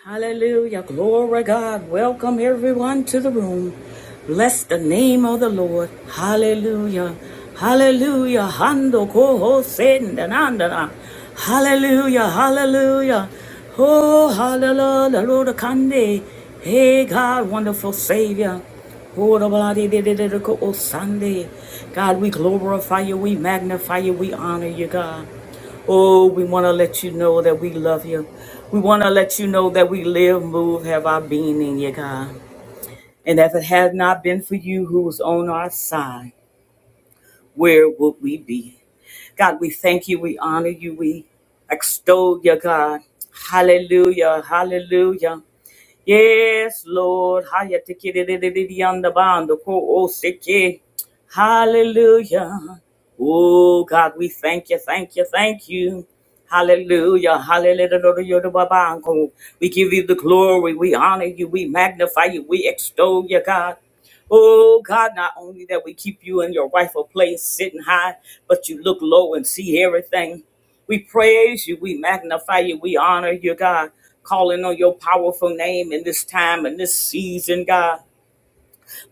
Hallelujah. Glory God. Welcome everyone to the room. Bless the name of the Lord. Hallelujah. Hallelujah. Hando koho sendanandana. Hallelujah. Hallelujah. Oh, hallelujah. Lord Kande. Hey God, wonderful Savior. Oh, the oh, Sunday. God, we glorify you, we magnify you, we honor you, God. Oh, we want to let you know that we love you. We want to let you know that we live, move, have our being in you, God. And if it had not been for you who was on our side, where would we be? God, we thank you. We honor you. We extol you, God. Hallelujah. Hallelujah. Yes, Lord. Hallelujah. Hallelujah. Oh God, we thank you, thank you, thank you. Hallelujah, hallelujah. We give you the glory, we honor you, we magnify you, we extol you, God. Oh God, not only that we keep you in your rightful place, sitting high, but you look low and see everything. We praise you, we magnify you, we honor you, God, calling on your powerful name in this time and this season, God.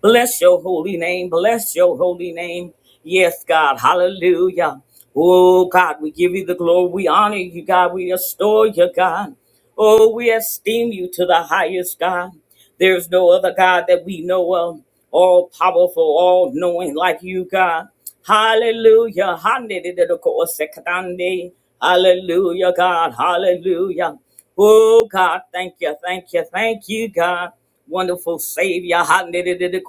Bless your holy name. Bless your holy name. Yes, God. Hallelujah. Oh, God, we give you the glory. We honor you, God. We restore you, God. Oh, we esteem you to the highest, God. There's no other God that we know of, all powerful, all knowing like you, God. Hallelujah. Hallelujah, God. Hallelujah. Oh, God. Thank you. Thank you. Thank you, God. Wonderful Savior. hande de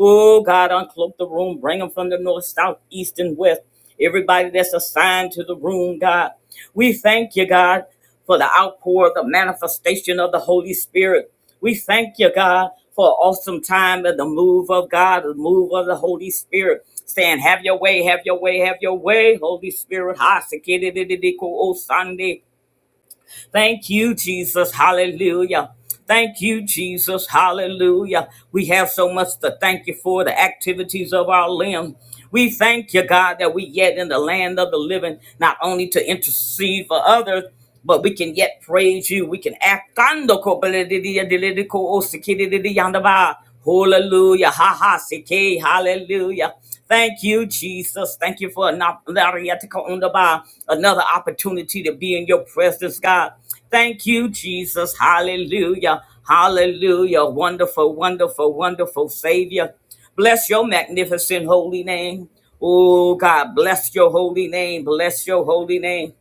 Oh, God. Uncloak the room. Bring them from the north, south, east, and west. Everybody that's assigned to the room, God. We thank you, God for the outpour, the manifestation of the Holy Spirit. We thank you, God, for an awesome time and the move of God, the move of the Holy Spirit. Saying, have your way, have your way, have your way, Holy Spirit. Ha, sekere de de de ko O Sunday. Thank you, Jesus. Hallelujah. Thank you, Jesus. Hallelujah. We have so much to thank you for the activities of our limb. We thank you, God, that we yet in the land of the living, not only to intercede for others, but we can yet praise you. We can act. Hallelujah. Ha ha. Sike. Hallelujah. Thank you, Jesus. Thank you for an another opportunity to be in your presence, God. Thank you, Jesus. Hallelujah. Hallelujah. Wonderful, wonderful, wonderful Savior. Bless your magnificent holy name. Oh, God, bless your holy name. Bless your holy name.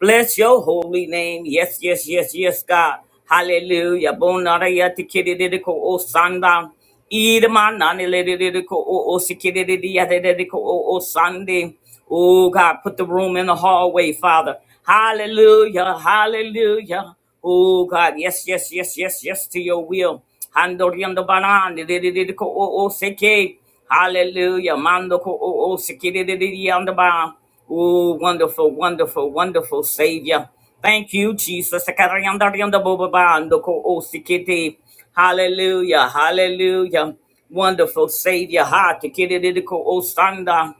Bless your holy name. Yes, yes, yes, yes, God. Hallelujah. Bonara yati kidididiko o sanda. Idama nani ledididiko o o sikididi yadididiko o o sande. Oh, God, put the room in the hallway, Father. Hallelujah. Hallelujah. Oh, God. Yes, yes, yes, yes, yes to your will. Handoriando banani ledididiko o o seke. Hallelujah. Mando ko o o sikidididi yandaba. Oh, wonderful, wonderful, wonderful Savior. Thank you, Jesus. Sakariyanda riyanda bobaba. Ando ko o sikidi. Hallelujah. Hallelujah. Wonderful Savior. Ha tikidididi ko o sanda.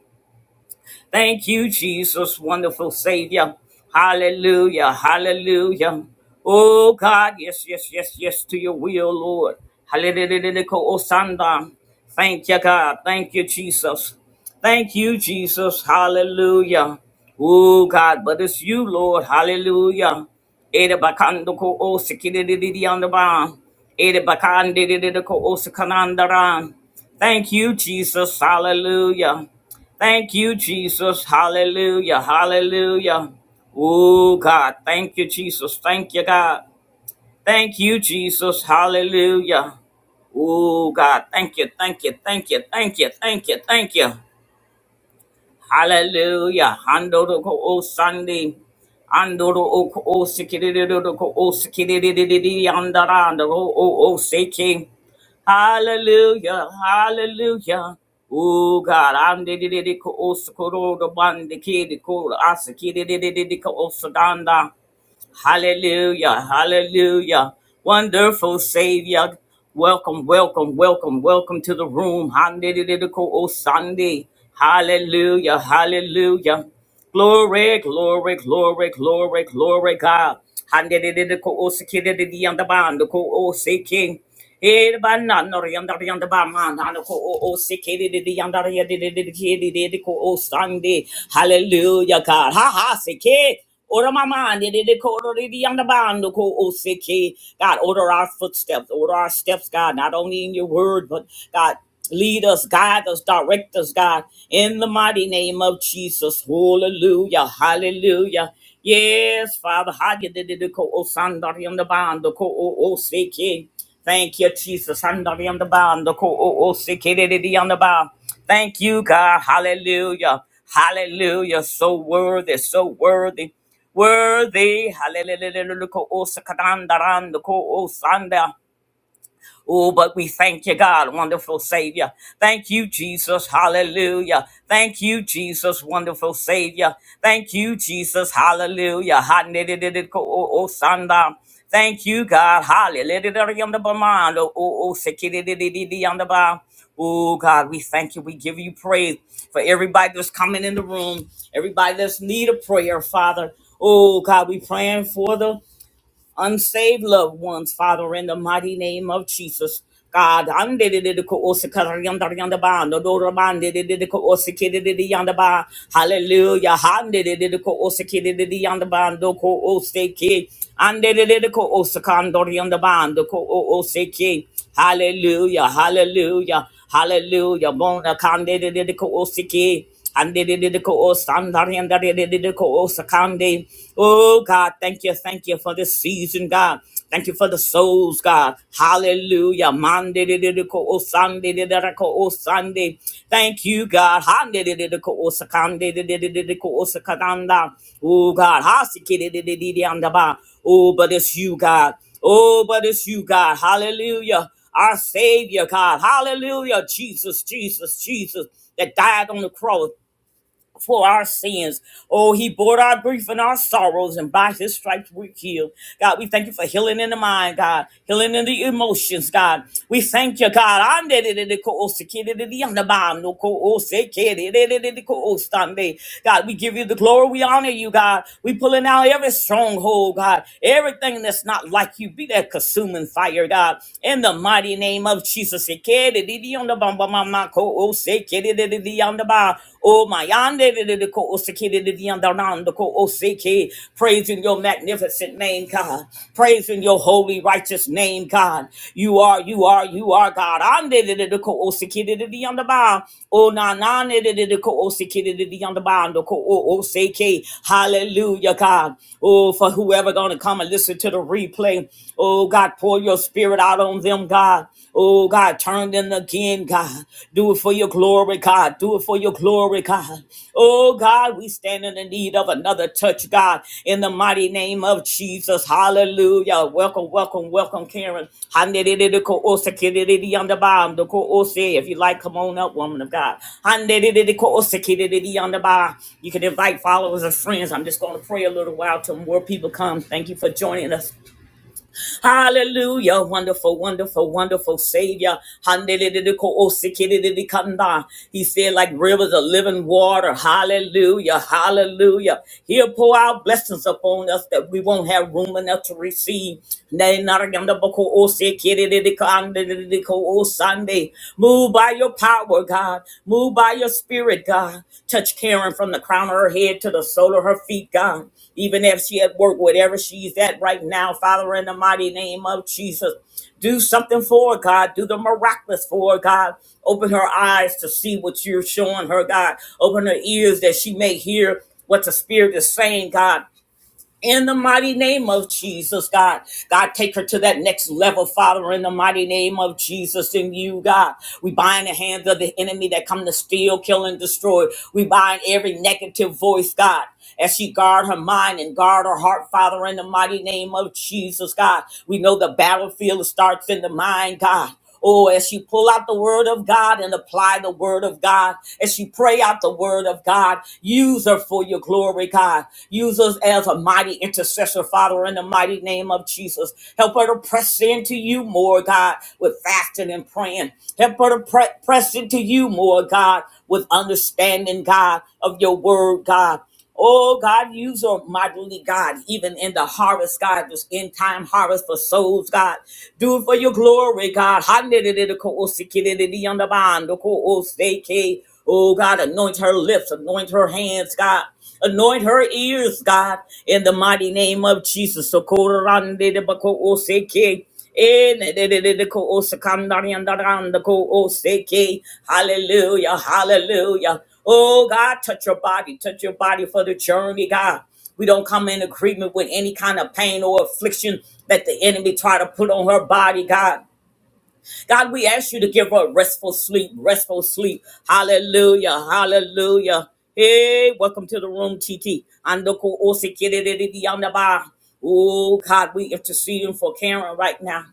Thank you, Jesus, wonderful Savior. Hallelujah, hallelujah. Oh God, yes, yes, yes, yes, to your will, Lord. Hallelujah, Osanda. Thank you, God. Thank you, Jesus. Thank you, Jesus. Hallelujah. Oh God, but it's you, Lord. Hallelujah. Ere bakando ko o sikidididi andaba. Ere bakandidididi ko o sikanandaran. Thank you, Jesus. Hallelujah. Thank you, Jesus. Hallelujah. Hallelujah. Oh, God. Thank you, Jesus. Thank you, God. Thank you, Jesus. Hallelujah. Oh, God. Thank you. Thank you. Thank you. Thank you. Thank you. Thank you. Hallelujah. Handoro ko o Sunday. Andoro o ko o sikididoro ko o sikididididi andarando o o o seke. Hallelujah. Hallelujah. Oh God, I'm the the the ko o sikoro the one the kid the ko asikididididi ko o sudanda. Hallelujah, hallelujah. Wonderful Savior. Welcome, welcome, welcome, welcome to the room. Sunday. Hallelujah, hallelujah. Glory, glory, glory, glory, glory, God. Handidididiko osikidididiyandabandiko osiki. Eh, ba na no ri yanda yanda ba ma na no ko o o se ke di di di yanda ri di di di di ke di ko o sande. Hallelujah, God. Ha ha se Order my mind, it it order the underbound, the O C K. God, order our footsteps, order our steps, God, not only in your word, but God, lead us, guide us, direct us, God, in the mighty name of Jesus. Hallelujah, hallelujah. Yes, Father, how you did it, the o oh, the bond, the co- oh, oh, Thank you, Jesus. Handali on the bond, the ko- o- o- si- ki- di- di- di on the bar. Thank you, God. Hallelujah. Hallelujah. So worthy, so worthy. Worthy. Hallelujah. Ko- o- si- ka- dan- da- dan, the ko- o- sanda. Oh, but we thank you, God, wonderful Savior. Thank you, Jesus. Hallelujah. Thank you, Jesus, wonderful Savior. Thank you, Jesus. Hallelujah. Ha-ni-di-di-di-ko- oh, oh, Sanda. Thank you, God. Hallelujah. Oh, oh, sikidi-di-di-di-di-yanda-ba. Oh God, we thank you. We give you praise for everybody that's coming in the room, everybody that's need a prayer, Father. Oh God, we praying for them unsaved loved ones, Father, in the mighty name of Jesus. God, andedididikoosikaryandariandaba, nodorobandedididikoosikidididiandaba. hallelujah. handedididikoosikidididiandaba, dokooseki, andedididikoosakandoriandaba, dokooseki. Hallelujah, hallelujah, hallelujah. Bona kandedididikoosiki. Andidididiko sandari andadidididiko osakande. Oh God, thank you, thank you for this season, God. Thank you for the souls, God. Hallelujah. Mandidididiko osandidididiko Sunday, did the co Sunday. Thank you, God. Handidididiko osakandididididiko osakadanda. Oh God. Hasikidididididiyandaba. Oh, but it's you, God. Oh, but it's you, God. Hallelujah. Our Savior, God. Hallelujah. Jesus, Jesus, Jesus that died on the cross for our sins. Oh, he bore our grief and our sorrows, and by his stripes we're healed. God, we thank you for healing in the mind, God, healing in the emotions, God. We thank you, God. God, we give you the glory. We honor you, God. We pulling out every stronghold, God. Everything that's not like you, be that consuming fire, God. In the mighty name of Jesus. Oh, my yonder, the- the- the co- osiki, the- the- the yondanando, co- osiki. Praising your magnificent name, God. Praising your holy, righteous name, God. You are, you are, you are God. Ande, the- the- the co- osiki, the- the- the yondaba. Oh, na- na, the- the- the- the co- osiki, the- the- the yondabando, co- o- osiki. Hallelujah, God. Oh, for whoever gonna come and listen to the replay. Oh God, pour your spirit out on them, God. Oh God, turn them again, God. Do it for your glory, God. Do it for your glory, God. Oh God, we stand in the need of another touch, God, in the mighty name of Jesus. Hallelujah. Welcome, welcome, welcome, Karen. If you like, come on up, woman of God. You can invite followers and friends. I'm just going to pray a little while till more people come. Thank you for joining us. Hallelujah. Wonderful, wonderful, wonderful Savior. He said, like rivers of living water. Hallelujah. Hallelujah. He'll pour out blessings upon us that we won't have room enough to receive. Nenaragandabokoosikididikandididikoosunday. Move by your power, God. Move by your spirit, God. Touch Karen from the crown of her head to the sole of her feet, God even if she at work, whatever she's at right now, Father, in the mighty name of Jesus, do something for her, God. Do the miraculous for her, God. Open her eyes to see what you're showing her, God. Open her ears that she may hear what the Spirit is saying, God in the mighty name of Jesus, God. God, take her to that next level, Father, in the mighty name of Jesus in you, God. We bind the hands of the enemy that come to steal, kill, and destroy. We bind every negative voice, God. As she guard her mind and guard her heart, Father, in the mighty name of Jesus, God. We know the battlefield starts in the mind, God. Oh, as you pull out the word of God and apply the word of God, as you pray out the word of God, use her for your glory, God. Use us as a mighty intercessor, Father, in the mighty name of Jesus. Help her to press into you more, God, with fasting and praying. Help her to pre- press into you more, God, with understanding, God, of your word, God. Oh God, use your mightily, God, even in the harvest, God, this end time harvest for souls, God. Do it for your glory, God. Handidididikoosikidididiondabandokooseike. Oh God, anoint her lips, anoint her hands, God. Anoint her ears, God, in the mighty name of Jesus. Sokorandidibakooseke. Hallelujah, hallelujah. Oh God, touch your body, touch your body for the journey, God. We don't come in agreement with any kind of pain or affliction that the enemy try to put on her body, God. God, we ask you to give her restful sleep, restful sleep. Hallelujah, hallelujah. Hey, welcome to the room, TT. Andoko osikididididiyandaba. Oh, God, we interceding for Karen right now.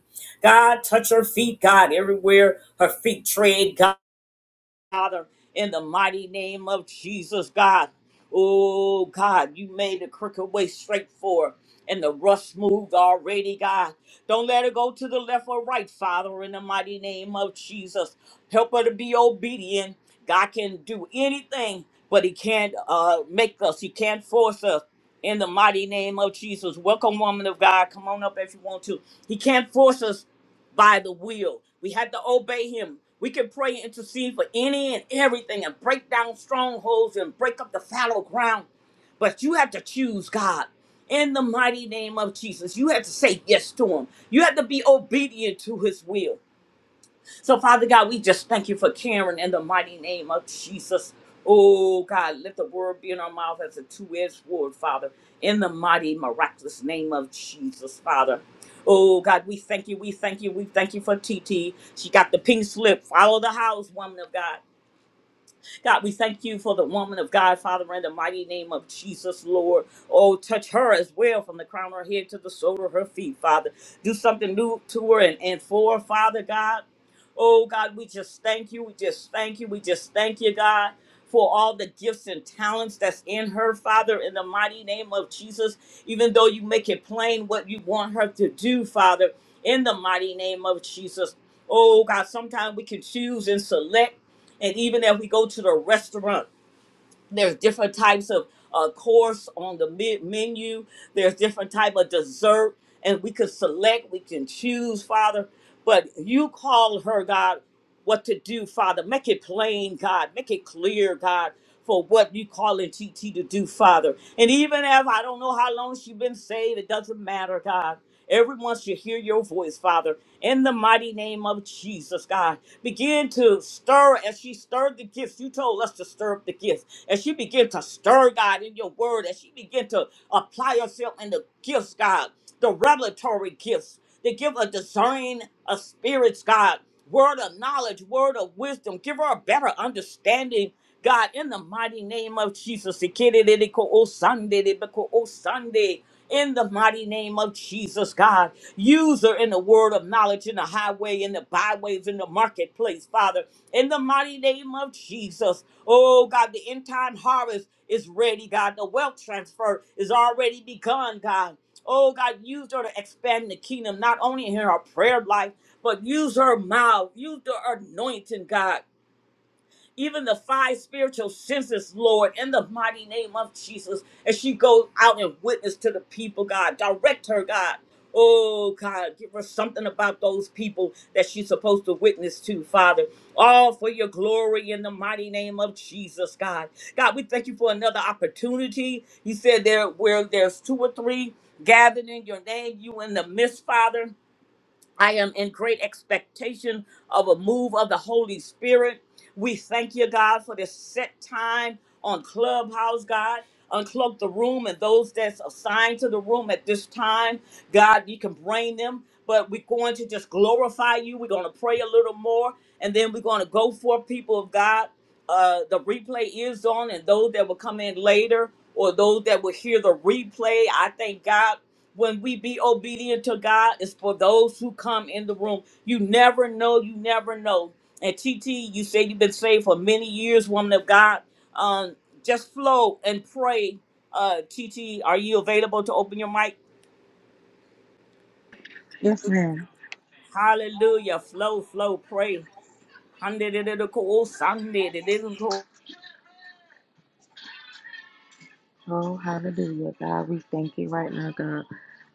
God, touch her feet, God, everywhere her feet tread, God. Father, in the mighty name of Jesus, God. Oh, God, you made the crooked way straight forward and the rust moved already, God. Don't let her go to the left or right, Father, in the mighty name of Jesus. Help her to be obedient. God can do anything, but He can't uh, make us, He can't force us. In the mighty name of Jesus. Welcome, woman of God. Come on up if you want to. He can't force us by the will. We had to obey him. We can pray and intercede for any and everything and break down strongholds and break up the fallow ground. But you have to choose God in the mighty name of Jesus. You have to say yes to him. You have to be obedient to his will. So, Father God, we just thank you for Karen in the mighty name of Jesus. Oh, God, let the word be in our mouth as a two edged sword, Father, in the mighty, miraculous name of Jesus, Father. Oh, God, we thank you, we thank you, we thank you for TT. She got the pink slip. Follow the house, woman of God. God, we thank you for the woman of God, Father, in the mighty name of Jesus, Lord. Oh, touch her as well from the crown of her head to the sole of her feet, Father. Do something new to her and, and for her, Father God. Oh, God, we just thank you. We just thank you. We just thank you, God. For all the gifts and talents that's in her, Father, in the mighty name of Jesus, even though you make it plain what you want her to do, Father, in the mighty name of Jesus. Oh God, sometimes we can choose and select and even if we go to the restaurant, there's different types of uh, course on the me- menu. There's different type of dessert, and we could select, we can choose, Father. But you call her, God, what to do, Father. Make it plain, God. Make it clear, God for what you calling TT to do, Father. And even if I don't know how long she's been saved, it doesn't matter, God. Everyone should hear your voice, Father, in the mighty name of Jesus, God. Begin to stir as she stirred the gifts. You told us to stir up the gifts. As she begin to stir, God, in your word, as she begin to apply herself in the gifts, God, the revelatory gifts, the gift of discerning of spirits, God word of knowledge, word of wisdom. Give her a better understanding, God, in the mighty name of Jesus. Sunday. In the mighty name of Jesus, God, use her in the word of knowledge, in the highway, in the byways, in the marketplace, Father. In the mighty name of Jesus, oh God, the end time harvest is ready, God. The wealth transfer is already begun, God. Oh God, use her to expand the kingdom, not only in her prayer life but use her mouth, use the anointing, God. Even the five spiritual senses, Lord, in the mighty name of Jesus, as she goes out and witness to the people, God, direct her, God. Oh, God, give her something about those people that she's supposed to witness to, Father. All for your glory in the mighty name of Jesus, God. God, we thank you for another opportunity. You said there where there's two or three gathered in your name, you in the midst, Father. I am in great expectation of a move of the Holy Spirit. We thank you, God, for this set time on Clubhouse, God. Uncloak the room and those that's assigned to the room at this time. God, you can bring them, but we're going to just glorify you. We're going to pray a little more, and then we're going to go for people of God. Uh, the replay is on, and those that will come in later or those that will hear the replay, I thank God when we be obedient to God, it's for those who come in the room. You never know, you never know. And T T, you say you've been saved for many years, woman of God. Um, just flow and pray. Uh, T T, are you available to open your mic? Yes, ma'am. Hallelujah. Flow, flow, pray. Oh, hallelujah. God, we thank you right now, God.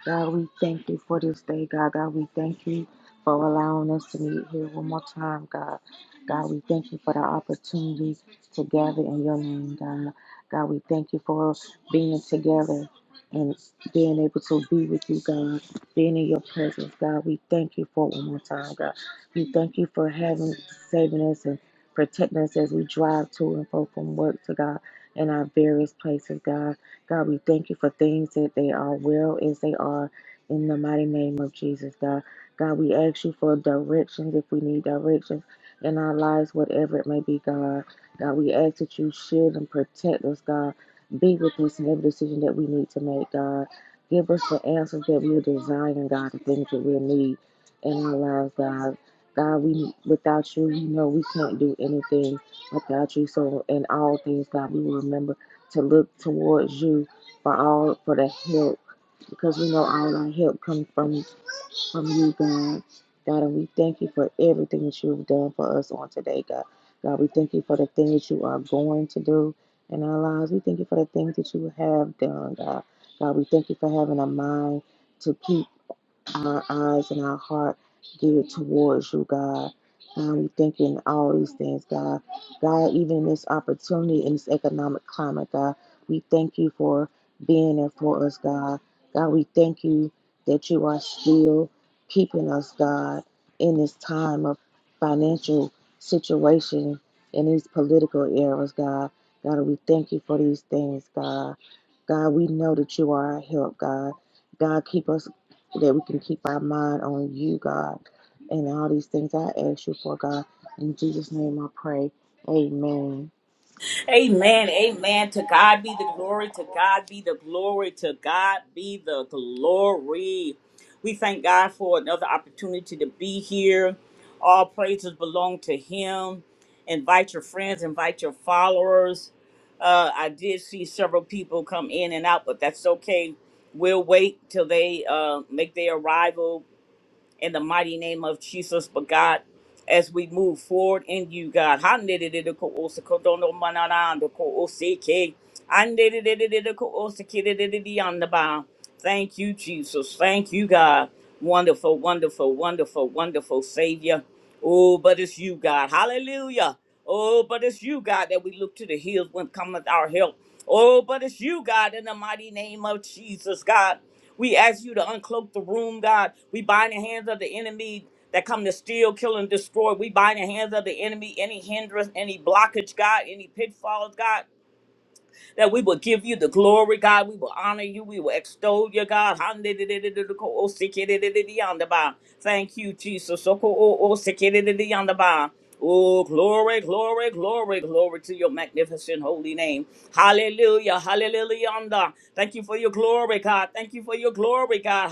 God, we thank you for this day, God. God, we thank you for allowing us to meet here one more time, God. God, we thank you for the opportunity to gather in your name, God. God, we thank you for being together and being able to be with you, God, being in your presence, God. We thank you for it one more time, God. We thank you for having, saving us and protecting us as we drive to and fro from work to God. in our various places, God. God, we thank you for things that they are well as they are in the mighty name of Jesus, God. God, we ask you for directions if we need directions in our lives, whatever it may be, God. God, we ask that you shield and protect us, God. Be with us in every decision that we need to make, God. Give us the answers that we're desiring, God, the things that we need in our lives, God. God, we without you, you know we can't do anything without you. So in all things, God, we will remember to look towards you for all for the help because we know all our help comes from from you, God. God, and we thank you for everything that you've done for us on today, God. God, we thank you for the things you are going to do in our lives. We thank you for the things that you have done, God. God, we thank you for having a mind to keep our eyes and our heart geared towards you, God. And we thank you in all these things, God. God, even in this opportunity in this economic climate, God, we thank you for being there for us, God. God, we thank you that you are still keeping us, God, in this time of financial situation in these political eras, God. God, we thank you for these things, God. God, we know that you are our help, God. God, keep us so that we can keep our mind on you, God, and all these things I ask you for, God. In Jesus' name I pray. Amen. Amen. Amen. To God be the glory. To God be the glory. To God be the glory. We thank God for another opportunity to be here. All praises belong to Him. Invite your friends, invite your followers. Uh, I did see several people come in and out, but that's okay. We'll wait till they uh, make their arrival in the mighty name of Jesus, but God, as we move forward in you, God. Handedididikoosikodonomananandikoosike. Handedidididikoosikididididiandaba. Thank you, Jesus. Thank you, God. Wonderful, wonderful, wonderful, wonderful Savior. Oh, but it's you, God. Hallelujah. Oh, but it's you, God, that we look to the hills when cometh our help. Oh, but it's you, God, in the mighty name of Jesus, God. We ask you to uncloak the room, God. We bind the hands of the enemy that come to steal, kill, and destroy. We bind the hands of the enemy, any hindrance, any blockage, God, any pitfalls, God that we will give you the glory, God. We will honor you. We will extol you, God. Thank you, Jesus. Oh, glory, glory, glory, glory to your magnificent holy name. Hallelujah, hallelujah. Thank you for your glory, God. Thank you for your glory, God.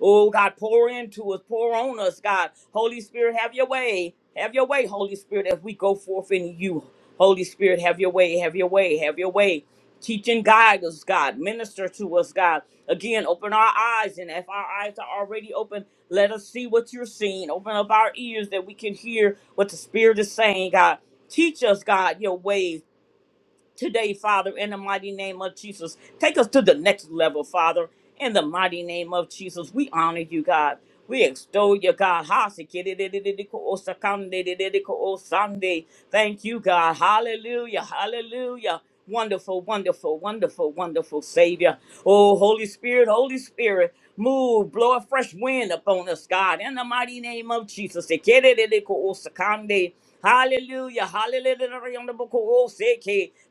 Oh, God, pour into us, pour on us, God. Holy Spirit, have your way. Have your way, Holy Spirit, as we go forth in you. Holy Spirit, have your way, have your way, have your way. Teach and guide us, God. Minister to us, God. Again, open our eyes, and if our eyes are already open, let us see what you're seeing. Open up our ears that we can hear what the Spirit is saying, God. Teach us, God, your ways today, Father, in the mighty name of Jesus. Take us to the next level, Father, in the mighty name of Jesus. We honor you, God. We extol you, God. Thank you, God. Hallelujah. Hallelujah. Wonderful, wonderful, wonderful, wonderful Savior. Oh, Holy Spirit, Holy Spirit, move, blow a fresh wind upon us, God, in the mighty name of Jesus. Ekerelelekoosekande. Hallelujah, hallelujah.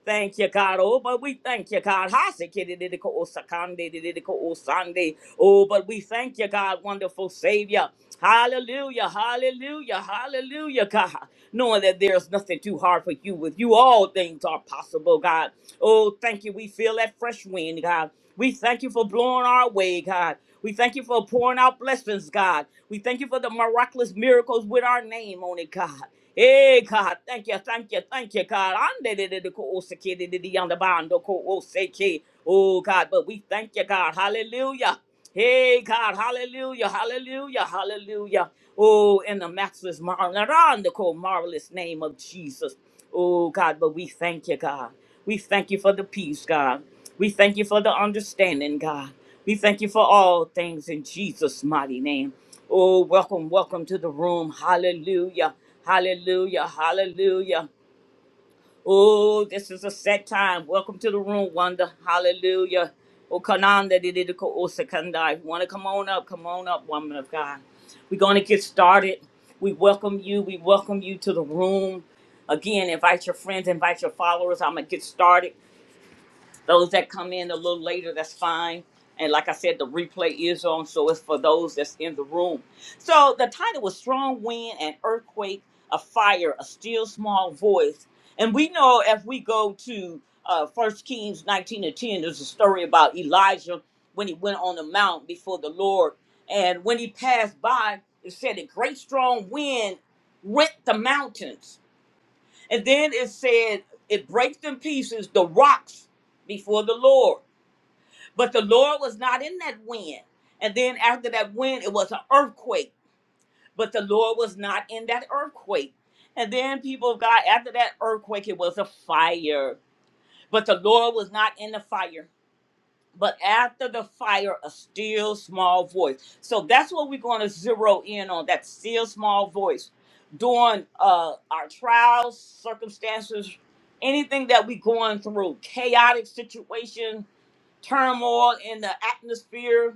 Thank you, God. Oh, but we thank you, God. Hasekerelelekoosekande, dedelekoosande. Oh, but we thank you, God, wonderful Savior. Hallelujah, hallelujah. Hallelujah. Hallelujah, God. Knowing that there's nothing too hard for you. With you, all things are possible, God. Oh, thank you. We feel that fresh wind, God. We thank you for blowing our way, God. We thank you for pouring out blessings, God. We thank you for the miraculous miracles with our name on it, God. Hey, God, thank you, thank you, thank you, God. Ande de de de ko oseke de de de yonder bando ko oseke. Oh, God, but we thank you, God. Hallelujah. Hey, God, hallelujah, hallelujah, hallelujah. Oh, in the matchless, marvelous, marvelous name of Jesus. Oh, God, but we thank you, God. We thank you for the peace, God. We thank you for the understanding, God. We thank you for all things in Jesus' mighty name. Oh, welcome, welcome to the room. Hallelujah, hallelujah, hallelujah. Oh, this is a set time. Welcome to the room, Wanda. Hallelujah. Oh, Kananda did O Sekanda. If you want to come on up, come on up, woman of God. We're going to get started. We welcome you. We welcome you to the room. Again, invite your friends, invite your followers. I'm going to get started. Those that come in a little later, that's fine. And like I said, the replay is on, so it's for those that's in the room. So the title was Strong Wind and Earthquake, a Fire, a Still Small Voice. And we know if we go to uh, 1 Kings 19 and 10, there's a story about Elijah when he went on the mount before the Lord. And when he passed by, it said a great strong wind rent the mountains and then it said, it breaks in pieces the rocks before the Lord. But the Lord was not in that wind. And then after that wind, it was an earthquake. But the Lord was not in that earthquake. And then people of God, after that earthquake, it was a fire. But the Lord was not in the fire but after the fire, a still small voice. So that's what we're going to zero in on that still small voice during uh, our trials, circumstances, anything that we're going through, chaotic situation, turmoil in the atmosphere,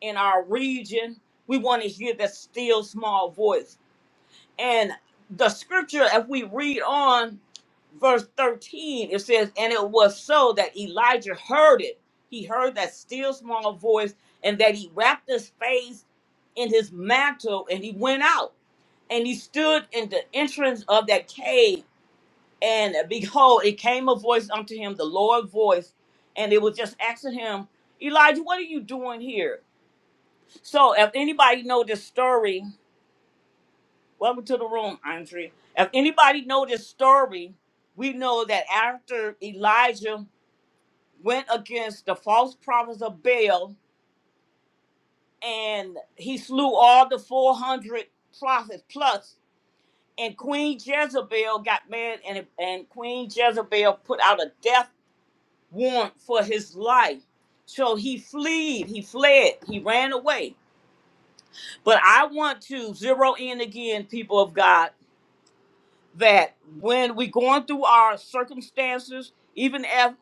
in our region. We want to hear that still small voice and the scripture, if we read on verse 13, it says, And it was so that Elijah heard it. He heard that still small voice, and that he wrapped his face in his mantle and he went out. And he stood in the entrance of that cave. And behold, it came a voice unto him, the Lord voice, and it was just asking him, Elijah, what are you doing here? So if anybody know this story, Welcome to the room, Andre. If anybody know this story, we know that after Elijah went against the false prophets of Baal and he slew all the 400 prophets plus, and Queen Jezebel got mad and, and Queen Jezebel put out a death warrant for his life. So he fled, he fled, he ran away. But I want to zero in again, people of God that when we going through our circumstances, even if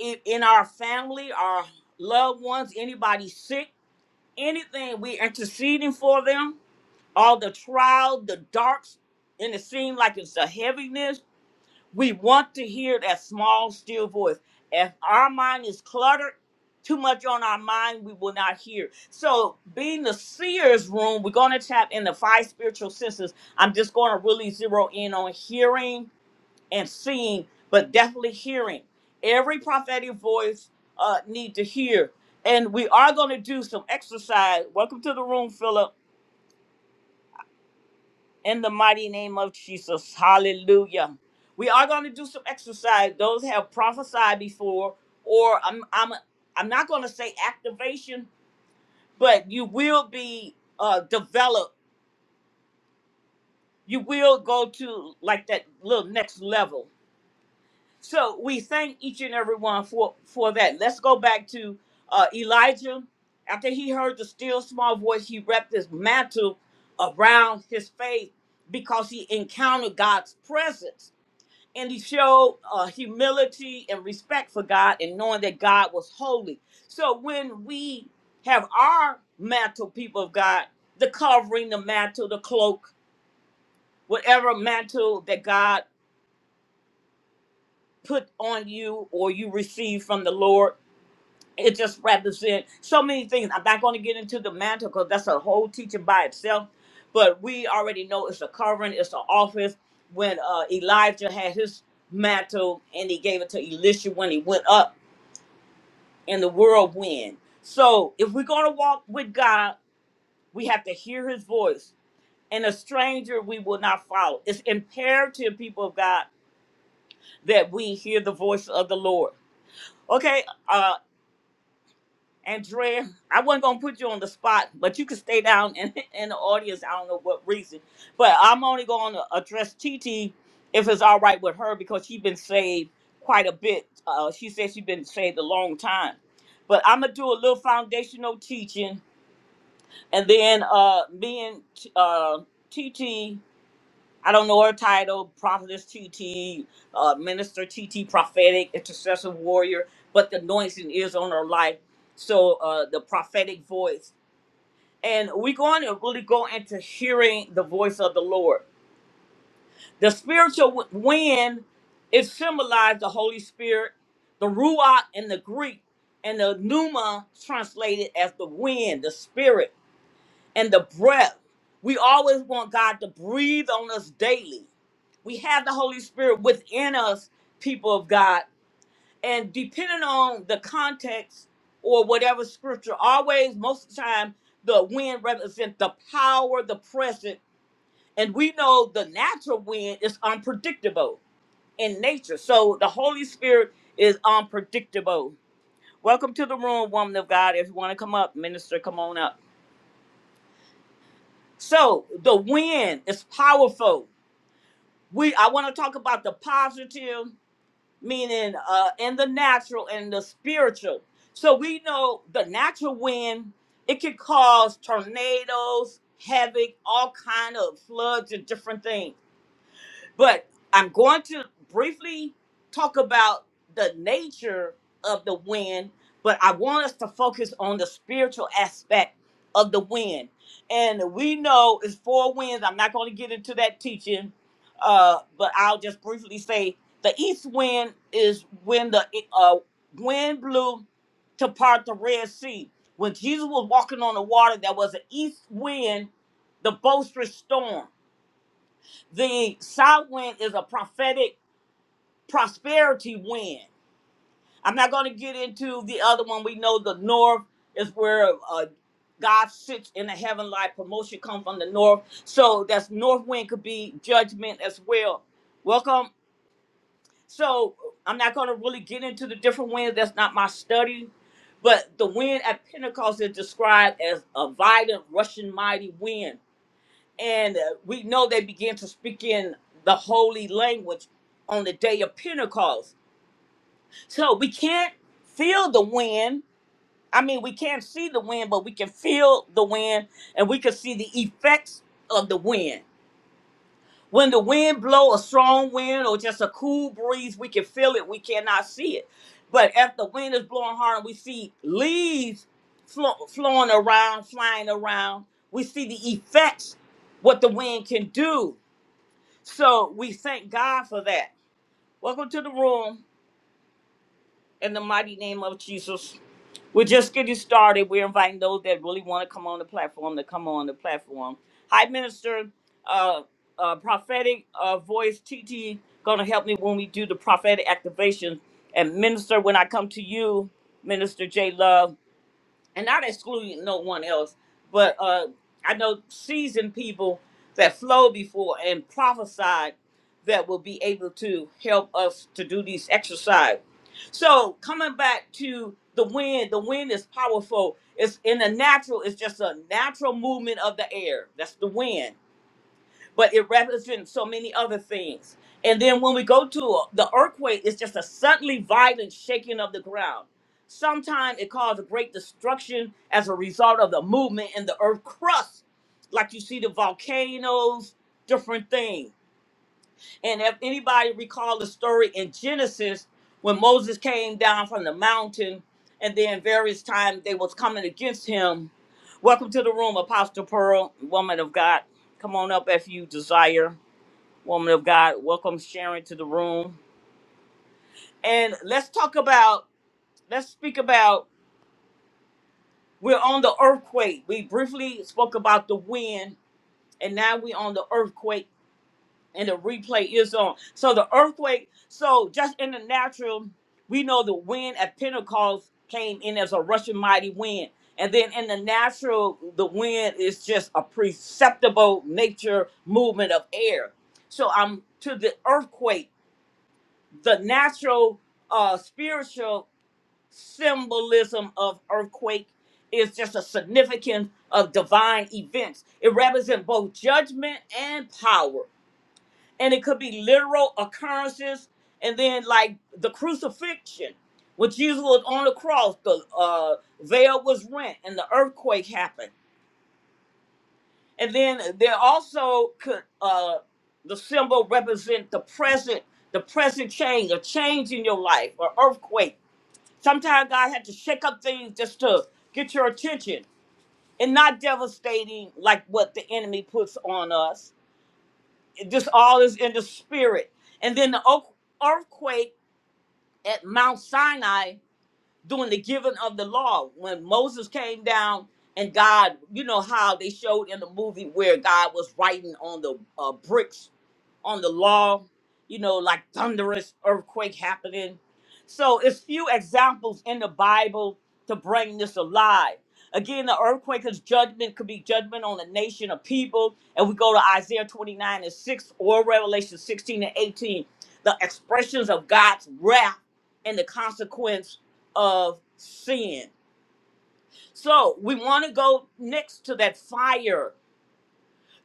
i- in our family, our loved ones, anybody sick, anything, we interceding for them, all the trial, the darks, and it seems like it's a heaviness. We want to hear that small, still voice. If our mind is cluttered, too much on our mind, we will not hear. So, being the seer's room, we're going to tap in the five spiritual senses. I'm just going to really zero in on hearing, and seeing, but definitely hearing. Every prophetic voice uh, need to hear. And we are going to do some exercise. Welcome to the room, Philip. In the mighty name of Jesus, Hallelujah. We are going to do some exercise. Those have prophesied before, or I'm I'm I'm not going to say activation, but you will be uh, developed. You will go to like that little next level So we thank each and every one for for that. Let's go back to uh, Elijah. After he heard the still small voice, he wrapped his mantle around his face because he encountered God's presence, and he showed uh, humility and respect for God, and knowing that God was holy. So when we have our mantle, people of God, the covering, the mantle, the cloak, whatever mantle that God put on you or you receive from the Lord it just represents so many things. I'm not going to get into the mantle because that's a whole teaching by itself. But we already know it's a covering, it's an office. When uh, Elijah had his mantle and he gave it to Elisha when he went up in the whirlwind. So if we're going to walk with God, we have to hear his voice. And a stranger we will not follow. It's imperative, people of God, that we hear the voice of the Lord. Okay, uh, Andrea, I wasn't gonna put you on the spot, but you can stay down in, in the audience. I don't know what reason, but I'm only gonna address TT if it's all right with her because she's been saved quite a bit. Uh, she said she's been saved a long time, but I'm gonna do a little foundational teaching, and then uh, me and uh, TT I don't know her title, prophetess TT, uh, minister TT, prophetic, intercessor warrior, but the anointing is on her life. So uh, the prophetic voice. And we're going to really go into hearing the voice of the Lord. The spiritual w- wind is symbolized the Holy Spirit, the Ruach in the Greek, and the Pneuma translated as the wind, the spirit and the breath. We always want God to breathe on us daily. We have the Holy Spirit within us, people of God. And depending on the context or whatever scripture, always, most of the time, the wind represents the power, the present. And we know the natural wind is unpredictable in nature. So the Holy Spirit is unpredictable. Welcome to the room, woman of God. If you want to come up, minister, come on up. So the wind is powerful. We I want to talk about the positive, meaning uh in the natural and the spiritual. So we know the natural wind, it can cause tornadoes, havoc, all kind of floods and different things. But I'm going to briefly talk about the nature of the wind, but I want us to focus on the spiritual aspect of the wind. And we know it's four winds. I'm not going to get into that teaching, uh, but I'll just briefly say the east wind is when the uh, wind blew to part the Red Sea. When Jesus was walking on the water, there was an east wind, the boisterous storm. The south wind is a prophetic prosperity wind. I'm not going to get into the other one. We know the north is where uh, God sits in the heaven like promotion comes from the north. So that's north wind could be judgment as well. Welcome. So I'm not going to really get into the different winds. That's not my study. But the wind at Pentecost is described as a violent, rushing, mighty wind and uh, we know they began to speak in the holy language on the day of Pentecost. So we can't feel the wind. I mean, we can't see the wind, but we can feel the wind and we can see the effects of the wind. When the wind blow a strong wind or just a cool breeze, we can feel it. We cannot see it. But if the wind is blowing hard and we see leaves flo- flowing around, flying around, we see the effects, what the wind can do So we thank God for that. Welcome to the room in the mighty name of Jesus. We're just getting started. We're inviting those that really want to come on the platform to come on the platform. Hi, Minister, uh, uh, prophetic uh, voice TT, going to help me when we do the prophetic activation. And Minister, when I come to you, Minister J Love and not excluding no one else, but uh, I know seasoned people that flowed before and prophesied that will be able to help us to do these exercise. So coming back to the wind, the wind is powerful. It's in the natural, it's just a natural movement of the air. That's the wind but it represents so many other things. And then when we go to a, the earthquake, it's just a suddenly violent shaking of the ground. Sometimes it causes great destruction as a result of the movement in the earth crust, like you see the volcanoes, different things. And if anybody recall the story in Genesis when Moses came down from the mountain, and then various times they was coming against him. Welcome to the room, Apostle Pearl, woman of God. Come on up if you desire woman of God. Welcome Sharon to the room. And let's talk about, let's speak about, we're on the earthquake. We briefly spoke about the wind, and now we're on the earthquake, and the replay is on. So the earthquake, so just in the natural, we know the wind at Pentecost came in as a rushing mighty wind. And then in the natural, the wind is just a perceptible nature movement of air. So I'm to the earthquake the natural uh spiritual symbolism of earthquake is just a significance of divine events it represents both judgment and power and it could be literal occurrences and then like the crucifixion when jesus was on the cross the uh, veil was rent and the earthquake happened and then there also could uh, the symbol represent the present the present change a change in your life or earthquake Sometimes God had to shake up things just to get your attention and not devastating like what the enemy puts on us. It just all is in the spirit. And then the oak- earthquake at Mount Sinai during the giving of the law, when Moses came down and God, you know how they showed in the movie where God was writing on the uh, bricks on the law, you know, like thunderous earthquake happening. So it's few examples in the Bible to bring this alive. Again, the earthquake is judgment, could be judgment on a nation of people. And we go to Isaiah 29 and 6 or Revelation 16 and 18, the expressions of God's wrath and the consequence of sin. So we want to go next to that fire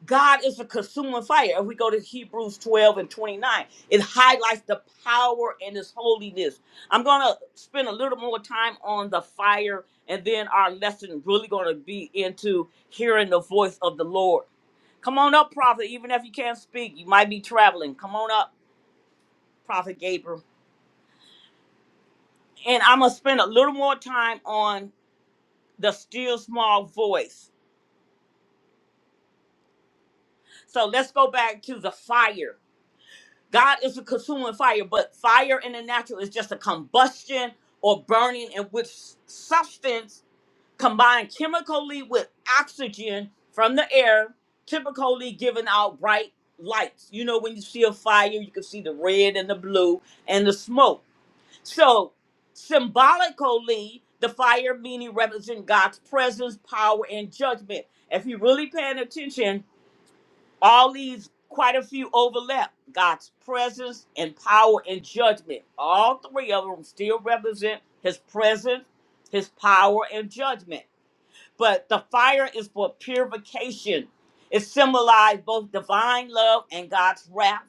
God is a consuming fire. If we go to Hebrews 12 and 29, it highlights the power and his holiness. I'm going to spend a little more time on the fire, and then our lesson really going to be into hearing the voice of the Lord. Come on up, prophet. Even if you can't speak, you might be traveling. Come on up, prophet Gabriel. And I'm going to spend a little more time on the still small voice. So let's go back to the fire. God is a consuming fire, but fire in the natural is just a combustion or burning in which substance combined chemically with oxygen from the air, typically giving out bright lights. You know, when you see a fire, you can see the red and the blue and the smoke. So, symbolically, the fire meaning represents God's presence, power, and judgment. If you're really paying attention, all these, quite a few overlap. God's presence and power and judgment. All three of them still represent his presence, his power, and judgment. But the fire is for purification. It symbolized both divine love and God's wrath.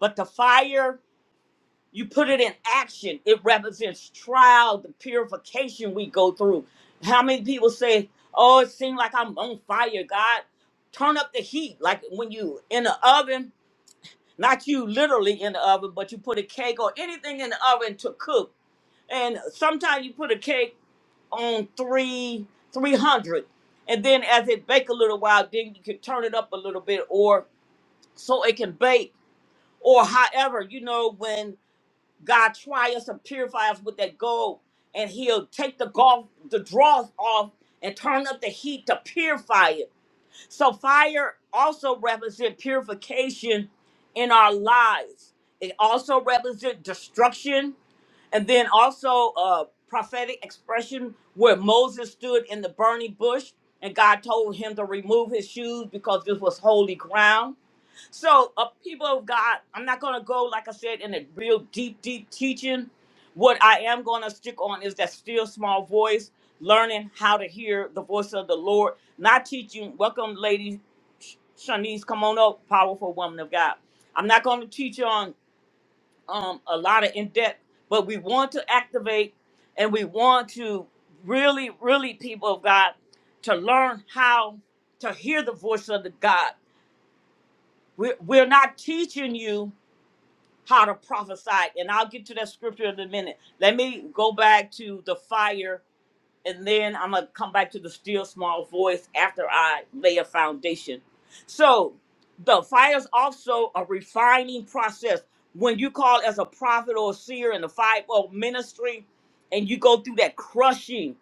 But the fire, you put it in action. It represents trial, the purification we go through. How many people say, Oh, it seems like I'm on fire, God? Turn up the heat. Like when you in the oven, not you literally in the oven, but you put a cake or anything in the oven to cook. And sometimes you put a cake on three, 300. And then as it bake a little while, then you can turn it up a little bit or so it can bake. Or however, you know, when God try us and purify us with that gold and he'll take the golf, the draws off and turn up the heat to purify it so fire also represent purification in our lives. It also represent destruction, and then also a prophetic expression where Moses stood in the burning bush, and God told him to remove his shoes because this was holy ground. So, uh, people of God, I'm not going to go, like I said, in a real deep, deep teaching. What I am going to stick on is that still small voice, learning how to hear the voice of the Lord, not teaching. Welcome, lady Sh- Shanice, come on up, powerful woman of God. I'm not going to teach on um, a lot of in depth, but we want to activate and we want to really, really, people of God, to learn how to hear the voice of the God. We're, we're not teaching you how to prophesy. And I'll get to that scripture in a minute. Let me go back to the fire, and then I'm going to come back to the still small voice after I lay a foundation. So, the fire is also a refining process. When you call as a prophet or a seer in the five-fold ministry, and you go through that crushing,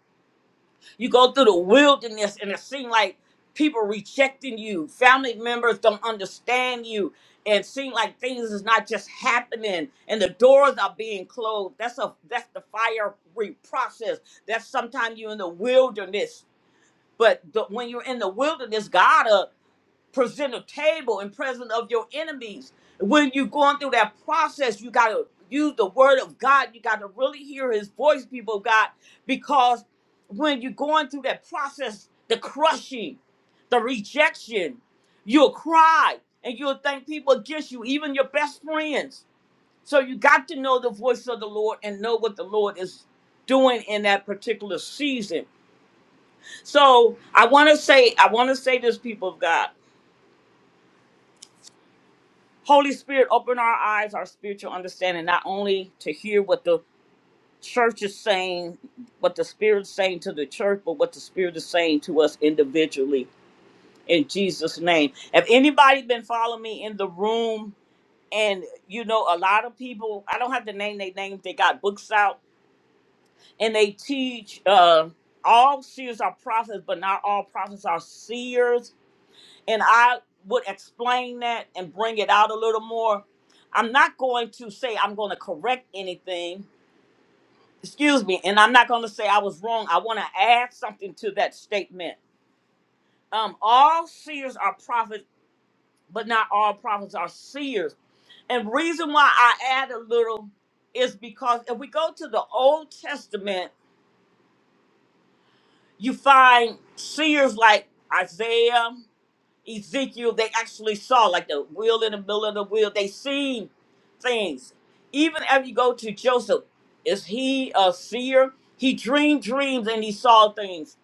you go through the wilderness and it seems like people rejecting you, family members don't understand you, and seem like things is not just happening and the doors are being closed. That's a that's the fire re- process. That's sometimes you're in the wilderness. But the, when you're in the wilderness, God uh, present a table in presence of your enemies. When you're going through that process, you got to use the word of God. You got to really hear his voice, people of God, because when you're going through that process, the crushing, the rejection, you'll cry and you'll thank people against you, even your best friends. So you got to know the voice of the Lord and know what the Lord is doing in that particular season. So I want to say, I want to say this, people of God. Holy Spirit, open our eyes, our spiritual understanding, not only to hear what the church is saying, what the Spirit's saying to the church, but what the Spirit is saying to us individually in Jesus' name. If anybody been following me in the room, and you know, a lot of people, I don't have to name their names, they got books out and they teach uh all seers are prophets, but not all prophets are seers and I would explain that and bring it out a little more. I'm not going to say I'm going to correct anything. Excuse me, and I'm not going to say I was wrong. I want to add something to that statement. Um, all seers are prophets, but not all prophets are seers. And reason why I add a little is because if we go to the Old Testament, you find seers like Isaiah. Ezekiel, they actually saw like the wheel in the middle of the wheel. They seen things. Even if you go to Joseph, is he a seer? He dreamed dreams and he saw things.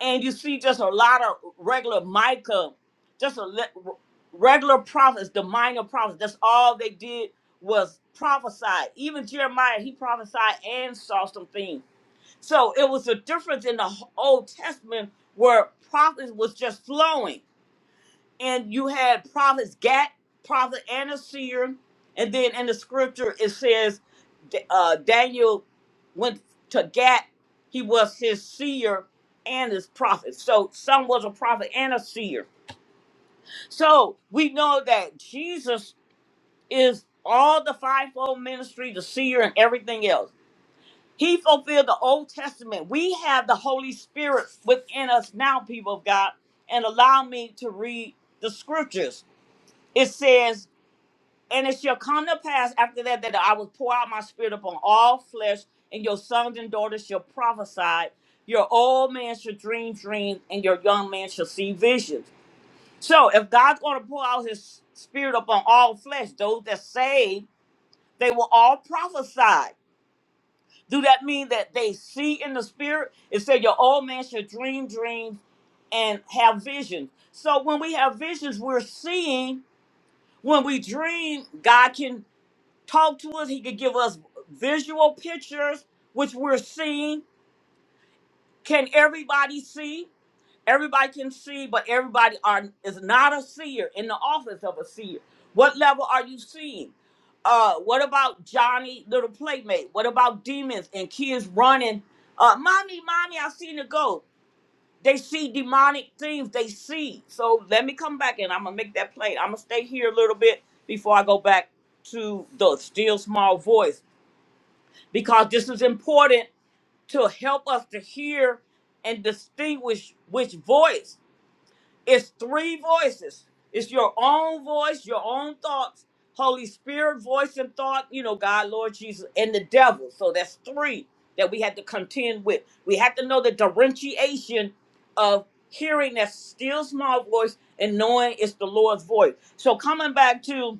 And you see just a lot of regular Micah, just a le- regular prophets, the minor prophets. That's all they did was prophesy. Even Jeremiah, he prophesied and saw some things. So it was a difference in the Old Testament where prophets was just flowing and you had prophets Gat, prophet and a seer, and then in the scripture it says uh, Daniel went to Gat. He was his seer and his prophet. So some was a prophet and a seer. So we know that Jesus is all the fivefold ministry, the seer, and everything else. He fulfilled the Old Testament. We have the Holy Spirit within us now, people of God. And allow me to read the scriptures. It says And it shall come to pass after that that I will pour out my spirit upon all flesh, and your sons and daughters shall prophesy, your old man shall dream dreams, and your young man shall see visions. So if God's going to pour out his spirit upon all flesh, those that saved, they will all prophesy. Do that mean that they see in the spirit? It said your old man shall dream dreams and have visions. So when we have visions, we're seeing. When we dream, God can talk to us. He could give us visual pictures, which we're seeing. Can everybody see? Everybody can see, but everybody are is not a seer in the office of a seer. What level are you seeing? Uh, what about Johnny, little playmate? What about demons and kids running? Uh, mommy, mommy, I seen a ghost. They see demonic things. They see. So let me come back and I'm gonna make that play. I'm gonna stay here a little bit before I go back to the still small voice because this is important to help us to hear and distinguish which voice. It's three voices. It's your own voice, your own thoughts, Holy Spirit voice and thought, you know, God, Lord Jesus, and the devil. So that's three that we had to contend with. We had to know the differentiation of hearing that still small voice and knowing it's the Lord's voice. So coming back to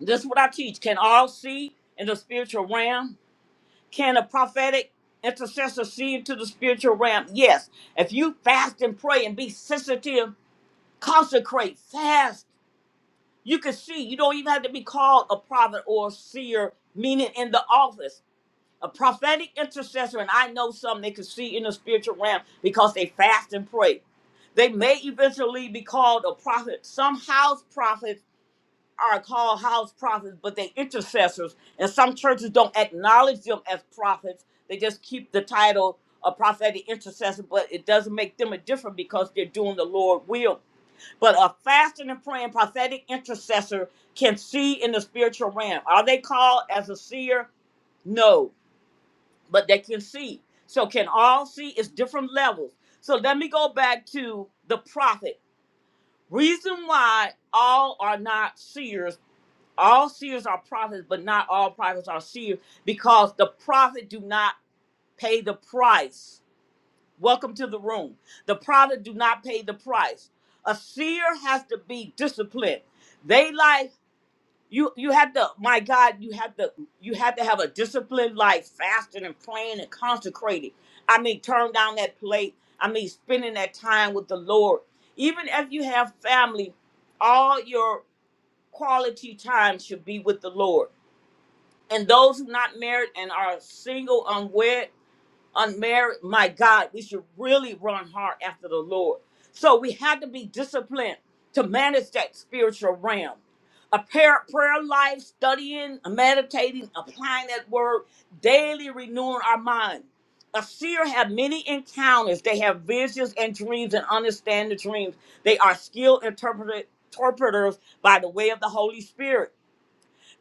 this is what I teach. Can all see in the spiritual realm? Can a prophetic intercessor see into the spiritual realm? Yes. If you fast and pray and be sensitive, consecrate, fast, you can see. You don't even have to be called a prophet or a seer, meaning in the office. A prophetic intercessor, and I know some they can see in the spiritual realm because they fast and pray. They may eventually be called a prophet. Some house prophets are called house prophets, but they intercessors. And some churches don't acknowledge them as prophets. They just keep the title of prophetic intercessor, but it doesn't make them a different because they're doing the Lord will. But a fasting and praying prophetic intercessor can see in the spiritual realm. Are they called as a seer? No, but they can see. So can all see? It's different levels. So let me go back to the prophet. Reason why all are not seers all seers are prophets, but not all prophets are seers because the prophet do not pay the price. Welcome to the room. The prophet do not pay the price. A seer has to be disciplined. They like you you have to my God, you have to you have to have a disciplined life, fasting and praying and consecrating. I mean, turn down that plate. I mean, spending that time with the Lord. Even if you have family, all your quality time should be with the Lord and those who not married and are single, unwed, unmarried, my God, we should really run hard after the Lord. So we have to be disciplined to manage that spiritual realm. A prayer, prayer life, studying, meditating, applying that word, daily renewing our mind. A seer have many encounters. They have visions and dreams and understand the dreams. They are skilled interpreter- interpreters by the way of the Holy Spirit.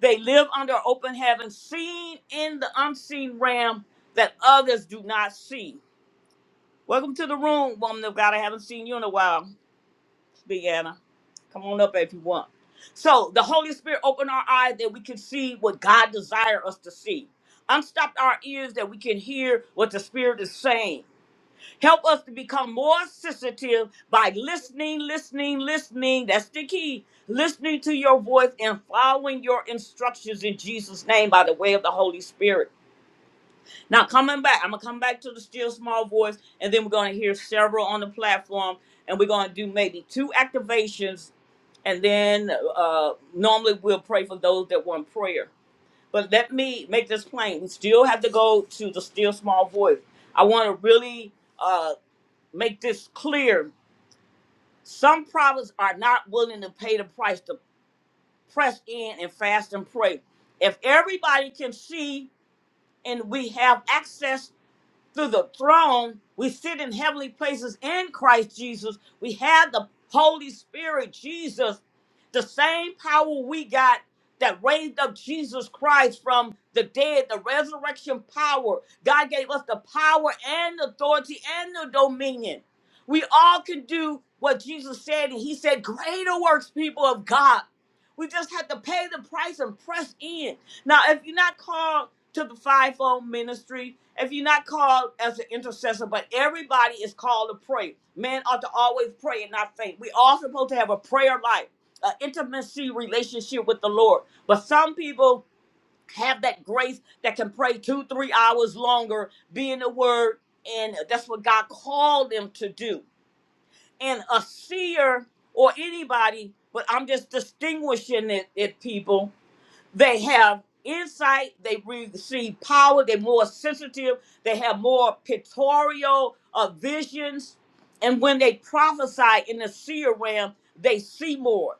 They live under open heaven, seen in the unseen realm that others do not see. Welcome to the room, woman of God. I haven't seen you in a while, Big Anna. Come on up if you want. So the Holy Spirit opened our eyes that we can see what God desires us to see. Unstopped our ears that we can hear what the Spirit is saying. Help us to become more sensitive by listening, listening, listening. That's the key. Listening to your voice and following your instructions in Jesus' name by the way of the Holy Spirit. Now, coming back, I'm going to come back to the still small voice, and then we're going to hear several on the platform, and we're going to do maybe two activations, and then uh, normally we'll pray for those that want prayer. But let me make this plain. We still have to go to the still small voice. I want to really. uh, make this clear. Some prophets are not willing to pay the price to press in and fast and pray. If everybody can see and we have access through the throne. We sit in heavenly places in Christ Jesus. We have the Holy Spirit, Jesus, the same power we got that raised up Jesus Christ from the dead, the resurrection power. God gave us the power and the authority and the dominion. We all can do what Jesus said, and He said, Greater works, people of God. We just have to pay the price and press in. Now, if you're not called to the fivefold ministry. If you're not called as an intercessor, but everybody is called to pray. Men ought to always pray and not faint. We all supposed to have a prayer life, an intimacy relationship with the Lord. But some people have that grace that can pray two, three hours longer, be in the Word, and that's what God called them to do. And a seer or anybody, but I'm just distinguishing it, it people. They have insight. They receive power. They're more sensitive. They have more pictorial uh, visions. And when they prophesy in the seer realm, they see more.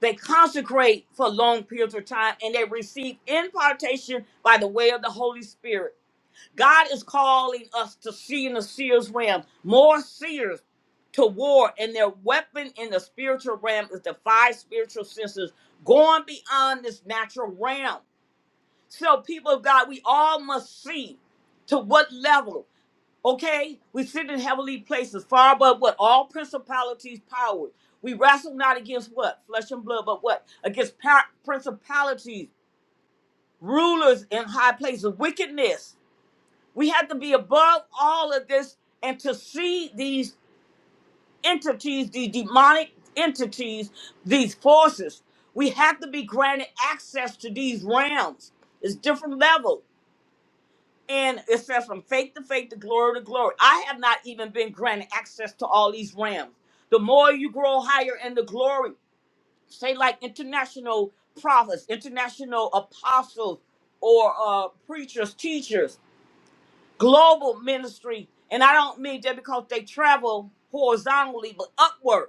They consecrate for long periods of time and they receive impartation by the way of the Holy Spirit. God is calling us to see in the seer's realm, more seers to war, and their weapon in the spiritual realm is the five spiritual senses, going beyond this natural realm. So, people of God, we all must see to what level. Okay, we sit in heavenly places, far above what all principalities, powers. We wrestle not against what flesh and blood, but what against par- principalities, rulers in high places, wickedness. We have to be above all of this and to see these entities, these demonic entities, these forces. We have to be granted access to these realms. It's different levels. And it says from faith to faith to glory to glory. I have not even been granted access to all these realms. The more you grow higher in the glory, say like international prophets, international apostles, or uh, preachers, teachers, global ministry. And I don't mean that because they travel horizontally, but upward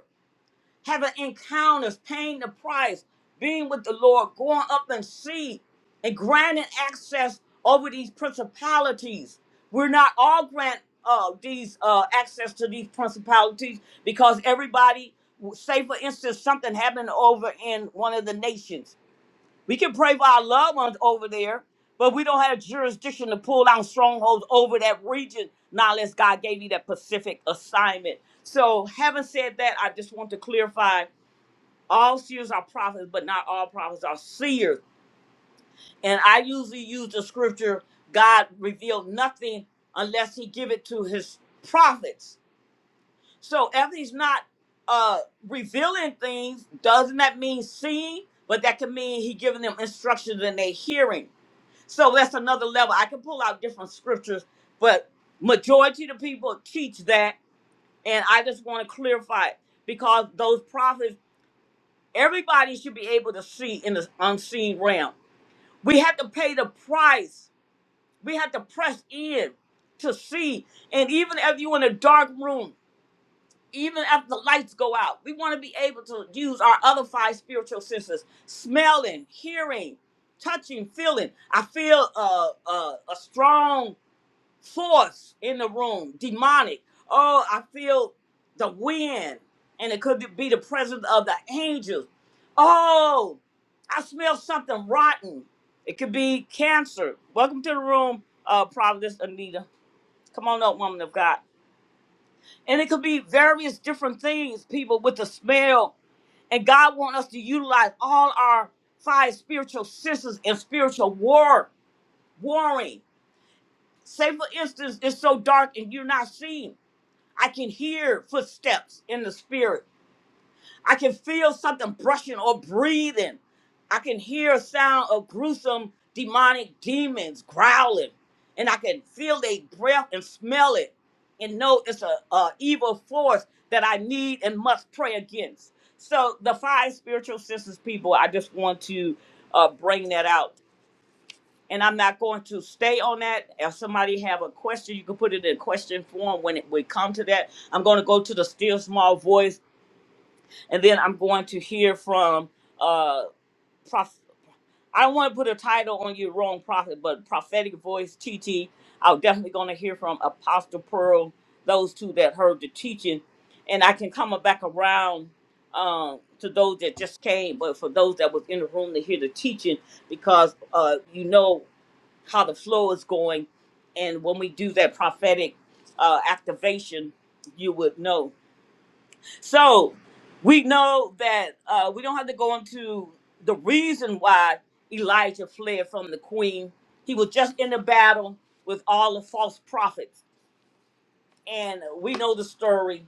having encounters, paying the price, being with the Lord, going up and see, and granting access over these principalities. We're not all grant uh, these uh, access to these principalities because everybody, say for instance, something happened over in one of the nations. We can pray for our loved ones over there, but we don't have jurisdiction to pull down strongholds over that region, not unless God gave you that specific assignment. So, having said that, I just want to clarify all seers are prophets, but not all prophets are seers. And I usually use the scripture, God revealed nothing unless he give it to his prophets. So if he's not uh, revealing things, doesn't that mean seeing? But that can mean he giving them instructions and they hearing. So that's another level. I can pull out different scriptures, but majority of the people teach that. And I just want to clarify it because those prophets Everybody should be able to see in the unseen realm. We have to pay the price. We have to press in to see. And even if you're in a dark room, even if the lights go out, we want to be able to use our other five spiritual senses smelling, hearing, touching, feeling. I feel uh, uh, a strong force in the room, demonic. Oh, I feel the wind, and it could be the presence of the angels. Oh, I smell something rotten. It could be cancer. Welcome to the room, uh, Providence Anita. Come on up, woman of God. And it could be various different things, people, with the smell. And God wants us to utilize all our five spiritual senses and spiritual war, warring. Say, for instance, it's so dark and you're not seeing. I can hear footsteps in the spirit. I can feel something brushing or breathing. I can hear a sound of gruesome demonic demons growling. And I can feel their breath and smell it and know it's a, a evil force that I need and must pray against. So the five spiritual senses people, I just want to uh, bring that out and I'm not going to stay on that. If somebody have a question, you can put it in question form when it we come to that. I'm going to go to the still small voice, and then I'm going to hear from uh prof. I don't want to put a title on you, wrong prophet, but prophetic voice TT. I'm definitely going to hear from Apostle Pearl, those two that heard the teaching, and I can come back around um to those that just came, but for those that was in the room to hear the teaching, because uh you know how the flow is going. And when we do that prophetic uh, activation, you would know. So we know that uh, we don't have to go into the reason why Elijah fled from the queen. He was just in the battle with all the false prophets. And we know the story.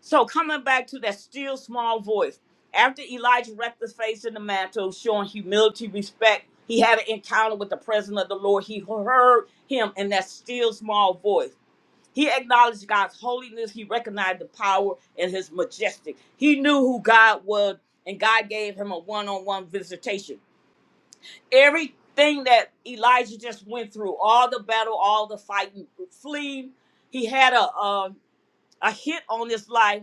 So coming back to that still small voice, after Elijah wrapped his face in the mantle, showing humility, respect, he had an encounter with the presence of the Lord. He heard him in that still small voice. He acknowledged God's holiness. He recognized the power and his majestic. He knew who God was, and God gave him a one-on-one visitation. Everything that Elijah just went through, all the battle, all the fighting, fleeing, he had a a, a hit on his life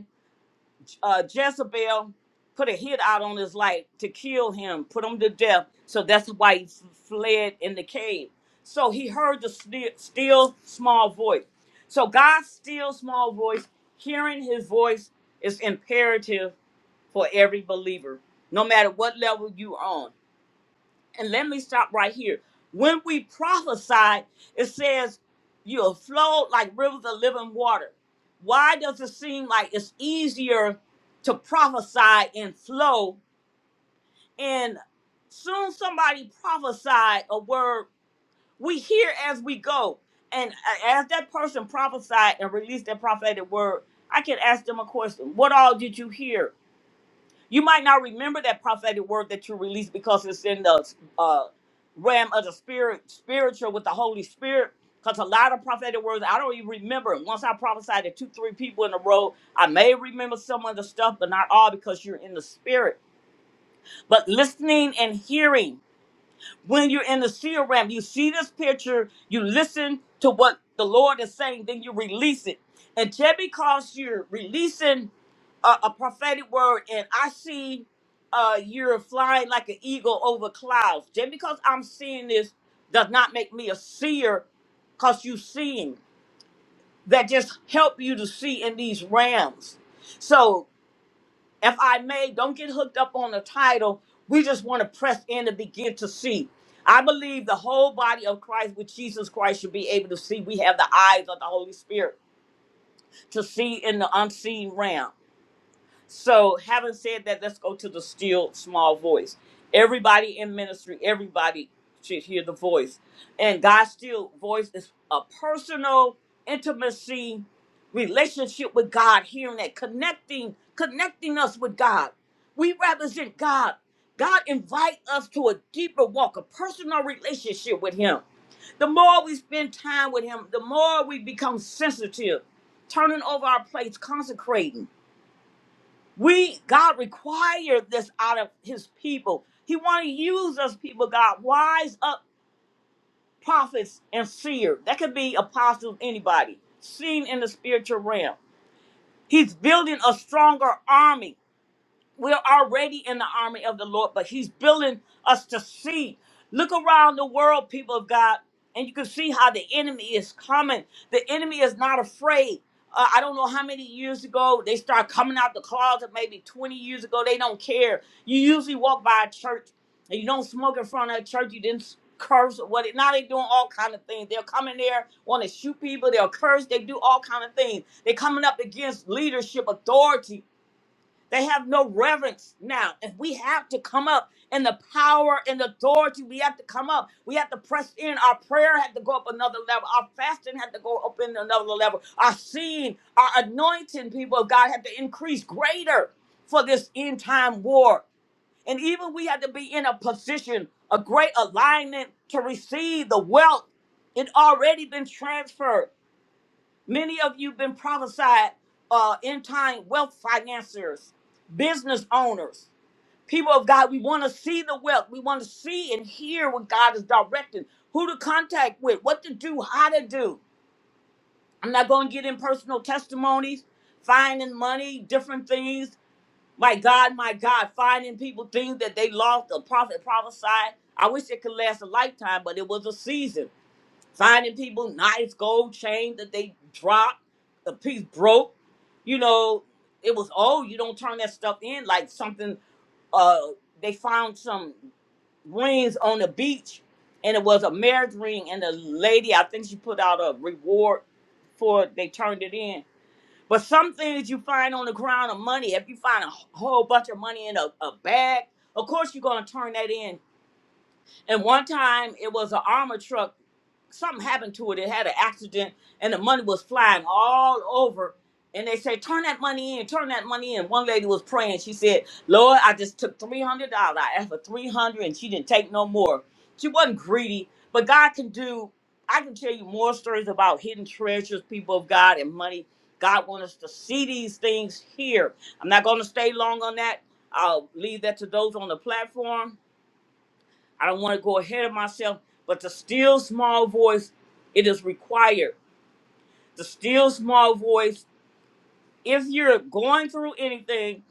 uh, Jezebel put a hit out on his life to kill him, put him to death. So that's why he f- fled in the cave. So he heard the still, still small voice. So God's still small voice, hearing his voice is imperative for every believer, no matter what level you on. And let me stop right here. When we prophesied, it says you'll flow like rivers of living water. Why does it seem like it's easier to prophesy and flow? And soon somebody prophesied a word. We hear as we go. And a- as that person prophesied and released that prophetic word, I can ask them a question. What all did you hear? You might not remember that prophetic word that you released because it's in the uh, realm of the spirit, spiritual with the Holy Spirit. Because a lot of prophetic words, I don't even remember. Once I prophesied to two, three people in a row, I may remember some of the stuff, but not all because you're in the spirit. But listening and hearing, when you're in the seer realm, you see this picture, you listen to what the Lord is saying, then you release it. And just because you're releasing a, a prophetic word, and I see uh, you're flying like an eagle over clouds, just because I'm seeing this does not make me a seer because you seeing that just help you to see in these realms. So if I may, don't get hooked up on the title. We just want to press in and begin to see. I believe the whole body of Christ with Jesus Christ should be able to see. We have the eyes of the Holy Spirit to see in the unseen realm. So, having said that, let's go to the still small voice. Everybody in ministry, everybody should hear the voice. And God's still voice is a personal intimacy relationship with God, hearing that, connecting, connecting us with God. We represent God. God invite us to a deeper walk, a personal relationship with Him. The more we spend time with Him, the more we become sensitive, turning over our plates, consecrating. We God required this out of his people. He want to use us people, God. Wise up prophets and seer. That could be apostles, anybody. Seen in the spiritual realm. He's building a stronger army we're already in the army of the Lord, but He's building us to see. Look around the world, people of God, and you can see how the enemy is coming. The enemy is not afraid. Uh, I don't know how many years ago they start coming out the closet, maybe 20 years ago. They don't care. You usually walk by a church and you don't smoke in front of a church. You didn't curse or what. Now they doing all kind of things. They'll come in there, want to shoot people. They'll curse. They do all kind of things. They're coming up against leadership authority they have no reverence now. And we have to come up in the power and authority. We have to come up. We have to press in. Our prayer had to go up another level. Our fasting had to go up in another level. Our seeing, our anointing, people of God, had to increase greater for this end time war. And even we had to be in a position, a great alignment to receive the wealth. It already been transferred. Many of you been prophesied uh, end time wealth financiers, business owners, people of God. We want to see the wealth. We want to see and hear what God is directing, who to contact with, what to do, how to do. I'm not going to get in personal testimonies, finding money, different things. My God, my God, finding people things that they lost. The prophet prophesied. I wish it could last a lifetime, but it was a season finding people nice gold chain that they dropped, the piece broke. You know, it was oh, you don't turn that stuff in like something. Uh, they found some rings on the beach, and it was a marriage ring, and the lady I think she put out a reward for it. They turned it in. But some things you find on the ground of money, if you find a wh- whole bunch of money in a, a bag, of course you're gonna turn that in and one time it was an armor truck. Something happened to it. It had an accident and the money was flying all over. And they say, turn that money in, turn that money in. One lady was praying. She said, Lord, I just took $300. I asked for 300 and she didn't take no more. She wasn't greedy, but God can do, I can tell you more stories about hidden treasures, people of God, and money. God wants us to see these things here. I'm not going to stay long on that. I'll leave that to those on the platform I don't want to go ahead of myself, but the still small voice, it is required. The still small voice, if you're going through anything,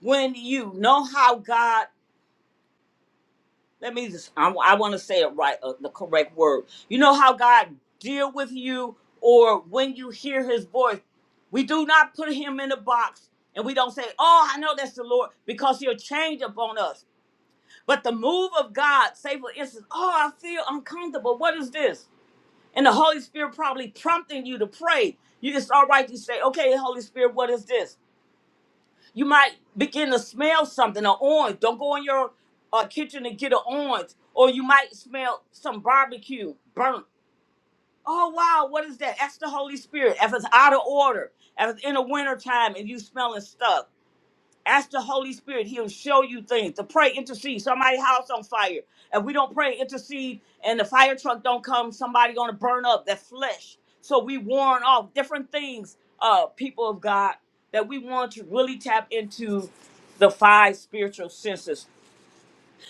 when you know how God, let me just, I, want to say it right, uh, the correct word. You know how God deal with you or when you hear his voice, we do not put him in a box and we don't say, oh, I know that's the Lord because he'll change upon us. But the move of God, say for instance, oh, I feel uncomfortable. What is this? And the Holy Spirit probably prompting you to pray. You it's all right to say, okay, Holy Spirit, what is this? You might begin to smell something, an orange. Don't go in your uh, kitchen and get an orange. Or you might smell some barbecue burnt. Oh wow, what is that? That's the Holy Spirit. If it's out of order, if it's in the wintertime and you smelling stuff. Ask the Holy Spirit. He'll show you things. To pray, intercede. Somebody house on fire. If we don't pray, intercede, and the fire truck don't come, somebody gonna burn up that flesh. So we warn off different things, uh, people of God, that we want to really tap into the five spiritual senses.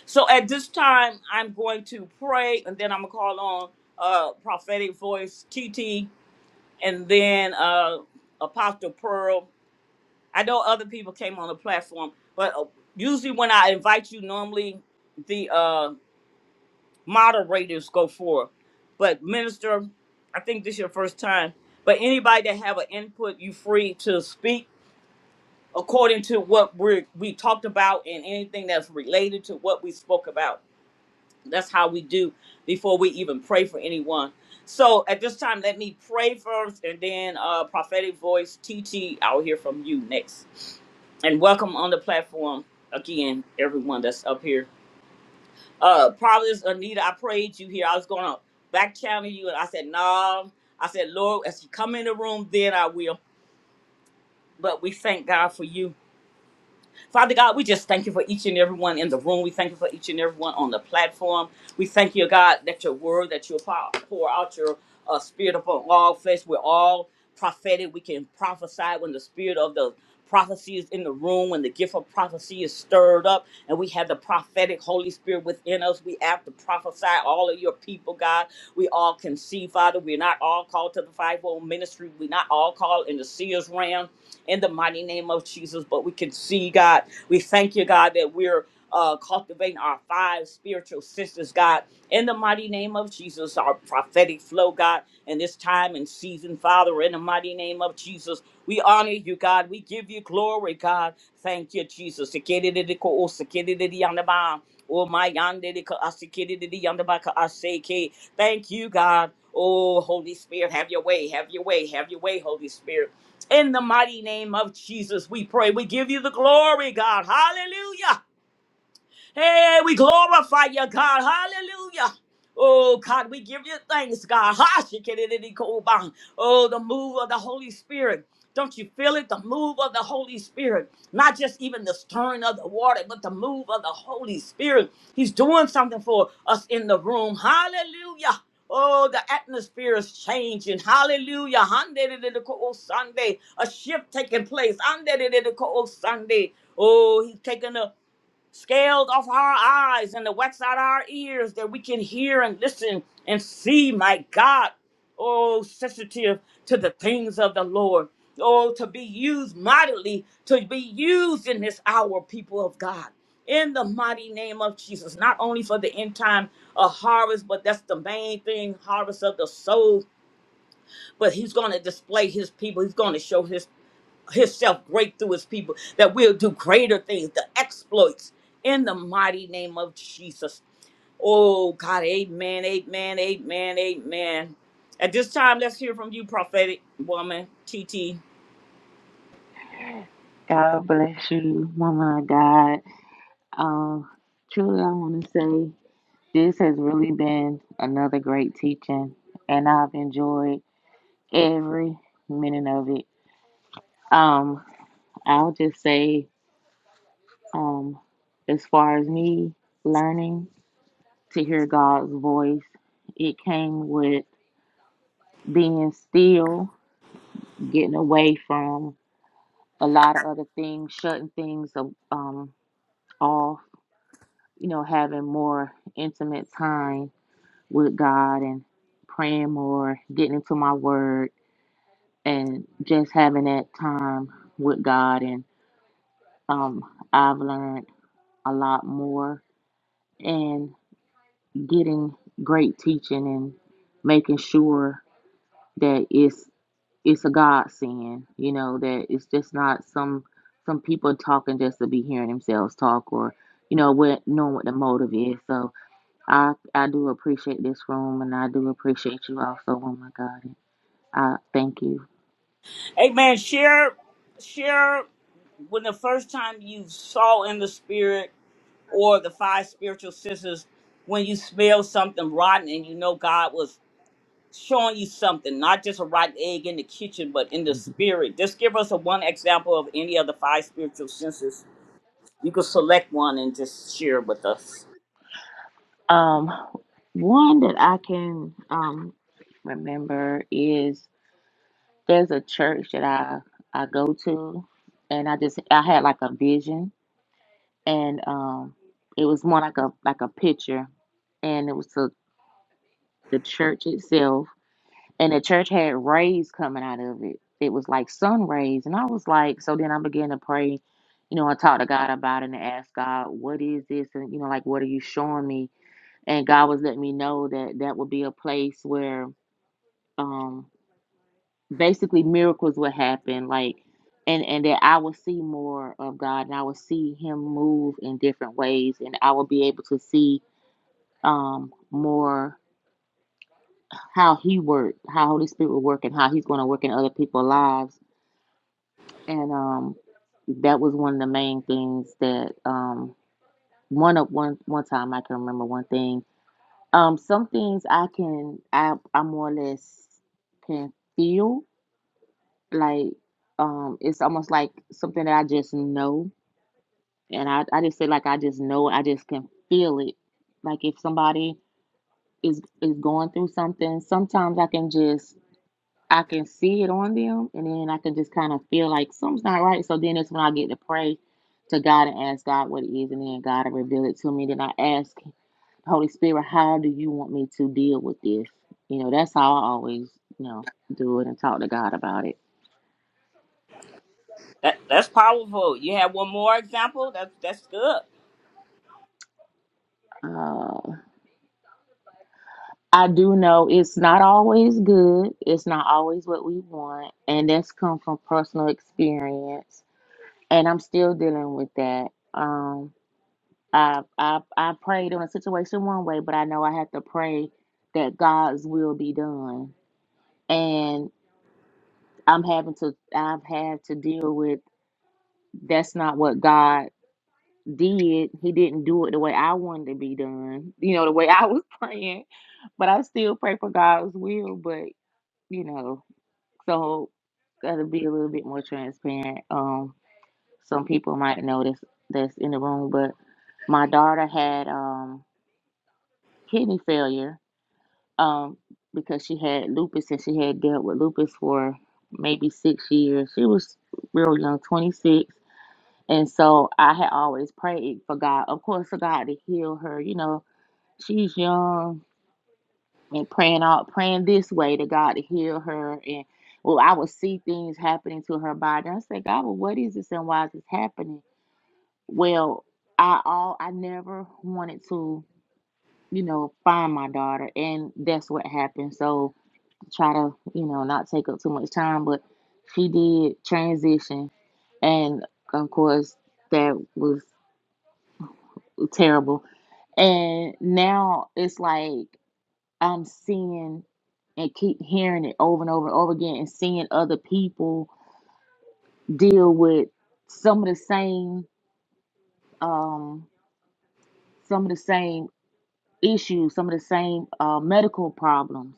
So at this time, I'm going to pray, and then I'm gonna call on uh prophetic voice TT, and then uh Apostle Pearl. I know other people came on the platform, but uh, usually when I invite you, normally the uh, moderators go for. it. But minister, I think this is your first time. But anybody that have an input, you free to speak according to what we we talked about and anything that's related to what we spoke about. That's how we do before we even pray for anyone. So at this time, let me pray first and then uh prophetic voice TT, I'll hear from you next. And welcome on the platform again, everyone that's up here. Uh Providence Anita, I prayed you here. I was gonna back channel you and I said, no. I said, Lord, as you come in the room, then I will. But we thank God for you. Father God, we just thank you for each and every one in the room. We thank you for each and every one on the platform. We thank you, God, that your word, that you'll pour, pour out your uh, spirit upon all flesh. We're all prophetic. We can prophesy when the spirit of the prophecy is in the room, when the gift of prophecy is stirred up, and we have the prophetic Holy Spirit within us. We have to prophesy all of your people, God. We all can see, Father. We're not all called to the fivefold ministry. We're not all called in the seers realm in the mighty name of Jesus. But we can see, God, we thank you, God, that we're uh, cultivating our five spiritual sisters, God, in the mighty name of Jesus, our prophetic flow, God, in this time and season, Father, in the mighty name of Jesus. We honor you, God. We give you glory, God. Thank you, Jesus. Sekedididiko, sekedididiyandaba, Oh my yandidiko, asekedididiyandabaka, aseke. Thank you, God. Oh, Holy Spirit, have your way, have your way, have your way, Holy Spirit. In the mighty name of Jesus, we pray. We give you the glory, God. Hallelujah. Hey, we glorify you, God. Hallelujah. Oh God, we give you thanks, God. Ha, shikidididikoba. Oh, the move of the Holy Spirit. Don't you feel it? The move of the Holy Spirit. Not just even the stirring of the water, but the move of the Holy Spirit. He's doing something for us in the room. Hallelujah. Oh, the atmosphere is changing. Hallelujah. Handedididiko Sunday. A shift taking place. Handedididiko Sunday. Oh, he's taking a scales off our eyes and the wax out our ears that we can hear and listen and see, my God. Oh, sensitive to the things of the Lord. Oh, to be used mightily, to be used in this hour, people of God. In the mighty name of Jesus, not only for the end time of harvest, but that's the main thing harvest of the soul but he's going to display his people. He's going to show his himself great through his people that we'll do greater things, the exploits in the mighty name of Jesus. Oh God, amen, amen, amen, amen. At this time, let's hear from you, prophetic woman, TT. God bless you, woman of God. Um, truly, I want to say this has really been another great teaching, and I've enjoyed every minute of it. Um, I'll just say, um, as far as me learning to hear God's voice, it came with being still getting away from a lot of other things, shutting things um, um, off, you know, having more intimate time with God and praying more, getting into my word, and just having that time with God. And um, I've learned a lot more and getting great teaching and making sure that it's it's a godsend, you know, that it's just not some some people talking just to be hearing themselves talk or, you know, what knowing what the motive is. So I I do appreciate this room and I do appreciate you also. Oh my God. I thank you. Amen. Share, share when the first time you saw in the spirit or the five spiritual sisters, when you smelled something rotten and you know God was showing you something, not just a rotten egg in the kitchen, but in the spirit. Just give us a one example of any of the five spiritual senses. You could select one and just share with us. Um one that I can um remember is there's a church that I I go to and I just I had like a vision and um it was more like a like a picture and it was a the church itself, and the church had rays coming out of it. It was like sun rays, and I was like, so then I began to pray, you know, I talked to God about it and asked God, what is this, and you know, like, what are you showing me? And God was letting me know that that would be a place where, um, basically miracles would happen, like, and and that I would see more of God, and I would see Him move in different ways, and I would be able to see um more. how he worked, how Holy Spirit will work, and how he's going to work in other people's lives. And um, that was one of the main things that um, one of one one time I can remember one thing. Um, some things I can I I more or less can feel like um, it's almost like something that I just know, and I I just say like I just know, I just can feel it. Like if somebody is is going through something, sometimes I can just I can see it on them, and then I can just kind of feel like something's not right. So then that's when I get to pray to God and ask God what it is, and then God will reveal it to me. Then I ask the Holy Spirit, how do you want me to deal with this? You know, that's how I always, you know, do it and talk to God about it. That that's powerful. You have one more example. That's that's good. Uh, I do know it's not always good. It's not always what we want, and that's come from personal experience, and I'm still dealing with that. Um, I I I prayed on a situation one way, but I know I have to pray that God's will be done. And I'm having to I've had to deal with that's not what God did. He didn't do it the way I wanted to be done. You know, the way I was praying. But I still pray for God's will, but you know, so gotta be a little bit more transparent. Um some people might know this that's in the room, but my daughter had um kidney failure um, because she had lupus and she had dealt with lupus for maybe six years. She was real young, 26. And so I had always prayed for God, of course, for God to heal her. You know, she's young and praying out, praying this way to God to heal her. And well, I would see things happening to her body. I said, God, well, what is this and why is this happening? Well, I all I never wanted to, you know, find my daughter, and that's what happened. So try to, you know, not take up too much time, but she did transition. And of course, that was terrible. And now it's like I'm seeing and keep hearing it over and over and over again and seeing other people deal with some of the same um some of the same issues some of the same uh, medical problems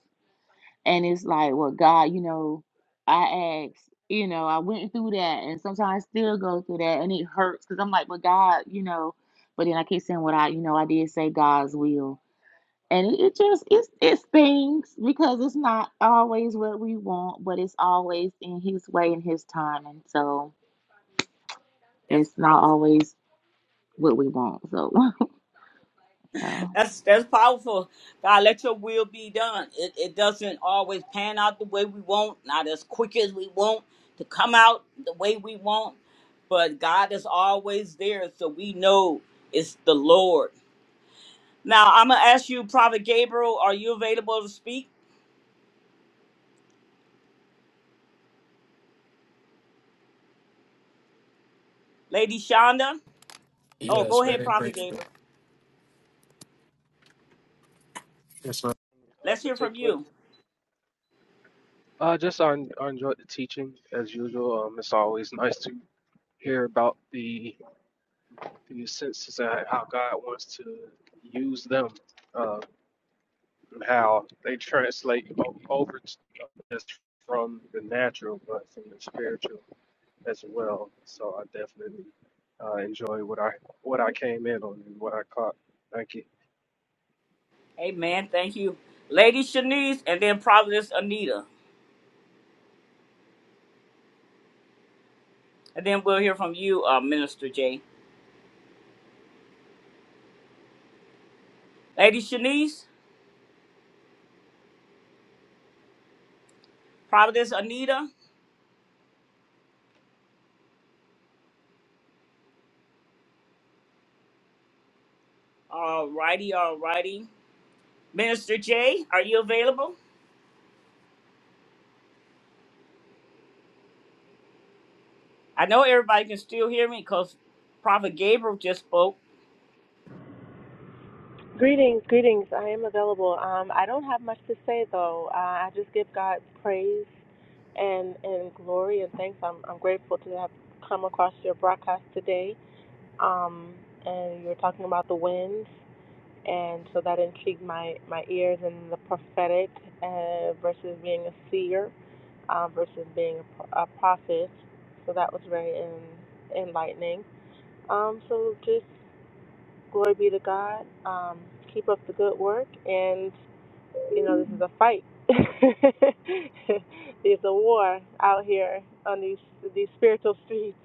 And it's like, well, God, you know, I asked, you know, I went through that and sometimes I still go through that and it hurts because I'm like, well, God, you know, but then I keep saying what I, you know, I did say God's will. And it, it just, it's, it stings because it's not always what we want, but it's always in His way and His time. And so That's it's not powerful. always what we want. So, so That's that's powerful. God, let your will be done. It it doesn't always pan out the way we want, not as quick as we want to come out the way we want, but God is always there, so we know it's the Lord Now I'm gonna ask you, Prophet Gabriel, are you available to speak? Lady Shonda? Oh, Yes, go ahead, very Prophet briefly. Gabriel. Yes, ma'am. uh, Let's hear from particularly. you. Uh, just I, en- I enjoyed the teaching as usual. Um, it's always nice to hear about the the senses and how God wants to use them, uh, and how they translate o- over to us from the natural, but from the spiritual as well. So I definitely uh, enjoy what I what I came in on and what I caught. Thank you. Amen. Thank you. Lady Shanice and then Providence Anita. And then we'll hear from you, uh, Minister Jay. Lady Shanice, Providence Anita. All righty, all righty. Minister Jay, are you available? I know everybody can still hear me because Prophet Gabriel just spoke. Greetings, greetings. I am available. Um, I don't have much to say though. Uh, I just give God praise and and glory and thanks. I'm I'm grateful to have come across your broadcast today. Um, and you were talking about the winds, and so that intrigued my my ears and the prophetic uh, versus being a seer uh, versus being a, pro- a prophet. So that was very en- enlightening. Um, so just Glory be to God. Um, keep up the good work. And, you know, this is a fight. There's a war out here on these these spiritual streets.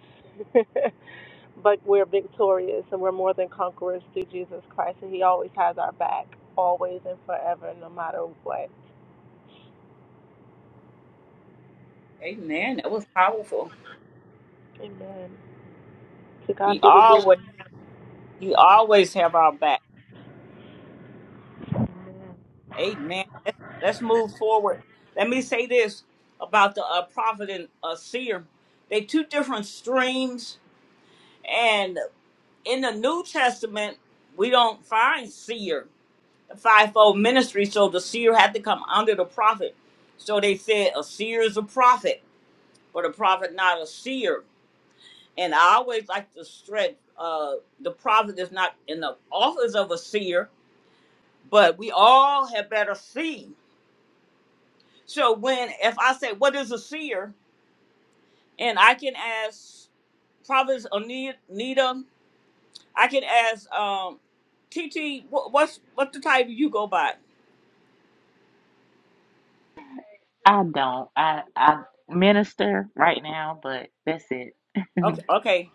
but we're victorious and we're more than conquerors through Jesus Christ. And He always has our back, always and forever, no matter what. Amen. That was powerful. Amen. To He God be the glory. always he always have our back. Amen. Let's, let's move forward. Let me say this about the uh, prophet and uh, seer. They two different streams, and in the New Testament, we don't find seer, the fivefold ministry. So the seer had to come under the prophet. So they said a seer is a prophet, but a prophet not a seer. And I always like to stress uh, the prophet is not in the office of a seer, but we all had better see. So when if I say what is a seer, and I can ask Providence Anita, I can ask um, T. T, wh- what's what's the title you go by? I don't, I, I minister right now, but that's it. Okay, okay,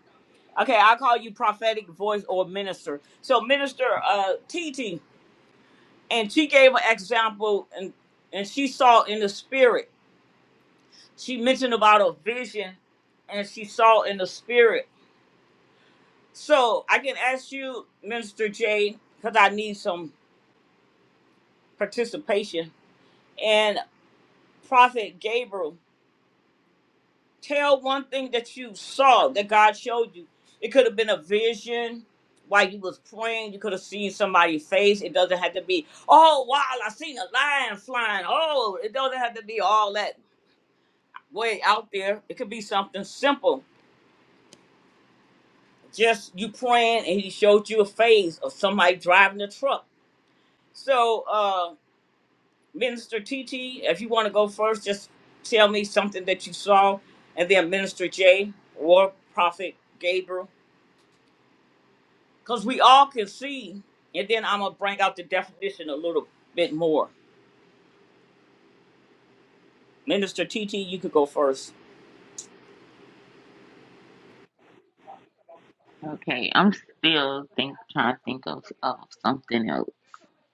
okay. I'll call you prophetic voice or minister. So minister uh, T. T, and she gave an example, and and she saw in the spirit. She mentioned about a vision, and she saw in the spirit. So I can ask you, Minister J, because I need some participation and prophet gabriel tell one thing that you saw that god showed you it could have been a vision while you was praying you could have seen somebody's face it doesn't have to be oh wow i seen a lion flying oh it doesn't have to be all that way out there it could be something simple just you praying and he showed you a face of somebody driving a truck so uh, Minister TT, if you want to go first, just tell me something that you saw, and then Minister J or Prophet Gabriel, because we all can see. And then I'm gonna bring out the definition a little bit more. Minister TT, you could go first. Okay, I'm still think trying to think of, of something else.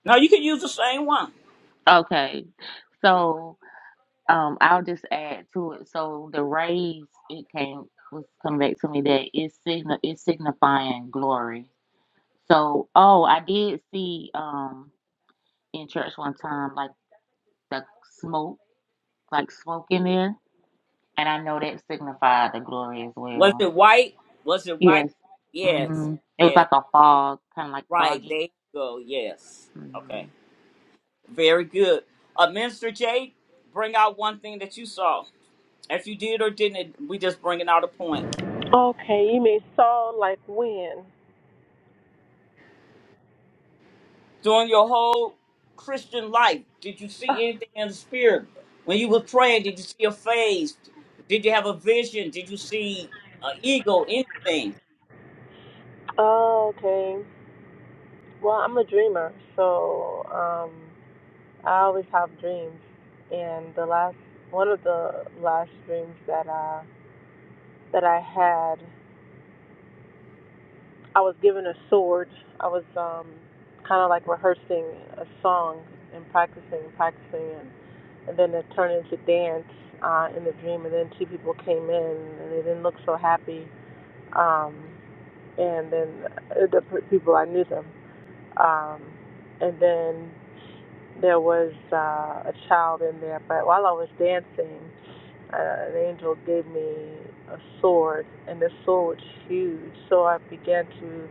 No, you can use the same one. Okay, so um, I'll just add to it. So the rays, it came was coming back to me that it's signi it's signifying glory. So oh, I did see um in church one time like the smoke, like smoke in there, and I know that signified the glory as Was well. it white? Was it white? Yes. Yes. Mhm. It was Yes. like a fog, kind of like Right. foggy. There you go. Yes. Mhm. Okay. Very good. Uh, Minister J, bring out one thing that you saw. If you did or didn't, we just bringing out a point. Okay, you may sound like when. during your whole Christian life, did you see anything in the spirit? When you were praying, did you see a phase? Did you have a vision? Did you see an eagle? Anything? okay. Well, I'm a dreamer, so um I always have dreams, and the last one of the last dreams that I that I had, I was given a sword. I was um, kind of like rehearsing a song and practicing, practicing, and, and then it turned into dance uh, in the dream. And then two people came in, and they didn't look so happy. Um, and then uh, the people I knew them, um, and then there was uh, a child in there. But while I was dancing. uh, an angel gave me a sword, and the sword was huge. So I began to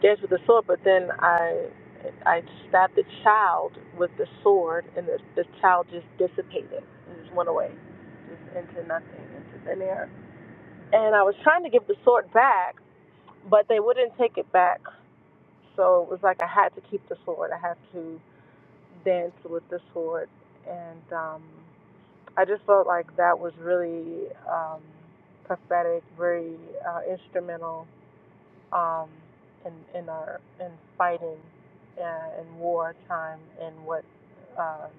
dance with the sword, but then I I stabbed the child with the sword, and the, the child just dissipated. It just went away, just into nothing, into thin air. And I was trying to give the sword back, but they wouldn't take it back. So it was like I had to keep the sword. I had to dance with the sword, and um, I just felt like that was really um, prophetic, very uh, instrumental um, in in our in fighting uh, in wartime and what um,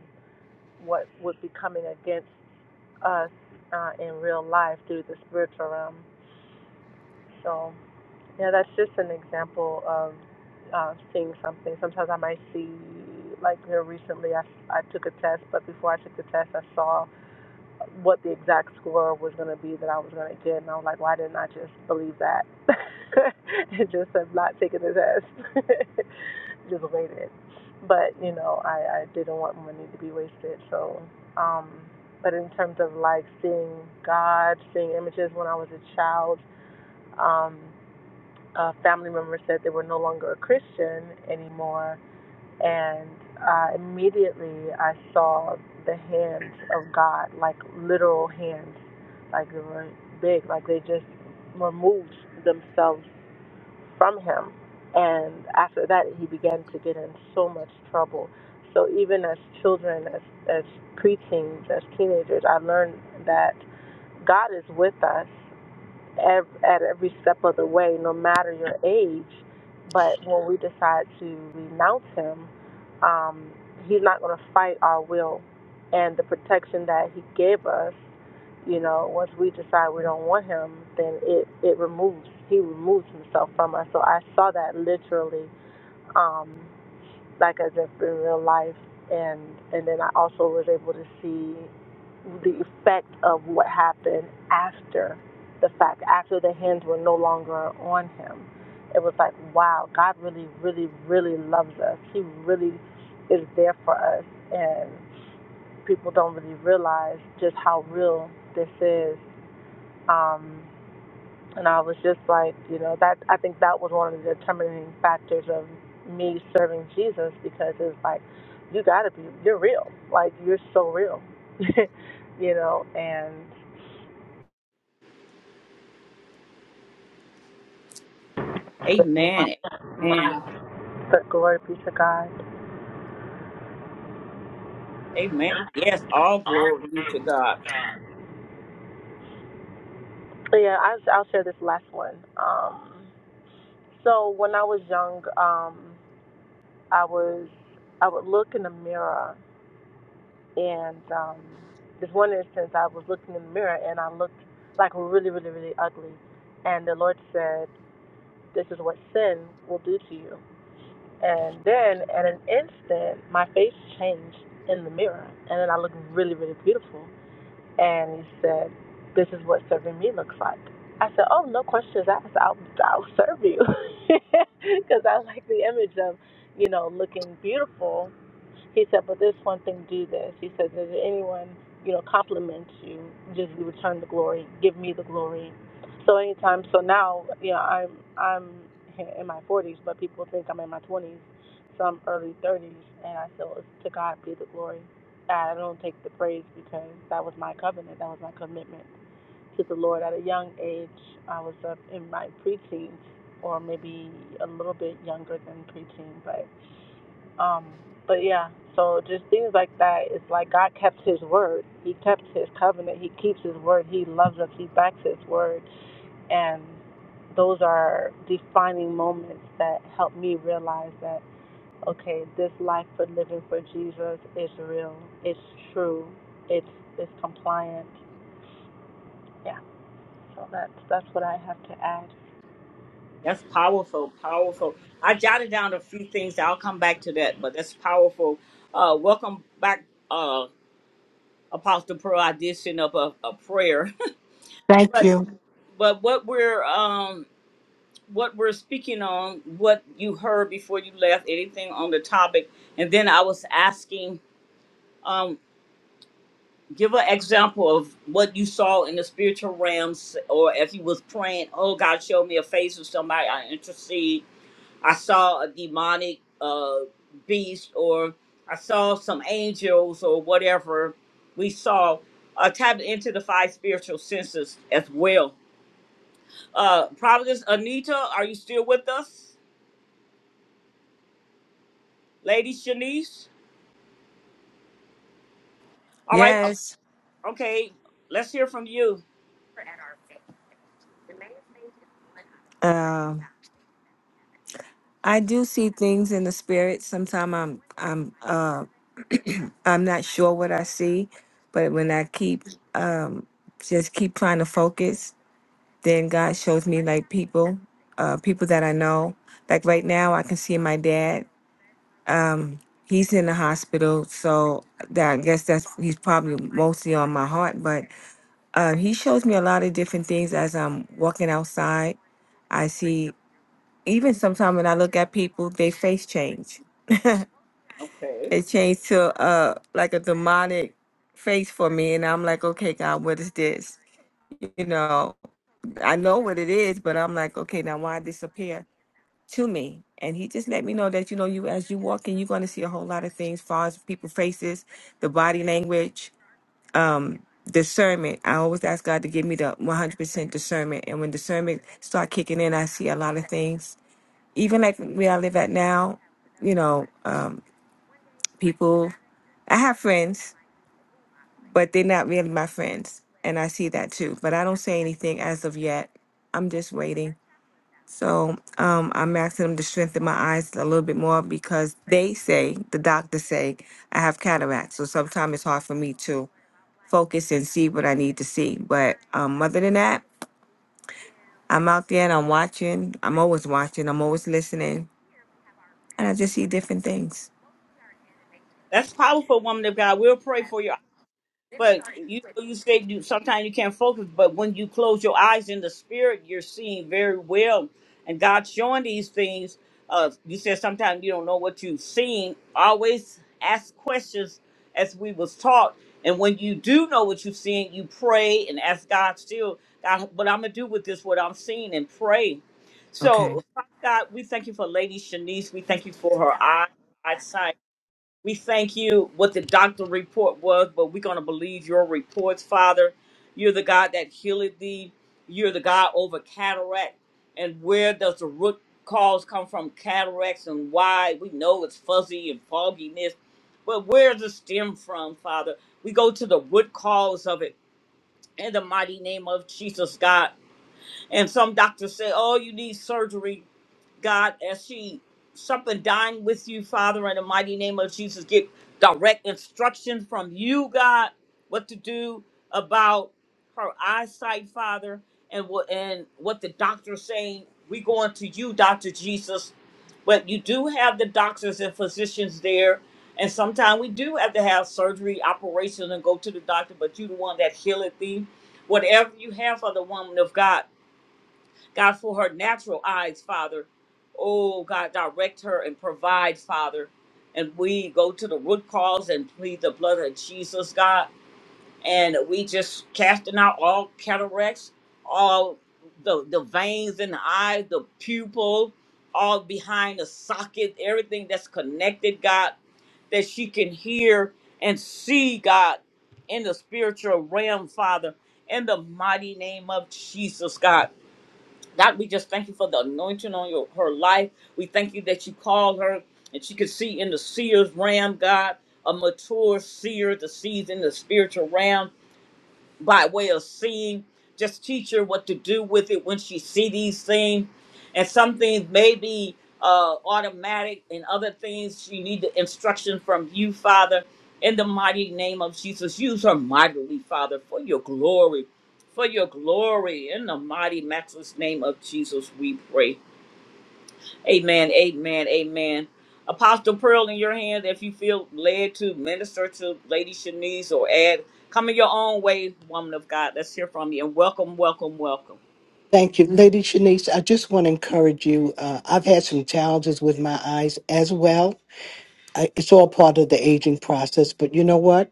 what would be coming against us uh, in real life through the spiritual realm. So yeah, that's just an example of uh, seeing something. Sometimes I might see like here recently, I I took a test, but before I took the test, I saw. what the exact score was going to be that I was going to get. And I was like, why didn't I just believe that? and just have not taken the test. just waited. But, you know, I, I didn't want money to be wasted. So, um, but in terms of like seeing God, seeing images when I was a child, um, a family member said they were no longer a Christian anymore and uh, immediately I saw the hands of God, like literal hands, like they were big, like they just removed themselves from him. And after that, he began to get in so much trouble. So even as children, as as preteens, as teenagers, I learned that God is with us at every step of the way, no matter your age. But when we decide to renounce Him, um, He's not going to fight our will. And the protection that He gave us, you know, once we decide we don't want Him, then it, it removes, He removes Himself from us. So I saw that literally. Um, like as if in real life and and then I also was able to see the effect of what happened after the fact, after the hands were no longer on him. It was like, wow, God really, really, really loves us. He really is there for us and people don't really realize just how real this is. Um, and I was just like, you know, that I think that was one of the determining factors of me serving Jesus because it's like, you gotta be, you're real, like you're so real, you know. And Amen. Amen. my, but glory be to God. Amen. Yes, all glory be to God. But yeah, I, I'll share this last one. Um, so when I was young, um, I was I would look in the mirror And um, this one instance, I was looking in the mirror and I looked like really, really, really ugly. And the Lord said, This is what sin will do to you. And then at an instant, my face changed in the mirror. And then I looked really, really beautiful. And He said, This is what serving me looks like. I said, Oh, no questions asked. I'll, I'll serve you. Because I like the image of, you know, looking beautiful he said, but this one thing do this. He said, does anyone, you know, compliment you, just return the glory, give me the glory. So anytime, so now, you know, I'm, I'm in my 40s, but people think I'm in my 20s. So I'm early 30s, and I feel it's to God be the glory. I don't take the praise because that was my covenant, that was my commitment to the Lord. At a young age, I was up in my preteens, or maybe a little bit younger than preteen, but. Um, but yeah, so just things like that. It's like God kept His word. He kept His covenant. He keeps His word. He loves us. He backs His word, and those are defining moments that help me realize that okay, this life for living for Jesus is real. It's true. It's it's compliant. Yeah. So that's that's what I have to add. That's powerful, powerful. I jotted down a few things. I'll come back to that, but that's powerful. Uh, welcome back, uh, Apostle Pearl. I did send up a, a prayer, Thank but you. but what we're um what we're speaking on, what you heard before you left, anything on the topic. And then I was asking, um, give an example of what you saw in the spiritual realms, or if you was praying, oh God, showed me a face of somebody I intercede. I saw a demonic uh, beast, or I saw some angels, or whatever we saw. Uh, tap into the five spiritual senses as well. Uh, Providence Anita, are you still with us? Lady Shanice? All right. Yes, Okay. Let's hear from you. um, I do see things in the spirit. Sometimes I'm I'm uh, I'm not sure what I see, but when I keep um, just keep trying to focus, then God shows me like people, uh, people that I know. Like right now, I can see my dad. Um, he's in the hospital, so that I guess that's he's probably mostly on my heart. But uh, he shows me a lot of different things as I'm walking outside. I see. even sometimes when I look at people, they face change. Okay. They change to uh like a demonic face for me, and I'm like, okay, God, what is this? You know, I know what it is, but I'm like, okay, now why disappear to me? And he just let me know that you know, you as you walk in, you're going to see a whole lot of things, far as people faces, the body language, um, discernment. I always ask God to give me the 100% discernment, and when discernment start kicking in, I see a lot of things even like where I live at now, you know, um, people, I have friends, but they're not really my friends. And I see that too. But I don't say anything as of yet. I'm just waiting. So um, I'm asking them to strengthen my eyes a little bit more because they say, the doctors say, I have cataracts. So sometimes it's hard for me to focus and see what I need to see. But um, other than that, I'm out there and I'm watching. I'm always watching. I'm always listening. And I just see different things. That's powerful, woman of God. We'll pray for you But you know, you say you sometimes you can't focus, but when you close your eyes in the spirit, you're seeing very well, and God's showing these things. Uh, you said sometimes you don't know what you've seen. Always ask questions, as we was taught. And when you do know what you've seen, you pray and ask God still, God, what I'm gonna do with this, what I'm seeing, and pray. Okay. So, Father God, we thank you for Lady Shanice. We thank you for her eye, eyesight. We thank you what the doctor report was, but we're going to believe your reports, Father. You're the God that healed thee. You're the God over cataract. And where does the root cause come from? Cataracts and why? We know it's fuzzy and fogginess, but where's the stem from, Father? We go to the root cause of it in the mighty name of Jesus, God. And some doctors say, oh, you need surgery God, as she something dying with you, Father, in the mighty name of Jesus, get direct instruction from you, God, what to do about her eyesight, Father, and what and what the doctor's saying. We going to you, Doctor Jesus, but you do have the doctors and physicians there, and sometimes we do have to have surgery, operation, and go to the doctor. But you the one that healeth thee. Whatever you have for the woman of God, God, for her natural eyes, Father. Oh, God, direct her and provide, Father. And we go to the root cause and plead the blood of Jesus, God. And we just casting out all cataracts, all the, the veins in the eye, the pupil, all behind the socket, everything that's connected, God, that she can hear and see, God, in the spiritual realm, Father. In the mighty name of Jesus, God. God, we just thank you for the anointing on your, her life. We thank you that you called her and she could see in the seer's realm, God, a mature seer that sees in the spiritual realm by way of seeing. Just teach her what to do with it when she see these things. And some things may be uh, automatic, and other things she need the instruction from you, Father. In the mighty name of Jesus, use her mightily, Father, for your glory, for your glory. In the mighty, matchless name of Jesus, we pray. Amen. Amen. Amen. Apostle Pearl in your hands. If you feel led to minister to Lady Shanice or add, come in your own way, woman of God. Let's hear from you. And welcome, welcome, welcome. Thank you. Lady Shanice, I just want to encourage you. Uh, I've had some challenges with my eyes as well. I, it's all part of the aging process, but you know what?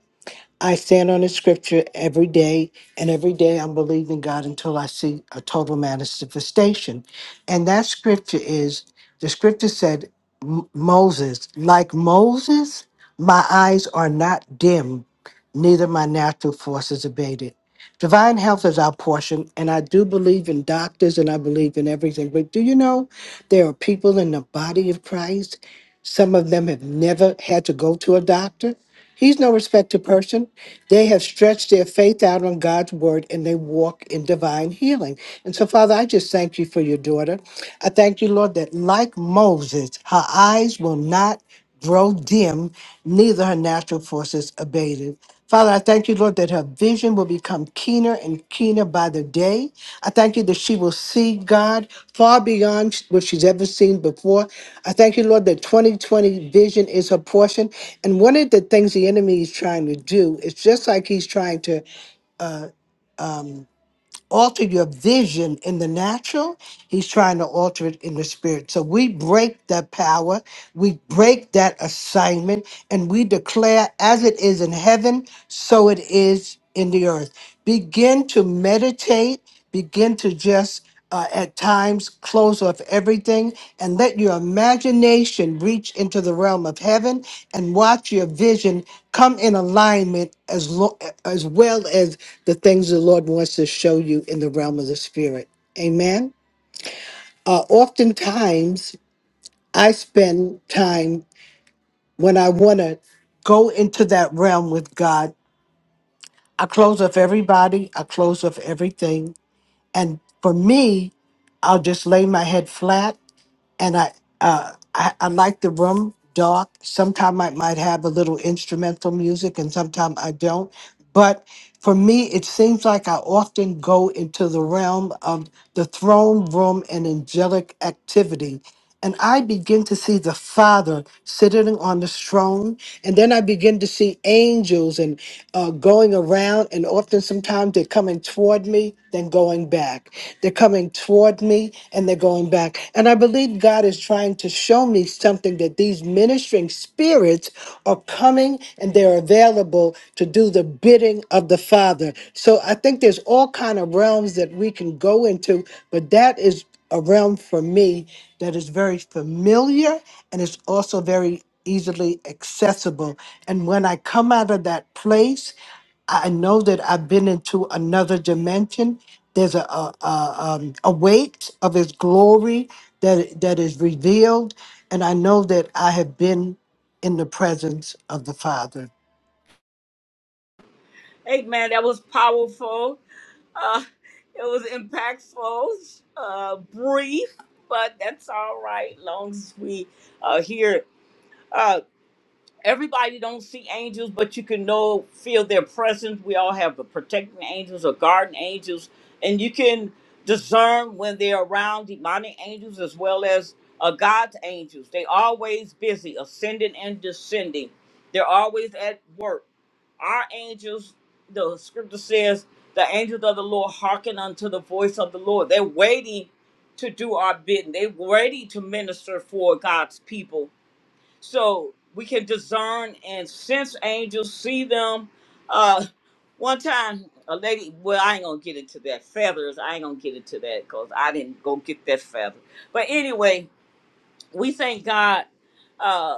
I stand on the scripture every day, and every day I'm believing God until I see a total manifestation. And that scripture is the scripture said, "M- Moses, like Moses, my eyes are not dim, neither my natural forces abated. Divine health is our portion, and I do believe in doctors and I believe in everything. But do you know there are people in the body of Christ? Some of them have never had to go to a doctor. He's no respecter of person. They have stretched their faith out on God's word and they walk in divine healing. And so, Father, I just thank you for your daughter. I thank you, Lord, that like Moses, her eyes will not grow dim, neither her natural forces abated. Father, I thank you, Lord, that her vision will become keener and keener by the day. I thank you that she will see God far beyond what she's ever seen before. I thank you, Lord, that 2020 vision is her portion. And one of the things the enemy is trying to do is just like he's trying to uh, um, alter your vision in the natural, he's trying to alter it in the spirit. So we break that power, we break that assignment, and we declare as it is in heaven, so it is in the earth. Begin to meditate, begin to just uh, at times close off everything and let your imagination reach into the realm of heaven and watch your vision come in alignment as lo- as well as the things the Lord wants to show you in the realm of the spirit. Amen. Uh, oftentimes, I spend time when I want to go into that realm with God. I close off everybody. I close off everything, and for me, I'll just lay my head flat and I, uh, I I like the room dark. Sometimes I might have a little instrumental music, and sometimes I don't. But for me, it seems like I often go into the realm of the throne room and angelic activity. And I begin to see the Father sitting on the throne. And then I begin to see angels and uh, going around. And often, sometimes they're coming toward me, then going back. They're coming toward me and they're going back. And I believe God is trying to show me something that these ministering spirits are coming and they're available to do the bidding of the Father. So I think there's all kind of realms that we can go into, but that is a realm for me that is very familiar and it's also very easily accessible. And when I come out of that place, I know that I've been into another dimension. There's a, a, a, um, a weight of His glory that that is revealed, and I know that I have been in the presence of the Father. Amen. That was powerful. Uh, it was impactful, uh, brief, but that's all right. Long as we uh, hear it. everybody don't see angels, but you can know feel their presence. We all have the protecting angels or guardian angels, and you can discern when they're around demonic angels as well as uh, God's angels. They always busy, ascending and descending. They're always at work. Our angels, the scripture says, the angels of the Lord hearken unto the voice of the Lord. They're waiting to do our bidding. They're ready to minister for God's people so we can discern and sense angels, see them. Uh, one time, a lady, well, I ain't gonna get into that feathers. I ain't gonna get into that because I didn't go get that feather. But anyway, we thank God uh,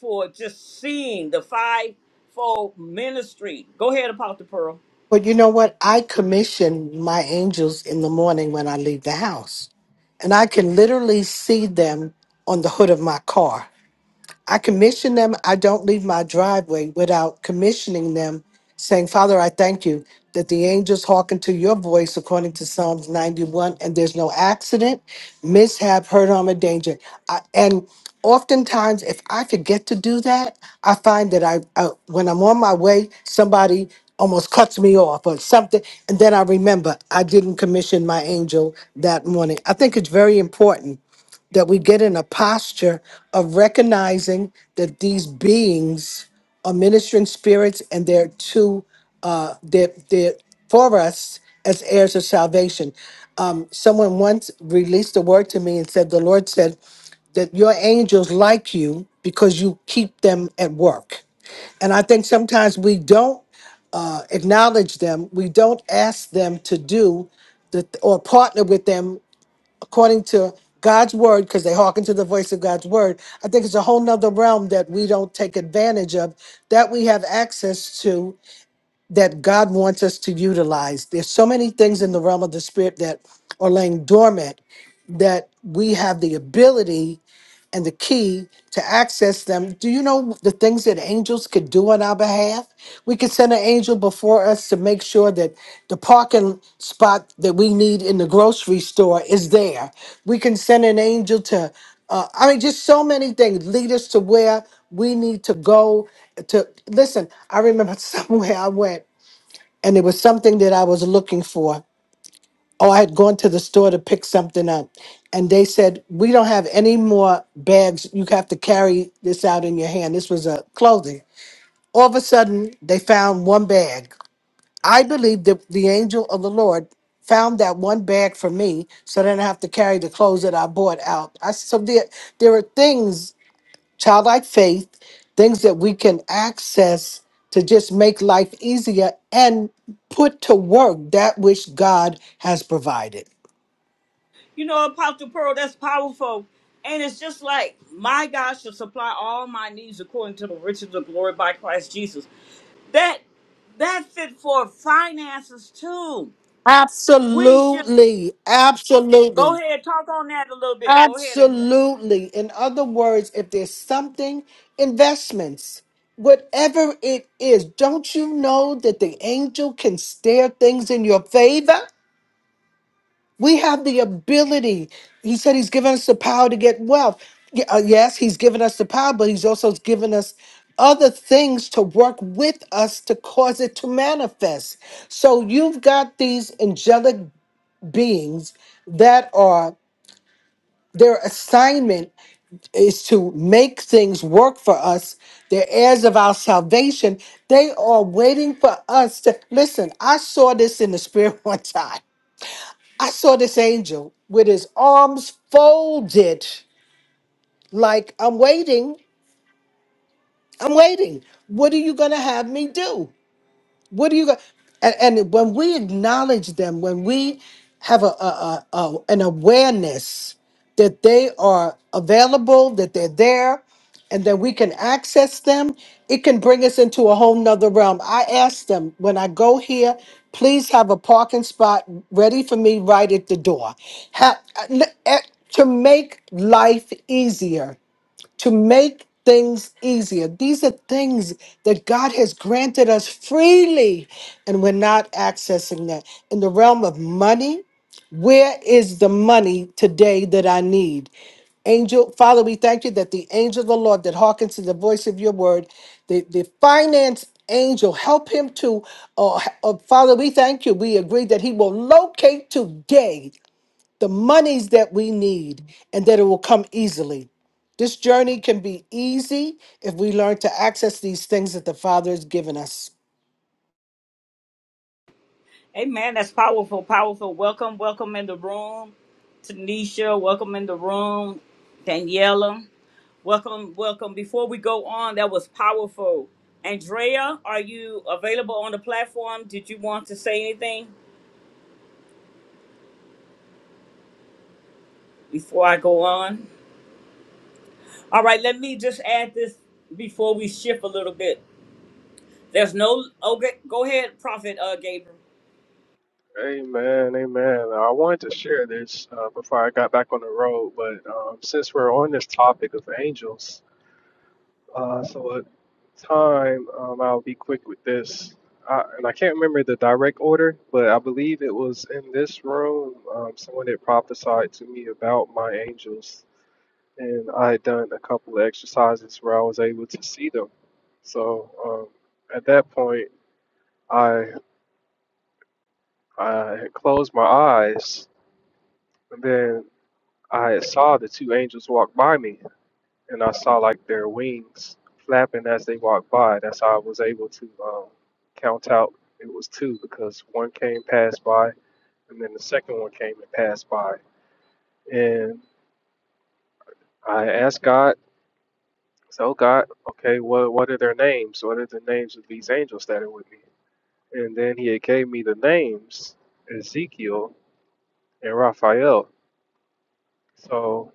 for just seeing the fivefold ministry. Go ahead, Apostle Pearl. But you know what? I commission my angels in the morning when I leave the house, and I can literally see them on the hood of my car. I commission them. I don't leave my driveway without commissioning them, saying, Father, I thank you that the angels hearken to your voice according to Psalms 91, and there's no accident, mishap, hurt, harm, or danger. I, and oftentimes, if I forget to do that, I find that I, I when I'm on my way, somebody almost cuts me off or something, and then I remember I didn't commission my angel that morning. I think it's very important that we get in a posture of recognizing that these beings are ministering spirits and they're to uh they're, they're for us as heirs of salvation um someone once released a word to me and said the lord said that your angels like you because you keep them at work and i think sometimes we don't uh, acknowledge them we don't ask them to do the, or partner with them according to God's word, because they hearken to the voice of God's word. I think it's a whole nother realm that we don't take advantage of, that we have access to, that God wants us to utilize. There's so many things in the realm of the spirit that are laying dormant that we have the ability and the key to access them. Do you know the things that angels could do on our behalf? We could send an angel before us to make sure that the parking spot that we need in the grocery store is there. We can send an angel to, uh, I mean, just so many things lead us to where we need to go. To listen, I remember somewhere I went and it was something that I was looking for oh, I had gone to the store to pick something up. And they said, we don't have any more bags. You have to carry this out in your hand. This was a clothing. All of a sudden, they found one bag. I believe that the angel of the Lord found that one bag for me so then I have to carry the clothes that I bought out. I so there there are things, childlike faith, things that we can access to just make life easier and put to work that which God has provided. You know, Apostle Pearl, that's powerful. And it's just like my God shall supply all my needs according to the riches of glory by Christ Jesus. That that's it for finances too. We should Absolutely. go Absolutely. ahead talk on that a little bit. Go ahead if you want. Absolutely. In other words, if there's something, investments, whatever it is, don't you know that the angel can stare things in your favor? We have the ability. He said he's given us the power to get wealth. Y- uh, Yes, he's given us the power, but he's also given us other things to work with us to cause it to manifest. So you've got these angelic beings that are their assignment is to make things work for us. They're heirs of our salvation. They are waiting for us to listen. I saw this in the spirit one time. I saw this angel with his arms folded, like, I'm waiting. I'm waiting. What are you going to have me do? What do you got? And, and when we acknowledge them, when we have a, a, a, a an awareness that they are available, that they're there, and that we can access them, it can bring us into a whole nother realm. I ask them when I go here, please have a parking spot ready for me right at the door. Ha- eh, to make life easier to make things easier. These are things that God has granted us freely, and we're not accessing that. In the realm of money, where is the money today that I need? Angel, Father, we thank you that the angel of the Lord that hearkens to the voice of your word, the, the finance angel, help him to, uh, uh, Father, we thank you. We agree that he will locate today the monies that we need and that it will come easily. This journey can be easy if we learn to access these things that the Father has given us. Amen. That's powerful, powerful. Welcome, welcome in the room, Tanisha. Welcome in the room, Daniela. Welcome, welcome. Before we go on, that was powerful. Andrea, are you available on the platform? Did you want to say anything before I go on? All right, let me just add this before we shift a little bit. There's no. Okay, go ahead, Prophet uh, Gabriel. Amen, amen. I wanted to share this uh, before I got back on the road, but um, since we're on this topic of angels, uh, so at time um, I'll be quick with this. I, and I can't remember the direct order, but I believe it was in this room um, someone had prophesied to me about my angels, and I had done a couple of exercises where I was able to see them. So um, at that point, I I had closed my eyes, and then I saw the two angels walk by me, and I saw like their wings flapping as they walked by. That's how I was able to um, count out it was two because one came passed by, and then the second one came and passed by. And I asked God, "So "Oh, God, okay, what what are their names? What are the names of these angels that are with me?" And then He had gave me the names Ezekiel and Raphael. So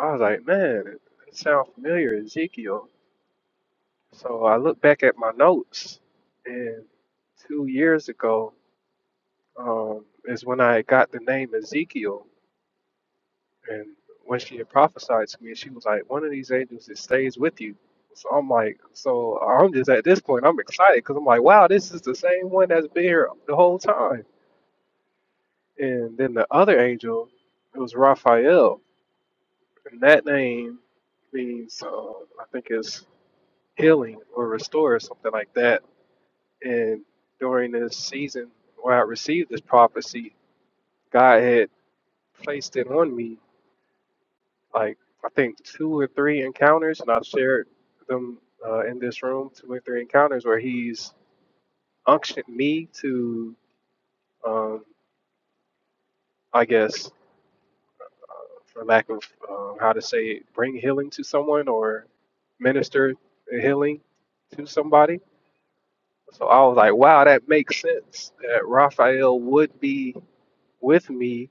I was like, "Man, it it sounds familiar, Ezekiel." So I look back at my notes, and two years ago um, is when I got the name Ezekiel. And when she had prophesied to me, she was like, "One of these angels that stays with you." So I'm like, so I'm just at this point, I'm excited because I'm like, wow, this is the same one that's been here the whole time. And then the other angel, it was Raphael, and that name means uh, I think it's healing or restore or something like that And during this season where I received this prophecy, God had placed it on me, like I think two or three encounters, and I've shared them uh, in this room, two or three encounters where He's unctioned me to, um, I guess, for lack of um, how to say it, bring healing to someone or minister healing to somebody. So I was like, wow, that makes sense that Raphael would be with me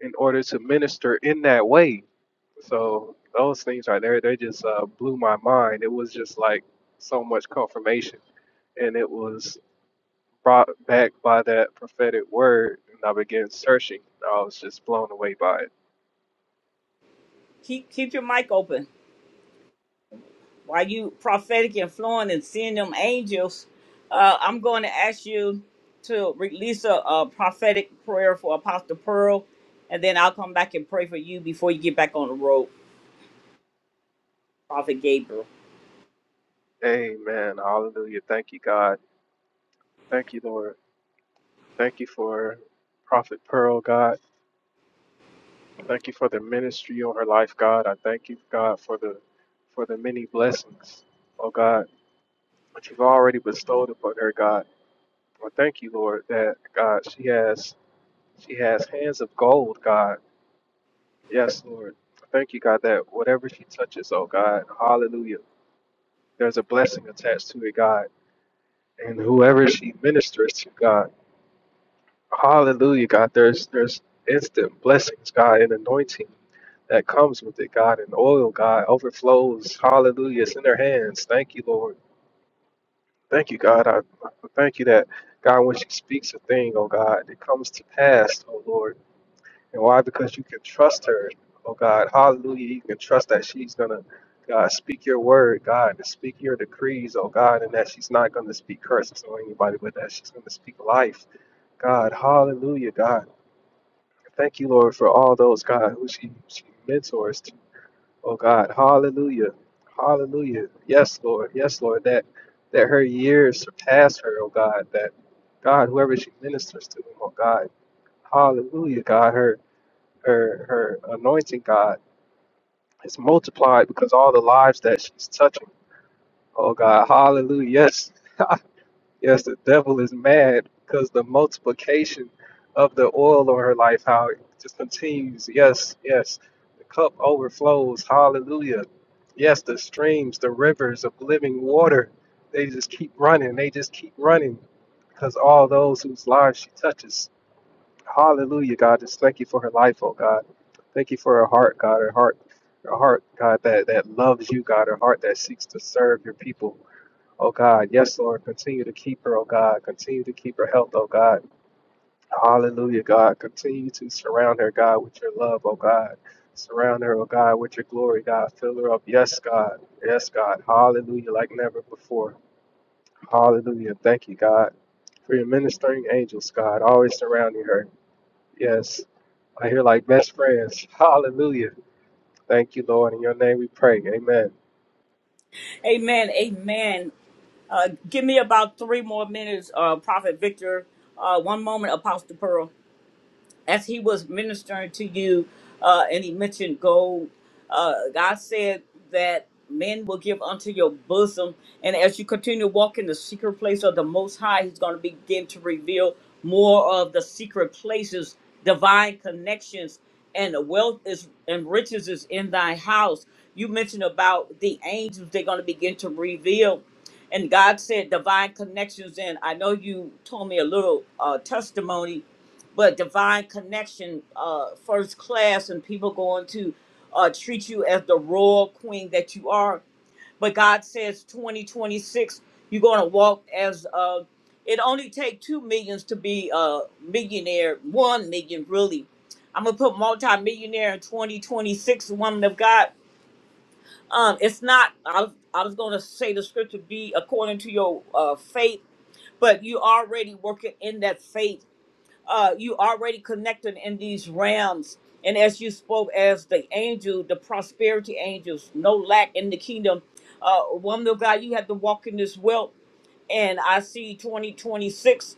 in order to minister in that way. So those things right there, they just uh, blew my mind. It was just like so much confirmation, and it was brought back by that prophetic word. And I began searching. I was just blown away by it. Keep keep your mic open while you prophetic and flowing and seeing them angels. Uh, I'm going to ask you to release a, a prophetic prayer for Apostle Pearl, and then I'll come back and pray for you before you get back on the road, Prophet Gabriel. Amen. Hallelujah. Thank you, God. Thank you, Lord. Thank you for Prophet Pearl, God. Thank you for the ministry on her life, God. I thank you, God, for the for the many blessings, oh God, that you've already bestowed upon her, God. Well, thank you, Lord, that God, she has she has hands of gold, God. Yes, Lord. Thank you, God, that whatever she touches, oh God, hallelujah. There's a blessing attached to it, God. And whoever she ministers to, God, hallelujah, God, there's there's instant blessings, God, and anointing that comes with it, God, and oil, God, overflows. Hallelujah. It's in her hands. Thank you, Lord. Thank you, God. I, I thank you that God, when she speaks a thing, oh God, it comes to pass, oh Lord. And why? Because you can trust her. Oh God, hallelujah. You can trust that she's going to, God, speak your word, God, and speak your decrees, oh God, and that she's not going to speak curses on anybody, but that she's going to speak life. God, hallelujah, God. Thank you, Lord, for all those, God, who she, she mentors to. Oh God, hallelujah. Hallelujah. Yes, Lord. Yes, Lord. That that her years surpass her, oh God. That God, whoever she ministers to, oh God. Hallelujah, God. her her her anointing, God, is multiplied because all the lives that she's touching. Oh God, hallelujah. Yes. yes, the devil is mad because the multiplication of the oil on her life, how it just continues. Yes, yes. The cup overflows. Hallelujah. Yes, the streams, the rivers of living water, they just keep running. They just keep running because all those whose lives she touches Hallelujah, God. Just thank you for her life, oh God. Thank you for her heart, God. Her heart, her heart, God, that, that loves you, God. Her heart that seeks to serve your people, oh God. Yes, Lord. Continue to keep her, oh God. Continue to keep her health, oh God. Hallelujah, God. Continue to surround her, God, with your love, oh God. Surround her, oh God, with your glory, God. Fill her up. Yes, God. Yes, God. Hallelujah, like never before. Hallelujah. Thank you, God, for your ministering angels, God, always surrounding her. Yes. I hear like best friends. Hallelujah. Thank you, Lord. In your name we pray. Amen. Amen. Amen. Uh, give me about three more minutes, uh, Prophet Victor. Uh, one moment, Apostle Pearl. as he was ministering to you, uh, and he mentioned gold, uh, God said that men will give unto your bosom. And as you continue to walk in the secret place of the Most High, He's going to begin to reveal more of the secret places, divine connections, and the wealth is and riches is in thy house. You mentioned about the angels; they're going to begin to reveal. And God said divine connections. And I know you told me a little uh, testimony but divine connection, uh, first class, and people going to uh, treat you as the royal queen that you are. But God says, 2026, you're going to walk as uh, it only take two millions to be a millionaire, one million really. I'm gonna put multi-millionaire in 2026, woman of God. Um, it's not. I was, I was gonna say the scripture be according to your uh, faith, but you already working in that faith uh, you already connected in these realms. And as you spoke as the angel, the prosperity angels, no lack in the kingdom. Uh, woman of God, you have to walk in this wealth. And I see 2026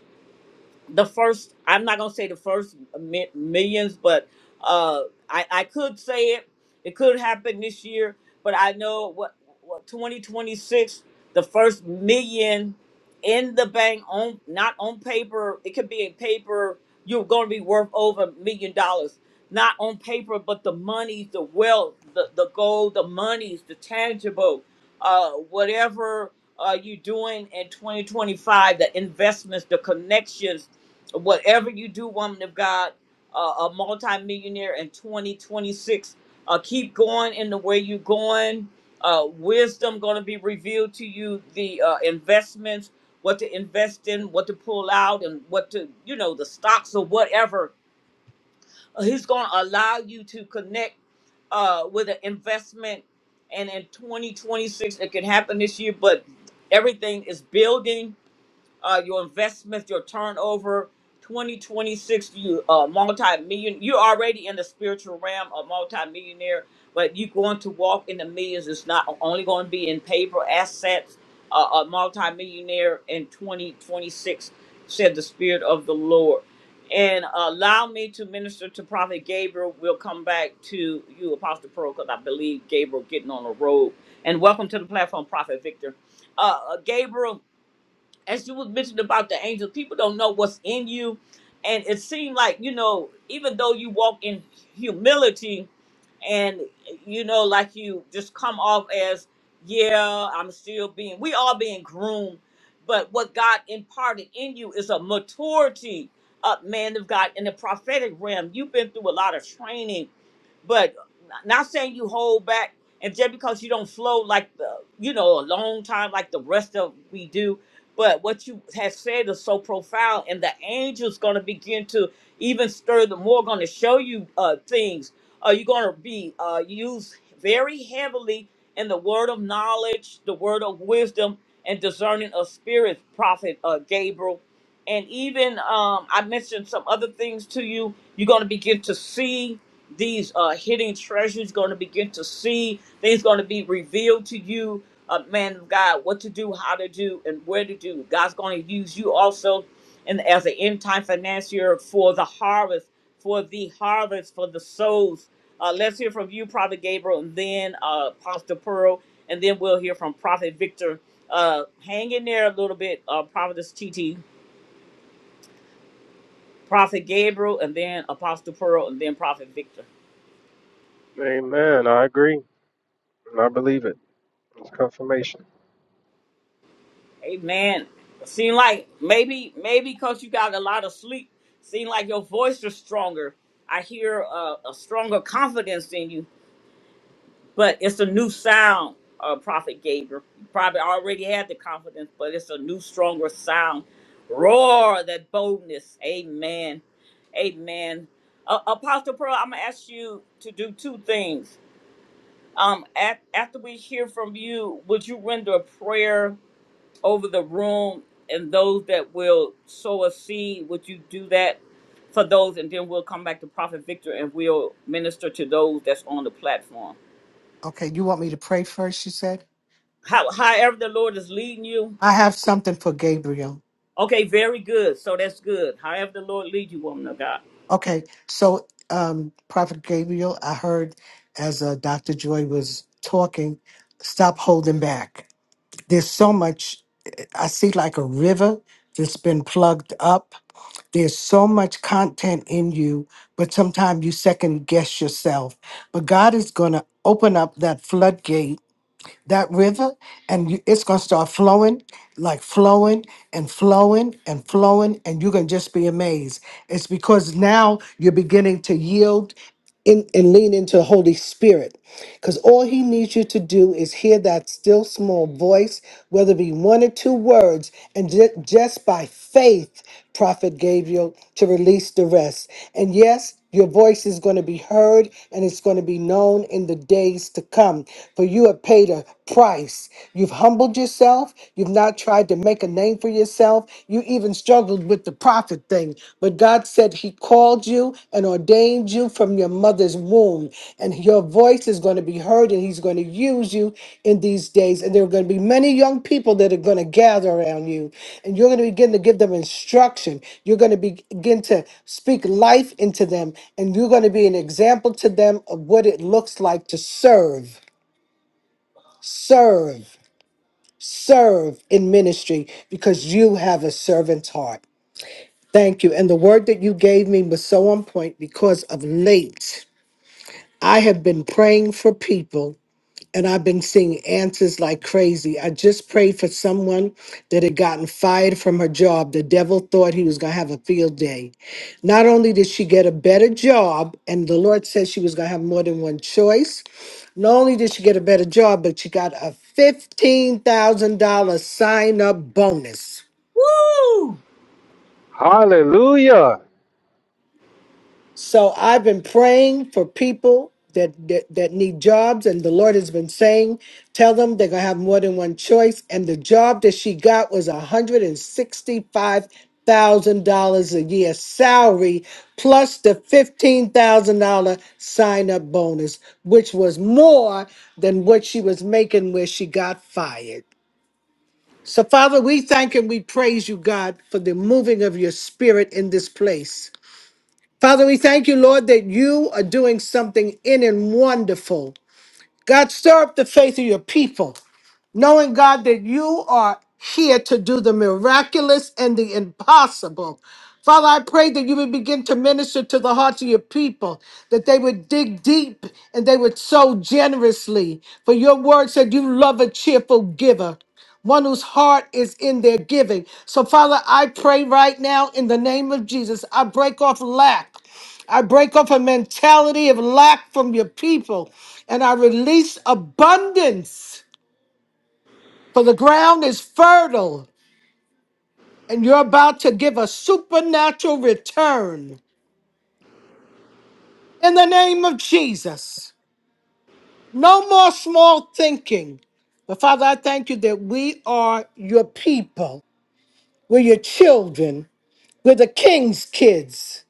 the first i'm not going to say the first mi- millions but uh i i could say it it could happen this year but i know what, what 2026 the first million in the bank on not on paper it could be in paper you're going to be worth over a million dollars not on paper but the money the wealth the, the gold the monies the tangible uh whatever uh, you doing in 2025 the investments the connections whatever you do, woman of God, uh, a multimillionaire in 2026. Uh, keep going in the way you're going. Uh, wisdom going to be revealed to you. The uh, investments, what to invest in, what to pull out, and what to you know the stocks or whatever. Uh, he's going to allow you to connect uh, with an investment, and in 2026 it can happen this year. But everything is building uh, your investments, your turnover. 2026, you uh, multi-million. You're already in the spiritual realm, a multi-millionaire, but you're going to walk in the millions. It's not only going to be in paper assets. Uh, a multi-millionaire in 2026, said the Spirit of the Lord. And uh, allow me to minister to Prophet Gabriel. We'll come back to you, Apostle Pearl, because I believe Gabriel getting on the road. And welcome to the platform, Prophet Victor. Uh, uh, Gabriel, as you was mentioning about the angels, people don't know what's in you. And it seemed like, you know, even though you walk in humility and, you know, like you just come off as, yeah, I'm still being, we all being groomed. But what God imparted in you is a maturity up, man of God, in the prophetic realm. You've been through a lot of training but not saying you hold back and just because you don't flow like the you know a long time like the rest of we do but what you have said is so profound and the angels going to begin to even stir the more going to show you uh things uh you're going to be uh used very heavily in the word of knowledge the word of wisdom and discerning of spirits prophet uh gabriel and even um i mentioned some other things to you you're going to begin to see these uh, hidden treasures going to begin to see things going to be revealed to you uh, man of god what to do how to do and where to do god's going to use you also and as an end time financier for the harvest for the harvest for the souls uh, let's hear from you prophet gabriel and then uh, pastor pearl and then we'll hear from prophet victor uh, hang in there a little bit uh, prophetess tt prophet gabriel and then apostle pearl and then prophet victor Amen. I agree. And I believe it. It's confirmation. Amen. Seem like maybe maybe because you got a lot of sleep, seem like your voice is stronger. I hear a, a stronger confidence in you, but it's a new sound. Uh, Prophet Gabriel you probably already had the confidence, but it's a new, stronger sound. Roar that boldness. Amen. Amen. Uh, Apostle Pearl, I'm gonna ask you to do two things. Um, at, after we hear from you, would you render a prayer? over the room and those that will sow a seed. Would you do that for those? And then we'll come back to Prophet Victor and we'll minister to those that's on the platform. Okay, you want me to pray first, you said? How, however, the Lord is leading you. I have something for Gabriel. Okay, very good. So that's good. However, the Lord leads you, woman of God. Okay, so um, Prophet Gabriel, I heard as uh, Dr. Joy was talking, stop holding back There's so much, I see like a river that's been plugged up. There's so much content in you, but sometimes you second guess yourself. But God is going to open up that floodgate, that river, and you, it's going to start flowing, like flowing and flowing and flowing, and you're going to just be amazed. It's because now you're beginning to yield and, and lean into the Holy Spirit. Because all he needs you to do is hear that still small voice, whether it be one or two words, and ju- just by faith, Prophet Gabriel, to release the rest. And yes, your voice is going to be heard and it's going to be known in the days to come. For you have paid a price. You've humbled yourself. You've not tried to make a name for yourself. You even struggled with the prophet thing. But God said He called you and ordained you from your mother's womb. And your voice is going to be heard, and He's going to use you in these days. And there are going to be many young people that are going to gather around you. And you're going to begin to give them instruction. You're going to begin to speak life into them. And you're going to be an example to them of what it looks like to serve. Serve serve in ministry because you have a servant's heart. Thank you. And the word that you gave me was so on point because of late. I have been praying for people and I've been seeing answers like crazy. I just prayed for someone that had gotten fired from her job. The devil thought he was going to have a field day. Not only did she get a better job, and the Lord said she was going to have more than one choice, not only did she get a better job, but she got a $15,000 sign up bonus. Woo! Hallelujah. So I've been praying for people that, that that need jobs, and the Lord has been saying, tell them they're gonna have more than one choice. And the job that she got was one hundred and sixty-five thousand dollars a year salary plus the fifteen thousand dollar sign-up bonus, which was more than what she was making where she got fired. So, Father, we thank and we praise you, God, for the moving of your spirit in this place. Father, we thank you, Lord, that you are doing something in and wonderful. God, stir up the faith of your people knowing God that you are here to do the miraculous and the impossible. Father, I pray that you would begin to minister to the hearts of your people, that they would dig deep and they would sow generously. For your word said you love a cheerful giver one whose heart is in their giving. So, Father, I pray right now in the name of Jesus, I break off lack. I break off a mentality of lack from your people, and I release abundance. For the ground is fertile, and you're about to give a supernatural return. In the name of Jesus, no more small thinking. But Father, I thank you that we are your people. We're your children. We're the king's kids.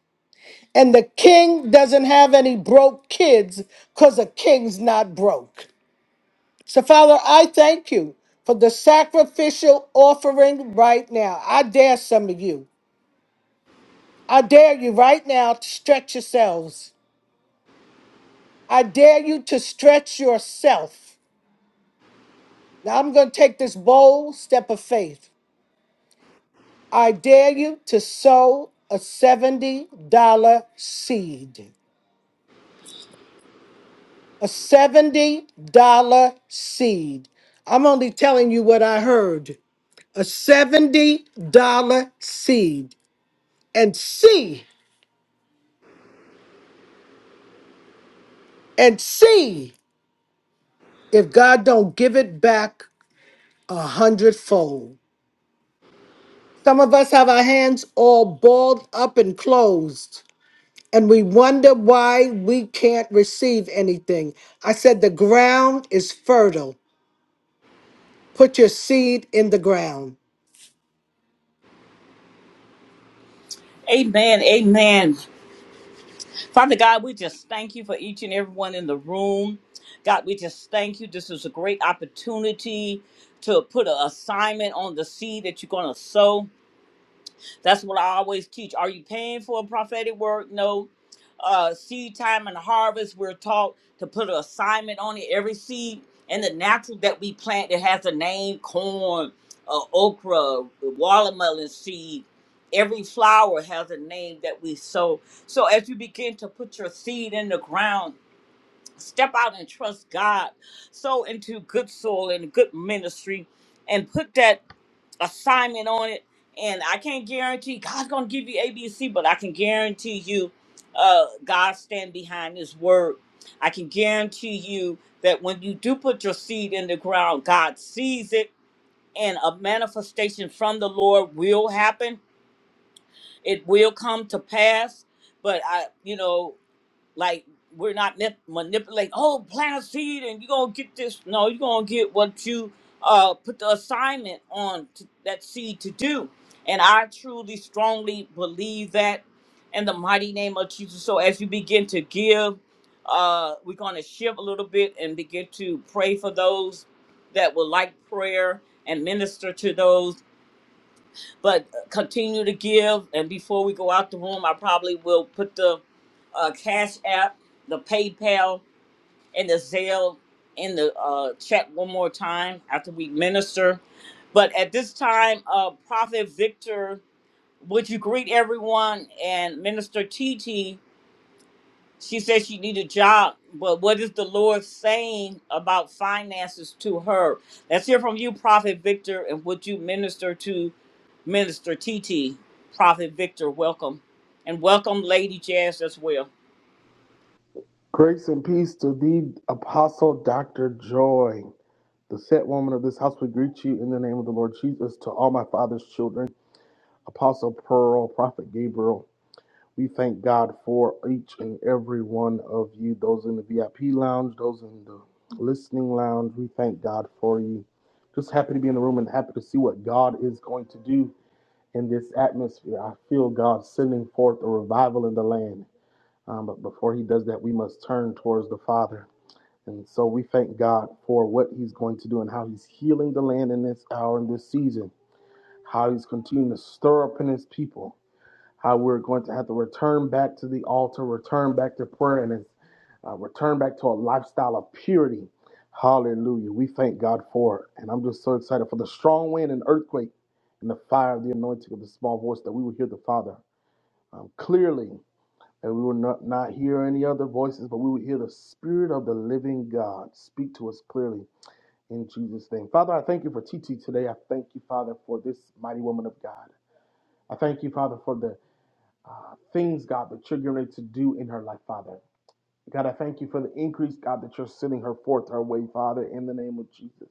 And the king doesn't have any broke kids because the king's not broke. So, Father, I thank you for the sacrificial offering right now. I dare some of you. I dare you right now to stretch yourselves. I dare you to stretch yourself. Now I'm going to take this bold step of faith. I dare you to sow a $70 seed. A $70 seed. I'm only telling you what I heard. A $70 seed. And see, and see if God don't give it back a hundredfold. Some of us have our hands all balled up and closed, and we wonder why we can't receive anything. I said, The ground is fertile. Put your seed in the ground. Amen. Amen. Father God, we just thank you for each and everyone in the room. God, we just thank you. This is a great opportunity to put an assignment on the seed that you're going to sow. That's what I always teach. Are you paying for a prophetic word? No. Uh, seed time and harvest, we're taught to put an assignment on it. Every seed and the natural that we plant it has a name corn, uh, okra, watermelon seed. Every flower has a name that we sow. So as you begin to put your seed in the ground, step out and trust God. Sow into good soil and good ministry and put that assignment on it. And I can't guarantee God's going to give you A, B, and C, but I can guarantee you uh, God stand behind his word. I can guarantee you that when you do put your seed in the ground, God sees it and a manifestation from the Lord will happen. It will come to pass. But I, you know, like we're not nip- manipulating. Oh, plant a seed and you're gonna get this. No, you're gonna get what you uh put the assignment on to that seed to do. And I truly, strongly believe that in the mighty name of Jesus. So as you begin to give, uh, we're gonna shift a little bit and begin to pray for those that would like prayer and minister to those but continue to give. And before we go out the room, I probably will put the uh, Cash App, the PayPal, and the Zelle in the uh, chat one more time after we minister. But at this time, uh, Prophet Victor, would you greet everyone and Minister TT? She said she need a job, but what is the Lord saying about finances to her? Let's hear from you, Prophet Victor, and would you minister to Minister TT? Prophet Victor, welcome. And welcome Lady Jazz as well. Grace and peace to the Apostle Dr. Joy. The set woman of this house we greet you in the name of the Lord Jesus to all my father's children, Apostle Pearl, Prophet Gabriel. We thank God for each and every one of you, those in the VIP lounge, those in the listening lounge. We thank God for you. Just happy to be in the room and happy to see what God is going to do in this atmosphere. I feel God sending forth a revival in the land. Um, but before he does that, we must turn towards the Father and so we thank God for what He's going to do and how He's healing the land in this hour and this season, how He's continuing to stir up in His people, how we're going to have to return back to the altar, return back to prayer, and uh, return back to a lifestyle of purity. Hallelujah. We thank God for it. And I'm just so excited for the strong wind and earthquake and the fire of the anointing of the small voice that we will hear the Father um, clearly and we would not, not hear any other voices, but we would hear the Spirit of the living God speak to us clearly in Jesus' name. Father, I thank you for TT today. I thank you, Father, for this mighty woman of God. I thank you, Father, for the uh, things, God, that you're going to do in her life, Father. God, I thank you for the increase, God, that you're sending her forth her way, Father, in the name of Jesus.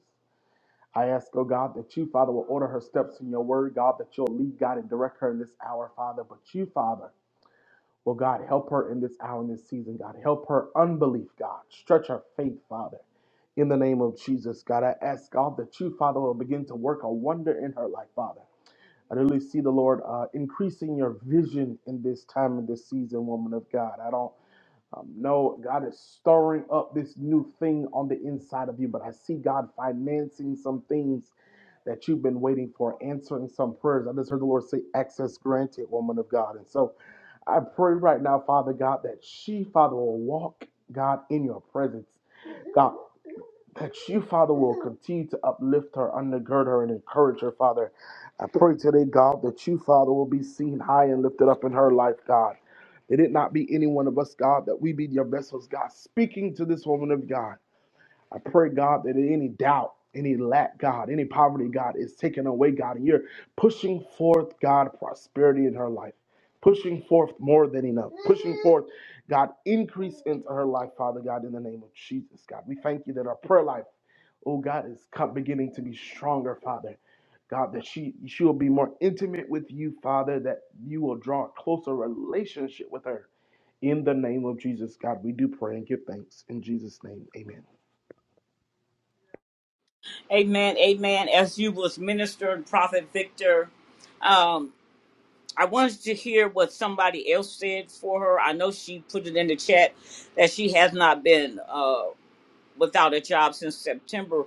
I ask, oh God, that you, Father, will order her steps in your word, God, that you'll lead, God, and direct her in this hour, Father. But you, Father, Well, God, help her in this hour, in this season, God. Help her unbelief, God. Stretch her faith, Father. In the name of Jesus, God, I ask God that you, Father, will begin to work a wonder in her life, Father. I really see the Lord uh, increasing your vision in this time and this season, woman of God. I don't um, no, God is stirring up this new thing on the inside of you, but I see God financing some things that you've been waiting for, answering some prayers. I just heard the Lord say, Access granted, woman of God. And so I pray right now, Father God, that she, Father, will walk, God, in your presence. God that you, Father, will continue to uplift her, undergird her, and encourage her, Father. I pray today, God, that you, Father, will be seen high and lifted up in her life, God. That it not be any one of us, God, that we be your vessels, God, speaking to this woman of God. I pray, God, that any doubt, any lack, God, any poverty, God, is taken away, God, and you're pushing forth, God, prosperity in her life, pushing forth more than enough, pushing forth, God, increase into her life, Father God, in the name of Jesus, God. We thank you that our prayer life, oh God, is co- beginning to be stronger, Father. God, that she she will be more intimate with you, Father, that you will draw a closer relationship with her. In the name of Jesus, God, we do pray and give thanks. In Jesus' name, amen. Amen, amen. As you was ministering, Prophet Victor, um, I wanted to hear what somebody else said for her. I know she put it in the chat that she has not been uh, without a job since September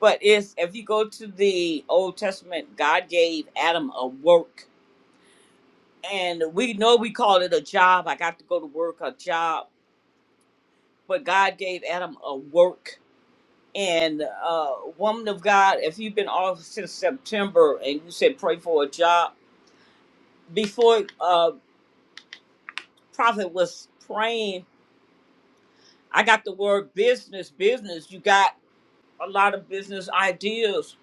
But it's if you go to the Old Testament, God gave Adam a work, and we know we call it a job. I got to go to work, a job, but God gave Adam a work. And uh, woman of God, if you've been off since September and you said pray for a job, before uh, prophet was praying, I got the word business, business. You got a lot of business ideas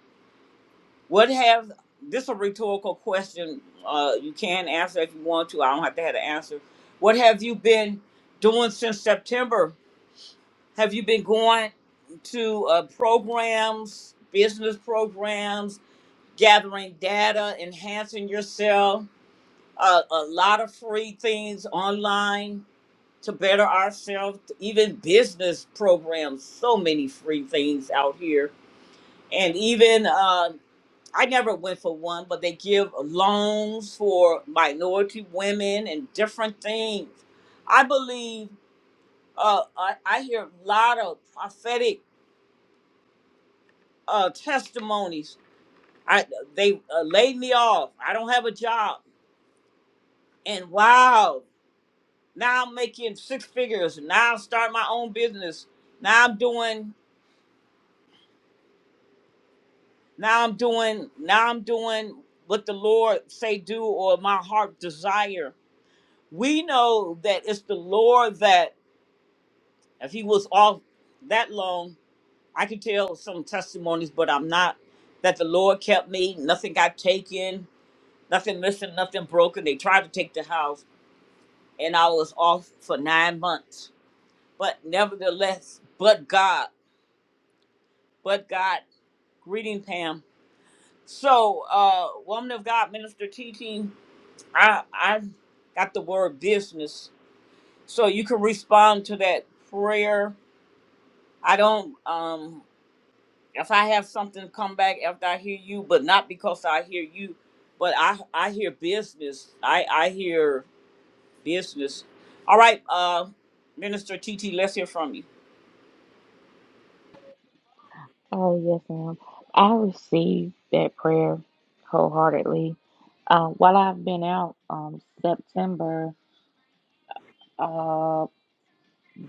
What have this is a rhetorical question? Uh, you can answer if you want to. I don't have to have an answer. What have you been doing since September? Have you been going to uh, programs, business programs, gathering data, enhancing yourself? Uh, a lot of free things online to better ourselves. Even business programs, so many free things out here, and even uh, I never went for one, but they give loans for minority women and different things. I believe uh, I, I hear a lot of prophetic uh, testimonies. I they uh, laid me off. I don't have a job, and wow, now I'm making six figures. Now I'm starting my own business. Now I'm doing. Now I'm doing. Now I'm doing what the Lord say do or my heart desire. We know that it's the Lord that If he was off that long, I could tell some testimonies, but I'm not. That the Lord kept me. Nothing got taken. Nothing missing. Nothing broken. They tried to take the house, and I was off for nine months. But nevertheless, but God, but God. Greeting, Pam. So, uh, woman of God, minister teaching. I I got the word business, so you can respond to that prayer. I don't. Um, if I have something come back after I hear you, but not because I hear you, but I I hear business. I I hear business. All right, uh, Minister T, T, let's hear from you. Oh, yes, ma'am. I received that prayer wholeheartedly. Um, while I've been out, um, September, uh,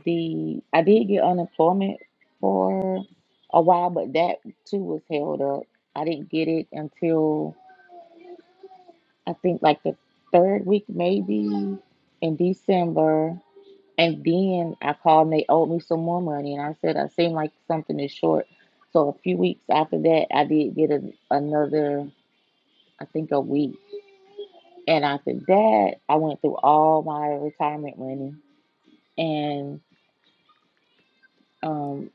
the I did get unemployment for a while, but that too was held up. I didn't get it until I think like the third week, maybe in December. And then I called and they owed me some more money, and I said I seem like something is short. So a few weeks after that, I did get a, another. I think a week. And after that, I went through all my retirement money. And um,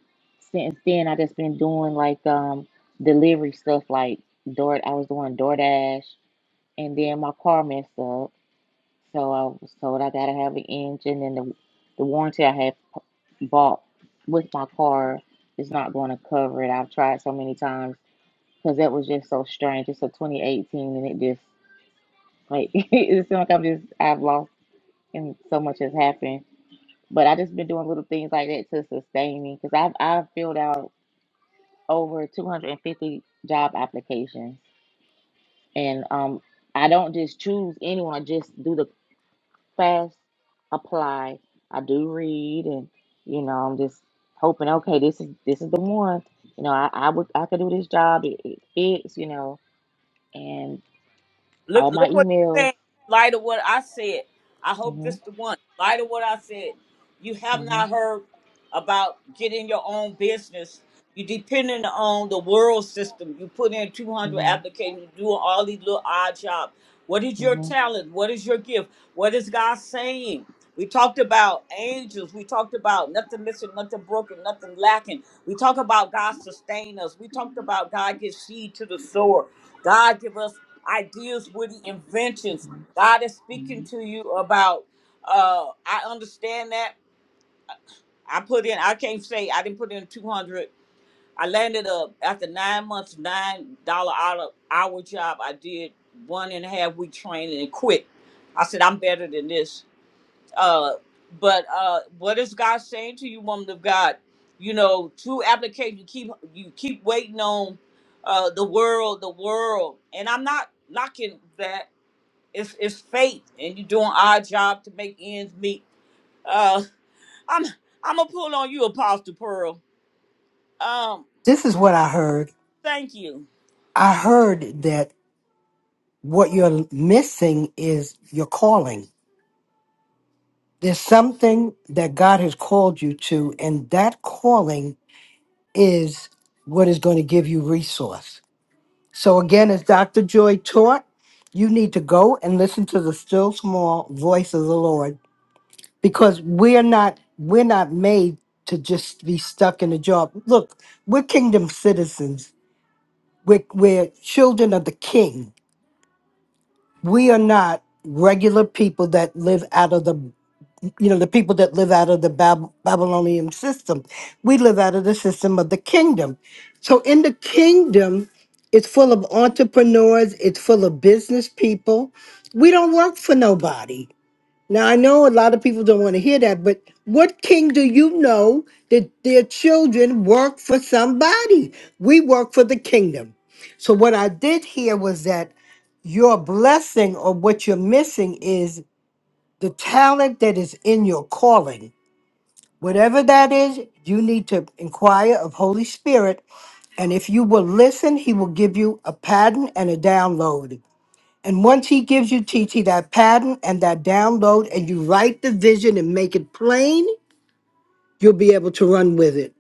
since then, I just been doing like um, delivery stuff, like Door. I was doing DoorDash, and then my car messed up, so I was told I gotta have an engine, and the the warranty I had p- bought with my car is not going to cover it. I've tried so many times because that was just so strange. It's a 2018, and it just like it seems like I'm just I've lost and so much has happened. But I just been doing little things like that to sustain me because I've I've filled out over 250 job applications, and um I don't just choose anyone. I just do the fast apply. I do read, and you know I'm just hoping. Okay, this is this is the one. You know I I would I could do this job. It, it fits. You know, and all Look, my look what you're emails. saying. In light of what I said, I hope this Mhm. the one. In light of what I said, you have Mhm. not heard about getting your own business. You depending on the world system. You put in 200 applications. You doing all these little odd jobs. What Mhm. is your Mhm. talent? What is your gift? What is God saying? We talked about angels. We talked about nothing missing, nothing broken, nothing lacking. We talked about God sustain us. We talked about God give seed to the sower. God give us ideas, witty inventions. God is speaking to you about. Uh, I understand that. I put in. I can't say I didn't put in two hundred. I landed up after nine months, nine dollar hour hour job. I did one and a half week training and quit. I said I'm better than this. Uh, but uh, what is God saying to you, woman of God? You know, two applications. You keep you keep waiting on uh, the world, the world, and I'm not knocking that it's it's fate, and you doing our job to make ends meet. Uh, I'm I'm gonna pull on you, Apostle Pearl. Um, This is what I heard. thank you, I heard that what you're missing is your calling. There's something that God has called you to, and that calling is what is going to give you resource. So again, as Dr. Joy taught, you need to go and listen to the still small voice of the Lord because we're not we're not made to just be stuck in a job. Look, we're kingdom citizens. We're, we're children of the king. We are not regular people that live out of the you know, the people that live out of the Bab- Babylonian system. We live out of the system of the kingdom. So in the kingdom, it's full of entrepreneurs, it's full of business people. We don't work for nobody. Now, I know a lot of people don't want to hear that, but what king do you know that their children work for somebody? We work for the kingdom. So, what I did here was that your blessing or what you're missing is the talent that is in your calling. Whatever that is, you need to inquire of Holy Spirit. And if you will listen, he will give you a pattern and a download. And once he gives you TT that pattern and that download, and you write the vision and make it plain, you'll be able to run with it.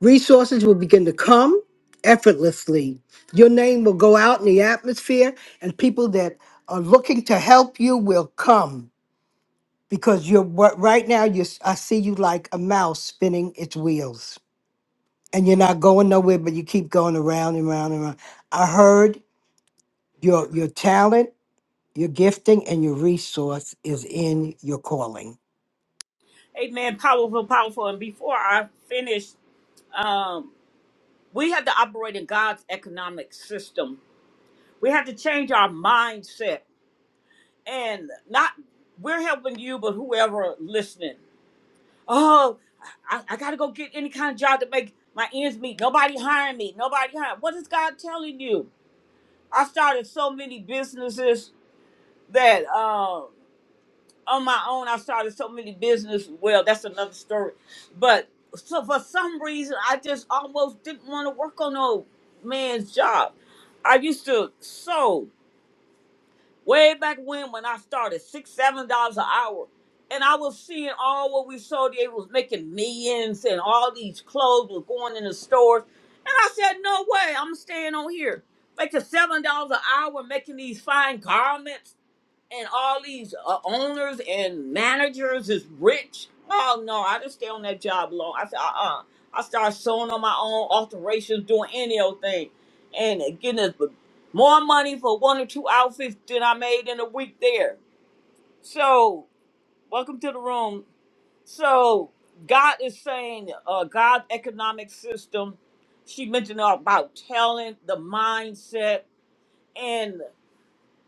Resources will begin to come effortlessly. Your name will go out in the atmosphere, and people that are looking to help you will come because you're what right now you s- I see you like a mouse spinning its wheels and you're not going nowhere but you keep going around and around and around. I heard your your talent, your gifting and your resource is in your calling. Amen. Powerful, powerful. And before I finish, um, we have to operate in God's economic system. We have to change our mindset, and not we're helping you, but whoever listening. Oh, I, I gotta go get any kind of job to make my ends meet. Nobody hiring me. Nobody hiring. What is God telling you? I started so many businesses that uh, on my own I started so many businesses. Well, that's another story. But so for some reason I just almost didn't want to work on no man's job. I used to sew way back when when I started, six, seven dollars an hour. And I was seeing all what we sold. They was making millions and all these clothes were going in the stores. And I said, no way, I'm staying on here. Making seven dollars an hour, making these fine garments and all these uh, owners and managers is rich. Oh no, I just stay on that job long. I said, uh, uh I start sewing on my own alterations, doing any old thing, and getting us more money for one or two outfits than I made in a week there. So, welcome to the room. So, God is saying, uh, God's economic system. She mentioned about talent, the mindset,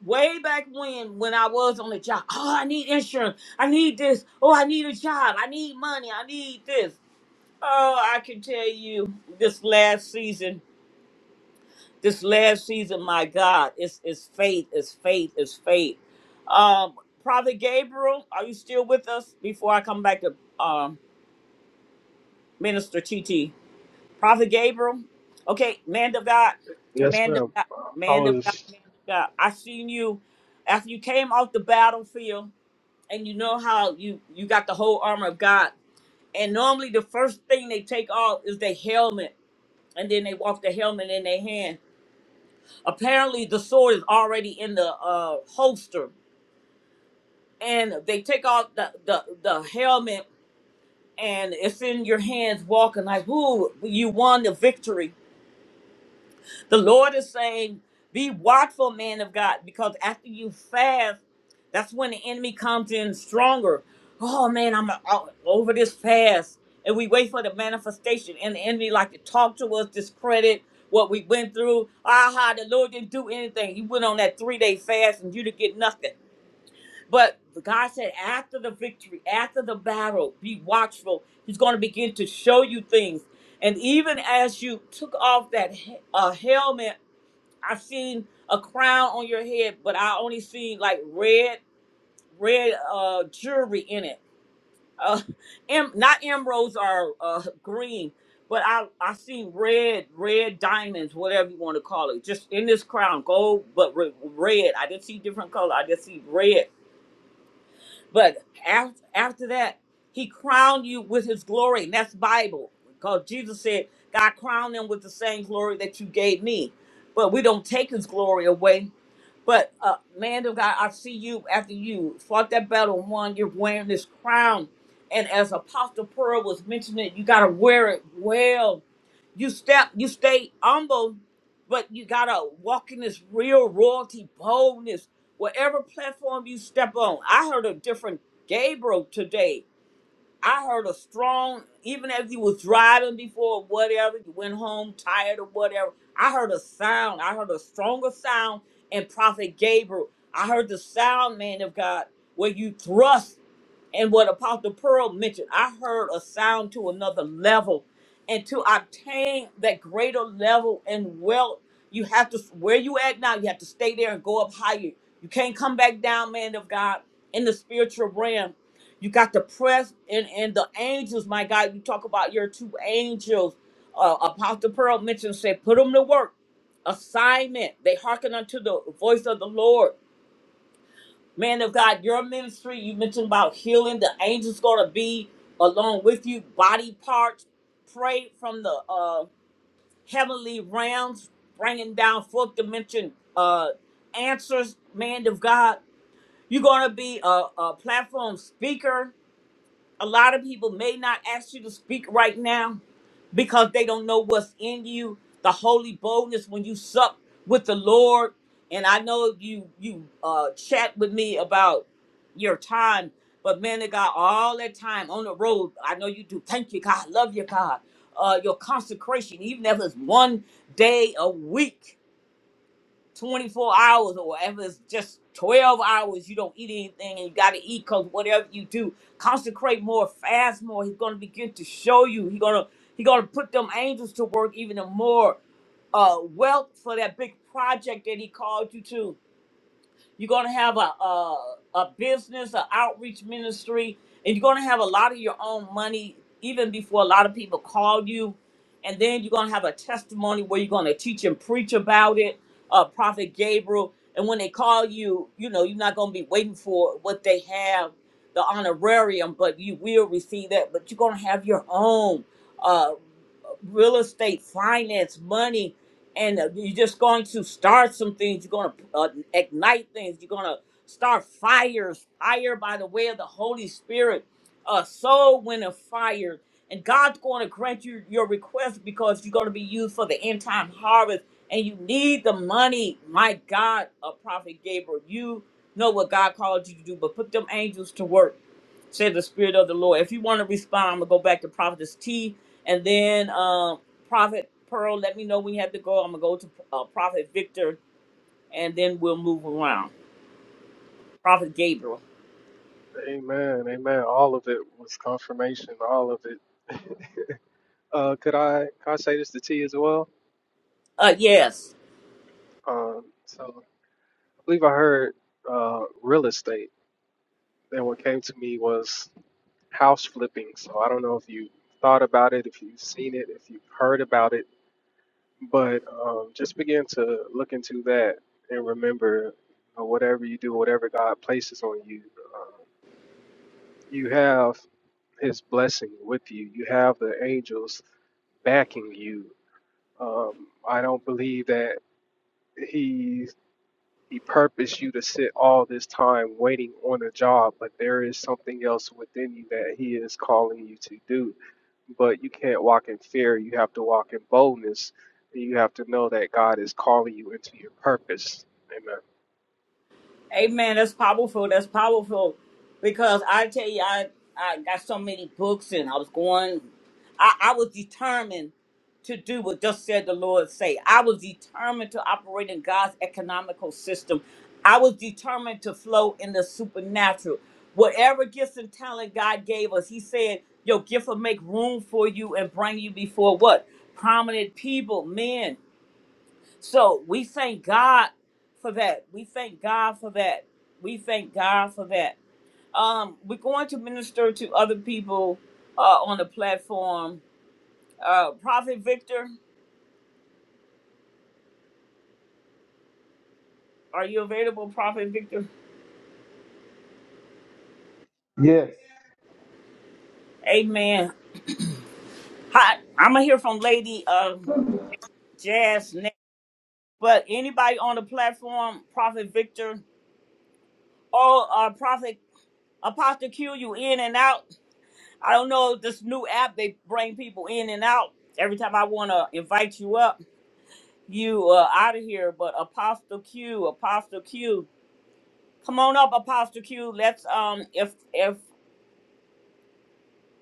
way back when when I was on the job. Oh, I need insurance. I need this. Oh, I need a job. I need money. I need this. Oh, I can tell you this last season, this last season, my God, it's it's faith, it's faith, it's faith. Um, Prophet Gabriel, are you still with us before I come back to um Minister T T, Prophet Gabriel, okay, man of God, Yes, man of ma'am. God, I man of God, was, man of God. I seen you after you came off the battlefield and you know how you you got the whole armor of God, and normally the first thing they take off is the helmet, and then they walk the helmet in their hand. Apparently, the sword is already in the uh, holster, and they take off the the, the helmet, and it's in your hands walking like, "Ooh, you won the victory." The Lord is saying, be watchful, man of God, because after you fast, that's when the enemy comes in stronger. Oh man, I'm uh, out over this fast. And we wait for the manifestation. And the enemy like to talk to us, discredit what we went through. Aha, the Lord didn't do anything. He went on that three-day fast and you didn't get nothing. But God said, after the victory, after the battle, be watchful. He's going to begin to show you things. And even as you took off that he- uh, helmet I seen a crown on your head, but I only seen like red, red uh jewelry in it. Uh, em- not emeralds are uh green, but I I seen red, red diamonds, whatever you want to call it, just in this crown, gold but re- red. I didn't see different color. I just see red. But after after that, he crowned you with his glory, and that's Bible, because Jesus said, "God crowned them with the same glory that you gave me." But we don't take his glory away but uh, man of God, I see you after you fought that battle and won. You're wearing this crown, and as Apostle Pearl was mentioning, you gotta wear it well. You step, you stay humble, but you gotta walk in this real royalty boldness. Whatever platform you step on, I heard a different Gabriel today I heard a strong, even if you was driving before or whatever, you went home tired or whatever. I heard a sound. I heard a stronger sound in Prophet Gabriel. I heard the sound, man of God, where you thrust and what Apostle Pearl mentioned. I heard a sound to another level. And to obtain that greater level and wealth, you have to where you at now, you have to stay there and go up higher. You can't come back down, man of God, in the spiritual realm you got the press and, and the angels, my God. You talk about your two angels. Uh, Apostle Pearl mentioned, said, put them to work. Assignment. They hearken unto the voice of the Lord. Man of God, your ministry, you mentioned about healing. The angels going to be along with you. Body parts. Pray from the uh, heavenly realms, bringing down fourth dimension uh, answers, man of God. You're going to be a, a platform speaker a lot of people may not ask you to speak right now because they don't know what's in you the holy boldness when you sup with the lord and i know you you uh chat with me about your time but man of god all that time on the road i know you do thank you god love you god uh your consecration even if it's one day a week 24 hours or whatever it's just 12 hours you don't eat anything and you got to eat because whatever you do consecrate more fast more he's going to begin to show you he's going to he going to put them angels to work even more uh wealth for that big project that he called you to you're going to have a, a, a business, an outreach ministry, and you're going to have a lot of your own money even before a lot of people call you. And then you're going to have a testimony where you're going to teach and preach about it, uh, Prophet Gabriel. And when they call you, you know, you're not going to be waiting for what they have, the honorarium, but you will receive that. But you're going to have your own. uh, real estate, finance, money, and uh, you're just going to start some things. You're going to uh, ignite things. You're going to start fires, fire by the way of the Holy Spirit, a soul winner fire. And God's going to grant you your request because you're going to be used for the end time harvest and you need the money. My God, a prophet Gabriel, you know what God called you to do, but put them angels to work, said the Spirit of the Lord. If you want to respond, I'm going to go back to Prophetess T and then um, Prophet Pearl, let me know when you have to go. I'm gonna go to uh, Prophet Victor, and then we'll move around. Prophet Gabriel. amen. Amen. All of it was confirmation. All of it. Uh, could I, could I say this to T as well? Uh, yes. Um, so I believe I heard uh, real estate. And what came to me was house flipping. So I don't know if you thought about it, if you've seen it, if you've heard about it But um, just begin to look into that and remember uh, whatever you do, whatever God places on you, um, you have His blessing with you. You have the angels backing you. Um, I don't believe that He He purposed you to sit all this time waiting on a job, but there is something else within you that He is calling you to do. But you can't walk in fear. You have to walk in boldness. And you have to know that God is calling you into your purpose. Amen. That's powerful. That's powerful. Because I tell you, I, I got so many books and I was going, I, I was determined to do what thus said the Lord say. I was determined to operate in God's economical system. I was determined to flow in the supernatural. Whatever gifts and talent God gave us, he said, your gift will make room for you and bring you before what? Prominent people, men. So we thank God for that. We thank God for that. We thank God for that. Um, we're going to minister to other people uh, on the platform. Uh, Prophet Victor, are you available, Prophet Victor? Yes. Amen. Hi, I'm gonna hear from Lady uh, Jazz next. But anybody on the platform, Prophet Victor or uh, Prophet Apostle Q, you in and out. I don't know this new app they bring people in and out. Every time I want to invite you up. you uh, out of here. But Apostle Q, Apostle Q, come on up, Apostle Q. Let's um, if if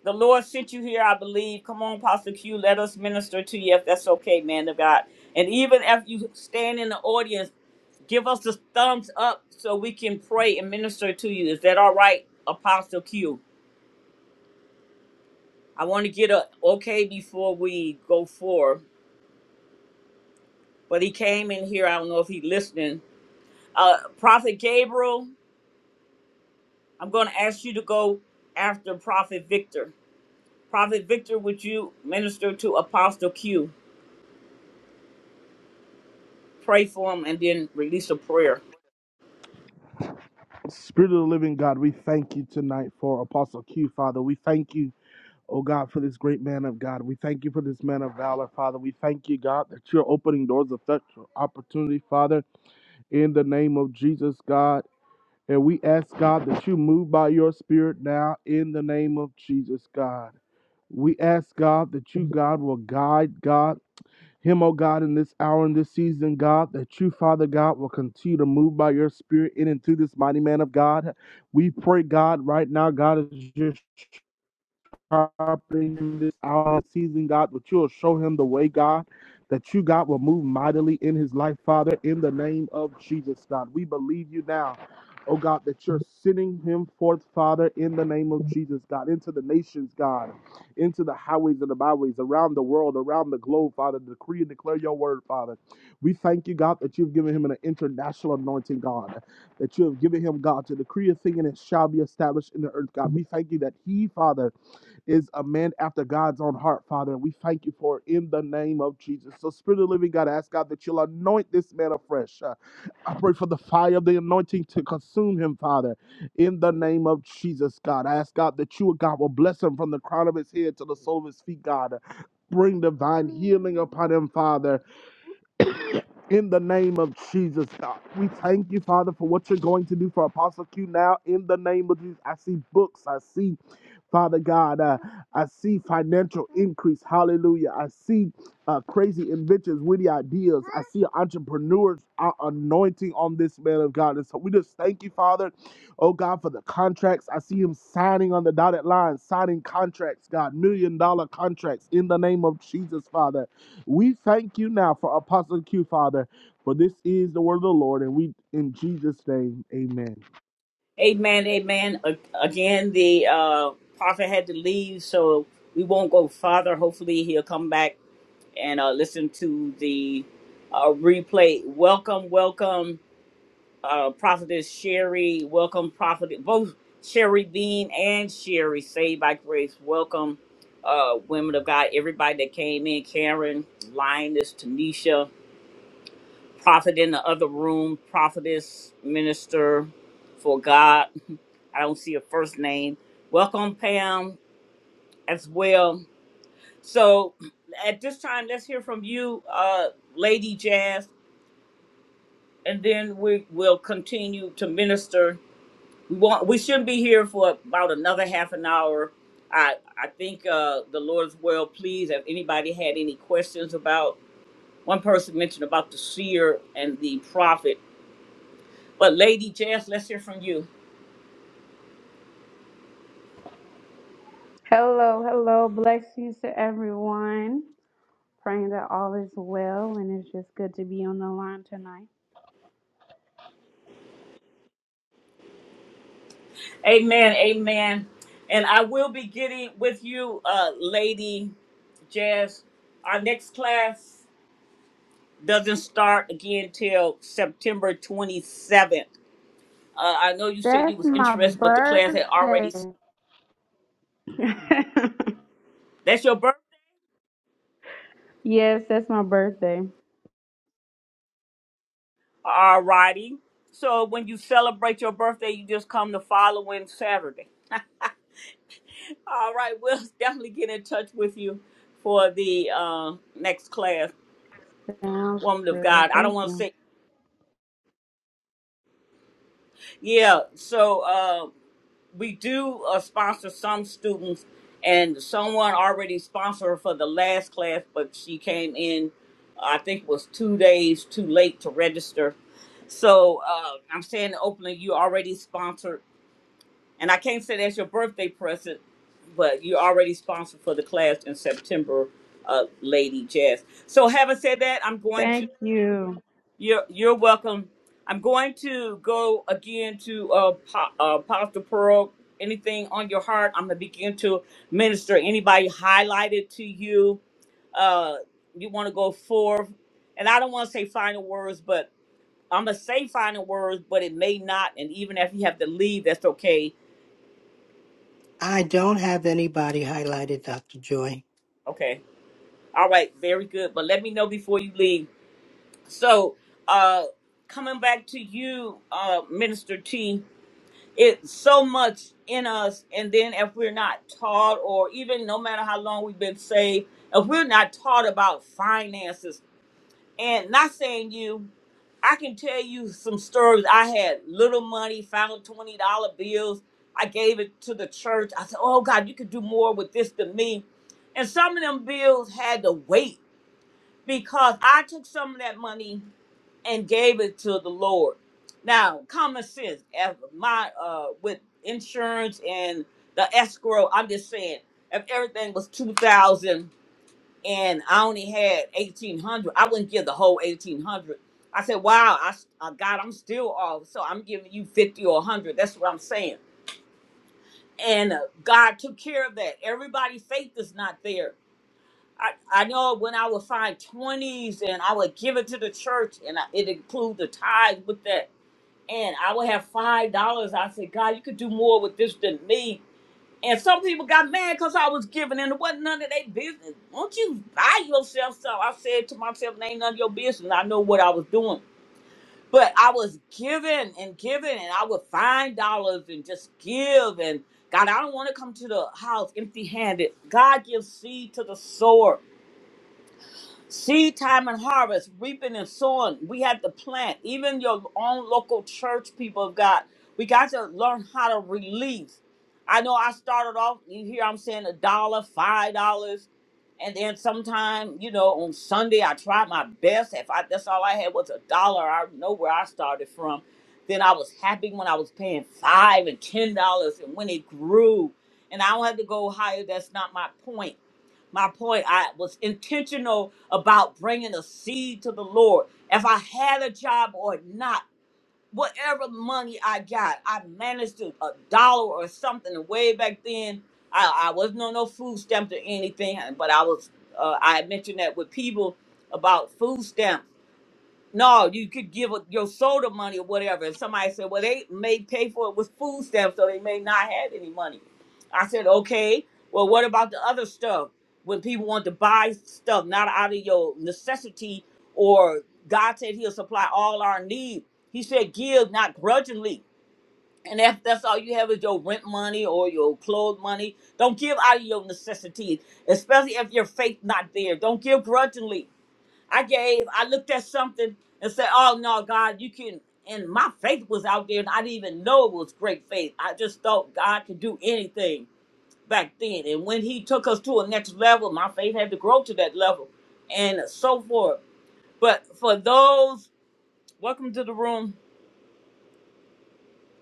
the Lord sent you here, I believe. Come on, Apostle Q. Let us minister to you if that's okay, man of God. And even if you stand in the audience, give us the thumbs up so we can pray and minister to you. Is that all right, Apostle Q? I want to get a okay before we go forward. But he came in here. I don't know if he listening. Uh, Prophet Gabriel. I'm going to ask you to go after Prophet Victor. Prophet Victor, would you minister to Apostle Q? Pray for him and then release a prayer. Spirit of the living God, we thank you tonight for Apostle Q, Father. We thank you, oh God, for this great man of God. We thank you for this man of valor, Father. We thank you, God, that you're opening doors of such opportunity, Father, in the name of Jesus, God. And we ask, God, that you move by your spirit now in the name of Jesus, God. We ask, God, that you, God, will guide, God. Him, oh God, in this hour, in this season, God, that you, Father God, will continue to move by your spirit in and through this mighty man of God. We pray, God, right now, God, is just sharpening him this hour and season, God, that you will show him the way, God, that you, God, will move mightily in his life, Father, in the name of Jesus, God. We believe you now, oh God, that you're sending him forth, Father, in the name of Jesus, God, into the nations, God, into the highways and the byways, around the world, around the globe, Father, to decree and declare your word, Father. We thank you, God, that you've given him an international anointing, God that you have given him, God, to decree a thing and it shall be established in the earth, God. We thank you that he, Father, is a man after God's own heart, Father, and we thank you for it in the name of Jesus. So, Spirit of the Living God, I ask God that you'll anoint this man afresh. Uh, I pray for the fire of the anointing to consume him, Father, in the name of Jesus, God. I ask God that you, oh God, will bless him from the crown of his head to the sole of his feet, God. Bring divine healing upon him, Father, in the name of Jesus, God. We thank you, Father, for what you're going to do for Apostle Q now, in the name of Jesus. I see books, I see Father God, uh, I see financial increase. Hallelujah. I see uh, crazy inventions, witty ideas. I see entrepreneurs uh, anointing on this man of God. And so we just thank you, Father, oh God, for the contracts. I see him signing on the dotted line, signing contracts, God, million dollar contracts in the name of Jesus, Father. We thank you now for Apostle Q, Father, for this is the word of the Lord. And we, in Jesus' name, amen. Amen, amen. A- Again, the uh, prophet had to leave, so we won't go farther. Hopefully, he'll come back and uh, listen to the uh, replay. Welcome, welcome. uh, Prophetess Sherry. Welcome, Prophet. Both Sherry Bean and Sherry, Saved by Grace. Welcome, uh, women of God. Everybody that came in Karen, Linus, Tanisha, Prophet in the other room, Prophetess, Minister for God. I don't see a first name. Welcome, Pam, as well. So at this time, let's hear from you, uh, Lady Jazz, and then we will continue to minister We Well, we shouldn't be here for about another half an hour. I I think uh, the Lord is well pleased. If anybody had any questions about one person mentioned about the seer and the prophet, but Lady Jess, let's hear from you. Hello, hello. Blessings to everyone. Praying that all is well, and it's just good to be on the line tonight. Amen, amen. And I will be getting with you, uh, Lady Jess. Our next class doesn't start again till September 27th. Uh, I know you said you That's was my interested, but the class had birthday. already. That's your birthday. yes, that's my birthday. Alrighty. So when you celebrate your birthday, you just come the following Saturday. All right, we'll definitely get in touch with you for the uh, next class, Sounds Woman of good. God. I don't Thank want to you. say, yeah. So uh, we do uh, sponsor some students, and someone already sponsored her for the last class, but she came in, I think, it was two days too late to register. So uh, I'm saying openly, you already sponsored And I can't say that's your birthday present, but you're already sponsored for the class in September, uh, Lady Jazz. So having said that, I'm going to Thank you. you're you're welcome. I'm going to go again to uh, Po- uh Pastor Pearl. Anything on your heart, I'm gonna begin to minister. Anybody highlighted to you, uh, you want to go forth, and I don't want to say final words, but I'm gonna say final words, but it may not. And even if you have to leave, that's okay. I don't have anybody highlighted, Dr. Joy. Okay. All right, very good. But let me know before you leave. So, uh, coming back to you, uh, Minister T, it's so much in us, and then if we're not taught, or even no matter how long we've been saved, if we're not taught about finances, and not saying you, I can tell you some stories. I had little money, found twenty dollar bills. I gave it to the church. I said, "Oh God, you could do more with this than me." And some of them bills had to wait because I took some of that money and gave it to the Lord. Now, common sense, as my uh, with insurance and the escrow, I'm just saying, if everything was two thousand and I only had eighteen hundred, I wouldn't give the whole eighteen hundred. I said, "Wow, I, s- uh, God, I'm still off, so I'm giving you fifty or hundred. That's what I'm saying." And uh, God took care of that. Everybody's faith is not there I, I know when I would find twenties and I would give it to the church and I, it include the tithe with that and I would have five dollars. I said, God, you could do more with this than me. And some people got mad because I was giving and it wasn't none of their business. Won't you buy yourself some? I said to myself, it ain't none of your business. I know what I was doing. But I was giving and giving and I would find dollars and just give and God, I don't want to come to the house empty handed. God gives seed to the sower. Seed time and harvest, reaping and sowing. We have to plant. Even your own local church people of God. We got to learn how to release. I know I started off, you hear I'm saying a dollar, five dollars. And then sometime, you know, on Sunday I tried my best. If I that's all I had was a dollar, I know where I started from. Then I was happy when I was paying five and ten dollars and when it grew. And I don't have to go higher, that's not my point my point. I was intentional about bringing a seed to the Lord. If I had a job or not, whatever money I got, I managed to a dollar or something. And way back then, I, I wasn't on no food stamps or anything, but I was. Uh, I had mentioned that with people about food stamps no, you could give a- your soda money or whatever. And somebody said, well, they may pay for it with food stamps, so they may not have any money. I said, okay, well, what about the other stuff? When people want to buy stuff, not out of your necessity, or God said he'll supply all our need. He said, give not grudgingly. And if that's all you have is your rent money or your clothes money, don't give out of your necessity, especially if your faith not there. Don't give grudgingly. I gave, I looked at something and said, Oh no, God, you can and my faith was out there and I didn't even know it was great faith. I just thought God could do anything back then. And when he took us to a next level, my faith had to grow to that level and so forth. But for those, welcome to the room,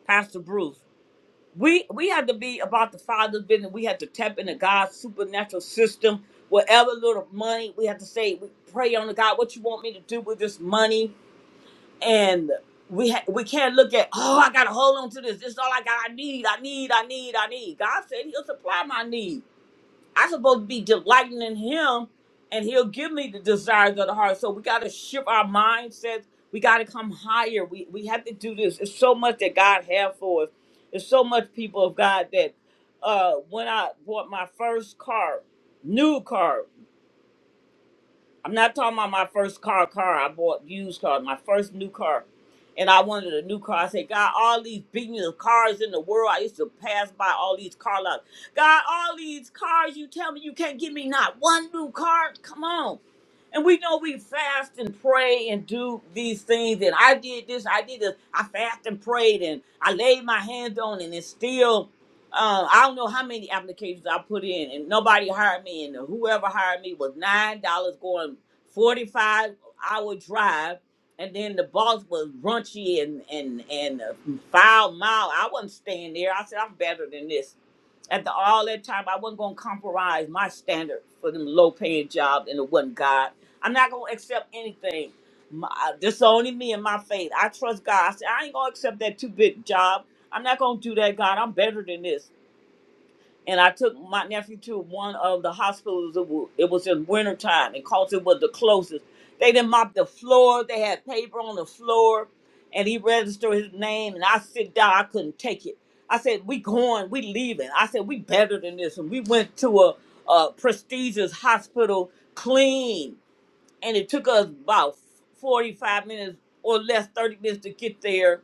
Pastor Bruce. We we had to be about the Father's business. We had to tap into God's supernatural system. Whatever little money, we had to say, we pray on to God, what you want me to do with this money? and we ha- we can't look at oh I gotta hold on to this. This is all I got. I need. I need. I need. I need. God said He'll supply my need. I'm supposed to be delighting in Him, and He'll give me the desires of the heart. So we gotta shift our mindsets. We gotta come higher. We we have to do this. It's so much that God has for us. There's so much people of God that uh when I bought my first car, new car. I'm not talking about my first car, car I bought used car, my first new car. And I wanted a new car. I said, God, all these billions of cars in the world. I used to pass by all these car lots. God, all these cars, you tell me you can't give me not one new car? Come on. And we know we fast and pray and do these things. And I did this, I did this. I fast and prayed and I laid my hands on it and it's still uh, I don't know how many applications I put in, and nobody hired me. And whoever hired me was nine dollars going forty-five hour drive, and then the boss was raunchy and and and uh, foul mouth. I wasn't staying there. I said I'm better than this. After all that time, I wasn't gonna compromise my standard for them low-paying jobs, and it wasn't God. I'm not gonna accept anything. My, uh, this only me and my faith. I trust God. I said I ain't gonna accept that two-bit job. I'm not gonna do that, God. I'm better than this and I took my nephew to one of the hospitals. It wa- it was in wintertime, and cause it was the closest. They didn't mop the floor. They had paper on the floor, and he registered his name. And I sit down. I couldn't take it. I said, "We going. We leaving." I said, "We better than this." And we went to a, a prestigious hospital, clean, and it took us about forty-five minutes or less, thirty minutes to get there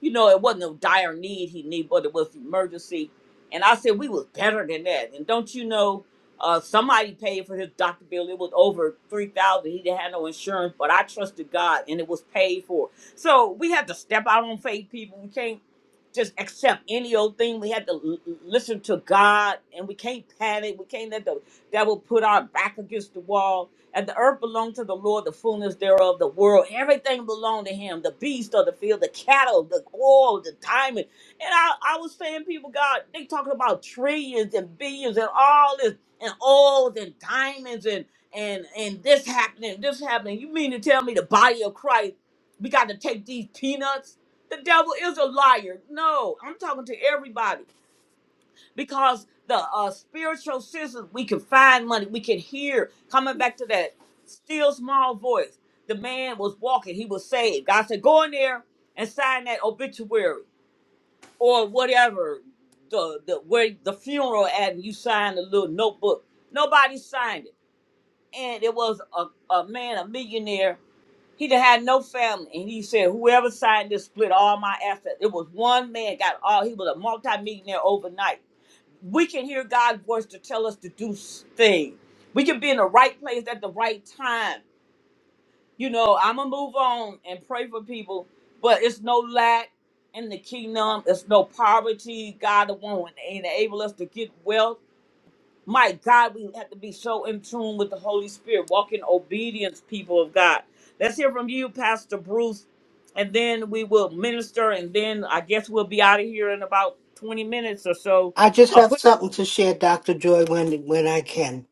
you know, it wasn't a dire need he needed, but it was emergency. And I said, we was better than that. And don't you know, uh, somebody paid for his doctor bill. It was over 3000 He didn't have no insurance, but I trusted God and it was paid for. So we had to step out on faith, people. We can't just accept any old thing. We had to l- l- listen to God and we can't panic. We can't let the devil put our back against the wall and the earth belonged to the Lord, the fullness thereof, the world, everything belonged to him, the beast of the field, the cattle, the gold, the diamond. And I, I was saying, people, God, they talking about trillions and billions and all this, and oils and diamonds and and and this happening, this happening. You mean to tell me the body of Christ, we got to take these peanuts? The devil is a liar. No, I'm talking to everybody because the uh, spiritual senses we can find money we can hear coming back to that still small voice the man was walking he was saved god said go in there and sign that obituary or whatever the, the where the funeral at and you signed a little notebook nobody signed it and it was a, a man a millionaire he done had no family and he said whoever signed this split all my assets it was one man got all he was a multimillionaire overnight we can hear God's voice to tell us to do s- things. We can be in the right place at the right time. You know, I'm gonna move on and pray for people, but it's no lack in the kingdom. It's no poverty. God won't enable us to get wealth. My God, we have to be so in tune with the Holy Spirit, walk in obedience, people of God. Let's hear from you, Pastor Bruce, and then we will minister, and then I guess we'll be out of here in about 20 minutes or so I just have something to share, Dr. Joy, when when I can.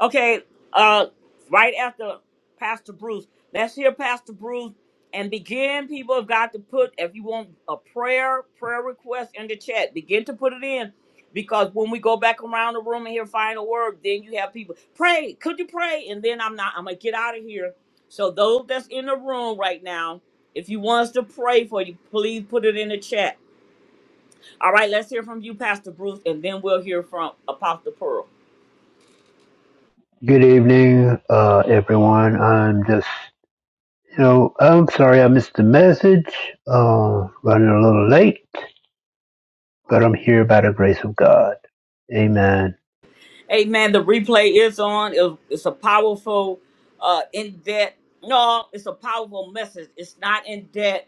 Okay, uh, right after Pastor Bruce, let's hear Pastor Bruce and begin. People have got to put, if you want a prayer, prayer request in the chat, begin to put it in because when we go back around the room and hear final word, then you have people pray. Could you pray? And then I'm not, I'm gonna get out of here. So, those that's in the room right now, if you want us to pray for you, please put it in the chat. All right, let's hear from you, Pastor Bruce, and then we'll hear from Apostle Pearl. Good evening, uh, everyone. I'm just, you know, I'm sorry I missed the message. Uh, running a little late, but I'm here by the grace of God. Amen. Amen. The replay is on. It- It's a powerful, uh, in debt. No, it's a powerful message. It's not in debt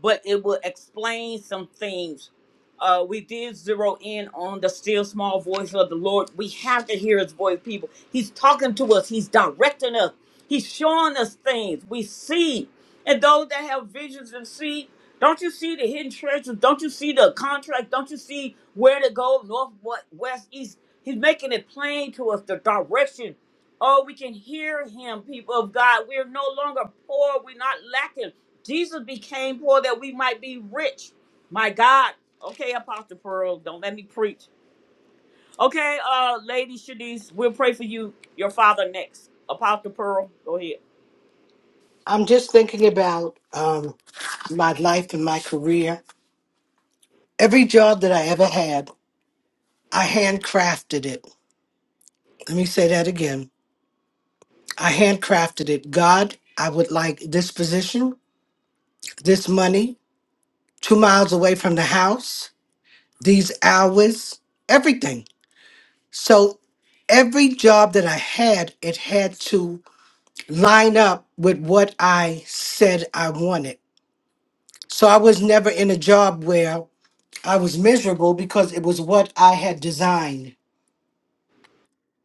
but it will explain some things. Uh, we did zero in on the still small voice of the Lord. We have to hear his voice, people. He's talking to us, he's directing us, he's showing us things. We see. And those that have visions and see, don't you see the hidden treasures? Don't you see the contract? Don't you see where to go? North, what, west, east. He's making it plain to us the direction. Oh, we can hear him, people of God. We're no longer poor. We're not lacking. Jesus became poor that we might be rich. My God. Okay, Apostle Pearl, don't let me preach. Okay, uh, Lady Shanice, we'll pray for you, your father next. Apostle Pearl, go ahead. I'm just thinking about um, my life and my career. Every job that I ever had, I handcrafted it. Let me say that again. I handcrafted it. God, I would like this position, this money, two miles away from the house, these hours, everything. So every job that I had, it had to line up with what I said I wanted. So I was never in a job where I was miserable because it was what I had designed.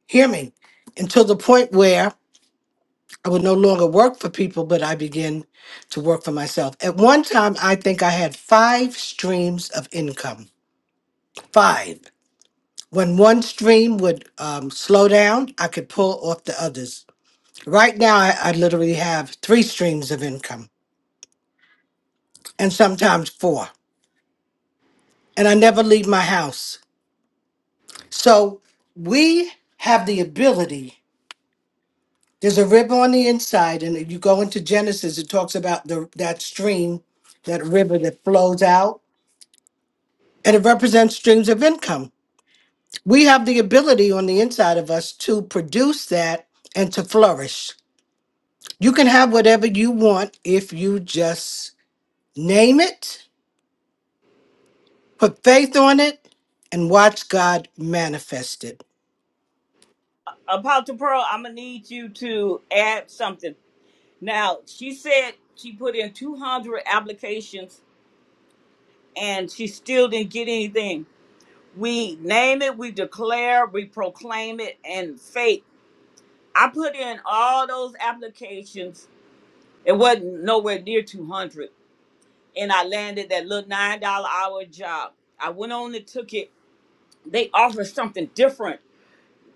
Hear me? Until the point where I would no longer work for people, but I began to work for myself. At one time, I think I had five streams of income. Five. When one stream would um, slow down, I could pull off the others. Right now, I, I literally have three streams of income and sometimes four. And I never leave my house. So we have the ability. There's a rib on the inside, and if you go into Genesis, it talks about the, that stream, that river that flows out and it represents streams of income. We have the ability on the inside of us to produce that and to flourish. You can have whatever you want if you just name it, put faith on it, and watch God manifest it. Apostle Pearl, I'm gonna need you to add something. Now, she said she put in 200 applications and she still didn't get anything. We name it, we declare, we proclaim it, and faith. I put in all those applications. It wasn't nowhere near 200. And I landed that little $9 hour job. I went on and took it. They offered something different.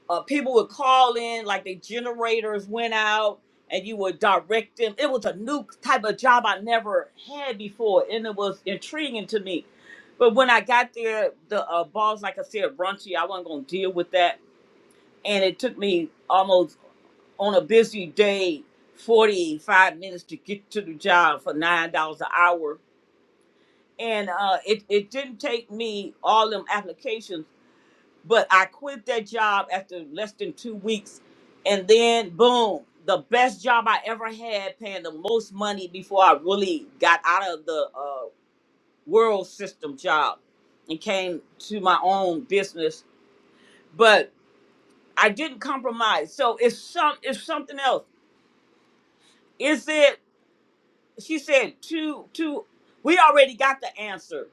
Uh, people would call in, like the generators went out, and you would direct them. It was a new type of job I never had before, and it was intriguing to me. But when I got there, the uh, boss, like I said, raunchy. I wasn't going to deal with that. And it took me almost on a busy day 45 minutes to get to the job for nine dollars an hour and uh it, it didn't take me all them applications but i quit that job after less than two weeks and then boom the best job i ever had paying the most money before i really got out of the uh, world system job and came to my own business but i didn't compromise so it's some it's something else is it she said two two we already got the answer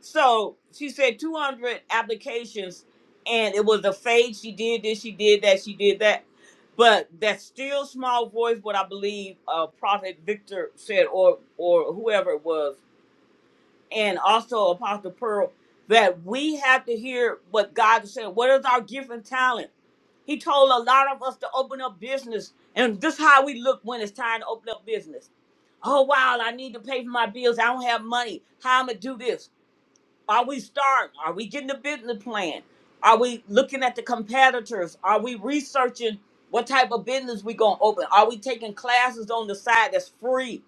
so she said 200 applications and it was a fade she did this she did that she did that but that still small voice what i believe uh prophet victor said or or whoever it was and also apostle pearl that we have to hear what god said what is our gift and talent he told a lot of us to open up business and this is how we look when it's time to open up business oh wow, I need to pay for my bills. I don't have money. How am I do this? Are we starting? Are we getting a business plan? Are we looking at the competitors? Are we researching what type of business we gonna open? Are we taking classes on the side that's free?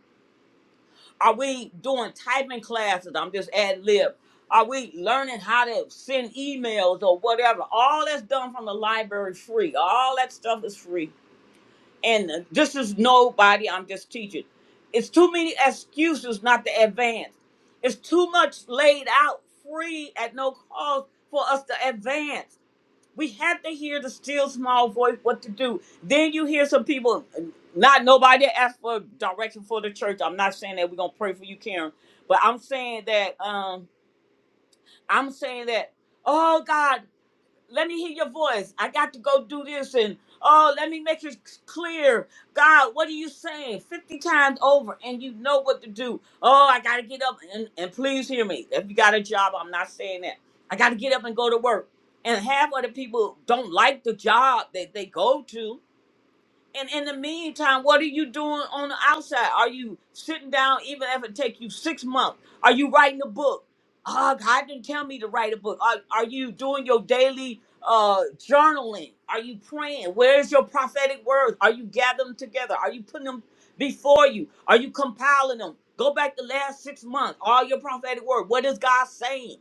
Are we doing typing classes? I'm just ad lib. Are we learning how to send emails or whatever? All that's done from the library free. All that stuff is free and this is nobody i'm just teaching it's too many excuses not to advance it's too much laid out free at no cost for us to advance we have to hear the still small voice what to do then you hear some people not nobody asked for direction for the church i'm not saying that we're gonna pray for you karen but i'm saying that um i'm saying that oh god let me hear your voice. I got to go do this and oh, let me make it clear. God, what are you saying? 50 times over and you know what to do. Oh, I got to get up and, and please hear me. If you got a job, I'm not saying that. I got to get up and go to work. And half of the people don't like the job that they go to and in the meantime, what are you doing on the outside? Are you sitting down, even if it take you six months? Are you writing a book? Ah, God didn't tell me to write a book. Are, are you doing your daily uh, journaling? Are you praying? Where's your prophetic words? Are you gathering them together? Are you putting them before you? Are you compiling them? Go back the last six months, all your prophetic word. What is God saying?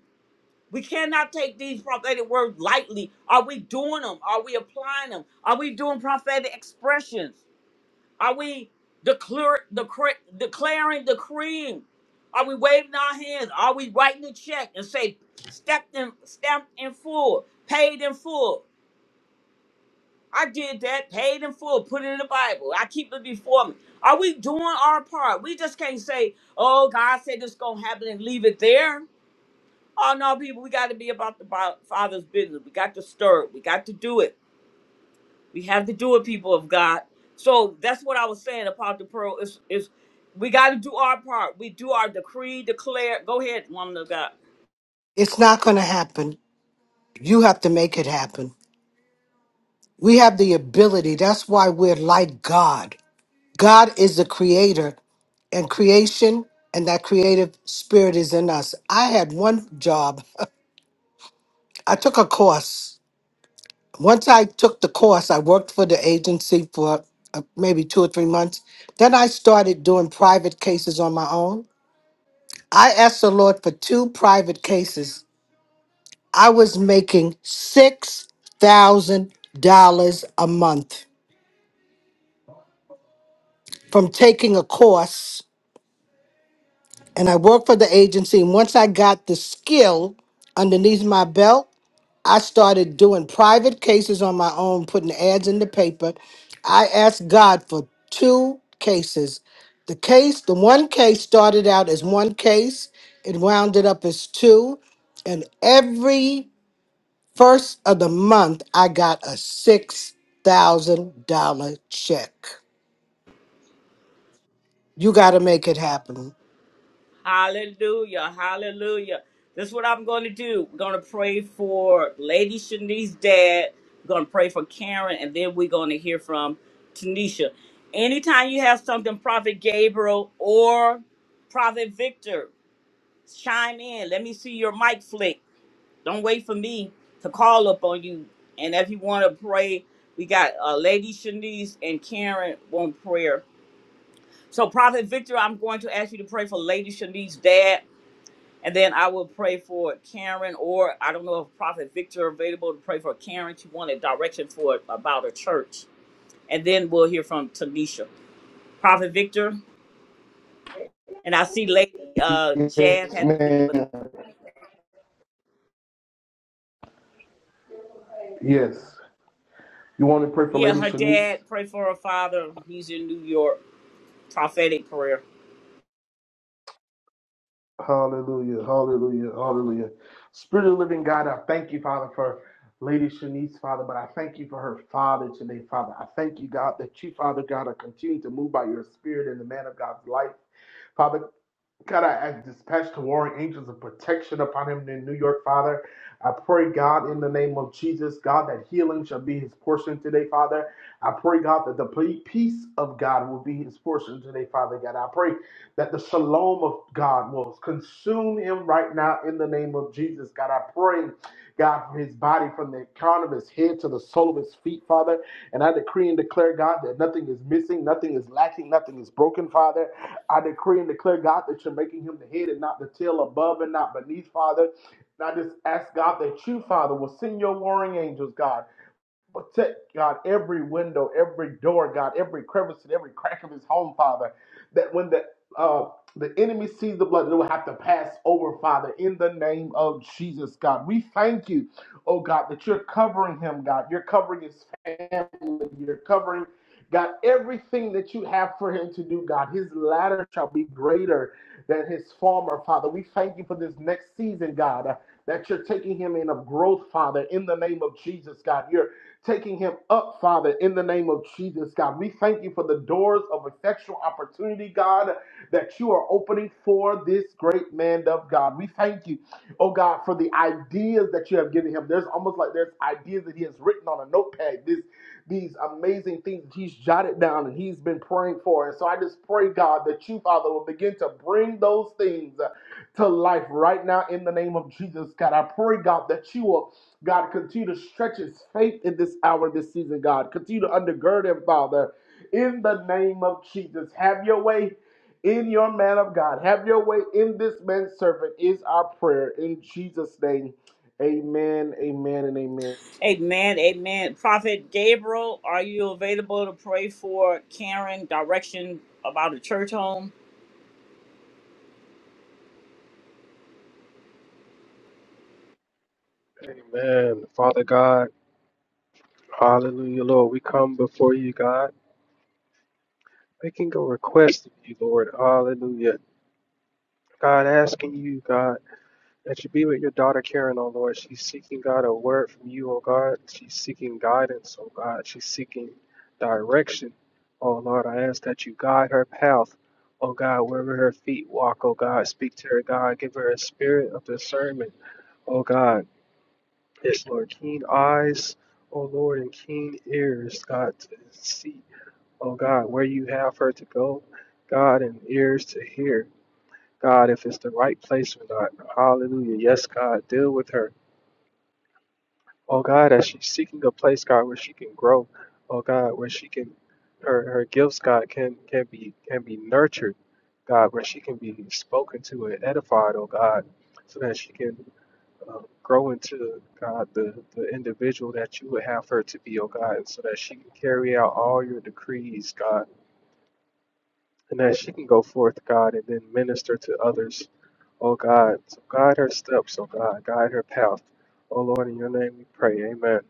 We cannot take these prophetic words lightly. Are we doing them? Are we applying them? Are we doing prophetic expressions? Are we declare, decre- declaring, decreeing? Are we waving our hands? Are we writing a check and say, stepped in, stamped in full, paid in full? I did that, paid in full, put it in the Bible. I keep it before me. Are we doing our part? We just can't say, oh, God said this going to happen and leave it there. Oh no, people, we got to be about the bo- Father's business. We got to stir it. We got to do it. We have to do it, people of God. So that's what I was saying about the pearl. Is is we got to do our part. We do our decree, declare. Go ahead, woman of God. It's not going to happen. You have to make it happen. We have the ability. That's why we're like God. God is the creator and creation, and that creative spirit is in us. I had one job. I took a course once I took the course, I worked for the agency for uh, maybe two or three months. Then I started doing private cases on my own. I asked the Lord for two private cases. I was making $6,000 a month from taking a course. And I worked for the agency. And once I got the skill underneath my belt, I started doing private cases on my own, putting ads in the paper. I asked God for two cases. The case, the one case started out as one case, it wounded up as two. And every first of the month, I got a $6,000 check. You got to make it happen. Hallelujah, hallelujah. That's what I'm going to do. We're going to pray for Lady Shanice's dad. We're going to pray for Karen, and then we're going to hear from Tanisha. Anytime you have something, Prophet Gabriel or Prophet Victor. Chime in. Let me see your mic flick. Don't wait for me to call up on you. And if you want to pray, we got uh, Lady Shanice and Karen want prayer. So, Prophet Victor, I'm going to ask you to pray for Lady Shanice's dad, and then I will pray for Karen, or I don't know if Prophet Victor available to pray for Karen. She wanted direction for about her church, and then we'll hear from Tanisha. Prophet Victor, and I see Lady uh, Jazz Yes, had to leave, but man. okay. Yes. You want to pray for Yeah, Lady her Shanice? dad, pray for her father. He's in New York. Prophetic prayer. Hallelujah, hallelujah, hallelujah. Spirit of the living God, I thank you, Father, for Lady Shanice, Father, but I thank you for her father today, Father. I thank you, God, that you, Father God, are continuing to move by your spirit in the man of God's life. Father, God, I, I dispatch the warring angels of protection upon him in New York, Father. I pray, God, in the name of Jesus, God, that healing shall be his portion today, Father. I pray, God, that the peace of God will be his portion today, Father God. I pray that the shalom of God will consume him right now in the name of Jesus, God. I pray, God, for his body from the crown of his head to the sole of his feet, Father. And I decree and declare, God, that nothing is missing, nothing is lacking, nothing is broken, Father. I decree and declare, God, that you're making him the head and not the tail, above and not beneath, Father. And I just ask, God, that you, Father, will send your warring angels, God. Protect, God, every window, every door, God, every crevice and every crack of his home, Father, that when the uh, the enemy sees the blood, they will have to pass over, Father, in the name of Jesus, God. We thank you, oh God, that you're covering him, God. You're covering his family. You're covering, God, everything that you have for him to do, God. His latter shall be greater than his former, Father. We thank you for this next season, God uh, that you're taking him in of growth, Father, in the name of Jesus, God. You're taking him up, Father, in the name of Jesus, God. We thank you for the doors of effectual opportunity, God, that you are opening for this great man of God. We thank you, oh God, for the ideas that you have given him. There's almost like there's ideas that he has written on a notepad. This these amazing things that he's jotted down and he's been praying for. And so I just pray, God, that you, Father, will begin to bring those things to life right now in the name of Jesus, God. I pray, God, that you will God, continue to stretch his faith in this hour, this season, God. Continue to undergird him, Father, in the name of Jesus. Have your way in your man of God. Have your way in this man's servant, is our prayer. In Jesus' name, amen, amen, and amen. Amen. Amen. Prophet Gabriel, are you available to pray for Karen direction about a church home? Amen. Amen. Father God, hallelujah, Lord. We come before you, God, making a request of you, Lord. Hallelujah. God, asking you, God. That you be with your daughter Karen, O Lord. She's seeking, God, a word from you, O God. She's seeking guidance, O God. She's seeking direction. O Lord, I ask that you guide her path, O God, wherever her feet walk, O God. Speak to her, God. Give her a spirit of discernment, O God. Yes, Lord. Keen eyes, O Lord, and keen ears, God, to see, O God, where you have her to go, God, and ears to hear. God, if it's the right place or not. Hallelujah. Yes, God, deal with her. Oh God, as she's seeking a place, God, where she can grow. Oh God, where she can her her gifts, God, can can be can be nurtured, God, where she can be spoken to and edified, oh God, so that she can uh, grow into God the the individual that you would have her to be, oh God, and so that she can carry out all your decrees, God, and that she can go forth, God, and then minister to others. Oh God, so guide her steps, oh God, guide her path. Oh Lord, in your name we pray, amen.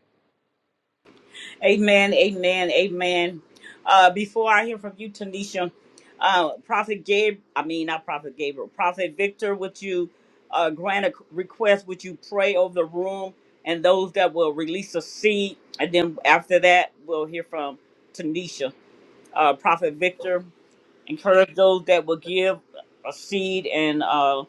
Amen. Amen. Amen. Uh, before I hear from you, Tanisha, uh, Prophet Gabe, I mean, not Prophet Gabriel, Prophet Victor, would you uh, grant a request? Would you pray over the room and those that will release a seed? And then after that, we'll hear from Tanisha. uh, Prophet Victor. Encourage those that will give a seed. And uh,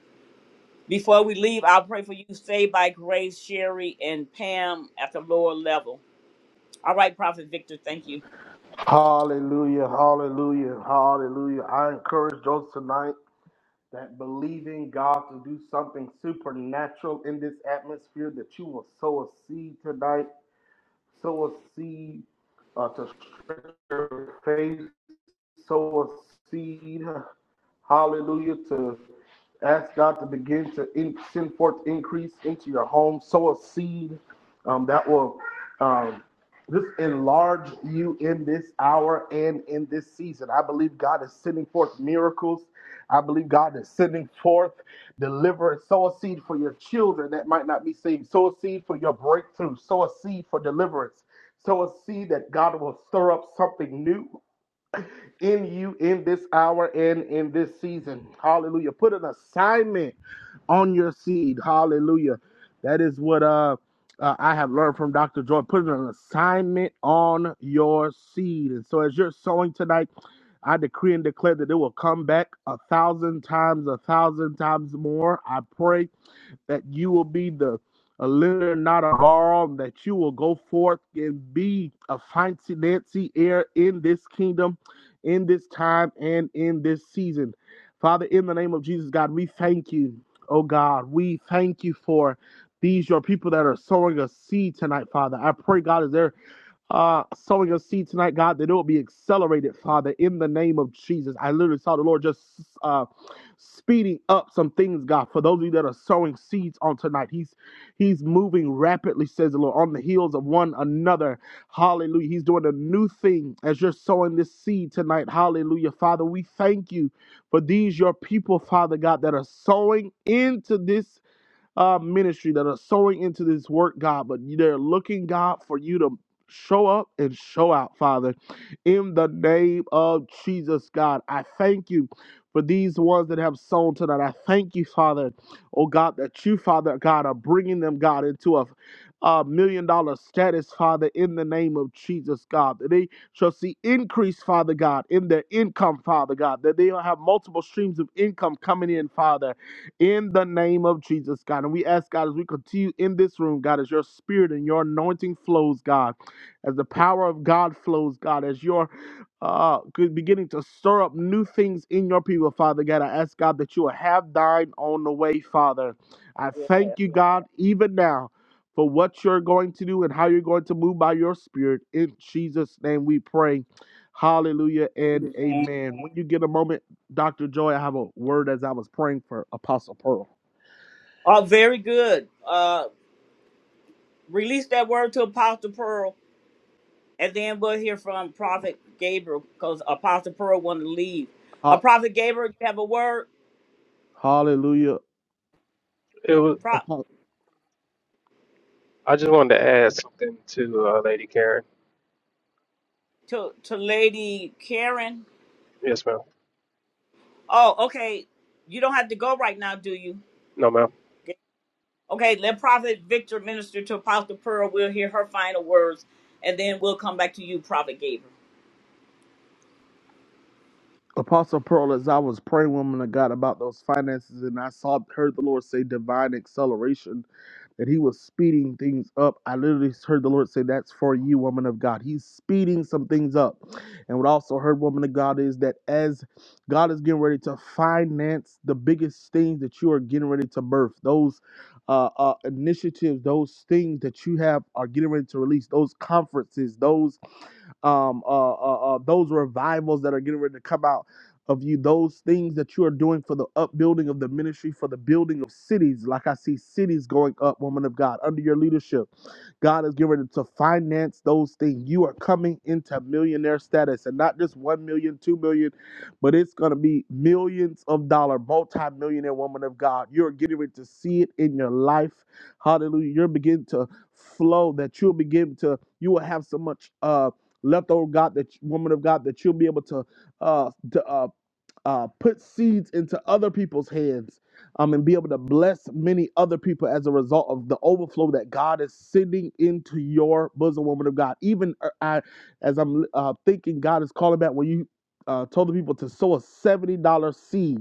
before we leave, I'll pray for you. Stay by Grace, Sherry, and Pam at the lower level. All right, Prophet Victor, thank you. Hallelujah, hallelujah, hallelujah. I encourage those tonight that believe in God to do something supernatural in this atmosphere, that you will sow a seed tonight sow a seed uh, to stretch your faith, sow a seed huh, Hallelujah. To ask God to begin to in, send forth increase into your home, sow a seed um, that will um, just enlarge you in this hour and in this season. I believe God is sending forth miracles. I believe God is sending forth deliverance. Sow a seed for your children that might not be saved. Sow a seed for your breakthrough. Sow a seed for deliverance. Sow a seed that God will stir up something new in you in this hour and in this season. Hallelujah. Put an assignment on your seed. Hallelujah. That is what uh, uh I have learned from Dr. Joy. Put an assignment on your seed. And so as you're sowing tonight, I decree and declare that it will come back a thousand times, a thousand times more. I pray that you will be the a lender, not a borrower, that you will go forth and be a financier in this kingdom, in this time, and in this season. Father, in the name of Jesus, God, we thank you. Oh God, we thank you for these your people that are sowing a seed tonight, Father. I pray, God, is there uh, sowing a seed tonight, God, that it will be accelerated, Father, in the name of Jesus. I literally saw the Lord just uh, speeding up some things, God, for those of you that are sowing seeds on tonight. He's He's moving rapidly, says the Lord, on the heels of one another. Hallelujah. He's doing a new thing as you're sowing this seed tonight. Hallelujah. Father, we thank you for these, your people, Father God, that are sowing into this uh, ministry that are sowing into this work, God, but they're looking, God, for you to show up and show out, Father. In the name of Jesus, God, I thank you for these ones that have sown tonight. I thank you, Father, oh God, that you, Father, God, are bringing them, God, into a a million dollar status, Father, in the name of Jesus, God, that they shall see increase, Father God, in their income, Father God, that they'll have multiple streams of income coming in, Father, in the name of Jesus, God. And we ask, God, as we continue in this room, God, as your spirit and your anointing flows, God, as the power of God flows, God, as your uh, beginning to stir up new things in your people, Father God. I ask, God, that you will have thine on the way, Father. I Yeah. thank you, God, even now for what you're going to do and how you're going to move by your spirit. In Jesus' name we pray. Hallelujah and Amen. amen. When you get a moment, Dr. Joy, I have a word as I was praying for Apostle Pearl. Oh, very good. Uh, release that word to Apostle Pearl, and then we'll hear from Prophet Gabriel because Apostle Pearl wanted to leave. Uh, Ha- Prophet Gabriel, you have a word Hallelujah. It was. Pro- Apo- I just wanted to add something to uh, Lady Karen. to to Lady Karen. Yes, ma'am. Oh, okay. You don't have to go right now, do you? No, ma'am. Okay, let Prophet Victor minister to Apostle Pearl. We'll hear her final words, and then we'll come back to you, Prophet Gabriel. Apostle Pearl, as I was praying, woman of God, about those finances, and I saw heard the Lord say divine acceleration that he was speeding things up. I literally heard the Lord say, That's for you, woman of God. He's speeding some things up. And what I also heard, woman of God, is that as God is getting ready to finance the biggest things that you are getting ready to birth, those uh, uh, initiatives, those things that you have are getting ready to release, those conferences, those um, uh, uh, uh, those revivals that are getting ready to come out of you, those things that you are doing for the upbuilding of the ministry, for the building of cities. Like I see cities going up, woman of God, under your leadership. God has given it to finance those things. You are coming into millionaire status and not just one million, two million, but it's going to be millions of dollar, multi-millionaire woman of God. You're getting ready to see it in your life. Hallelujah. You're beginning to flow that you'll begin to, you will have so much, uh, leftover God that woman of God that you'll be able to, uh, to uh, uh, put seeds into other people's hands um, and be able to bless many other people as a result of the overflow that God is sending into your bosom, woman of God. Even uh, I, as I'm uh, thinking, God is calling back when you uh, told the people to sow a $70 seed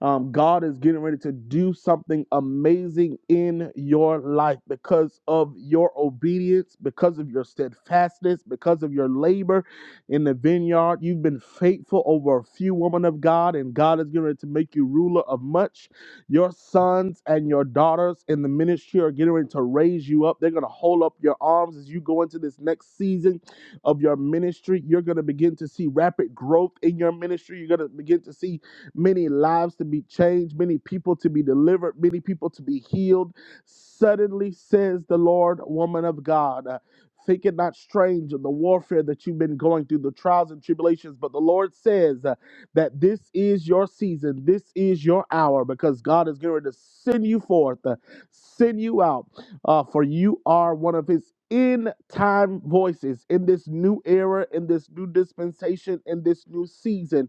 um, God is getting ready to do something amazing in your life because of your obedience, because of your steadfastness, because of your labor in the vineyard. You've been faithful over a few women of God, and God is getting ready to make you ruler of much. Your sons and your daughters in the ministry are getting ready to raise you up. They're going to hold up your arms as you go into this next season of your ministry. You're going to begin to see rapid growth in your ministry. You're going to begin to see many lives to be changed, many people to be delivered, many people to be healed. Suddenly, says the Lord, woman of God. uh, Think it not strange of the warfare that you've been going through, the trials and tribulations. But the Lord says uh, that this is your season, this is your hour, because God is going to send you forth, uh, send you out, uh, for you are one of His in time voices in this new era, in this new dispensation, in this new season.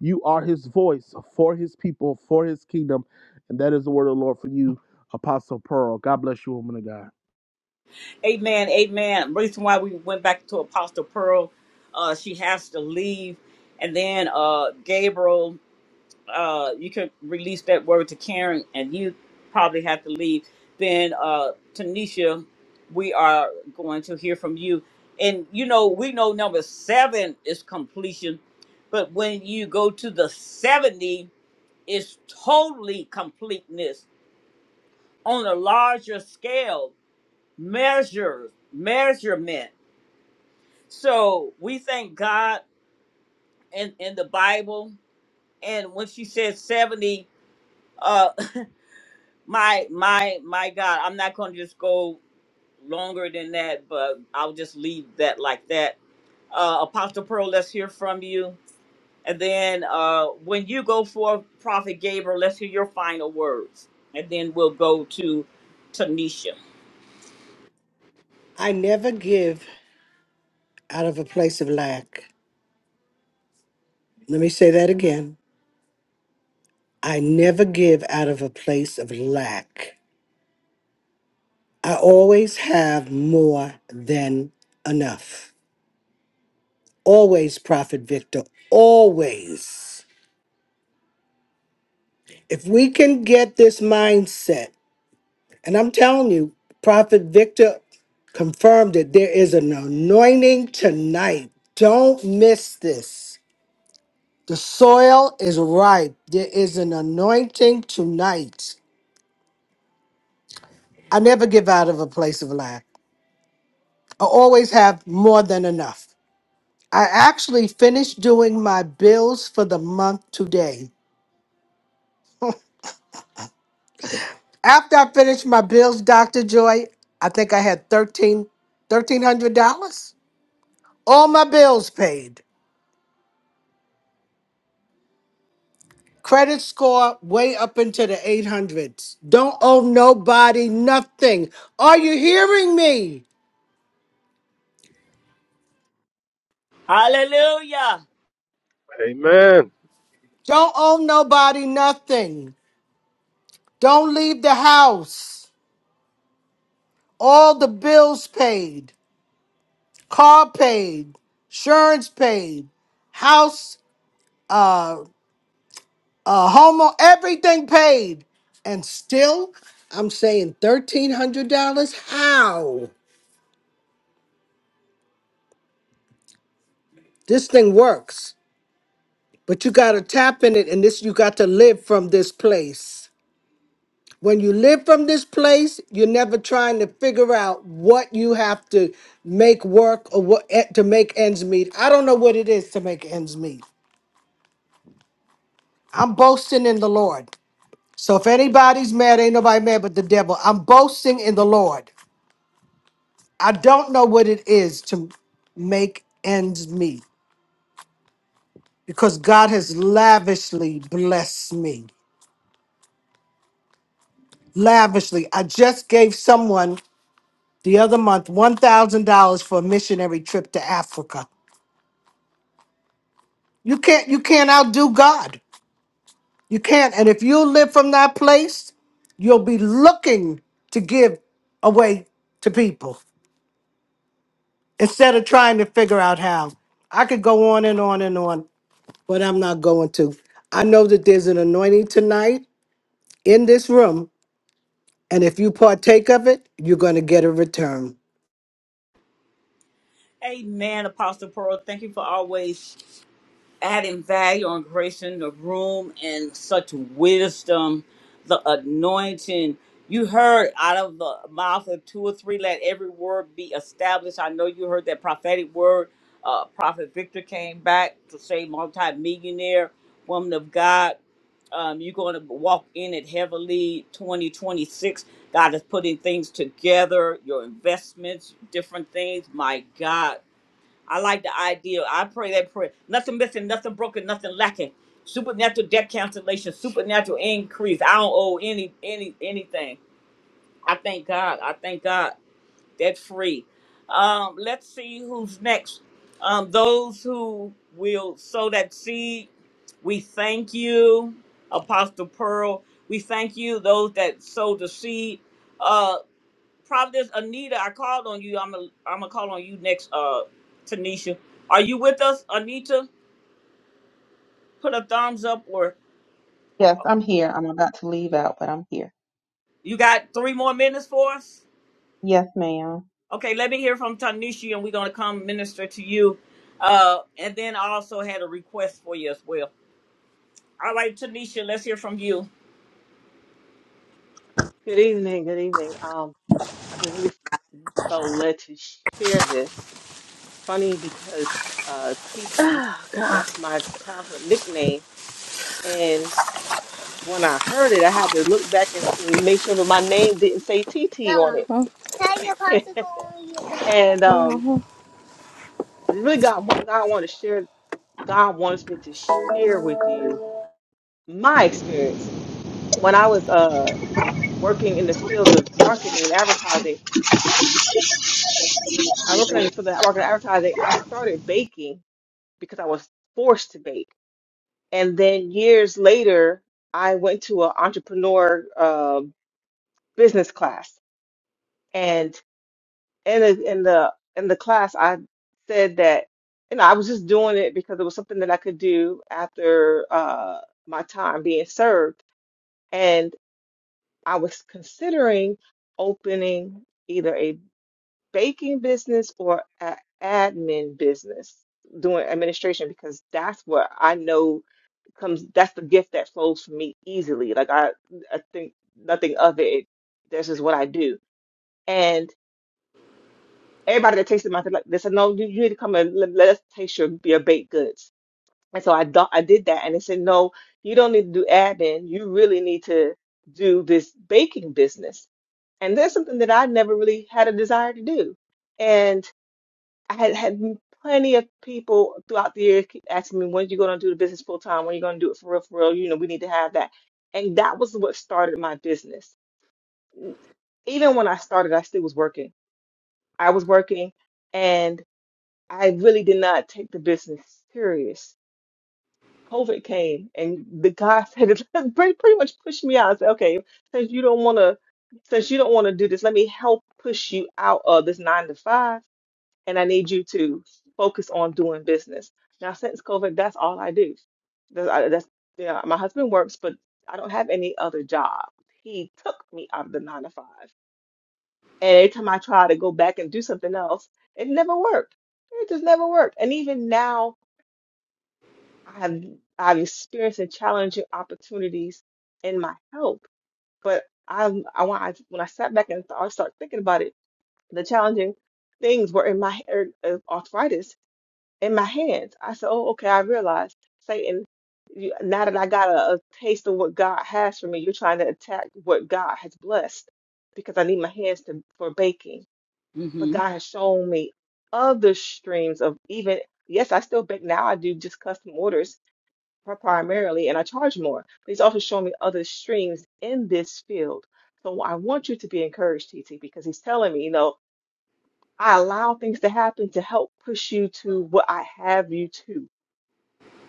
You are his voice for his people, for his kingdom. And that is the word of the Lord for you, Apostle Pearl. God bless you, woman of God. Amen, amen. Reason why we went back to Apostle Pearl, uh, she has to leave, and then uh, Gabriel, uh, you can release that word to Karen, and you probably have to leave. Then uh, Tanisha, we are going to hear from you, and you know we know number seven is completion, but when you go to the seventy is totally completeness on a larger scale measure measurement so we thank god in in the bible and when she said 70 uh my my my god i'm not going to just go longer than that but i'll just leave that like that uh apostle pearl let's hear from you and then uh when you go for prophet gabriel let's hear your final words and then we'll go to tanisha I never give out of a place of lack. Let me say that again. I never give out of a place of lack. I always have more than enough. Always, Prophet Victor, always. If we can get this mindset, and I'm telling you, Prophet Victor confirmed it, there is an anointing tonight. Don't miss this. The soil is ripe. There is an anointing tonight. I never give out of a place of lack. I always have more than enough. I actually finished doing my bills for the month today. After I finished my bills, Dr. Joy, I think I had thirteen, thirteen hundred dollars All my bills paid. Credit score way up into the 800s. Don't owe nobody nothing. Are you hearing me? Hallelujah. Amen. Don't owe nobody nothing. Don't leave the house. All the bills paid, car paid, insurance paid, house Uh. uh homo everything paid and still i'm saying $1300 how this thing works but you got to tap in it and this you got to live from this place when you live from this place you're never trying to figure out what you have to make work or what eh, to make ends meet i don't know what it is to make ends meet i'm boasting in the lord so if anybody's mad ain't nobody mad but the devil i'm boasting in the lord I don't know what it is to make ends meet because God has lavishly blessed me. Lavishly. I just gave someone the other month $1,000 for a missionary trip to Africa. You can't you can't outdo God. You can't. And if you live from that place, you'll be looking to give away to people instead of trying to figure out how. I could go on and on and on. but I'm not going to. I know that there's an anointing tonight in this room, and if you partake of it, you're going to get a return. Amen, Apostle Pearl. Thank you for always adding value and grace in the room and such wisdom, the anointing. You heard out of the mouth of two or three, let every word be established. I know you heard that prophetic word. Uh, Prophet Victor came back to say multi-millionaire woman of God. Um, you're going to walk in it heavily. 2026, God is putting things together, your investments, different things. My God, I like the idea. I pray that prayer. Nothing missing, nothing broken, nothing lacking. Supernatural debt cancellation, supernatural increase. I don't owe any any anything. I thank God. I thank God that free. Um, let's see who's next. Um, those who will sow that seed, we thank you, Apostle Pearl. We thank you, those that sow the seed. Uh, Providence Anita, I called on you. I'm gonna I'm gonna call on you next. Uh, Tanisha, are you with us, Anita? Put a thumbs up, or Yes, I'm here. I'm about to leave out, but I'm here. you got three more minutes for us. Yes, ma'am. Okay, let me hear from Tanisha, and we're going to come minister to you. Uh, and then I also had a request for you as well. All right, Tanisha, let's hear from you. Good evening. Good evening. Um, I just really felt led to share this. It's funny because uh, TT, that's my childhood nickname, and when I heard it, I had to look back and s- make sure that my name didn't say TT on Grandma, Huh? tell your it. popsicle when you get home. and um, I just really got what God wanted to share. God wants me to share with you my experience when I was uh working in the field of marketing and advertising. I was working in for the marketing advertising. I started baking because I was forced to bake, and then years later, I went to an entrepreneur uh, business class, and in the, in the in the class, I said that you know I was just doing it because it was something that I could do after uh, my time being served, and I was considering opening. either a baking business or a admin business doing administration because that's what I know comes that's the gift that flows for me easily like I I think nothing of it this is what I do and everybody that tasted my like they said no you, you need to come and let, let us taste your, your baked goods and so I do, I did that and they said no you don't need to do admin you really need to do this baking business and that's something that I never really had a desire to do and. I had had plenty of people throughout the years keep asking me, when are you going to do the business full time? When are you going to do it for real, for real? You know, we need to have that. And that was what started my business. Even when I started, I still was working. I was working and I really did not take the business serious. COVID came and the guy said, pretty, pretty much pushed me out. I said, okay, since you don't want to, since you don't want to do this, let me help push you out of this nine to five and I need you to focus on doing business. Now, since COVID, that's all I do. That's, I, that's yeah, my husband works, but I don't have any other job. He took me out of the nine to five, and every time I try to go back and do something else, it never worked. It just never worked. And even now, I've I've experienced and challenging opportunities in my health, but I I when I when I sat back and th- I started thinking about it, the challenging things were in my hair- uh, arthritis in my hands. I said, Oh, okay, I realized Satan, you, now that I got a, a taste of what God has for me, you're trying to attack what God has blessed because I need my hands to, for baking. But Mm-hmm. God has shown me other streams of even, yes, I still bake now. I do just custom orders pri- primarily and I charge more. But He's also shown me other streams in this field. So I want you to be encouraged, TT, because He's telling me, you know, I allow things to happen to help push you to what I have you to.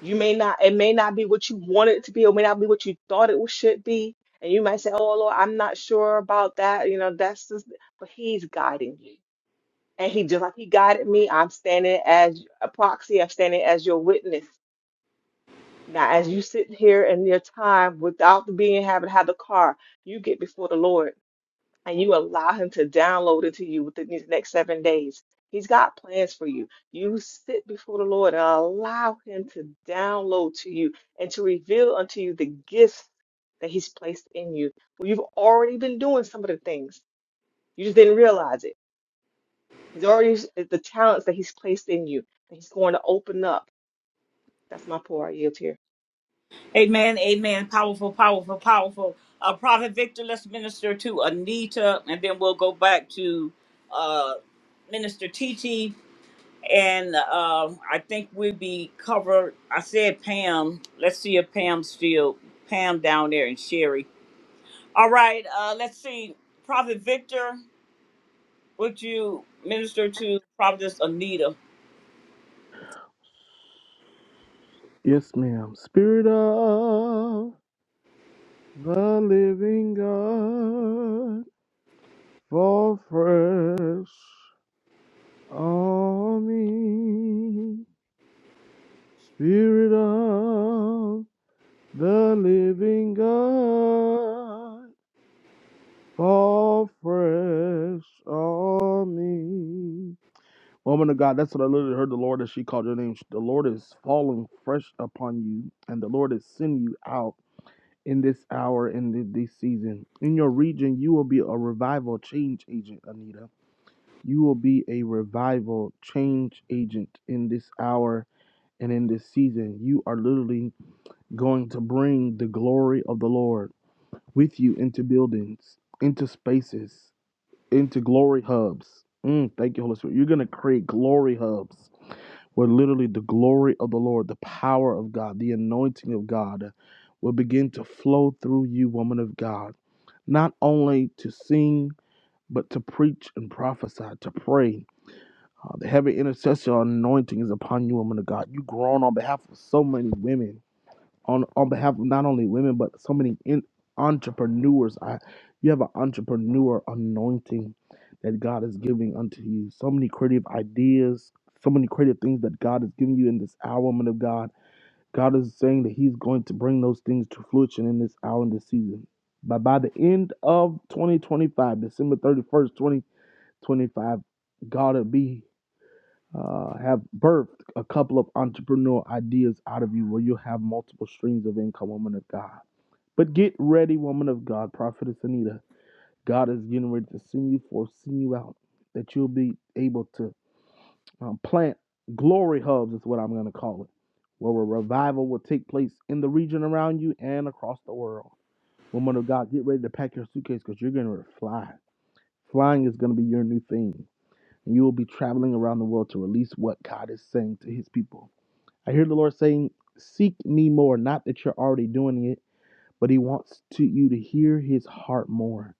You may not, it may not be what you wanted it to be, or may not be what you thought it should be. And you might say, Oh Lord, I'm not sure about that. You know, that's just, but He's guiding you. And He, just like He guided me, I'm standing as a proxy, I'm standing as your witness. Now, as you sit here in your time without being having to have the car, you get before the Lord and you allow him to download into you within these next seven days. He's got plans for you. You sit before the Lord and allow him to download to you and to reveal unto you the gifts that he's placed in you. Well, you've already been doing some of the things. You just didn't realize it. He's already the talents that he's placed in you that he's going to open up. That's my pour. I yield here. Amen, amen. Powerful, powerful, powerful. Uh, Prophet Victor, let's minister to Anita, and then we'll go back to uh, Minister TT. And um I think we'll be covered. I said Pam. Let's see if Pam's still Pam down there and Sherry. All right, uh, let's see. Prophet Victor. would you minister to Prophetess Anita? Yes, ma'am. Spirit of the living God, fall fresh on me. Spirit of the living God, fall fresh on me. Woman of God, that's what I literally heard the Lord as she called your name. The Lord is falling fresh upon you, and the Lord is sending you out in this hour, in thi- this season. In your region, you will be a revival change agent, Anita. You will be a revival change agent in this hour and in this season. You are literally going to bring the glory of the Lord with you into buildings, into spaces, into glory hubs. Mm, thank you, Holy Spirit. You're going to create glory hubs where literally the glory of the Lord, the power of God, the anointing of God will begin to flow through you, woman of God, not only to sing, but to preach and prophesy, to pray. Uh, the heavy intercessor anointing is upon you, woman of God. You've grown on behalf of so many women on on behalf of not only women but so many in, entrepreneurs. I, you have an entrepreneur anointing that God is giving unto you. So many creative ideas, so many creative things that God is giving you in this hour, woman of God. God is saying that He's going to bring those things to fruition in this hour and this season. But by the end of 2025, December 31st, 2025, God will be uh, have birthed a couple of entrepreneur ideas out of you where you'll have multiple streams of income, woman of God. But get ready, woman of God, prophetess Anita. God is getting ready to send you forth, send you out, that you'll be able to um, plant glory hubs, is what I'm going to call it, where a revival will take place in the region around you and across the world. Woman of God, get ready to pack your suitcase because you're going to fly. Flying is going to be your new thing. And you will be traveling around the world to release what God is saying to his people. I hear the Lord saying, Seek me more. Not that you're already doing it, but He wants to you to hear His heart more.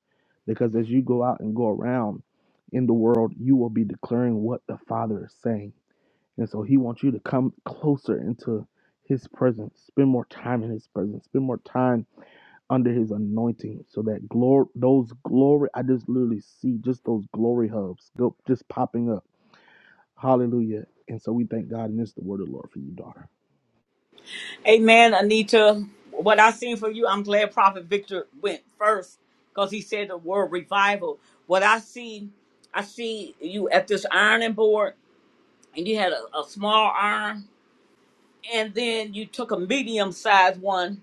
Because as you go out and go around in the world, you will be declaring what the Father is saying. And so He wants you to come closer into His presence, spend more time in His presence, spend more time under His anointing, so that glory, those glory, I just literally see just those glory hubs go just popping up. Hallelujah. And so we thank God, and this is the word of the Lord for you, daughter. Amen, Anita. What I seen for you, I'm glad Prophet Victor went first because he said the word revival. What I see, I see you at this ironing board and you had a, a small iron and then you took a medium sized one.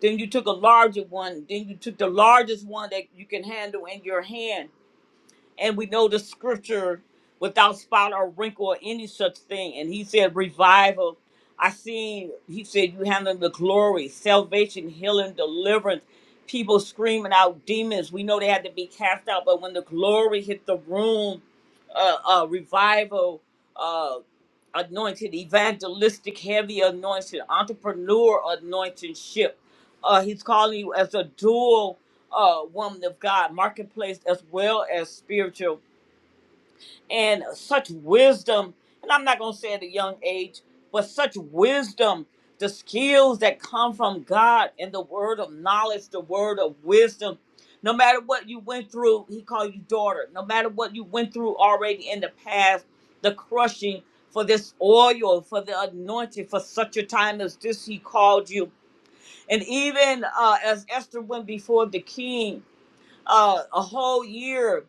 Then you took a larger one. Then you took the largest one that you can handle in your hand and we know the scripture without spot or wrinkle or any such thing. And he said, revival. I seen, he said, you handle the glory, salvation, healing, deliverance, people screaming out demons. We know they had to be cast out, but when the glory hit the room, uh, uh, revival, uh, anointed, evangelistic, heavy anointed, entrepreneur anointing ship. Uh, he's calling you as a dual uh, woman of God, marketplace as well as spiritual and such wisdom. And I'm not going to say at a young age, but such wisdom, the skills that come from God and the word of knowledge, the word of wisdom. No matter what you went through, He called you daughter. No matter what you went through already in the past, the crushing for this oil, for the anointing, for such a time as this, He called you. And even uh, as Esther went before the king, uh, a whole year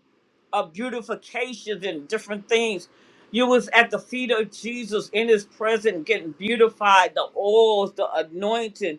of beautifications and different things. You was at the feet of Jesus in his presence, getting beautified, the oils, the anointing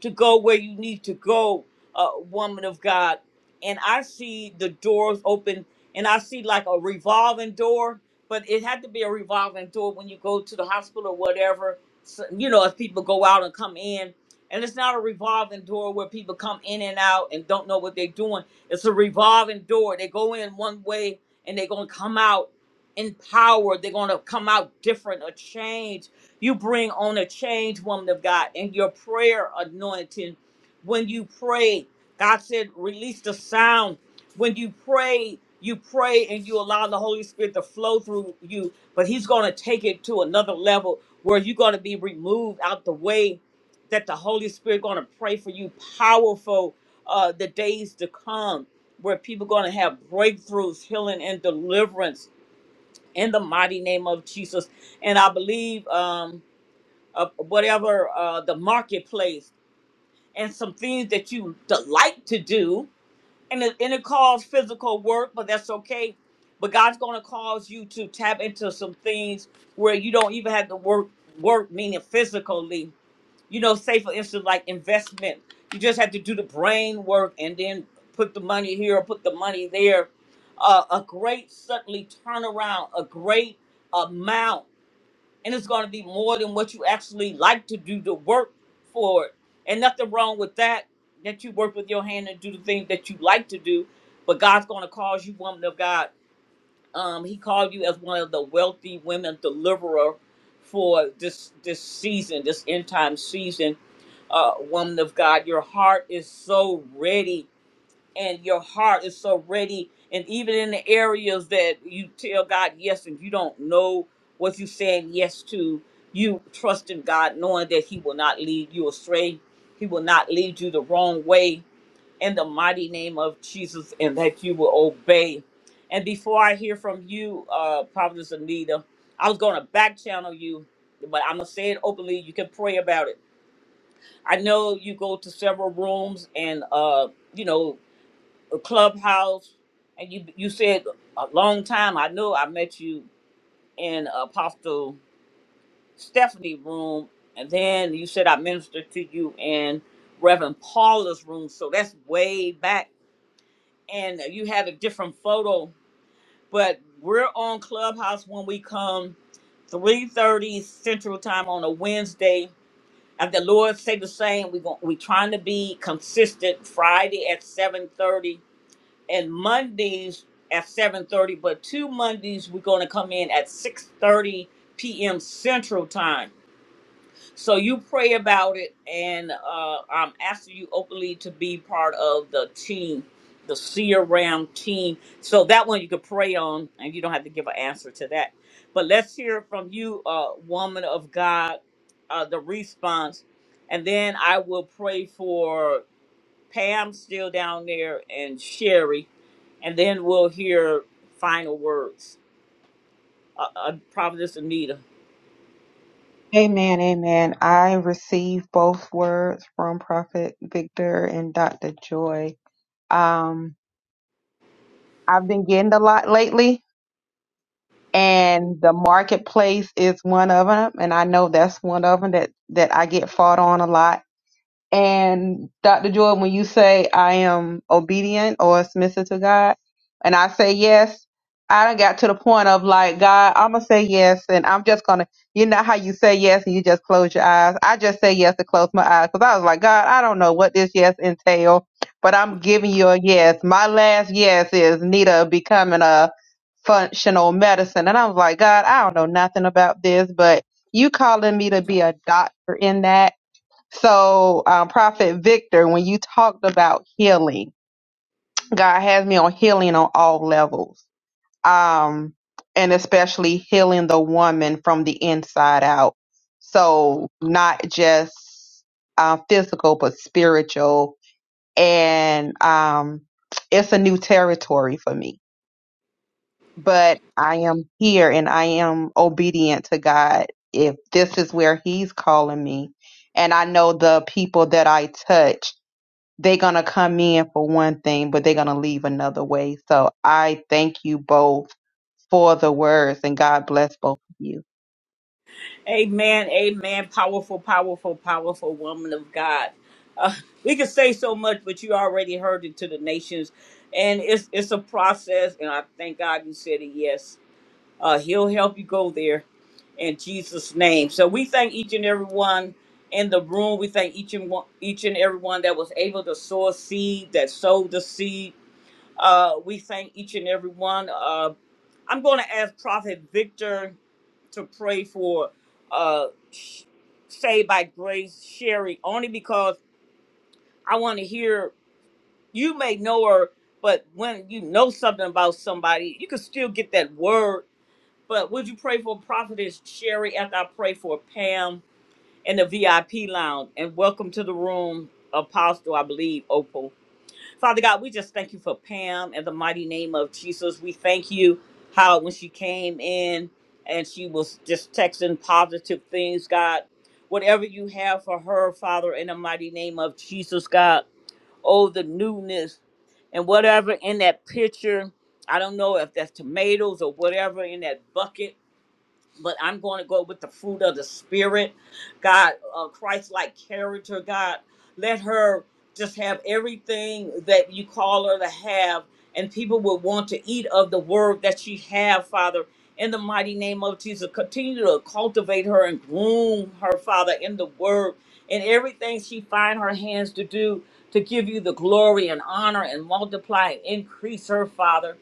to go where you need to go, uh, woman of God. And I see the doors open, and I see like a revolving door, but it had to be a revolving door when you go to the hospital or whatever. So, you know, as people go out and come in, and it's not a revolving door where people come in and out and don't know what they're doing. It's a revolving door. They go in one way and they're gonna come out empowered. They're gonna come out different or changed you bring on a change, woman of God, and your prayer anointing. When you pray, God said, release the sound. When you pray, you pray and you allow the Holy Spirit to flow through you, but He's going to take it to another level where you're going to be removed out the way that the Holy Spirit going to pray for you powerful uh, the days to come where people going to have breakthroughs, healing, and deliverance in the mighty name of Jesus. And I believe. Um, uh, whatever uh, the marketplace and some things that you delight to do and it, and it calls physical work but that's okay but god's going to cause you to tap into some things where you don't even have to work work meaning physically you know say for instance like investment you just have to do the brain work and then put the money here or put the money there uh, a great suddenly turnaround a great amount and it's going to be more than what you actually like to do to work for it. And nothing wrong with that, that you work with your hand and do the things that you like to do. But God's going to cause you, woman of God. Um, he called you as one of the wealthy women deliverer for this this season, this end time season. Uh, woman of God, your heart is so ready and your heart is so ready. And even in the areas that you tell God yes and you don't know what you're saying yes to, you trust in God, knowing that He will not lead you astray. He will not lead you the wrong way in the mighty name of Jesus, and that you will obey. And before I hear from you, uh, Providence Anita, I was going to back channel you, but I'm going to say it openly. You can pray about it. I know you go to several rooms and, uh, you know, a clubhouse and you you said a long time i know i met you in apostle stephanie room and then you said i ministered to you in reverend paula's room so that's way back and you had a different photo but we're on clubhouse when we come 3.30 central time on a wednesday and the lord say the same we're gon- we trying to be consistent friday at 7.30 and Mondays at 7:30, but two Mondays we're going to come in at 6:30 p.m. Central Time. So you pray about it, and uh, I'm asking you openly to be part of the team, the see around team. So that one you could pray on, and you don't have to give an answer to that. But let's hear from you, uh, woman of God, uh, the response, and then I will pray for. Pam's still down there and Sherry, and then we'll hear final words. Uh, uh, Providence Anita. Amen. Amen. I receive both words from Prophet Victor and Dr. Joy. Um, I've been getting a lot lately, and the marketplace is one of them. And I know that's one of them that, that I get fought on a lot. And Dr. Jordan, when you say I am obedient or submissive to God, and I say yes, I done got to the point of like, God, I'm going to say yes. And I'm just going to, you know how you say yes and you just close your eyes. I just say yes to close my eyes because I was like, God, I don't know what this yes entail, but I'm giving you a yes. My last yes is Nita becoming a functional medicine. And I was like, God, I don't know nothing about this, but you calling me to be a doctor in that. So, um, Prophet Victor, when you talked about healing, God has me on healing on all levels, um, and especially healing the woman from the inside out. So, not just uh, physical, but spiritual. And um, it's a new territory for me. But I am here and I am obedient to God if this is where He's calling me. And I know the people that I touch. they're going to come in for one thing, but they're going to leave another way. So I thank you both for the words and God bless both of you. Amen, amen. Powerful, powerful, powerful woman of God. Uh, we could say so much, but you already heard it to the nations, and it's it's a process. And I thank God you said a yes. Uh, he'll help you go there in Jesus' name. So we thank each and every one in the room. We thank each and one, each and every one that was able to sow a seed, that sowed the seed. Uh, we thank each and every one. Uh, I'm going to ask Prophet Victor to pray for uh, Sh- Saved by Grace Sherry, only because I want to hear. You may know her, but when you know something about somebody, you can still get that word but would you pray for Prophetess Sherry after I pray for Pam in the VIP lounge? And welcome to the room, Apostle, I believe, Opal. Father God, we just thank you for Pam in the mighty name of Jesus. We thank you how when she came in and she was just texting positive things, God. Whatever you have for her, Father, in the mighty name of Jesus, God. Oh, the newness and whatever in that picture. I don't know if that's tomatoes or whatever in that bucket but I'm going to go with the fruit of the spirit, God, uh, Christ-like character, God. Let her just have everything that you call her to have, and people will want to eat of the word that she have, Father. In the mighty name of Jesus, continue to cultivate her and groom her, Father, in the word and everything she find her hands to do to give you the glory and honor and multiply and increase her, Father.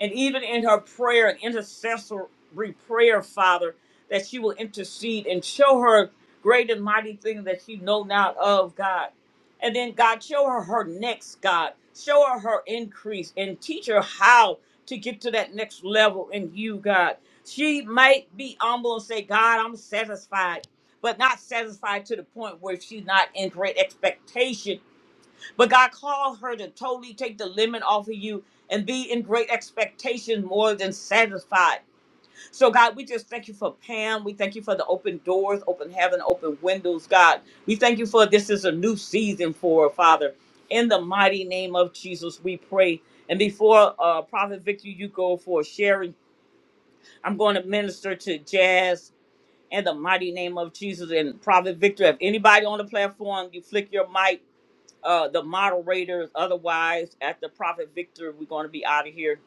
And even in her prayer and intercessory prayer, Father, that she will intercede and show her great and mighty things that she know not of, God. And then, God, show her her next, God. Show her her increase and teach her how to get to that next level in you, God. She might be humble and say, God, I'm satisfied, but not satisfied to the point where she's not in great expectation but God called her to totally take the limit off of you and be in great expectation more than satisfied. So, God, we just thank you for Pam. We thank you for the open doors, open heaven, open windows, God. We thank you for this is a new season for her, Father. In the mighty name of Jesus, we pray. And before uh, Prophet Victor, you go for sharing, I'm going to minister to Jazz in the mighty name of Jesus. And Prophet Victor, if anybody on the platform, you flick your mic uh, the moderators. Otherwise, at the Prophet Victor, we're going to be out of here.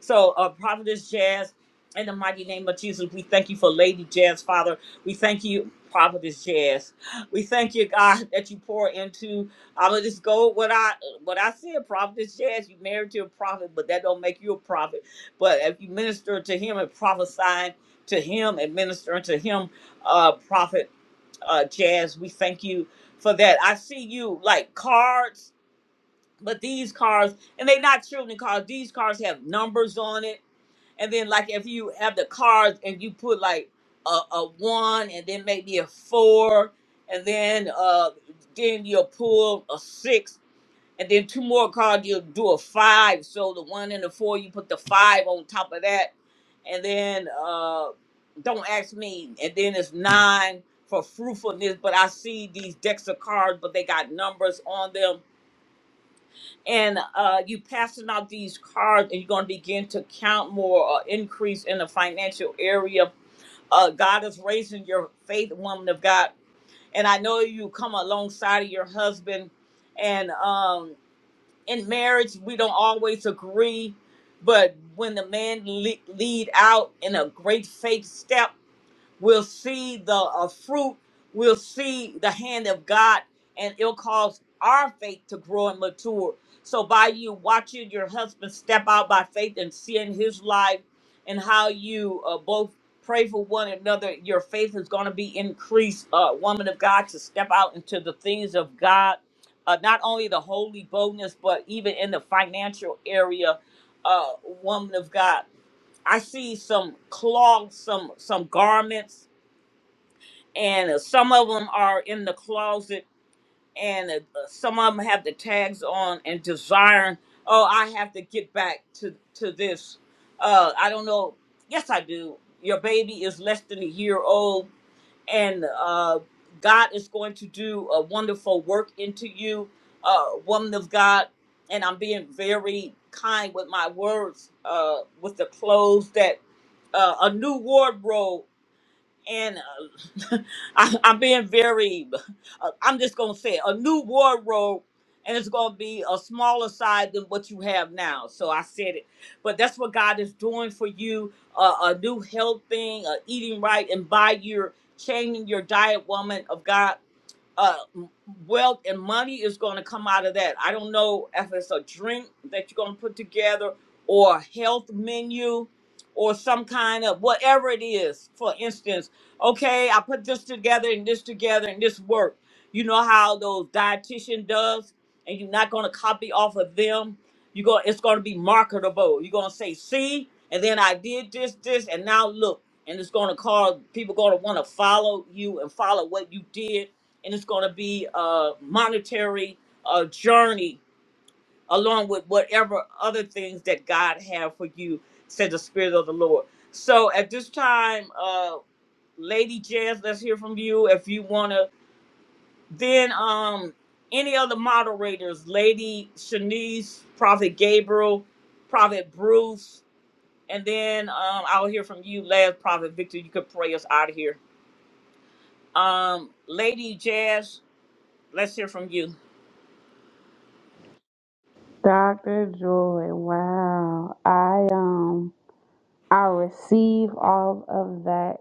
So, uh, Prophetess Jazz, in the mighty name of Jesus, we thank you for Lady Jazz, Father. We thank you, Prophetess Jazz. We thank you, God, that you pour into. I'm gonna just go with what I what I said, Prophetess Jazz. You married to a prophet, but that don't make you a prophet. But if you minister to him and prophesying to him and ministering to him, uh, prophet uh, Jazz. We thank you for that. I see you like cards, but these cards, and they're not children cards. These cards have numbers on it, and then like if you have the cards and you put like a, a one, and then maybe a four, and then uh, then you'll pull a six and then two more cards, you'll do a five. So the one and the four, you put the five on top of that. And then uh don't ask me. And then it's nine for fruitfulness. But I see these decks of cards, but they got numbers on them. And uh you passing out these cards and you're gonna begin to count more or increase in the financial area. Uh God is raising your faith, woman of God. And I know you come alongside of your husband and um in marriage we don't always agree but when the man le- lead out in a great faith step We'll see the uh, fruit. We'll see the hand of God, and it'll cause our faith to grow and mature. So by you watching your husband step out by faith and seeing his life and how you uh, both pray for one another, your faith is going to be increased, uh, woman of God, to step out into the things of God. Uh, not only the holy boldness, but even in the financial area, uh, woman of God. I see some clogs, some some garments and uh, some of them are in the closet, and uh, uh, some of them have the tags on and desiring. Oh, I have to get back to to this. Uh, I don't know. Yes, I do. Your baby is less than a year old, and uh, God is going to do a wonderful work into you, uh, woman of God. And I'm being very kind with my words, uh, with the clothes that uh, a new wardrobe and uh, I, I'm being very, uh, I'm just going to say it, a new wardrobe, and it's going to be a smaller size than what you have now. So I said it. But that's what God is doing for you uh, a new health thing, uh, eating right, and by your changing your diet, woman of God uh, wealth and money is going to come out of that. I don't know if it's a drink that you're going to put together or a health menu or some kind of whatever it is. For instance, okay, I put this together and this together and this work. You know how those dietitian does, and you're not going to copy off of them. You are going, it's going to be marketable. You're going to say, see, and then I did this, this, and now look. And it's going to cause people going to want to follow you and follow what you did and it's going to be a monetary uh, journey along with whatever other things that God have for you, said the Spirit of the Lord. So at this time, uh, Lady Jazz, let's hear from you if you want to. Then um, any other moderators, Lady Shanice, Prophet Gabriel, Prophet Bruce, and then um, I'll hear from you last, Prophet Victor. You could pray us out of here. Um, Lady Jazz, let's hear from you. Dr. Joy. Wow. I um I receive all of that.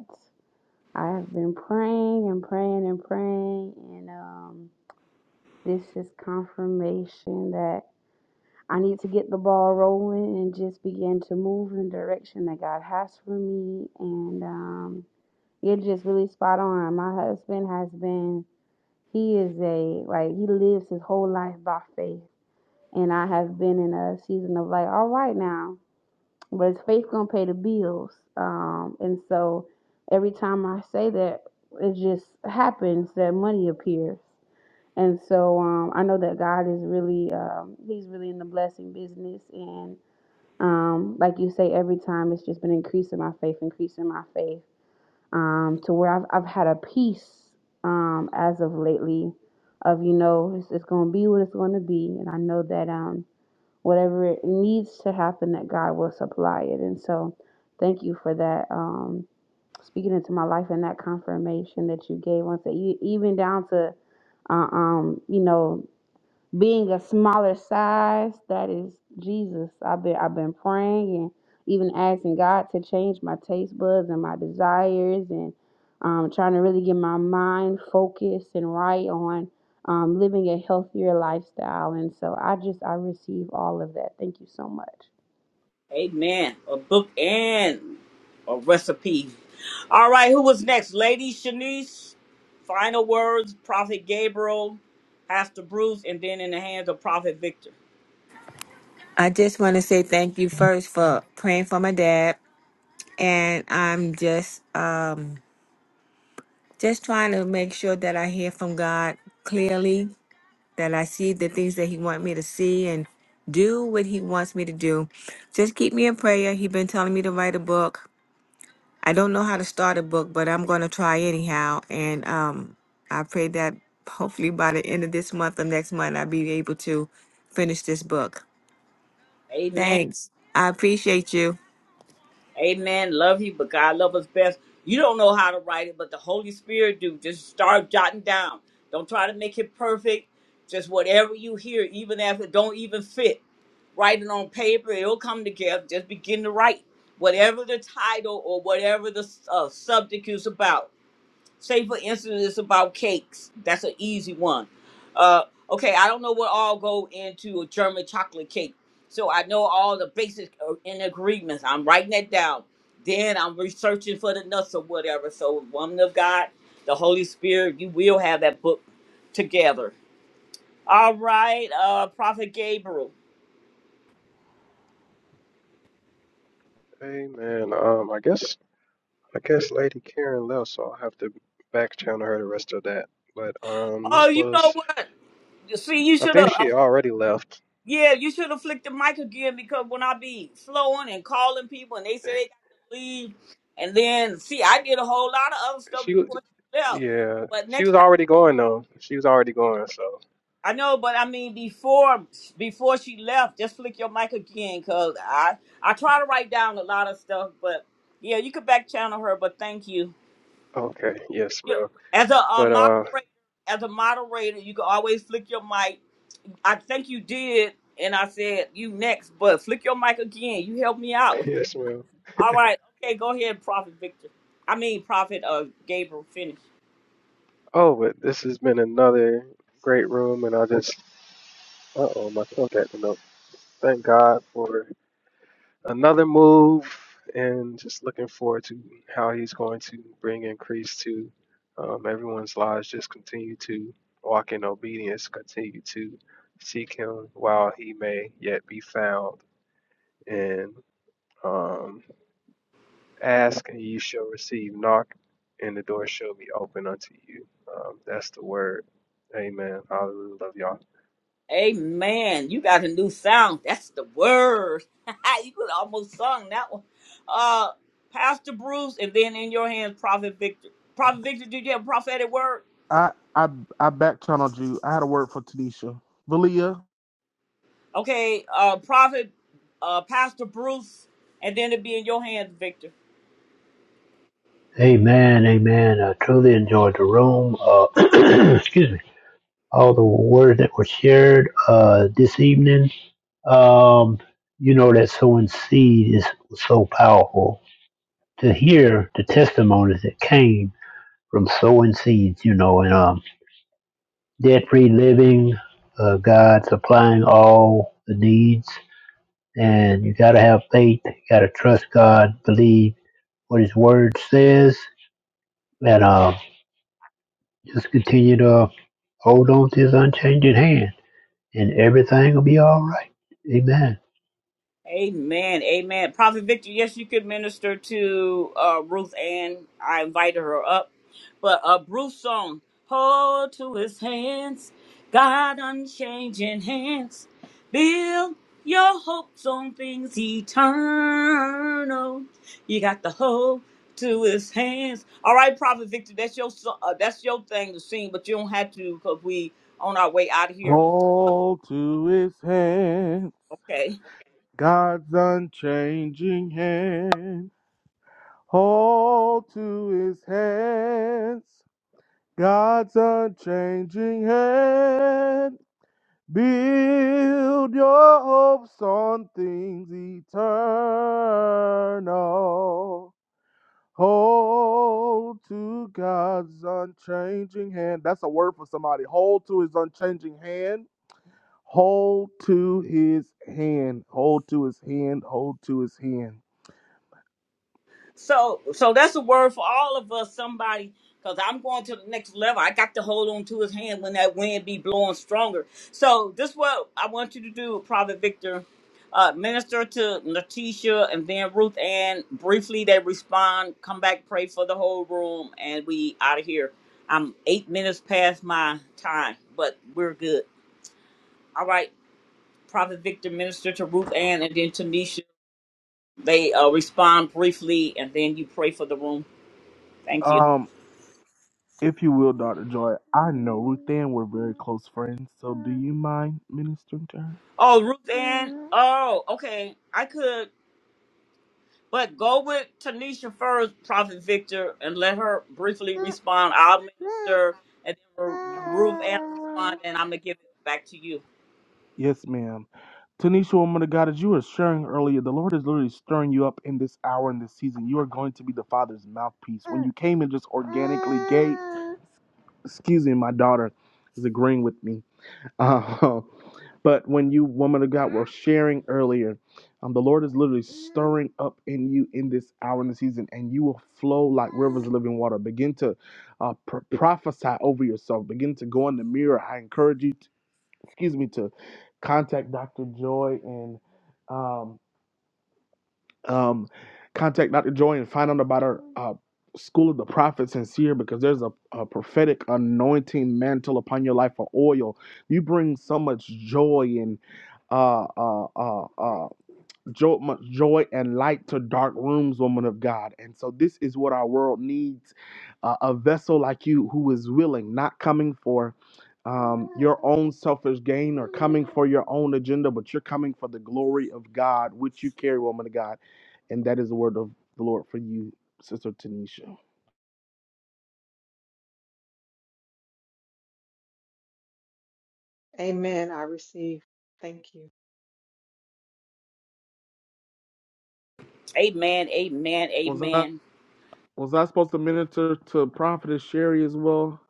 I have been praying and praying and praying and um this is confirmation that. I need to get the ball rolling and just begin to move in the direction that God has for me. And um, you're just really spot on. My husband has been, he is a, like, he lives his whole life by faith. And I have been in a season of like, all right now, but is faith going to pay the bills? Um, and so every time I say that, it just happens that money appears. And so um, I know that God is really, um, he's really in the blessing business. and. Um, like you say, every time it's just been increasing my faith, increasing my faith, um, to where I've, I've had a peace um, as of lately of, you know, it's, it's going to be what it's going to be. And I know that um, whatever it needs to happen, that God will supply it. And so thank you for that, um, speaking into my life and that confirmation that you gave once, that you, even down to, uh, um, you know, being a smaller size, that is Jesus. I've been I've been praying and even asking God to change my taste buds and my desires and um, trying to really get my mind focused and right on um, living a healthier lifestyle. And so I just I receive all of that. Thank you so much. Amen. A book and a recipe. All right, who was next? Lady Shanice, final words, Prophet Gabriel, Pastor Bruce, and then in the hands of Prophet Victor. I just want to say thank you first for praying for my dad, and I'm just um just trying to make sure that I hear from God clearly, that I see the things that He wants me to see and do what He wants me to do. Just keep me in prayer. He's been telling me to write a book. I don't know how to start a book, but I'm going to try anyhow, and um I pray that hopefully by the end of this month or next month I'll be able to finish this book. Amen. Thanks. I appreciate you. Amen. Love you, but God love us best. You don't know how to write it, but the Holy Spirit do. Just start jotting down. Don't try to make it perfect. Just whatever you hear, even if it don't even fit, write it on paper. It'll come together. Just begin to write whatever the title or whatever the uh, subject is about say for instance it's about cakes that's an easy one uh okay i don't know what all go into a german chocolate cake so i know all the basic uh, in agreements i'm writing that down then i'm researching for the nuts or whatever so woman of god the holy spirit you will have that book together all right uh prophet gabriel Amen. Um, I guess I guess Lady Karen left, so I'll have to back channel her the rest of that. But um, oh this you know was what see you I should think have she already left. Yeah, you should have flicked the mic again because when I be flowing and calling people and they say they got to leave, and then see, I did a whole lot of other stuff She before she left. yeah, But she next was time, already going though. She was already going. So I know, but I mean before before she left, just flick your mic again because I I try to write down a lot of stuff, but yeah, you could back channel her. But thank you. okay, yes, You ma'am. as a, uh But uh, moderator, as a moderator, you can always flick your mic. I think you did, and I said you next, but flick your mic again. You helped me out. yes, ma'am. All right. Okay, go ahead, Prophet Victor. I mean, Prophet uh, Gabriel finish. Oh, but this has been another great room, and I just uh oh, my phone got the note. Thank God for another move, and just looking forward to how he's going to bring increase to um, everyone's lives. Just continue to walk in obedience, continue to seek Him while He may yet be found, and um, ask and you shall receive, knock and the door shall be open unto you. Um, that's the word. Amen. Hallelujah. Love Amen. You got a new sound. That's the word. you could almost sung that one. Uh, Pastor Bruce, and then in your hands, Prophet Victor. Prophet Victor, did you have a prophetic word? I I I back channeled you. I had a word for Tanisha. Valia. Okay, uh, Prophet, uh, Pastor Bruce, and then it'd be in your hands, Victor. Amen. Amen. I truly enjoyed the room. Uh, excuse me. All the words that were shared uh, this evening. Um, you know that sowing seed is so powerful. To hear the testimonies that came from sowing seeds, you know, and um. debt-free living, uh, God supplying all the needs. And you got to have faith. You got to trust God, believe what His Word says, and uh, just continue to hold on to His unchanging hand, and everything will be all right. Amen. Amen. Amen. Prophet Victor, yes, you could minister to uh, Ruth Ann. I invited her up. But uh, Bruce song, Hold to his hands, God unchanging hands. Build your hopes on things eternal. You got the hold to his hands. All right, Prophet Victor, that's your so- uh, that's your thing to sing, but you don't have to because we on our way out of here. Hold to his hands. Okay. God's unchanging hand. Hold to his hands. God's unchanging hand. Build your hopes on things eternal. Hold to God's unchanging hand. That's a word for somebody. Hold to his unchanging hand. Hold to his hand. Hold to his hand. Hold to his hand. So, so that's a word for all of us. Somebody, because I'm going to the next level. I got to hold on to his hand when that wind be blowing stronger. So, this what I want you to do, Prophet Victor. Uh, minister to Letitia and then Ruth Ann. Briefly, they respond. Come back, pray for the whole room, and we out of here. I'm eight minutes past my time, but we're good. All right, Prophet Victor, minister to Ruth Ann, and then Tanisha. They uh, respond briefly, and then you pray for the room. Thank you. Um, if you will, Dr. Joy, I know Ruth Ann, we're very close friends, so do you mind ministering to Oh, Ruth Ann. Oh, okay. I could, but go with Tanisha first, Prophet Victor, and let her briefly respond. I'll minister, and then Ruth Ann her? respond, and I'm gonna give it back to you. Yes, ma'am. Tanisha, woman of God, as you were sharing earlier, the Lord is literally stirring you up in this hour, in this season. You are going to be the Father's mouthpiece. When you came in just organically gave, excuse me, my daughter is agreeing with me. Uh, but when you, woman of God, were sharing earlier, um, the Lord is literally stirring up in you in this hour, in the season, and you will flow like rivers of living water. Begin to uh, pro- prophesy over yourself. Begin to go in the mirror. I encourage you excuse me, to contact Dr. Joy and um, um, contact Dr. Joy and find out about our uh, School of the Prophets in Seer because there's a, a prophetic anointing mantle upon your life for oil. You bring so much joy and uh, uh, uh, uh, joy, much joy and light to dark rooms, woman of God. And so, this is what our world needs uh, a vessel like you who is willing, not coming for um, your own selfish gain or coming for your own agenda, but you're coming for the glory of God, which you carry, woman of God. And that is the word of the Lord for you, Sister Tanisha. Amen. I receive. Thank you. Amen. Amen. Was I, Amen. was I supposed to minister to Prophetess Sherry as well?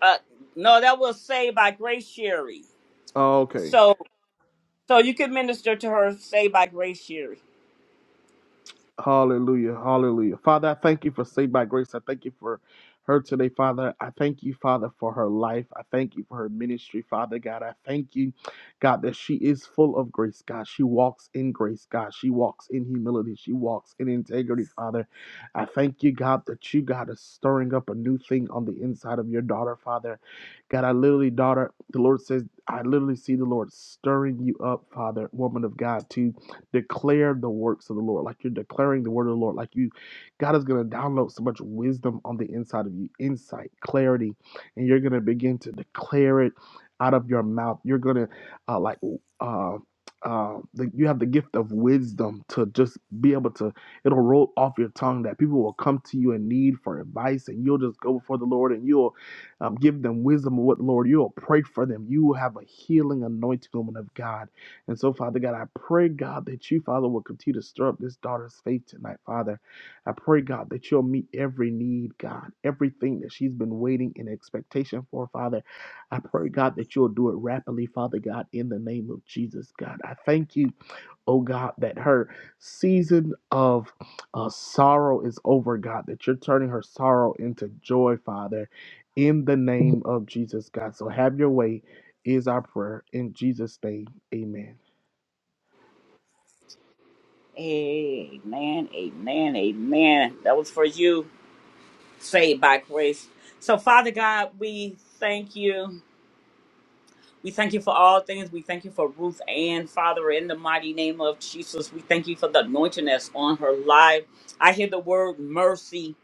Uh, no, that was saved by Grace Sherry. Oh, okay. So, so you can minister to her, saved by Grace Sherry. Hallelujah. Hallelujah. Father, I thank you for saved by grace. I thank you for her today, Father. I thank you, Father, for her life. I thank you for her ministry, Father God. I thank you, God, that she is full of grace, God. She walks in grace, God. She walks in humility. She walks in integrity, Father. I thank you, God, that you, God, is stirring up a new thing on the inside of your daughter, Father. God, I literally, daughter, the Lord says, I literally see the Lord stirring you up, Father, woman of God, too. Declare the works of the Lord. Like you're declaring the word of the Lord. Like you, God is going to download so much wisdom on the inside of you, insight, clarity, and you're going to begin to declare it out of your mouth. You're going to, uh, like, uh, uh, the, you have the gift of wisdom to just be able to it'll roll off your tongue that people will come to you in need for advice and you'll just go before the lord and you'll um, give them wisdom of what lord you'll pray for them you will have a healing anointing woman of god and so, Father God, I pray, God, that you, Father, will continue to stir up this daughter's faith tonight, Father. I pray, God, that you'll meet every need, God, everything that she's been waiting in expectation for, Father. I pray, God, that you'll do it rapidly, Father God, in the name of Jesus, God. I thank you, oh God, that her season of uh, sorrow is over, God, that you're turning her sorrow into joy, Father, in the name of Jesus, God. So have your way is our prayer. In Jesus' name, amen. Amen. Amen. Amen. That was for you, saved by grace. So, Father God, we thank you. We thank you for all things. We thank you for Ruth Ann, Father, in the mighty name of Jesus. We thank you for the anointing that's on her life. I hear the word mercy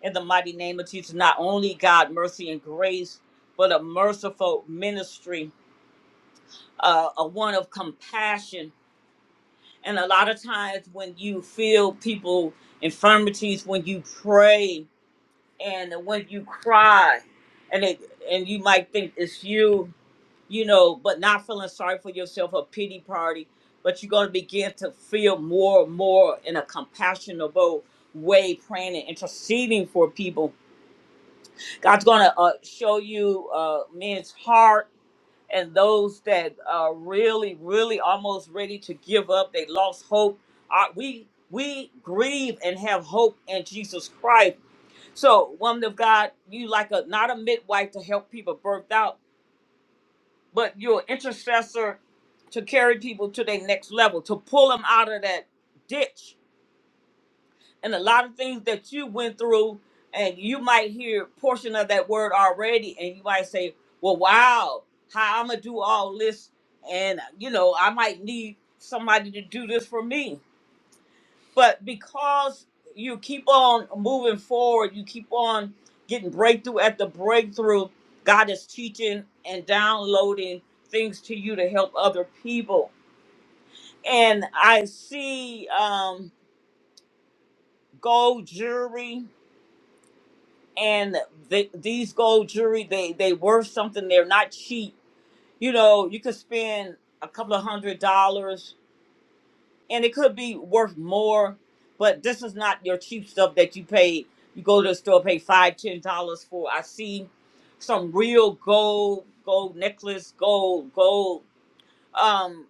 in the mighty name of Jesus. Not only God, mercy and grace, but a merciful ministry, uh, a one of compassion. And a lot of times when you feel people infirmities, when you pray and when you cry, and it, and you might think it's you you know, but not feeling sorry for yourself a pity party, but you're going to begin to feel more and more in a compassionable way, praying and interceding for people. God's going to uh, show you uh, men's heart and those that are really, really almost ready to give up. They lost hope. Uh, we we grieve and have hope in Jesus Christ. So, woman of God, you like a not a midwife to help people birth out, but you're an intercessor to carry people to their next level, to pull them out of that ditch. And a lot of things that you went through, and you might hear portion of that word already, and you might say, "Well, wow, how I'm gonna do all this?" And you know, I might need somebody to do this for me. But because you keep on moving forward, you keep on getting breakthrough at the breakthrough, God is teaching and downloading things to you to help other people. And I see um, gold jewelry and the, these gold jewelry, they, they worth something. They're not cheap. You know, you could spend a couple of hundred dollars and it could be worth more, but this is not your cheap stuff that you pay. You go to the store, pay five, ten dollars for. I see some real gold, gold necklace, gold, gold um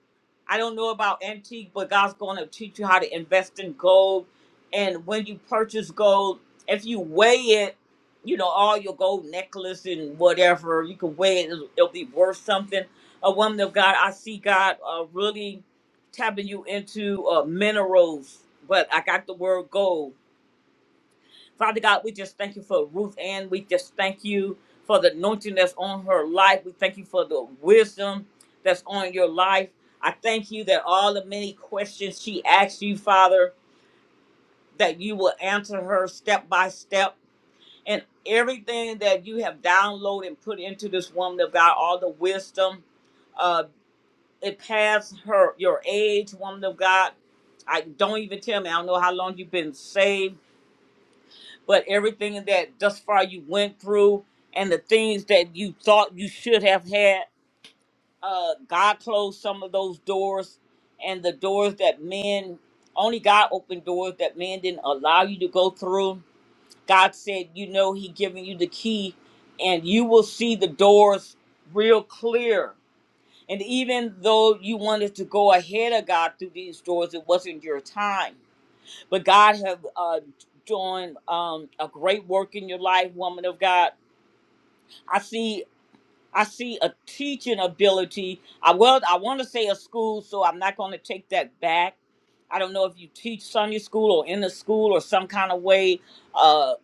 i don't know about antique but god's going to teach you how to invest in gold and when you purchase gold if you weigh it you know all your gold necklace and whatever you can weigh it it'll, it'll be worth something a woman of god i see god uh, really tapping you into uh, minerals but i got the word gold Father God, we just thank you for Ruth Ann. We just thank you for the anointing that's on her life. We thank you for the wisdom that's on your life. I thank you that all the many questions she asked you, Father, that you will answer her step by step. And everything that you have downloaded and put into this woman of God, all the wisdom, uh, it passed her your age, woman of God. I don't even tell me. I don't know how long you've been saved but everything that thus far you went through and the things that you thought you should have had, uh, God closed some of those doors and the doors that men only God opened doors that men didn't allow you to go through. God said, you know, He giving you the key, and you will see the doors real clear. And even though you wanted to go ahead of God through these doors, it wasn't your time but God have uh, doing um, a great work in your life, woman of God. I see. I see a teaching ability. I well, I want to say a school, so I'm not going to take that back. I don't know if you teach Sunday school or in the school or some kind of way. Uh,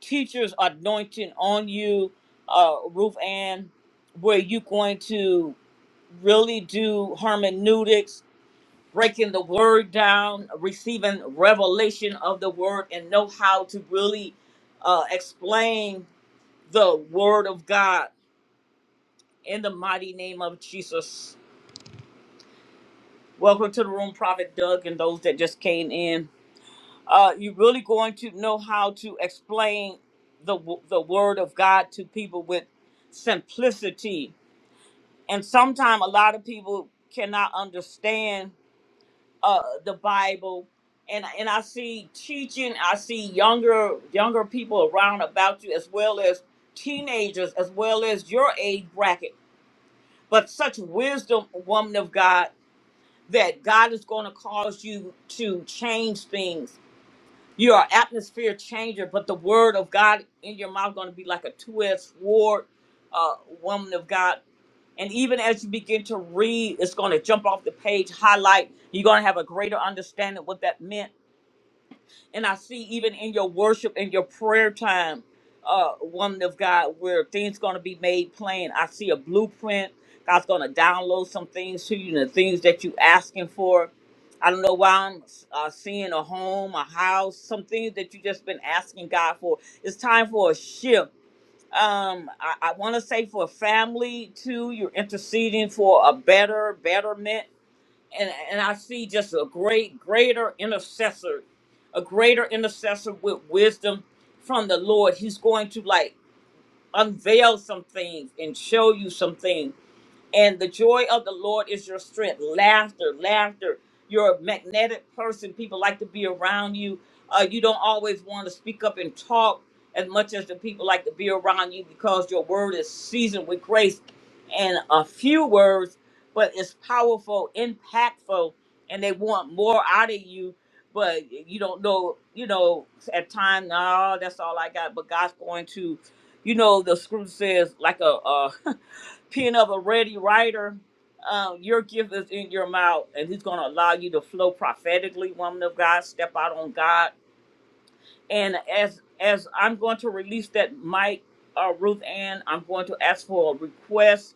teachers anointing on you, uh, Ruth Ann, where you going to really do hermeneutics breaking the word down, receiving revelation of the word, and know how to really uh, explain the word of God in the mighty name of Jesus. Welcome to the room, Prophet Doug, and those that just came in. Uh, you're really going to know how to explain the w- the word of God to people with simplicity, and sometimes a lot of people cannot understand uh the Bible and and I see teaching, I see younger younger people around about you as well as teenagers as well as your age bracket. But such wisdom, woman of God, that God is going to cause you to change things. You're an atmosphere changer, but the word of God in your mouth going to be like a two-edged sword, uh, woman of God. And even as you begin to read, it's going to jump off the page, highlight. You're going to have a greater understanding what that meant and I see even in your worship and your prayer time, uh, woman of God, where things gonna be made plain. I see a blueprint. God's gonna download some things to you, the things that you asking for. I don't know why I'm uh, seeing a home, a house, some things that you just been asking God for. It's time for a shift. Um, I, I want to say for family too. You're interceding for a better betterment and and I see just a great greater intercessor, a greater intercessor with wisdom from the Lord. He's going to like unveil some things and show you some things and the joy of the Lord is your strength. Laughter, laughter. You're a magnetic person. People like to be around you. Uh, you don't always want to speak up and talk as much as the people like to be around you because your word is seasoned with grace and a few words, but it's powerful, impactful, and they want more out of you. But you don't know, you know, at times, no, that's all I got. But God's going to, you know, the scripture says, like a, uh pen of a ready writer, um, your gift is in your mouth, and He's going to allow you to flow prophetically, woman of God. Step out on God, and as as I'm going to release that mic, uh, Ruth Ann, I'm going to ask for a request.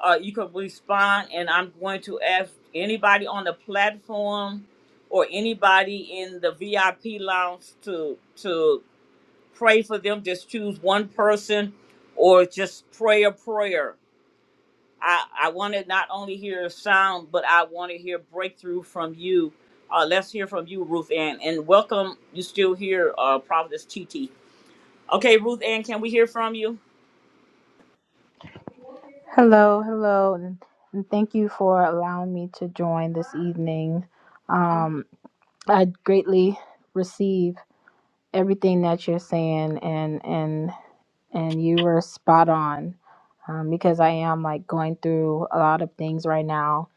Uh, you can respond, and I'm going to ask anybody on the platform or anybody in the VIP lounge to to pray for them. Just choose one person, or just pray a prayer I, I want to not only hear a sound, but I want to hear breakthrough from you. Uh, let's hear from you, Ruth Ann. And welcome, you still here, uh, Prophetess T T. Okay, Ruth Ann, can we hear from you? Hello, hello, and, and thank you for allowing me to join this evening. Um, I greatly receive everything that you're saying, and and and you were spot on um, because I am like going through a lot of things right now,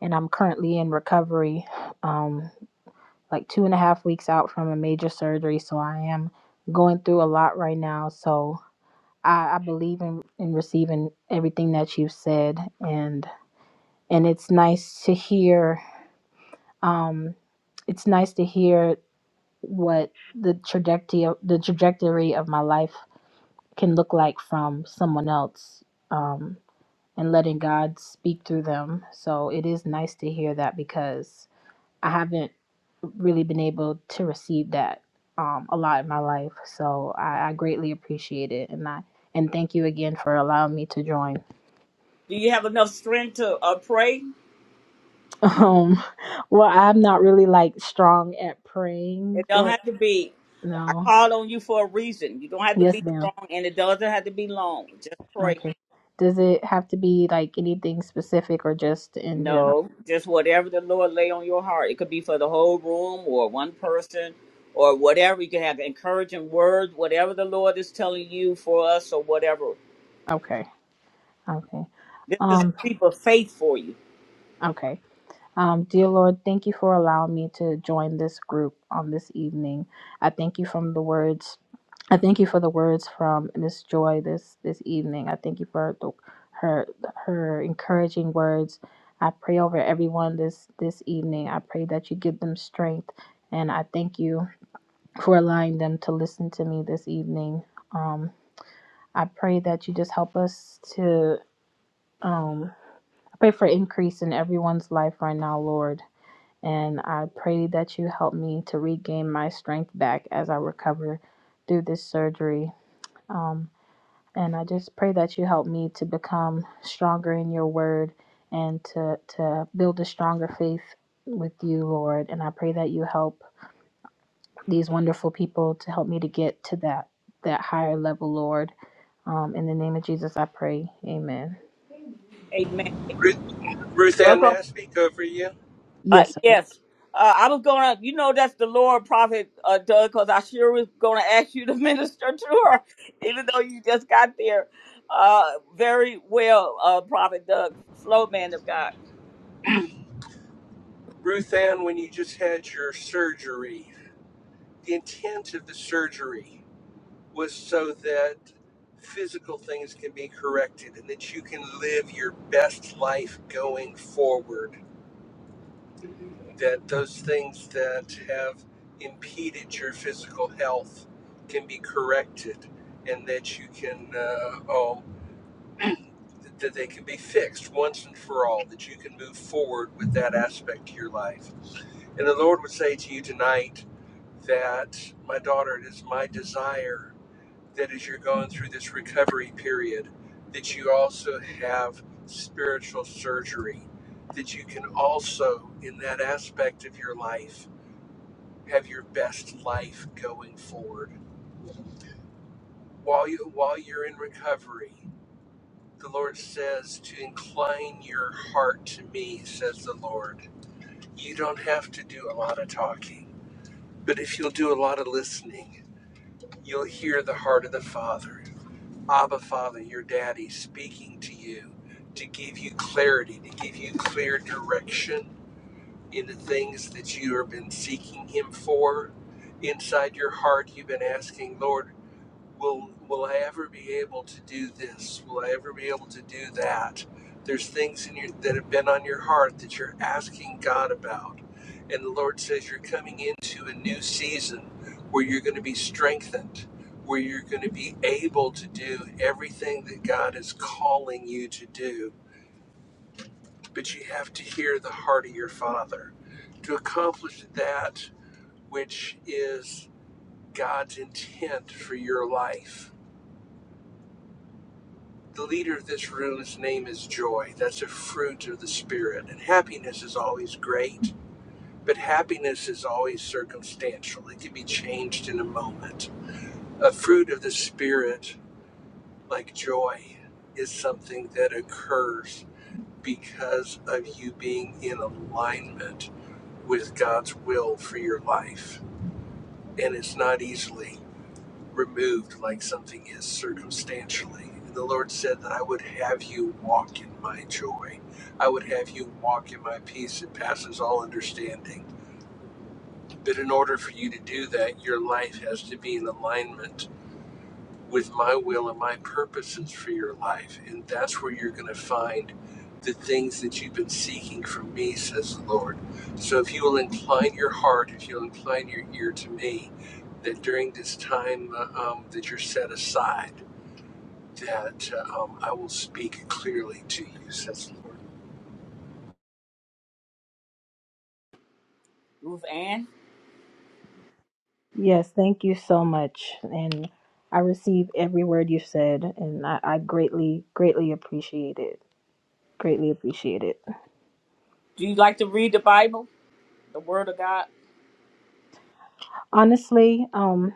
and I'm currently in recovery, um, like two and a half weeks out from a major surgery, so I am going through a lot right now. So I, I believe in in receiving everything that you've said, and and it's nice to hear um, it's nice to hear what the trajectory of, the trajectory of my life can look like from someone else um, and letting God speak through them. So it is nice to hear that because I haven't really been able to receive that um, a lot in my life. So I, I greatly appreciate it, and I and thank you again for allowing me to join. Do you have enough strength to uh, pray? Um, well, I'm not really like strong at praying, It don't right? have to be. I No. called on you for a reason. You don't have to Yes, be ma'am. strong, and it doesn't have to be long. Just pray. Okay. Does it have to be like anything specific or just in general? No, just whatever the Lord lay on your heart. It could be for the whole room or one person or whatever. You can have encouraging words, whatever the Lord is telling you for us or whatever. Okay. Okay. This is a Um, leap of faith for you. okay. Um, dear Lord, thank you for allowing me to join this group on this evening. I thank you from the words I thank you for the words from Miss Joy this this evening. I thank you for the, her her encouraging words. I pray over everyone this this evening. I pray that you give them strength, and I thank you for allowing them to listen to me this evening. Um, I pray that you just help us to um, I pray for increase in everyone's life right now, Lord. And I pray that you help me to regain my strength back as I recover through this surgery. Um, and I just pray that you help me to become stronger in your word and to, to build a stronger faith with you, Lord. And I pray that you help these wonderful people to help me to get to that that higher level, Lord. Um, in the name of Jesus, I pray. Amen. Amen. Amen. Ruth, Ruth Ann, Welcome. may I speak over you? Uh, Yes, sir. yes. Uh, I was going to, you know, that's the Lord prophet, uh, Doug, because I sure was going to ask you to minister to her, even though you just got there. Uh, very well, uh, prophet Doug, flow man of God. Ruth Ann, when you just had your surgery, the intent of the surgery was so that physical things can be corrected and that you can live your best life going forward. That those things that have impeded your physical health can be corrected and that you can, uh, oh, that they can be fixed once and for all, that you can move forward with that aspect of your life And the Lord would say to you tonight that, my daughter, it is my desire that as you're going through this recovery period, that you also have spiritual surgery, that you can also, in that aspect of your life, have your best life going forward. While, you, while you're in recovery, the Lord says to incline your heart to me, says the Lord. You don't have to do a lot of talking, but if you'll do a lot of listening, You'll hear the heart of the Father, Abba Father, your daddy, speaking to you to give you clarity, to give you clear direction in the things that you have been seeking Him for. Inside your heart, you've been asking, Lord will will I ever be able to do this? Will I ever be able to do that? There's things in your that have been on your heart that you're asking God about. And the Lord says you're coming into a new season where you're going to be strengthened, where you're going to be able to do everything that God is calling you to do. But you have to hear the heart of your Father to accomplish that which is God's intent for your life The leader of this room's name is joy. That's a fruit of the Spirit. And happiness is always great, but happiness is always circumstantial. It can be changed in a moment. A fruit of the Spirit, like joy, is something that occurs because of you being in alignment with God's will for your life. And it's not easily. removed like something is circumstantially. And The Lord said that I would have you walk in my joy. I would have you walk in my peace that passes all understanding. But in order for you to do that, your life has to be in alignment with my will and my purposes for your life. And that's where you're going to find the things that you've been seeking from me, says the Lord. So if you will incline your heart, if you'll incline your ear to me, that during this time uh, um, that you're set aside, that um, I will speak clearly to you, says Ruth Ann, Yes, thank you so much. And I receive every word you said, and I, I greatly, greatly appreciate it. Greatly appreciate it. do you like to read the Bible? the word of God. Honestly, um,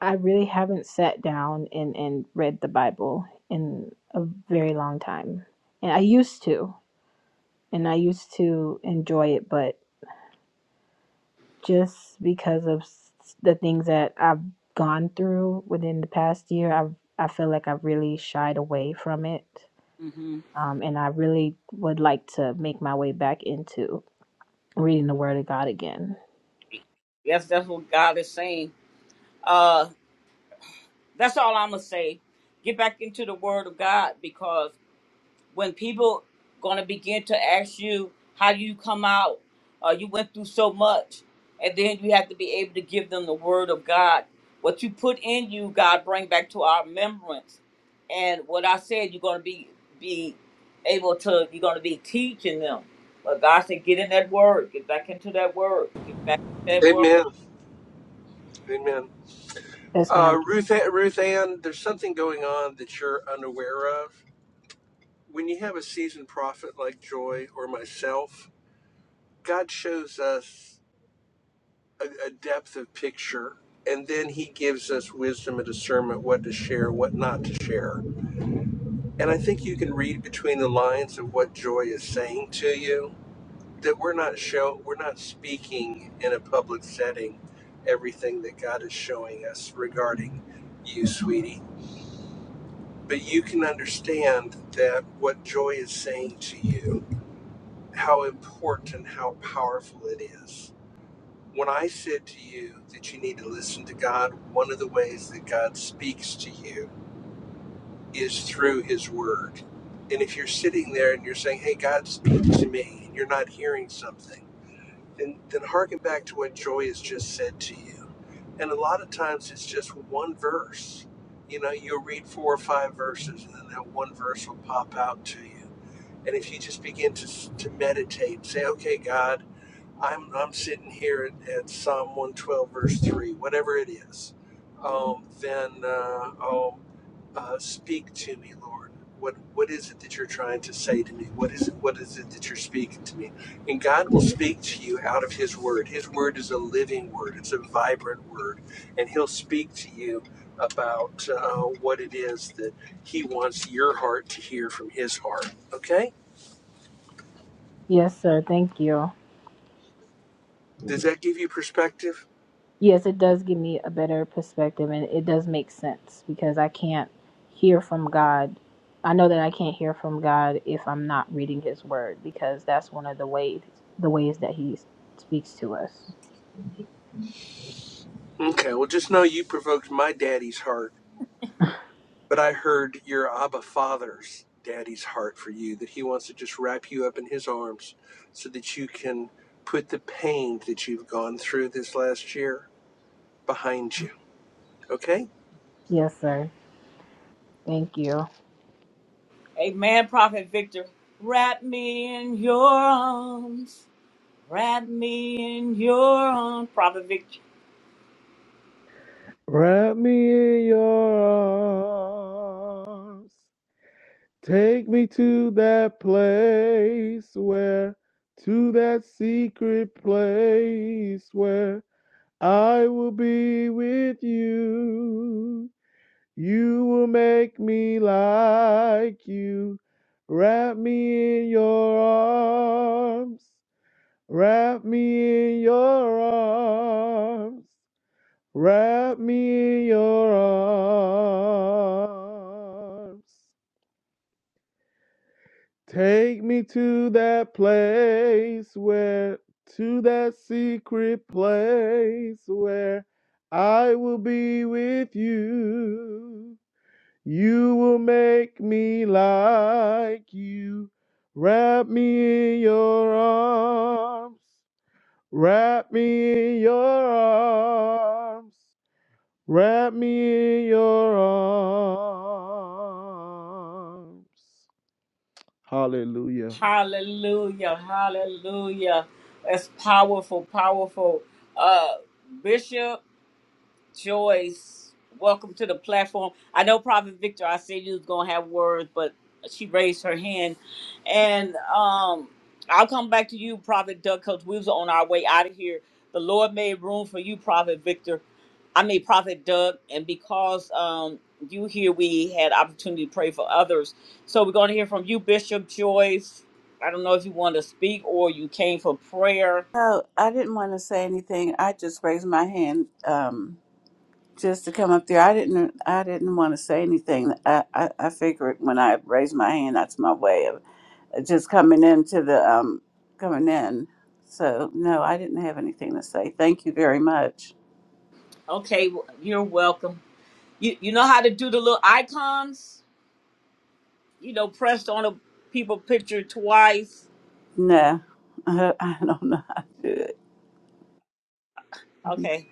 I really haven't sat down and, and read the Bible in a very long time. And I used to, and I used to enjoy it, but just because of s- the things that I've gone through within the past year, I've I feel like I've really shied away from it, hmm um, and I really would like to make my way back into reading the Word of God again. Yes, that's what God is saying. Uh, that's all I'm gonna say. Get back into the Word of God because when people gonna begin to ask you how do you come out, uh, you went through so much, and then you have to be able to give them the Word of God. What you put in you, God bring back to our remembrance. And what I said, you're gonna be be able to. You're gonna be teaching them. But God said, get in that Word. Get back into that Word. Get back into the that Lord. Word Amen. Amen. Yes, ma'am. Uh, Ruth, Ruth Ann, there's something going on that you're unaware of. When you have a seasoned prophet like Joy or myself, God shows us a, a depth of picture, and then He gives us wisdom and discernment what to share, what not to share. And I think you can read between the lines of what Joy is saying to you that we're not show we're not speaking in a public setting everything that God is showing us regarding you, sweetie. But you can understand that what Joy is saying to you, how important, how powerful it is. When I said to you that you need to listen to God, one of the ways that God speaks to you is through His Word. And if you're sitting there and you're saying, Hey, God, speak to me, and you're not hearing something, then then harken back to what Joy has just said to you. And a lot of times it's just one verse. You know, you'll read four or five verses, and then that one verse will pop out to you. And if you just begin to to meditate, say, "Okay, God." I'm I'm sitting here at, at Psalm 112 verse three, whatever it is, um, then uh, um, uh, speak to me, Lord. What what is it that you're trying to say to me? What is it? What is it that you're speaking to me? And God will speak to you out of His Word. His Word is a living Word. It's a vibrant Word, and He'll speak to you about uh, what it is that He wants your heart to hear from His heart. Okay? Yes, sir. Thank you. Does that give you perspective? Yes, it does give me a better perspective, and it does make sense because I can't hear from God. I know that I can't hear from God if I'm not reading His Word because that's one of the ways the ways that He speaks to us. Okay, well, just know you provoked my daddy's heart, but I heard your Abba Father's daddy's heart for you, that he wants to just wrap you up in his arms so that you can put the pain that you've gone through this last year behind you. Okay? Yes, sir. Thank you. Amen, Prophet Victor. Wrap me in your arms. Wrap me in your arms, Prophet Victor. Wrap me in your arms. Take me to that place where, to that secret place where I will be with you. You will make me like you. Wrap me in your arms. Wrap me in your arms. Wrap me in your arms. Take me to that place where, to that secret place where I will be with you. You will make me like you. Wrap me in your arms. Wrap me in your arms. Wrap me in your arms. Hallelujah. Hallelujah, hallelujah. That's powerful, powerful. Uh, Bishop. Joyce, welcome to the platform. I know Prophet Victor, I said you was gonna have words, but she raised her hand. And um I'll come back to you, Prophet Doug, because we was on our way out of here. The Lord made room for you, Prophet Victor. I mean Prophet Doug, and because um you here we had opportunity to pray for others. So we're gonna hear from you, Bishop Joyce. I don't know if you want to speak or you came for prayer. Oh, I didn't want to say anything. I just raised my hand um, just to come up there. I didn't. I didn't want to say anything. I, I, I figured when I raised my hand, that's my way of uh, just coming into the um, coming in. So no, I didn't have anything to say. Thank you very much. Okay, well, you're welcome. You you know how to do the little icons? You know, pressed on a people picture twice. No, I don't know how to do it. Okay.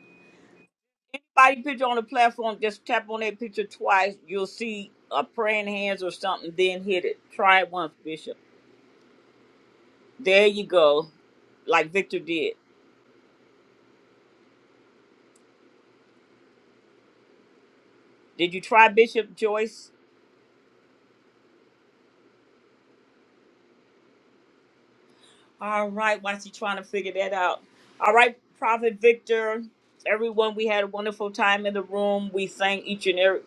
Anybody picture on the platform, just tap on that picture twice. You'll see a praying hands or something, then hit it. Try it once, Bishop. There you go. Like Victor did. Did you try Bishop Joyce? All right, why she trying to figure that out? All right, Prophet Victor. Everyone, we had a wonderful time in the room. We sang each and every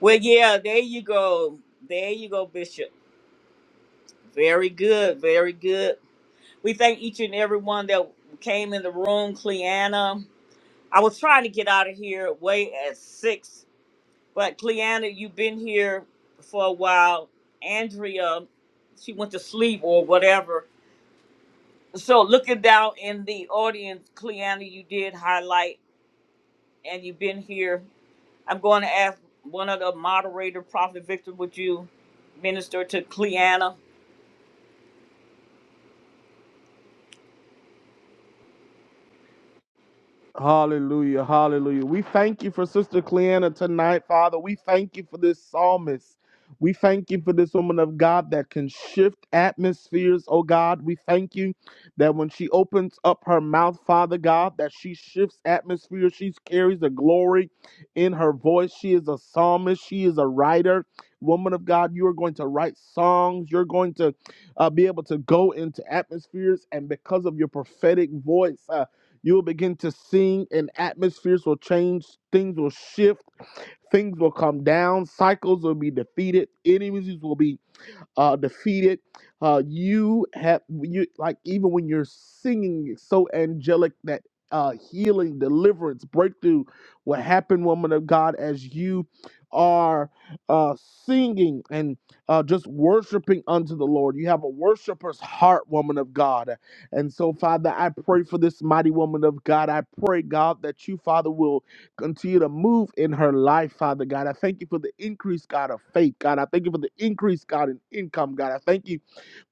well, yeah, there you go. There you go, Bishop. Very good, very good. We thank each and every one that came in the room. Cleanna, I was trying to get out of here way at six, but Cleanna, you've been here for a while. Andrea, she went to sleep or whatever. So looking down in the audience, Cleanna, you did highlight and you've been here. I'm going to ask one of the moderator, Prophet Victor, would you minister to Cleanna? Hallelujah. Hallelujah. We thank you for Sister Cleanna tonight, Father. We thank you for this psalmist. We thank you for this woman of God that can shift atmospheres, oh God. We thank you that when she opens up her mouth, Father God, that she shifts atmospheres. She carries the glory in her voice. She is a psalmist. She is a writer. Woman of God, you are going to write songs. You're going to uh, be able to go into atmospheres. And because of your prophetic voice, uh, you will begin to sing, and atmospheres will change. Things will shift. Things will come down. Cycles will be defeated. Enemies will be uh, defeated. Uh, you have you like even when you're singing it's so angelic that uh, healing, deliverance, breakthrough will happen, woman of God, as you are uh, singing and uh, just worshiping unto the Lord. You have a worshiper's heart, woman of God. And so, Father, I pray for this mighty woman of God. I pray, God, that you, Father, will Continue to move in her life, Father God. I thank you for the increase, God, of faith, God. I thank you for the increase, God, in income, God. I thank you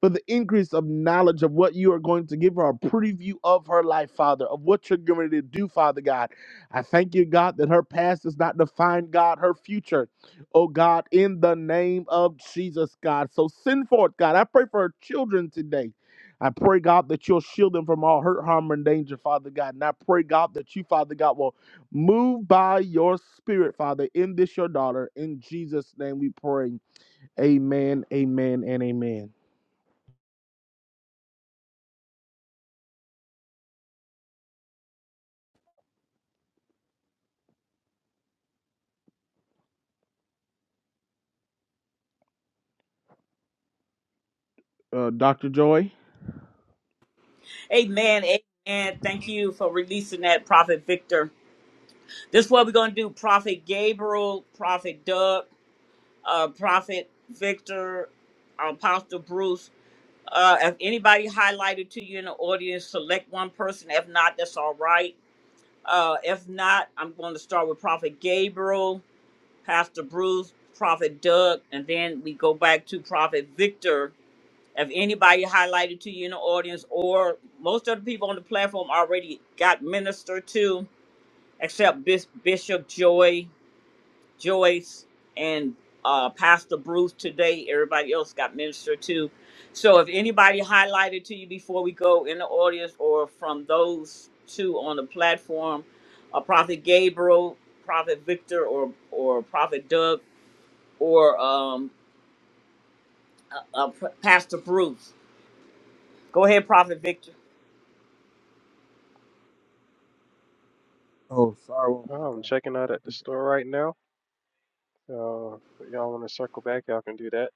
for the increase of knowledge of what you are going to give her, a preview of her life, Father, of what you're going to do, Father God. I thank you, God, that her past does not define, God, her future. Oh, God, in the name of Jesus, God. So send forth, God. I pray for her children today. I pray, God, that you'll shield them from all hurt, harm, and danger, Father God. And I pray, God, that you, Father God, will move by your spirit, Father, in this your daughter. In Jesus' name we pray. Amen, amen, and amen. uh, Dr. Joy. Amen. Amen. Thank you for releasing that, Prophet Victor. This is what we're going to do Prophet Gabriel, Prophet Doug, uh, Prophet Victor, Apostle Bruce. Uh, if anybody highlighted to you in the audience, select one person. If not, that's all right. Uh, if not, I'm going to start with Prophet Gabriel, Pastor Bruce, Prophet Doug, and then we go back to Prophet Victor if anybody highlighted to you in the audience, or most of the people on the platform already got ministered to, except Bis- Bishop Joy, Joyce, and uh, Pastor Bruce today. Everybody else got ministered to. So if anybody highlighted to you before we go in the audience, or from those two on the platform, uh, Prophet Gabriel, Prophet Victor, or or Prophet Doug, or um, uh, Pastor Bruce, go ahead, Prophet Victor. Oh, sorry, woman of y'all. God. I'm checking I don't out at the think store right now. Uh, if y'all want to circle back, y'all can do that.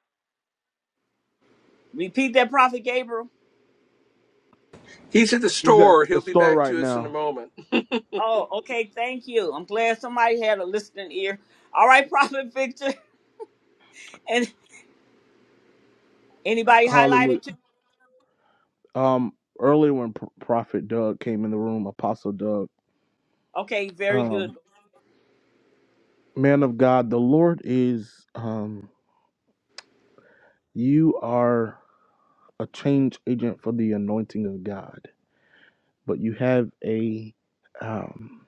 Repeat that, Prophet Gabriel. He's at the He's at store. the He'll be store back right to us in a now. moment. Oh, okay. Thank you. I'm glad somebody had a listening ear. All right, Prophet Victor. And anybody Hallelujah. highlighted too? Um, earlier when Pro- Prophet Doug came in the room, Apostle Doug, Okay, very um, good. man of God, the Lord is, um, you are a change agent for the anointing of God, but you have a, um,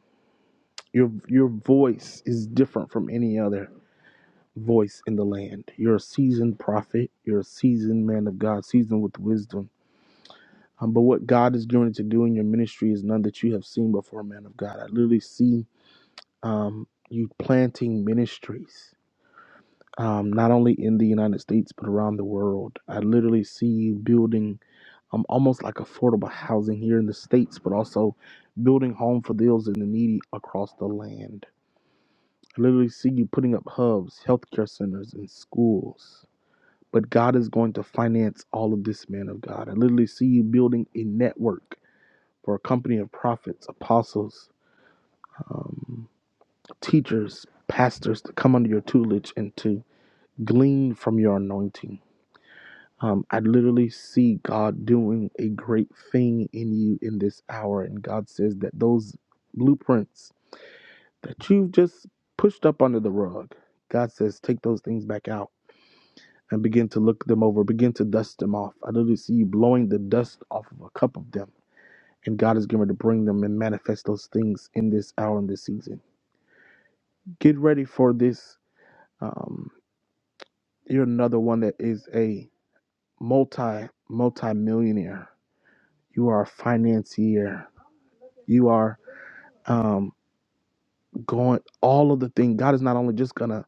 your your voice is different from any other voice in the land. You're a seasoned prophet. You're a seasoned man of God, seasoned with wisdom Um, but what God is doing to do in your ministry is none that you have seen before, man of God. I literally see um, you planting ministries, um, not only in the United States, but around the world. I literally see you building um, almost like affordable housing here in the States, but also building home for those and the needy across the land. I literally see you putting up hubs, healthcare centers, and schools. But God is going to finance all of this, man of God. I literally see you building a network for a company of prophets, apostles, um, teachers, pastors to come under your tutelage and to glean from your anointing. Um, I literally see God doing a great thing in you in this hour. And God says that those blueprints that you've just pushed up under the rug, God says, take those things back out and begin to look them over, begin to dust them off. I literally see you blowing the dust off of a cup of them. And God is going to bring them and manifest those things in this hour and this season. get ready for this. Um, you're another one that is a multi multi millionaire. You are a financier. You are um, going all of the things. God is not only just gonna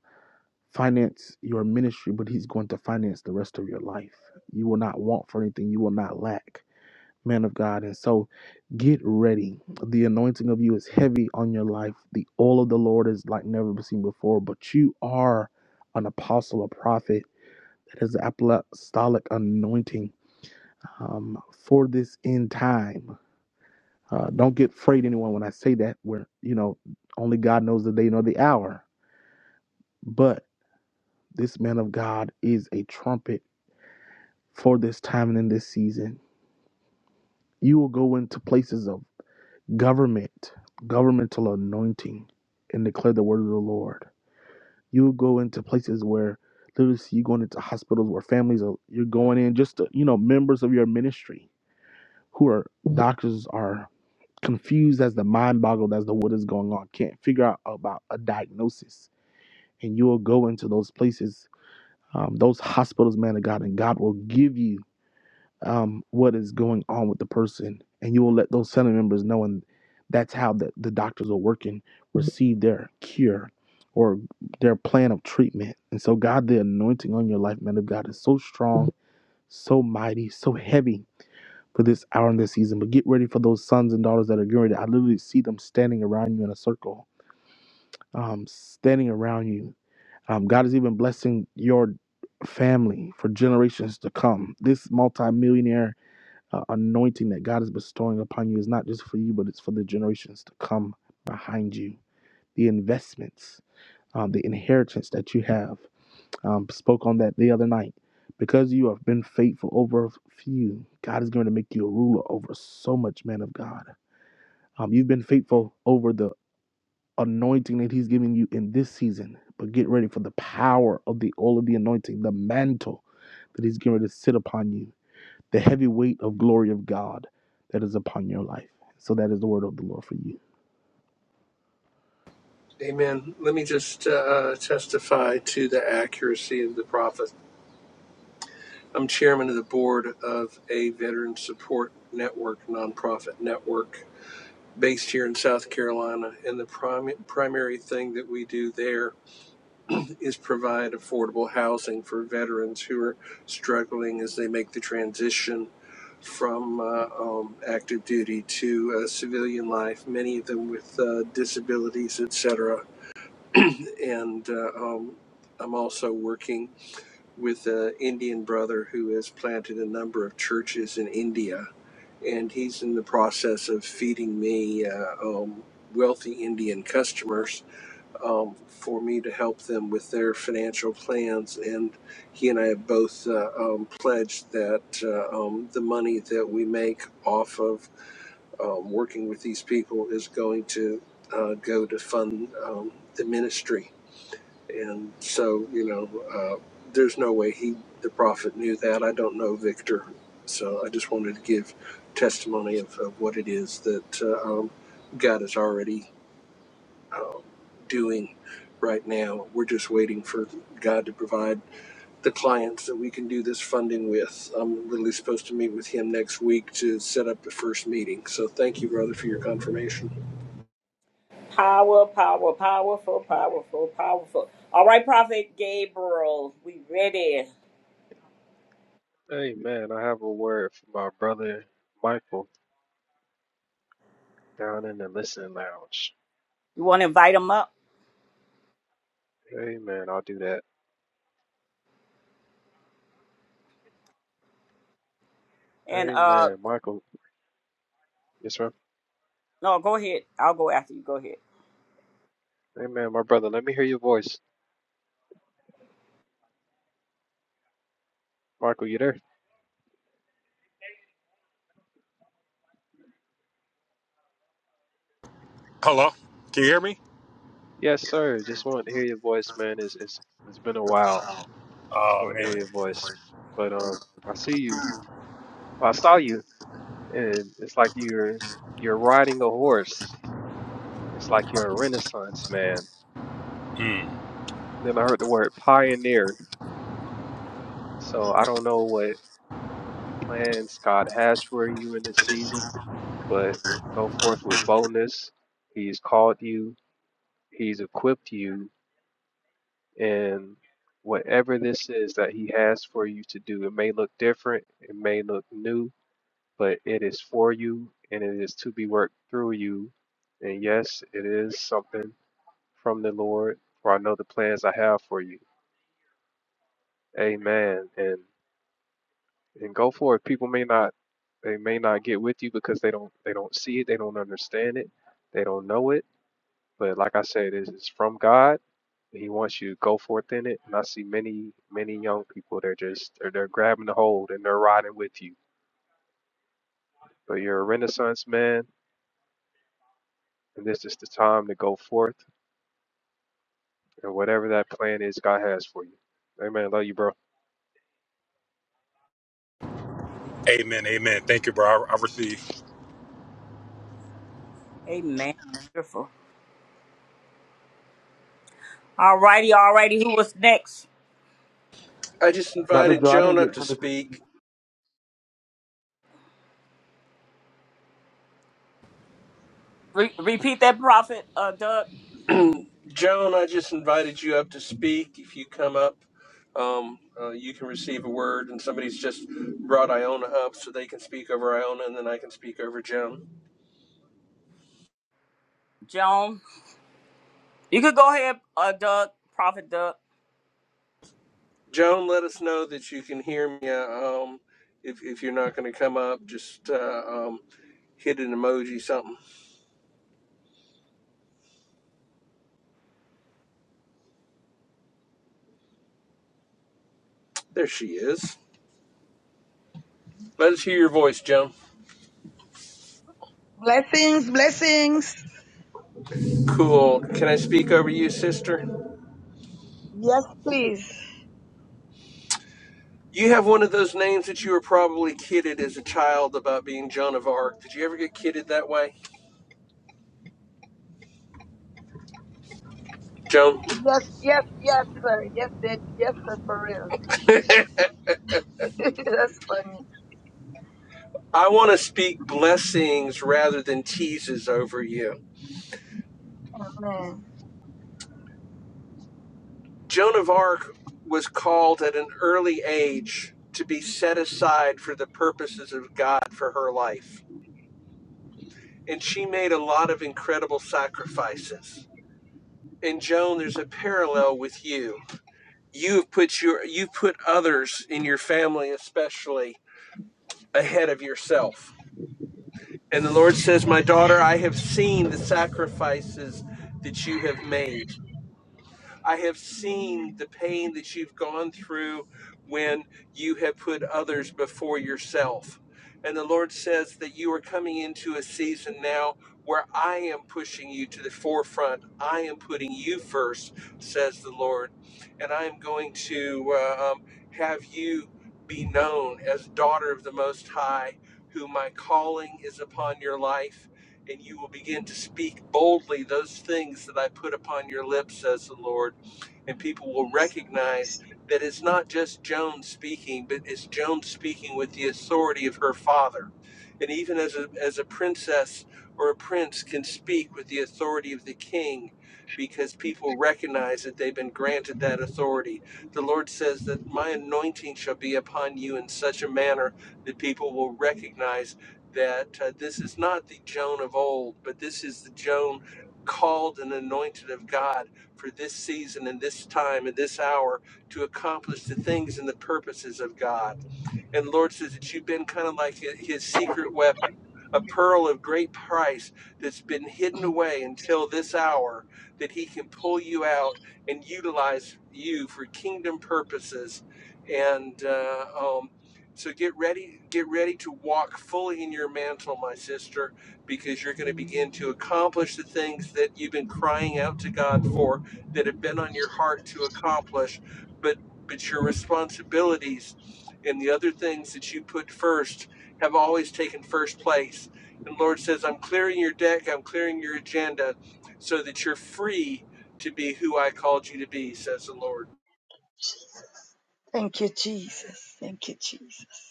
finance your ministry, but He's going to finance the rest of your life. You will not want for anything. You will not lack, man of God. And so, get ready. The anointing of you is heavy on your life. The oil of the Lord is like never seen before. But you are an apostle, a prophet It is the apostolic anointing um, for this end time. Uh, don't get afraid, anyone, when I say that. Where you know, only God knows the day nor the hour. But this man of God is a trumpet for this time and in this season. You will go into places of government, governmental anointing, and declare the word of the Lord. You will go into places where literally you going into hospitals where families are you're going in just to, you know members of your ministry who are doctors are confused as the mind boggled as to what is going on, can't figure out about a diagnosis. And you will go into those places, um, those hospitals, man of God, and God will give you um, what is going on with the person. And you will let those center members know. And that's how the, the doctors are working, receive their cure or their plan of treatment. And so, God, the anointing on your life, man of God, is so strong, so mighty, so heavy for this hour in this season. But get ready for those sons and daughters that are getting ready. I literally see them standing around you in a circle, um, standing around you. Um, God is even blessing your family for generations to come. This multimillionaire uh, anointing that God is bestowing upon you is not just for you, but it's for the generations to come behind you. The investments, um, the inheritance that you have um, spoke on that the other night. Because you have been faithful over a few, God is going to make you a ruler over so much, man of God. Um, you've been faithful over the anointing that He's giving you in this season, but get ready for the power of the all of the anointing, the mantle that He's going to sit upon you, the heavy weight of glory of God that is upon your life. So that is the word of the Lord for you. Amen. Let me just uh, uh, testify to the accuracy of the prophet. I'm chairman of the board of a veteran support network, nonprofit network based here in South Carolina. And the prim- primary thing that we do there is provide affordable housing for veterans who are struggling as they make the transition from uh, um, active duty to uh, civilian life, many of them with uh, disabilities, etc. And uh, um, I'm also working with an Indian brother who has planted a number of churches in India and he's in the process of feeding me uh, um, wealthy Indian customers um, for me to help them with their financial plans. And he and I have both uh, um, pledged that uh, um, the money that we make off of um, working with these people is going to uh, go to fund um, the ministry and so, you know, uh, there's no way he, the prophet, knew that. I don't know Victor. So I just wanted to give testimony of, of what it is that uh, um, God is already uh, doing right now. We're just waiting for God to provide the clients that we can do this funding with. I'm really supposed to meet with him next week to set up the first meeting. So thank you, brother, for your confirmation. Power, power, powerful, powerful, powerful. All right, Prophet Gabriel, we ready. Hey man, I have a word for my brother Michael down in the listening lounge. You want to invite him up? Hey man, I'll do that. And Hey uh, man, Michael. Yes, sir. no, go ahead. I'll go after you. Go ahead. Hey man, my brother, let me hear your voice. Michael, you there? Hello? Can you hear me? Yes, sir. Just wanted to hear your voice, man. It's it's it's been a while. Just Oh wanted to man. hear your voice. But um I see you. Well, I saw you and it's like you're you're riding a horse. It's like you're a renaissance man. Mm. Then I heard the word pioneer. So I don't know what plan Scott has for you in this season, but go forth with boldness. He's called you, He's equipped you, and whatever this is that He has for you to do, it may look different, it may look new, but it is for you and it is to be worked through you. And yes, it is something from the Lord, for I know the plans I have for you. Amen. And and go for it. People may not they may not get with you because they don't they don't see it, they don't understand it, they don't know it. But like I said, it's, it's from God. He wants you to go forth in it. And I see many many young people they're just they're, they're grabbing the hold and they're riding with you. But you're a Renaissance man, and this is the time to go forth and whatever that plan is God has for you. Amen. Love you, bro. Amen. Amen. Thank you, bro. I, I receive. Amen. Beautiful. All righty, all righty. Who was next? I just Dr. invited Joe, I didn't Joan up get to minister. speak. Re- repeat that, Prophet uh, Doug Joan, I just invited you up to speak. If you come up, um, uh, you can receive a word, and somebody's just brought Iona up so they can speak over Iona, and then I can speak over Joan. Joan. You could go ahead, uh, Doug, Prophet Doug. Joan, let us know that you can hear me. uh, Um, if, if you're not going to come up, just uh, um, hit an emoji, something. There she is. Let us hear your voice, Joan. Blessings, blessings. Cool. Can I speak over you, sister? Yes, please. You have one of those names that you were probably kidded as a child about being Joan of Arc. Did you ever get kidded that way? Joan? Yes, yes, yes, sir. Yes, sir. yes, sir, for real. That's funny. I want to speak blessings rather than teases over you. Amen. Joan of Arc was called at an early age to be set aside for the purposes of God for her life. And she made a lot of incredible sacrifices. And Joan, there's a parallel with you. You've put your you've put others in your family especially ahead of yourself. And the Lord says, "My daughter, I have seen the sacrifices that you have made." I have seen Amen. the pain that you've gone through when you have put others before yourself. And the Lord says that you are coming into a season now where I am pushing you to the forefront. I am putting you first, says the Lord. And I am going to uh, um, have you be known as daughter of the Most High, who my calling is upon your life and you will begin to speak boldly those things that I put upon your lips, says the Lord and people will recognize that it's not just Joan speaking, but it's Joan speaking with the authority of her father. And even as a, as a princess or a prince can speak with the authority of the king because people recognize that they've been granted that authority. The Lord says that my anointing shall be upon you in such a manner that people will recognize that uh, this is not the Joan of old, but this is the Joan called and anointed of God for this season and this time and this hour to accomplish the things and the purposes of God. And the Lord says that you've been kind of like his secret weapon, a pearl of great price that's been hidden away until this hour that he can pull you out and utilize you for kingdom purposes. And uh, um, so get ready, get ready to walk fully in your mantle, my sister, because you're going to begin to Amen. accomplish the things that you've been crying out to God for that have been on your heart to accomplish but but your responsibilities and the other things that you put first have always taken first place. And the Lord says, I'm clearing your deck, I'm clearing your agenda so that you're free to be who I called you to be, says the Lord. Thank you, Jesus. Thank you, Jesus.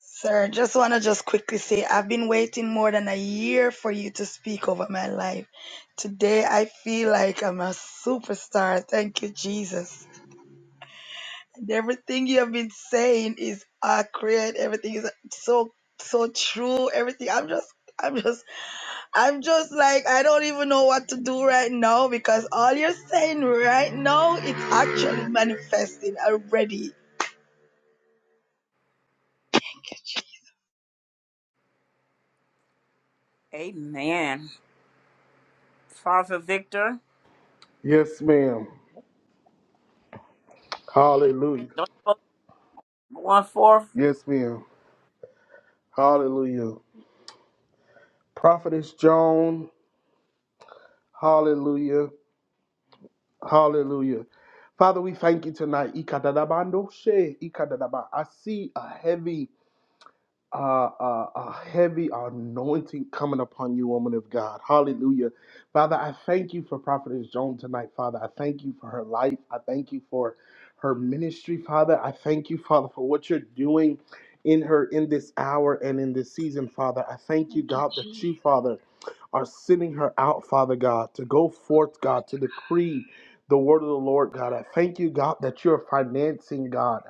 Sir, just want to just quickly say I've been waiting more than a year for you to speak over my life. Today I feel like I'm a superstar. Thank you, Jesus. And everything you have been saying is accurate. Everything is so so true. Everything. I'm just I'm just I'm just like I don't even know what to do right now because all you're saying right now it's actually manifesting already. Amen. Father Victor, Yes, ma'am. Hallelujah. don't you want one fourth? Yes, ma'am. Hallelujah. Prophetess Joan. Hallelujah. Hallelujah. Father, we thank you tonight. Ikadadabando she, ikadadaba. I see a heavy, uh, uh, a heavy anointing coming upon you, woman of God. Hallelujah. Father, I thank you for Prophetess Joan tonight, Father. I thank you for her life. I thank you for her ministry, Father. I thank you, Father, for what you're doing in her in this hour and in this season, Father. I thank you, God, that you, Father are sending her out, Father God, to go forth, God, to decree the word of the Lord, God. I thank you, God, that you're financing, God,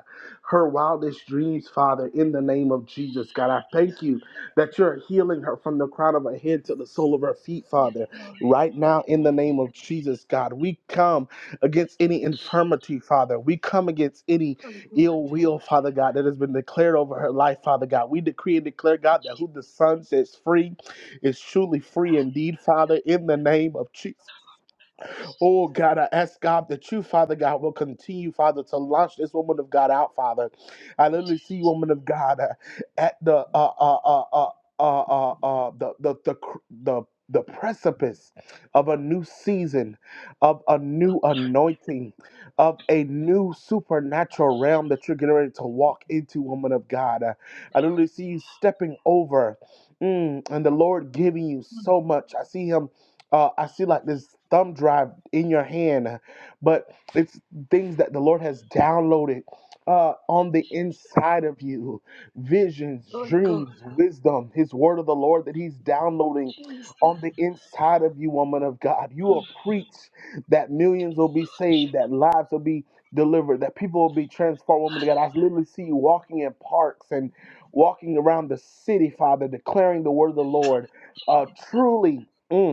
her wildest dreams, Father, in the name of Jesus, God. I thank you that you're healing her from the crown of her head to the sole of her feet, Father, right now in the name of Jesus, God. We come against any infirmity, Father. We come against any ill will, Father God, that has been declared over her life, Father God. We decree and declare, God, that who the Son sets free is truly free indeed, Father, in the name of Jesus. Oh God, I ask God that you, Father God, will continue, Father, to launch this woman of God out, Father. I literally see woman of God uh, at the uh uh uh uh uh, uh, uh the the the cr- the the precipice of a new season, of a new anointing, of a new supernatural realm that you're getting ready to walk into, woman of God. Uh, I literally see you stepping over, mm, and the Lord giving you so much. I see Him uh, I see like this thumb drive in your hand, but it's things that the Lord has downloaded uh, on the inside of you visions, Holy God, dreams, wisdom, His word of the Lord that He's downloading Jesus. on the inside of you, woman of God. You will preach that millions will be saved, that lives will be delivered, that people will be transformed, woman of God. I literally see you walking in parks and walking around the city, Father, declaring the word of the Lord. Uh, truly. mm,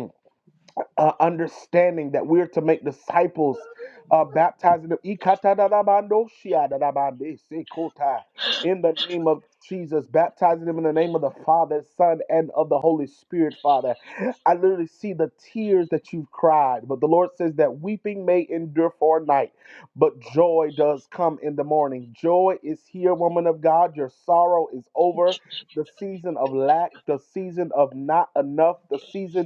uh, understanding that we're to make disciples, uh, baptizing them in the name of Jesus, baptizing them in the name of the Father, Son, and of the Holy Spirit, Father. I literally see the tears that you've cried, but the Lord says that weeping may endure for a night, but joy does come in the morning. Joy is here, woman of God. Your sorrow is over. The season of lack, the season of not enough, the season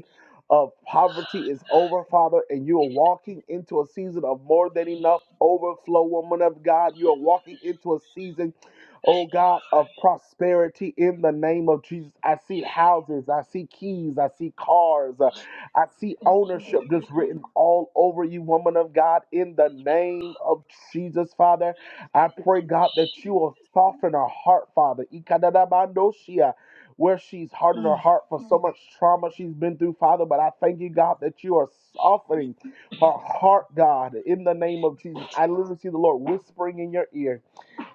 of poverty is over, Father, and you are walking into a season of more than enough overflow, woman of God. You are walking into a season oh God, of prosperity in the name of Jesus. I see houses, I see keys, I see cars, uh, I see ownership just written all over you, woman of God, in the name of Jesus, Father. I pray, God, that you will soften her heart, Father. Ikadadabandoshia, Where she's hardened her Mm. heart for so much trauma she's been through, Father. But I thank you, God, that you are softening her heart, God, in the name of Jesus. I literally see the Lord whispering in your ear.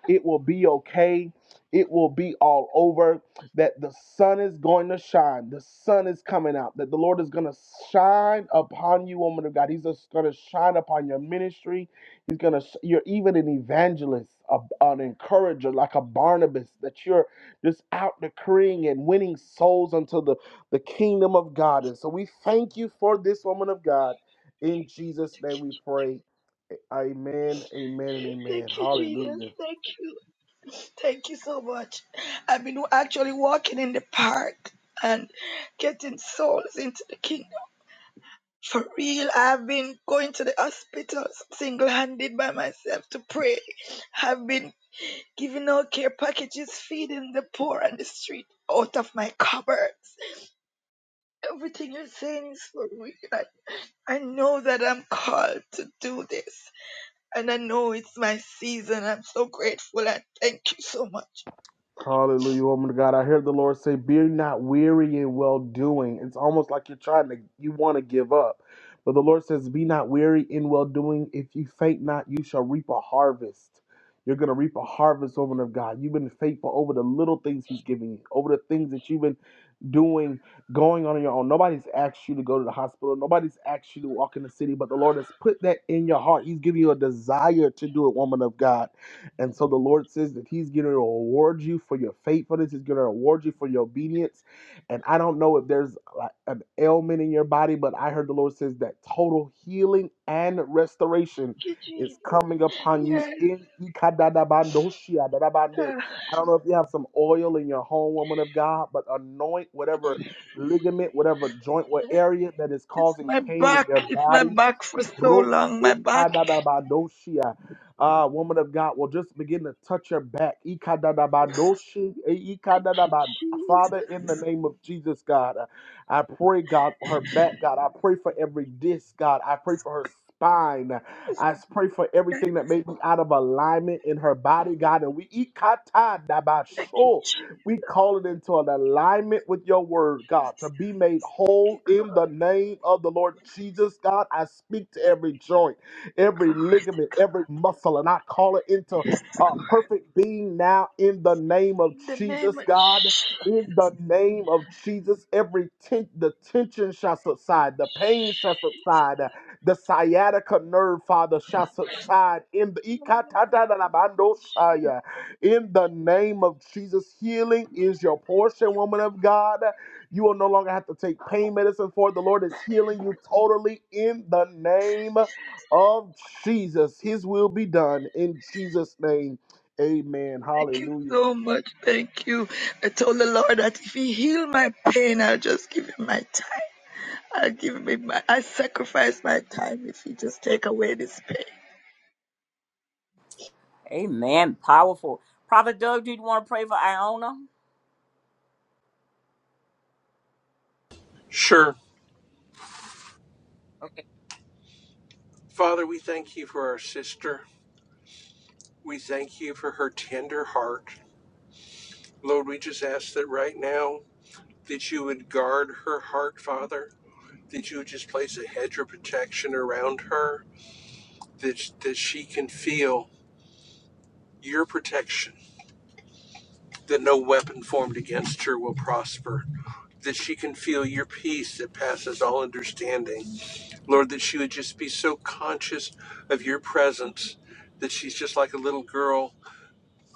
It will be okay. It will be all over. That the sun is going to shine. The sun is coming out. That the Lord is going to shine upon you, woman of God. He's just going to shine upon your ministry. He's going to, you're even an evangelist, a, an encourager, like a Barnabas, that you're just out decreeing and winning souls unto the, the kingdom of God. And so we thank you for this woman of God. In Jesus' name we pray. Amen, amen, and Thank amen. you, Hallelujah. Jesus. Thank you. Thank you so much. I've been actually walking in the park and getting souls into the kingdom. For real, I've been going to the hospitals single handed by myself to pray. I've been giving out care packages, feeding the poor on the street out of my cupboards. Everything you're saying is for real. I, I know that I'm called to do this. And I know it's my season. I'm so grateful and thank you so much. Hallelujah, woman of God. I heard the Lord say, Be not weary in well doing. It's almost like you're trying to, you want to give up. But the Lord says, Be not weary in well doing. If you faint not, you shall reap a harvest. You're going to reap a harvest, woman of God. You've been faithful over the little things He's giving you, over the things that you've been doing going on your own. Nobody's asked you to go to the hospital. Nobody's asked you to walk in the city, but the Lord has put that in your heart. He's giving you a desire to do it, woman of God. And so the Lord says that He's going to reward you for your faithfulness. He's going to reward you for your obedience. And I don't know if there's like an ailment in your body, but I heard the Lord says that total healing and restoration Thank you, is Jesus. coming upon you Yes, in uh, I don't know if you have some oil in your home, woman of God, but anoint whatever yes. ligament, whatever joint, what area that is It's causing my pain in back. your It's my body. back for so long. My back. Rosokadadabadoshia. Ah, woman of God, will just begin to touch her back. Ikadadabadoshi, eh, Thank ikadadaba- you, Father, in the Jesus. name of Jesus, God, uh, I pray, God, for her back, God. I pray for every disc, God. I pray for her spine. I s- pray for everything that may be out of alignment in her body, God. And we, Thank you, ikatadabasho. Jesus. We call it into an alignment with your word, God, to be made Thank you, whole in the God. name of the Lord Jesus, God. I speak to every joint, every Glory to ligament, God. every muscle, and I call it into Yes, uh, Lord. perfect being now in the name of In the Jesus, name of God. Jesus. In the name of Jesus, every ten- the tension shall subside, the pain shall subside, the sciatica nerve, Father, shall subside in Lord, the thank you in the name of Jesus, healing is your portion, woman of God. You will no longer have to take pain medicine for it. The Lord is healing you totally in the name of Jesus. His will be done in Jesus' name. Amen. Thank you Hallelujah. so much. Thank you. I told the Lord that if He heal my pain, I'll just give Him my time. I'll give Him my. I sacrifice my time if He just take away this pain. Amen. Powerful. Prophet Doug, did you want to pray for Iona? Sure. Okay. Father, we thank you for our sister. We thank you for her tender heart. Lord, we just ask that right now that you would guard her heart, Father, that you would just place a hedge of protection around her, that, that she can feel your protection, that no weapon formed against her will prosper, that she can feel your peace that passes all understanding. Lord, that she would just be so conscious of your presence that she's just like a little girl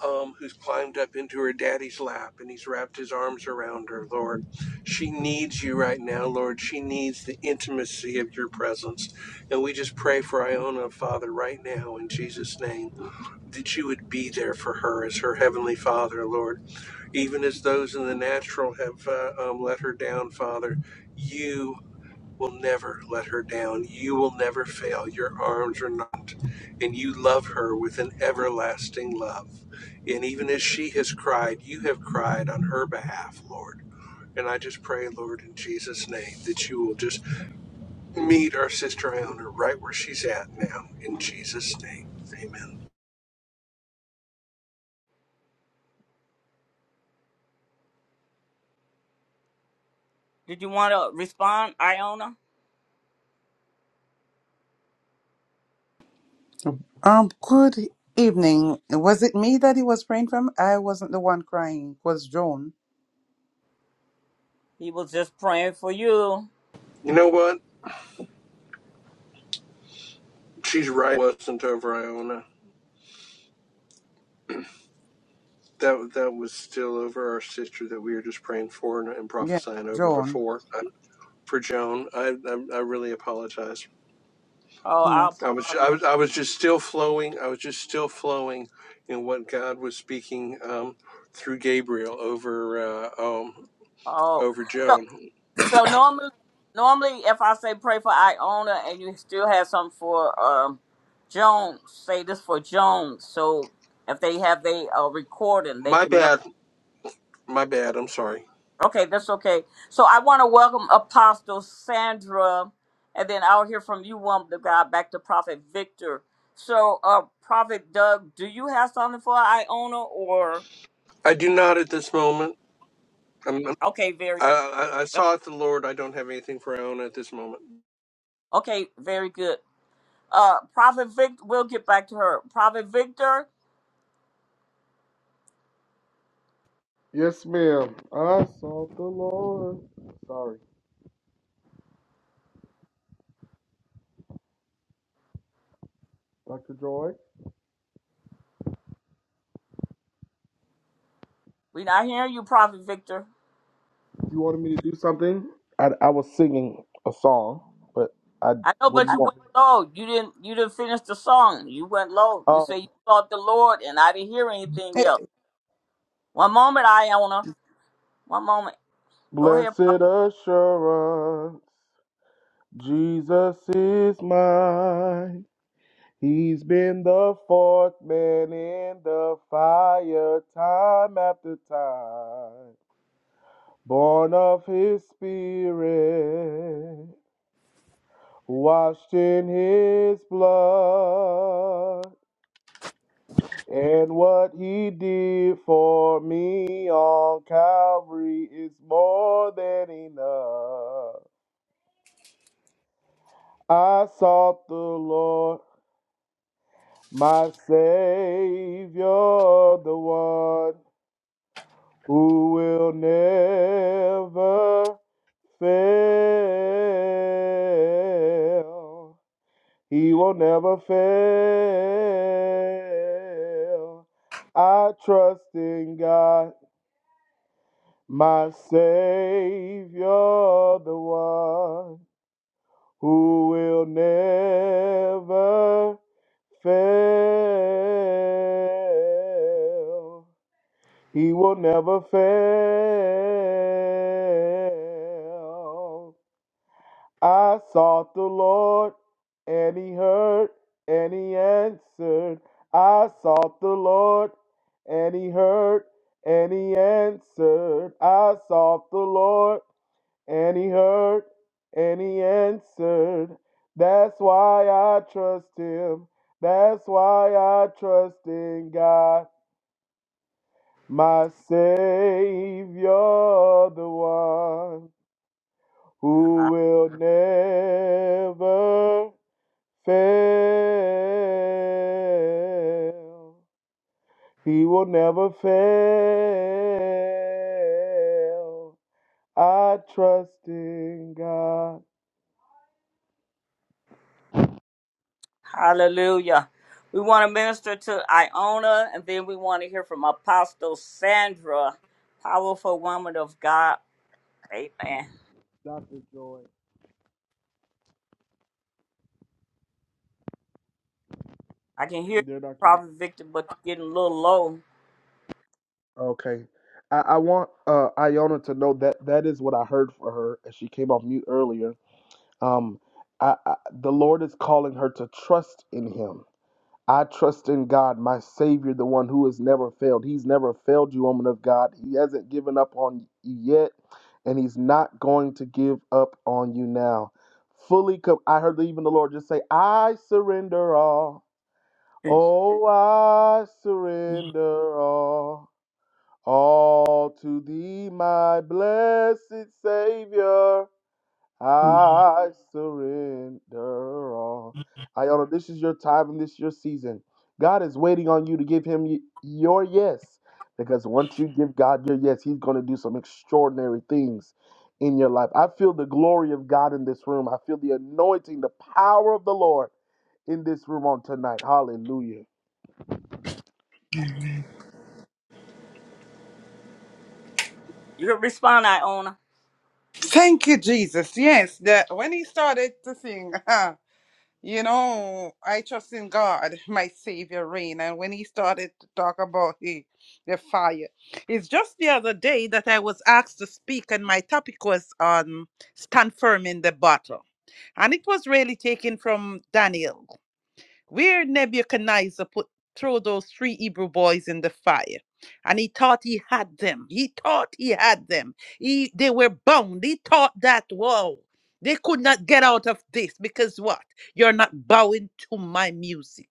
um, who's climbed up into her daddy's lap and he's wrapped his arms around her, Lord. She needs you right now, Lord. She needs the intimacy of your presence. And we just pray for Iona, Father, right now in Jesus' name that you would be there for her as her heavenly father, Lord. Even as those in the natural have uh, um, let her down, Father, you will never let her down. You will never fail. Your arms are not. And you love her with an everlasting love. And even as she has cried, you have cried on her behalf, Lord. And I just pray, Lord, in Jesus' name, that you will just meet our sister Iona right where she's at now. In Jesus' name, amen. Did you want to respond, Iona? Um, good evening. Was it me that he was praying from? I wasn't the one crying. It was Joan. He was just praying for you. You know what? She's right. It wasn't over Iona. That that was still over our sister that we were just praying for and, and Yes, prophesying over Joan. before. I, for Joan, I, I I really apologize. Oh, I'll. Yes. I was I was I was just still flowing. I was just still flowing in what God was speaking um, through Gabriel over uh, um, Oh, over so Joan. so normally, normally if I say pray for Iona and you still have something for um Jones, say this for Jones. So if they have they uh, recording, they My can know. bad. My bad. I'm sorry. Okay, that's okay. So I want to welcome Apostle Sandra, and then I'll hear from you, woman of God, back to Prophet Victor. So, uh, Prophet Doug, do you have something for Iona, or I do not at this moment. I'm, I'm- okay, very I, I I sought the Lord. I don't have anything for Iona at this moment. okay, very good. Uh, Prophet Victor, we'll get back to her. Prophet Victor, Yes, ma'am. I sought the Lord. Sorry, Dr. Joy. we not hearing you, Prophet Victor. You wanted me to do something? I, I was singing a song, but I I know, what did but you you want? went low. You didn't. You didn't finish the song. You went low. You say Oh, you sought the Lord, and I didn't hear anything Eh, else. One moment, Iona. One moment. Go ahead, blessed Prophet. assurance. Jesus is mine. He's been the fourth man in the fire time after time. Born of his spirit, washed in his blood. And what he did for me on Calvary is more than enough. I sought the Lord my Savior, the one who will never fail. He will never fail. I trust in God, my Savior, the one who will never fail. He will never fail. I sought the Lord, and He heard, and He answered. I sought the Lord, and He heard, and He answered. I sought the Lord, and He heard, and He answered. That's why I trust Him. That's why I trust in God. My Savior, the one who will never fail. He will never fail. I trust in God. Hallelujah. We want to minister to Iona, and then we want to hear from Apostle Sandra, powerful woman of God. Amen. Dr. Joy. I can hear you, You there, Dr. Joy? Prophet Victor, but you're getting a little low. Okay. I, I want uh, Iona to know that that is what I heard for her as she came off mute earlier Um, I, I, the Lord is calling her to trust in Him. I trust in God, my Savior, the one who has never failed. He's never failed you, woman of God. He hasn't given up on you yet, and He's not going to give up on you now. Fully, com- I heard even the Lord just say, I surrender all. eh. Oh, I surrender all. All to thee, my blessed Savior. Mhm. I surrender all. Iona, this is your time and this is your season. God is waiting on you to give him y- your yes. Because once you give God your yes, he's going to do some extraordinary things in your life. I feel the glory of God in this room. I feel the anointing, the power of the Lord in this room on tonight. Hallelujah. You can respond, Iona. Thank you, Jesus. Yes, that when he started to sing, you know, I trust in God, my Savior reign. And when he started to talk about the, the fire, it's just the other day that I was asked to speak, and my topic was on stand firm in the battle, and it was really taken from Daniel. where Nebuchadnezzar put throw those three Hebrew boys in the fire. And he thought he had them. He thought he had them. He they were bound. He thought that whoa. They could not get out of this because what? You're not bowing to my music.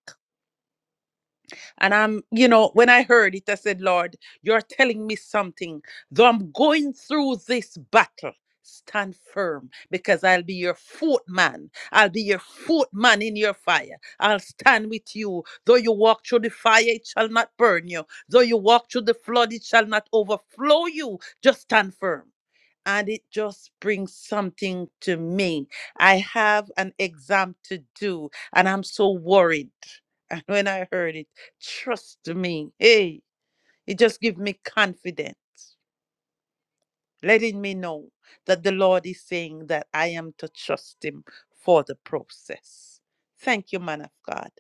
And I'm, you know, when I heard it, I said, Lord, you're telling me something. Though I'm going through this battle, stand firm because I'll be your fourth man. I'll be your fourth man in your fire. I'll stand with you. Though you walk through the fire, it shall not burn you. Though you walk through the flood, it shall not overflow you. Just stand firm and it just brings something to me. I have an exam to do and I'm so worried. And when I heard it, trust me, hey, it just gives me confidence, letting me know that the Lord is saying that I am to trust Him for the process. Thank you, man of God.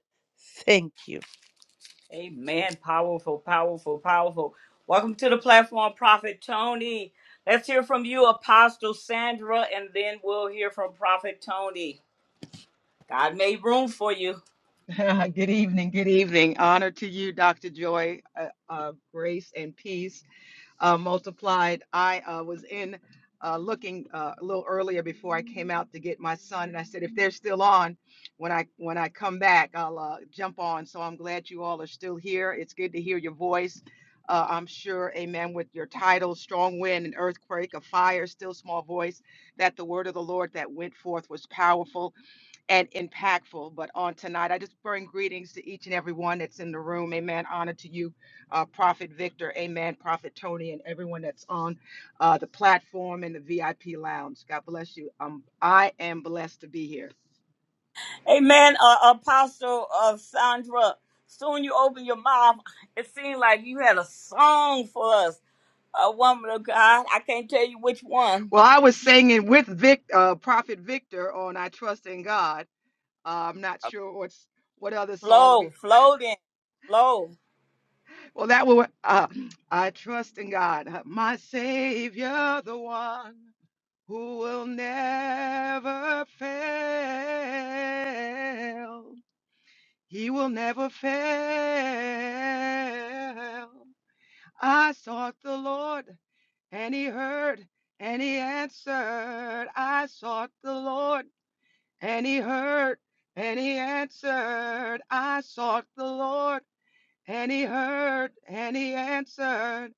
Thank you. Amen. Powerful, powerful, powerful. Welcome to the platform, Prophet Tony. Let's hear from you, Apostle Sandra, and then we'll hear from Prophet Tony. God made room for you. Good evening. Good evening. Honor to you, Dr. Joy. Uh, uh, grace and peace uh, multiplied. I uh, was in uh, looking uh, a little earlier before I came out to get my son, and I said, if they're still on, when I when I come back, I'll uh, jump on. So I'm glad you all are still here. It's good to hear your voice. Uh, I'm sure, Amen. With your title, strong wind, an earthquake, a fire, still small voice, that the word of the Lord that went forth was powerful and impactful. But on tonight, I just bring greetings to each and every one that's in the room. Amen. Honor to you, uh, Prophet Victor. Amen. Prophet Tony and everyone that's on uh, the platform and the VIP lounge. God bless you. Um, I am blessed to be here. Amen, uh, Apostle uh, Sandra. Soon you open your mouth. It seemed like you had a song for us, a woman of God. I can't tell you which one. Well, I was singing with Vic, uh, Prophet Victor on "I Trust in God." Uh, I'm not Uh, sure what's what other song Flow, we. flow then, flow. Well, that was uh, "I Trust in God, my Savior, the one." who will never fail. He will never fail. I sought the Lord, and he heard, and he answered. I sought the Lord, and he heard, and he answered. I sought the Lord and he heard and he answered.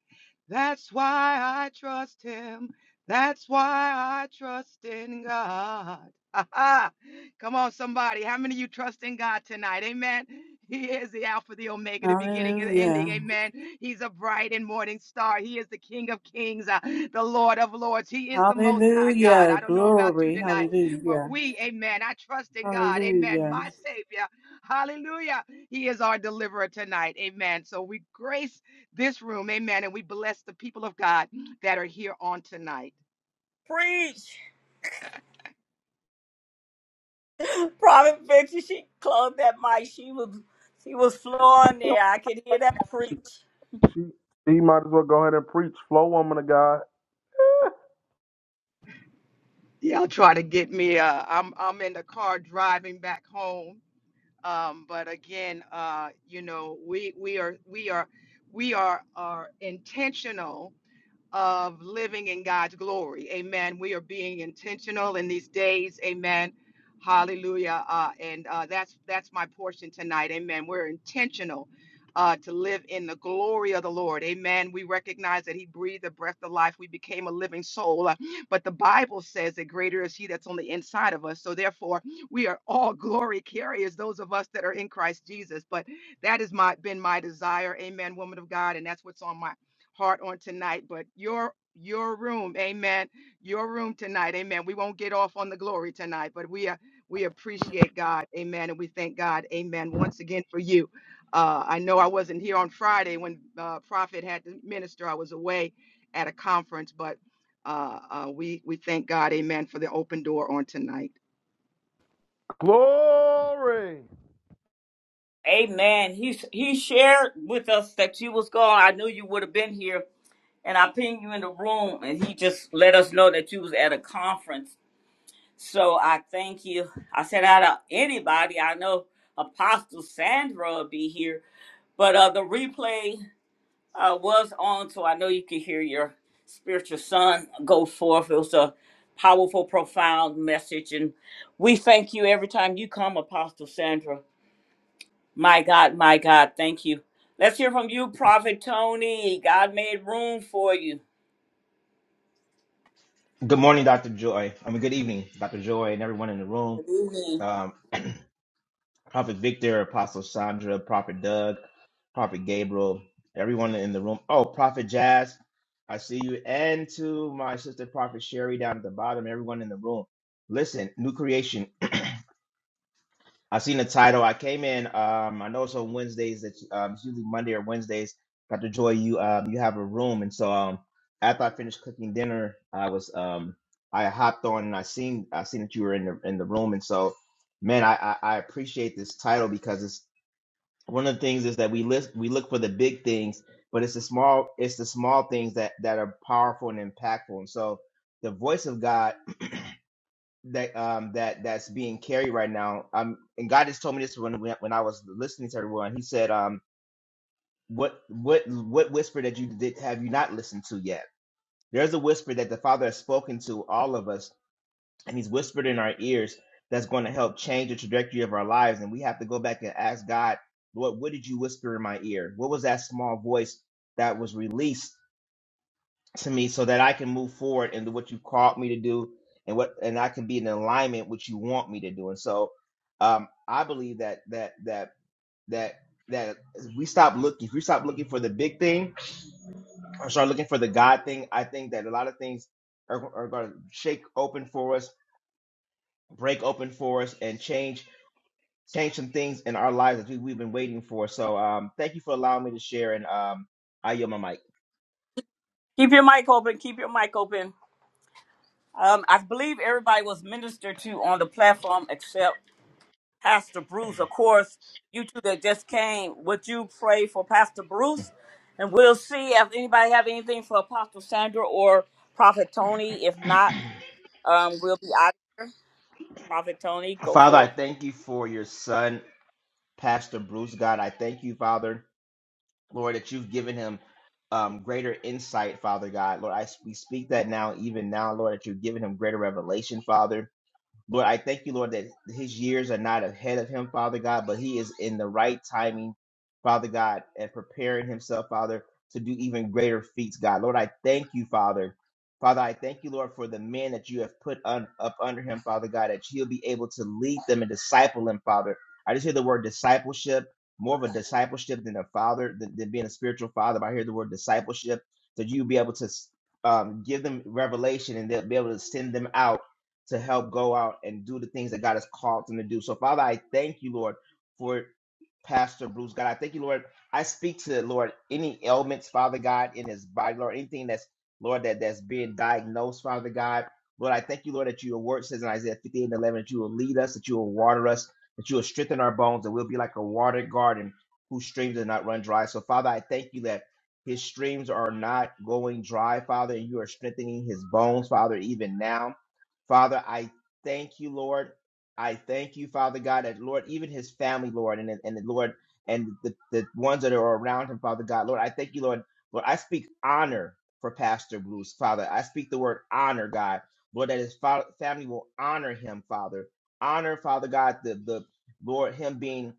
That's why I trust him. That's why I trust in God. Aha. Come on, somebody. How many of you trust in God tonight? Amen. He is the Alpha, the Omega, the beginning and the ending. Hallelujah. Amen. He's a bright and morning star. He is the King of kings, uh, the Lord of lords. He is the Most High God. Hallelujah. I don't know about you Glory. tonight, but Hallelujah. we, amen. I trust in God. Amen. Hallelujah. My Savior. Hallelujah. He is our deliverer tonight. Amen. So we grace this room. Amen. And we bless the people of God that are here on tonight. Preach. Prophet Victor, she closed that mic. She was she was flowing there. I could hear that She, preach. she might as well go ahead and preach. Flow, woman of God. Y'all try to get me. Uh, I'm I'm in the car driving back home. Um, but again, uh, you know, we we are we are we are are intentional of living in God's glory. Amen. We are being intentional in these days. Amen. Hallelujah. Uh, and uh, that's that's my portion tonight. Amen. We're intentional uh, to live in the glory of the Lord. Amen. We recognize that He breathed the breath of life. We became a living soul. Uh, But the Bible says that greater is He that's on the inside of us. So therefore, we are all glory carriers, those of us that are in Christ Jesus. But that has my been my desire. Amen, woman of God, and that's what's on my heart on tonight, but your your room, amen. Your room tonight, amen. We won't get off on the glory tonight, but we are we appreciate God, amen, and we thank God, amen, once again for you. Uh, I know I wasn't here on Friday when uh, Prophet had to minister. I was away at a conference, but uh, uh, we we thank God, amen, for the open door on tonight. Glory. Amen. He he shared with us that you was gone. I knew you would have been here, and I pinged you in the room, and he just let us know that you was at a conference So I thank you. I said out of anybody, I know Apostle Sandra will be here, but uh, the replay uh, was on, so I know you could hear your spiritual son go forth. It was a powerful, profound message, and we thank you every time you come, Apostle Sandra. My God, my God, thank you. Let's hear from you, Prophet Tony. God made room for you. Good morning, Dr. Joy. I mean, good evening, Dr. Joy, and everyone in the room. Good evening. Um, Prophet Victor, Apostle Sandra, Prophet Doug, Prophet Gabriel, everyone in the room. Oh, Prophet Jazz, I see you. And to my sister, Prophet Sherry, down at the bottom, everyone in the room. Listen, new creation. I seen the title. I came in. Um, I know it's on Wednesdays. That um, it's usually Monday or Wednesdays. Got to joy you. Um, you have a room, and so um, after I finished cooking dinner, I was um, I hopped on and I seen I seen that you were in the in the room, and so man, I I, I appreciate this title because it's one of the things is that we list we look for the big things, but it's the small it's the small things that that are powerful and impactful, and so the voice of God that um that that's being carried right now. Um, and God just told me this when when when I was listening to everyone. He said, um, what what what whisper that you did have you not listened to yet? There's a whisper that the Father has spoken to all of us, and He's whispered in our ears that's going to help change the trajectory of our lives. And we have to go back and ask God, Lord, what did you whisper in my ear? What was that small voice that was released? to me so that I can move forward into what you called me to do and what and I can be in alignment with what you want me to do. And so um I believe that that that that that if we stop looking if we stop looking for the big thing or start looking for the God thing, I think that a lot of things are, are gonna shake open for us, break open for us and change change some things in our lives that we, we've been waiting for. So um thank you for allowing me to share and um I yield my mic. Keep your mic open. Keep your mic open. Um, I believe everybody was ministered to on the platform except Pastor Bruce. Of course, you two that just came, would you pray for Pastor Bruce? And we'll see if anybody have anything for Apostle Sandra or Prophet Tony. If not, um, we'll be out. Prophet Tony, go Father, I for it. thank you for your son. Pastor Bruce, God. I thank you, Father, Lord, that you've given him um, greater insight, Father God. Lord, I, we speak that now, even now, Lord, that you've given him greater revelation, Father. Lord, I thank you, Lord, that his years are not ahead of him, Father God, but he is in the right timing, Father God, and preparing himself, Father, to do even greater feats, God. Lord, I thank you, Father. Father, I thank you, Lord, for the men that you have put un- up under him, Father God, that he'll be able to lead them and disciple them, Father. I just hear the word discipleship, more of a discipleship than a father, than, than being a spiritual father. But I hear the word discipleship, that you will be able to um, give them revelation and they'll be able to send them out to help go out and do the things that God has called them to do. So, Father, I thank you, Lord, for Pastor Bruce. God, I thank you, Lord. I speak to Lord any ailments, Father God, in his body, Lord, anything that's Lord that that's being diagnosed, Father God. Lord, I thank you, Lord, that your word says in Isaiah 58 and 11 that you will lead us, that you will water us, that you will strengthen our bones, that we'll be like a watered garden whose streams do not run dry. So, Father, I thank you that his streams are not going dry, Father, and you are strengthening his bones, Father, even now. Father, I thank you, Lord. I thank you, Father God, that Lord, even his family, Lord, and and the Lord and the, the ones that are around him, Father God, Lord, I thank you, Lord. Lord, I speak honor for Pastor Bruce, Father. I speak the word honor, God, Lord, that his fa- family will honor him, Father. Honor, Father God, the the Lord, him being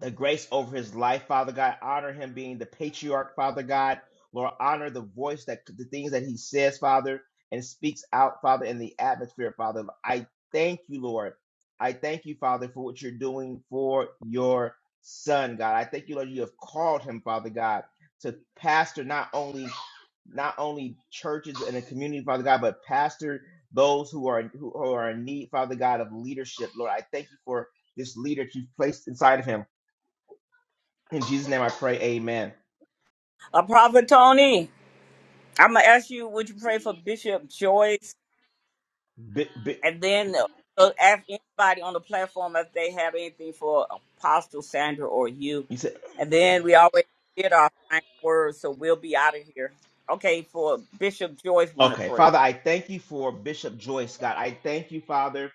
the grace over his life, Father God. Honor him being the patriarch, Father God. Lord, honor the voice that the things that he says, Father, and speaks out, Father, in the atmosphere, Father. I thank you, Lord. I thank you, Father, for what you're doing for your son, God. I thank you, Lord, you have called him, Father God, to pastor not only not only churches and the community, Father God, but pastor those who are who are in need, Father God, of leadership, Lord. I thank you for this leader that you've placed inside of him. In Jesus' name I pray, amen. Uh, Prophet Tony, I'm gonna ask you, would you pray for Bishop Joyce? Bi- bi- And then uh, so ask anybody on the platform if they have anything for Apostle Sandra or you. you said And then we always did our final word, so we'll be out of here. Okay, for Bishop Joyce wanted Okay, prayer. Father, I thank you for Bishop Joyce, God. I thank you, Father,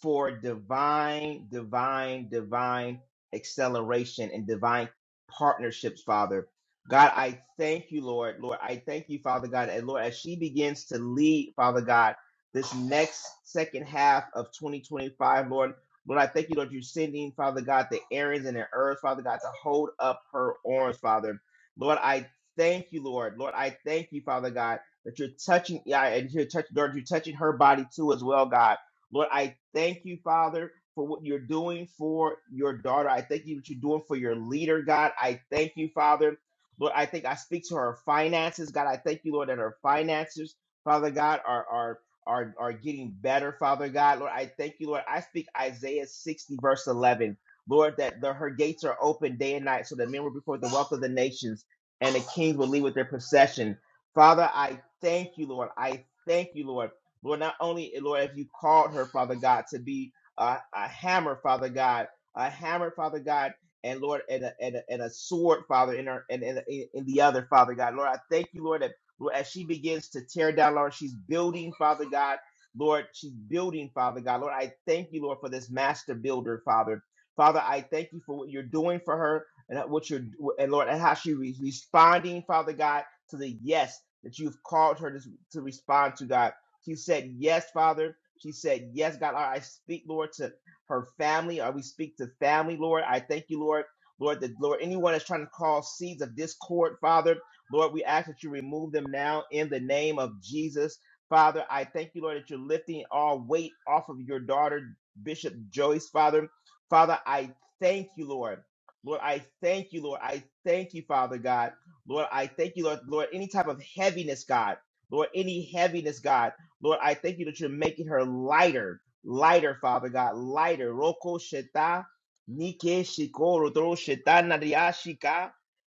for divine, divine, divine acceleration and divine partnerships, Father. God, I thank you, Lord. Lord, I thank you, Father God. And Lord, as she begins to lead, Father God, this next second half of 2025, Lord, Lord, I thank you, Lord, you're sending, Father God, the errands and the earth, Father God, to hold up her arms, Father. Lord, I thank you, Lord. Lord, I thank you, Father God that you're touching, yeah, and you're touching, Lord, you're touching her body too as well, God. Lord, I thank you, Father, for what you're doing for your daughter. I thank you what you're doing for your leader, God. I thank you, Father. Lord, I think I speak to her finances, God. I thank you, Lord, that her finances, Father God, are are are are getting better, Father God. Lord, I thank you, Lord. I speak Isaiah 60, verse 11. Lord, that the, her gates are open day and night, so that men will be before the wealth of the nations, and the kings will lead with their procession. Father, I thank you, Lord. I thank you, Lord. Lord, not only, Lord, if you called her, Father God, to be a, a hammer, Father God, a hammer, Father God, and Lord, and a, and a, and a sword, Father, in her and in, in, in the other, Father God. Lord, I thank you, Lord, that Lord, as she begins to tear down, Lord, she's building, Father God. Lord, she's building, Father God. Lord, I thank you, Lord, for this master builder, Father. Father, I thank you for what you're doing for her and what you're and Lord, and how she's responding, Father God to the yes that you've called her to, to respond to, God. She said, Yes, Father. She said, Yes, God. Lord, I speak, Lord, to her family. Or we speak to family, Lord. I thank you, Lord. Lord, that Lord, anyone that's trying to call seeds of discord, Father, Lord, we ask that you remove them now in the name of Jesus. Father, I thank you, Lord, that you're lifting all weight off of your daughter, Bishop Joyce, Father. Father, I thank you, Lord. Lord, I thank you, Lord. I thank you, Father God. Lord, I thank you, Lord, Lord, any type of heaviness, God, Lord, any heaviness, God, Lord, I thank you that you're making her lighter, lighter, Father God, lighter. Roko sheta, nike shiko, rodoro sheta, nariashika,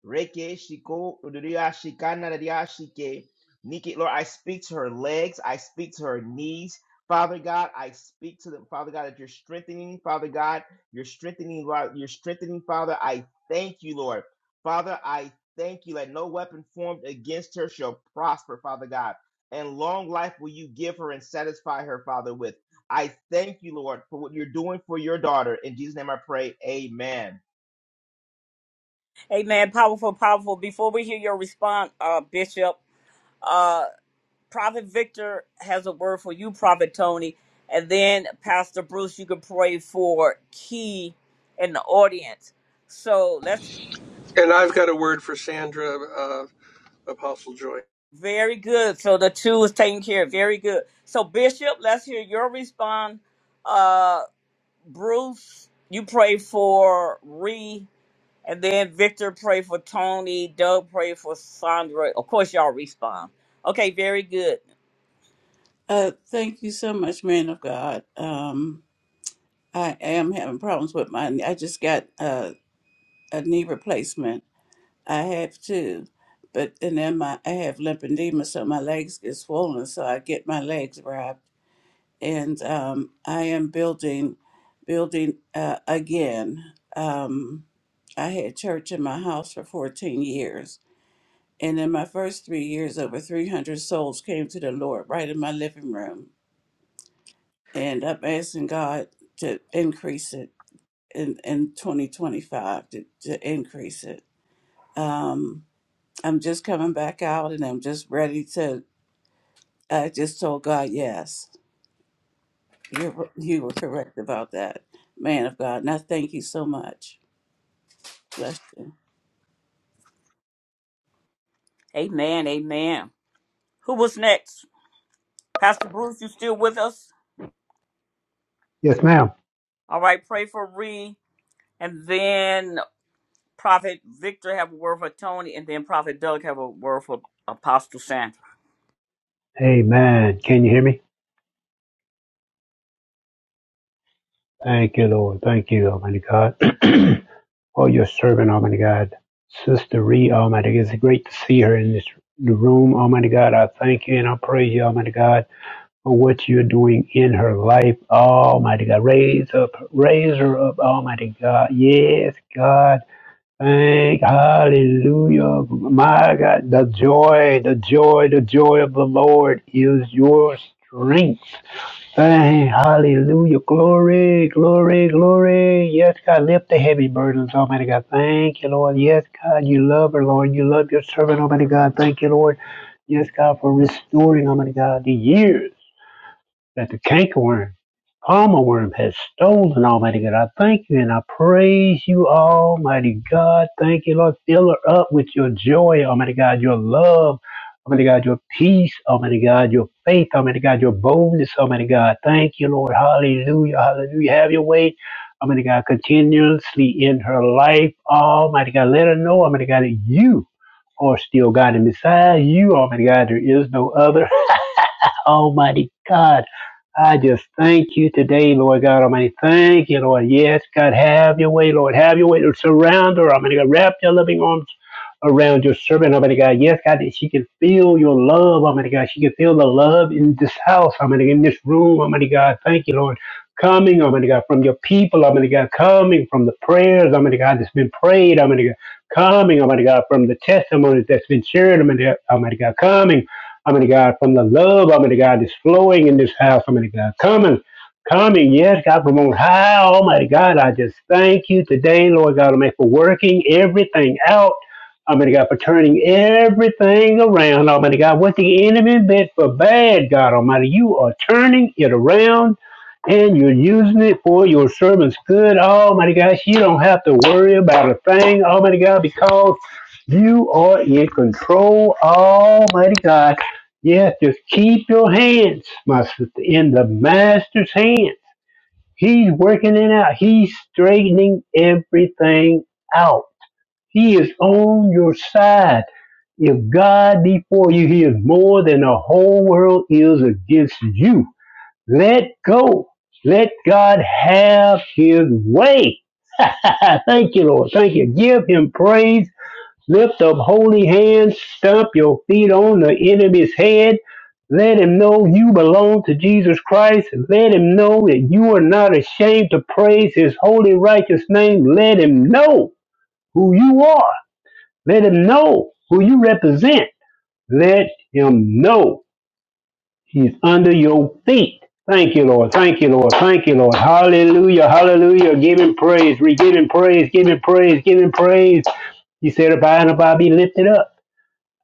reke shiko, rodoriashika, nariashike, nike. Lord, I speak to her legs, I speak to her knees. Father God, I speak to them, Father God, that you're strengthening, Father God, you're strengthening, Lord, you're strengthening, Father. I thank you, Lord. Father, I Thank you. That no weapon formed against her shall prosper, Father God. And long life will you give her and satisfy her, Father, with. I thank you, Lord, for what you're doing for your daughter. In Jesus' name I pray. Amen. Amen. Powerful, powerful. Before we hear your response, uh, Bishop, uh, Prophet Victor has a word for you, Prophet Tony. And then Pastor Bruce, you can pray for Key in the audience. So let's And I've got a word for Sandra. uh, Apostle Joy. Very good. So the two is taken care of. Very good. So Bishop, let's hear your response. Uh, Bruce, you pray for Ree, and then Victor pray for Tony. Doug pray for Sandra. Of course, y'all respond. Okay. Very good. Uh, thank you so much, man of God. Um, I am having problems with mine. I just got uh, a knee replacement. I have two, but and then my I have lymphedema, so my legs get swollen. So I get my legs wrapped, and um, I am building, building uh, again. Um, I had church in my house for 14 years, and in my first three years, over 300 souls came to the Lord right in my living room, and I'm asking God to increase it in, in 2025 to, to increase it. Um, I'm just coming back out and I'm just ready to. I just told God, yes, you you were correct about that, man of God. And I thank you so much. Bless you. Amen. Amen. Who was next? Pastor Bruce, you still with us? Yes, ma'am. All right. Pray for Ree, and then Prophet Victor have a word for Tony, and then Prophet Doug have a word for Apostle Sandra. Amen. Can you hear me? Thank you, Lord. Thank you, Almighty God. oh, your servant, Almighty God. Sister Ree, Almighty, God. it's great to see her in this room, Almighty God. I thank you and I praise you, Almighty God for what you're doing in her life, Almighty God. Raise up, raise her up, Almighty God. Yes, God. Thank, hallelujah. My God, the joy, the joy, the joy of the Lord is your strength. Thank, hallelujah. Glory, glory, glory. Yes, God, lift the heavy burdens, Almighty God. Thank you, Lord. Yes, God, you love her, Lord. You love your servant, Almighty God. Thank you, Lord. Yes, God, for restoring, Almighty God, the years that the cankerworm, palmer worm, has stolen, Almighty God. I thank you and I praise you, Almighty God. Thank you, Lord. Fill her up with your joy, Almighty God, your love, Almighty God, your peace, Almighty God, your faith, Almighty God, your boldness, Almighty God. Thank you, Lord. Hallelujah. Hallelujah. Have your way. Almighty God, continuously in her life, Almighty God, let her know, Almighty God, that you are still God, and beside you, Almighty God, there is no other. Almighty God. I just thank you today, Lord God Almighty. Thank you, Lord. Yes, God, have your way, Lord. Have your way. Surround her, Almighty God. Wrap your loving arms around your servant, Almighty God. Yes, God, that she can feel your love, Almighty God. She can feel the love in this house, Almighty God, in this room, Almighty God. Thank you, Lord. Coming, Almighty God, from your people, Almighty God. Coming from the prayers, Almighty God, that's been prayed, Almighty God. Coming, Almighty God, from the testimonies that's been shared, Almighty God. Almighty God. Coming. I mean, God, from the love, I mean, God, is flowing in this house. I mean, God, coming, coming, yes, God, from on high. Almighty God, I just thank you today, Lord God, I mean, for working everything out. I mean, God, for turning everything around. Almighty God, what the enemy meant for bad, God Almighty, you are turning it around and you're using it for your servants' good. Almighty God, you don't have to worry about a thing, Almighty God, because you are in control, Almighty God. Yeah, just keep your hands, my sister, in the master's hands. He's working it out. He's straightening everything out. He is on your side. If God be for you, he is more than the whole world is against you. Let go. Let God have his way. Thank you, Lord. Thank you. Give him praise Lift up holy hands, stomp your feet on the enemy's head. Let him know you belong to Jesus Christ. Let him know that you are not ashamed to praise his holy, righteous name. Let him know who you are. Let him know who you represent. Let him know he's under your feet. Thank you, Lord. Thank you, Lord. Thank you, Lord. Hallelujah. Hallelujah. Give him praise. We give him praise. Give him praise. Give him praise. He said, If I and if I be lifted up.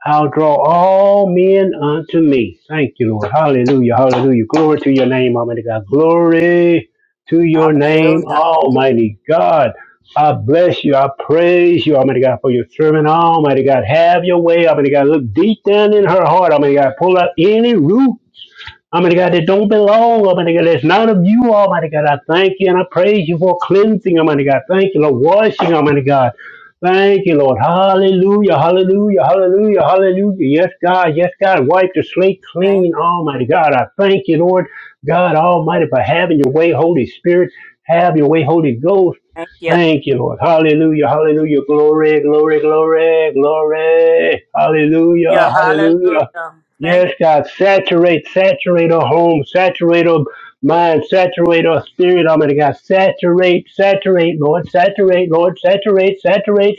I'll draw all men unto me. Thank you, Lord. Hallelujah. Hallelujah. Glory to your name, Almighty God. Glory to your name, Hallelujah. Almighty God. I bless you. I praise you, Almighty God, for your servant. Almighty God, have your way, Almighty God. Look deep down in her heart, Almighty God. Pull out any root. Almighty God, that don't belong, Almighty God, that's not of you, Almighty God. I thank you and I praise you for cleansing, Almighty God. Thank you, Lord, washing, Almighty God. Thank you, Lord. Hallelujah, hallelujah, hallelujah, hallelujah. Yes, God, yes, God. Wipe the slate Thank clean, you. Almighty God. I thank you, Lord, God Almighty, for having your way, Holy Spirit. Have your way, Holy Ghost. Thank you. Thank you, Lord. Hallelujah, hallelujah. Glory, glory, glory, glory. Hallelujah, Yeah. hallelujah. Hallelujah. Thank Yes, God, you. saturate, saturate our home, saturate our mind, saturate our spirit, Almighty God. Saturate, saturate, Lord, saturate, Lord, saturate, saturate,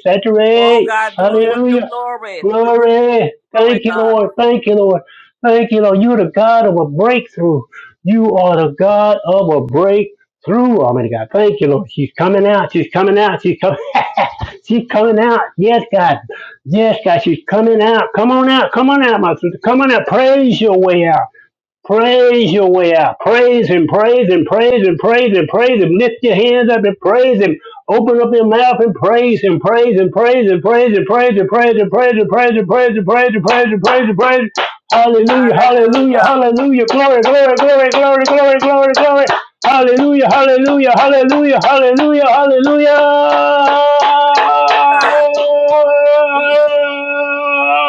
Oh, saturate. God, do it for your Hallelujah. glory. Do it for Glory. your glory, Thank you, God. Lord. Thank you, Lord. Thank you, Lord. You're the God of a breakthrough. You are the God of a breakthrough. Almighty God. Thank you, Lord. She's coming out. She's coming out. She's coming. she's coming out. Yes, God. Yes, God. She's coming out. Come on out. Come on out, my sister. Come on out. Praise your way out. Praise your way out. Praise him, praise him, praise him, praise him, praise him. Lift your hands up and praise him. Open up your mouth and praise him, praise him, praise him, praise him, praise him, praise him, praise him, praise him, praise him, praise him, praise him, praise him, praise him. Hallelujah, hallelujah, Hallelujah. hallelujah. Glory, glory, glory, glory, glory, glory, glory. Hallelujah, hallelujah, hallelujah, hallelujah, hallelujah. Thank you, God.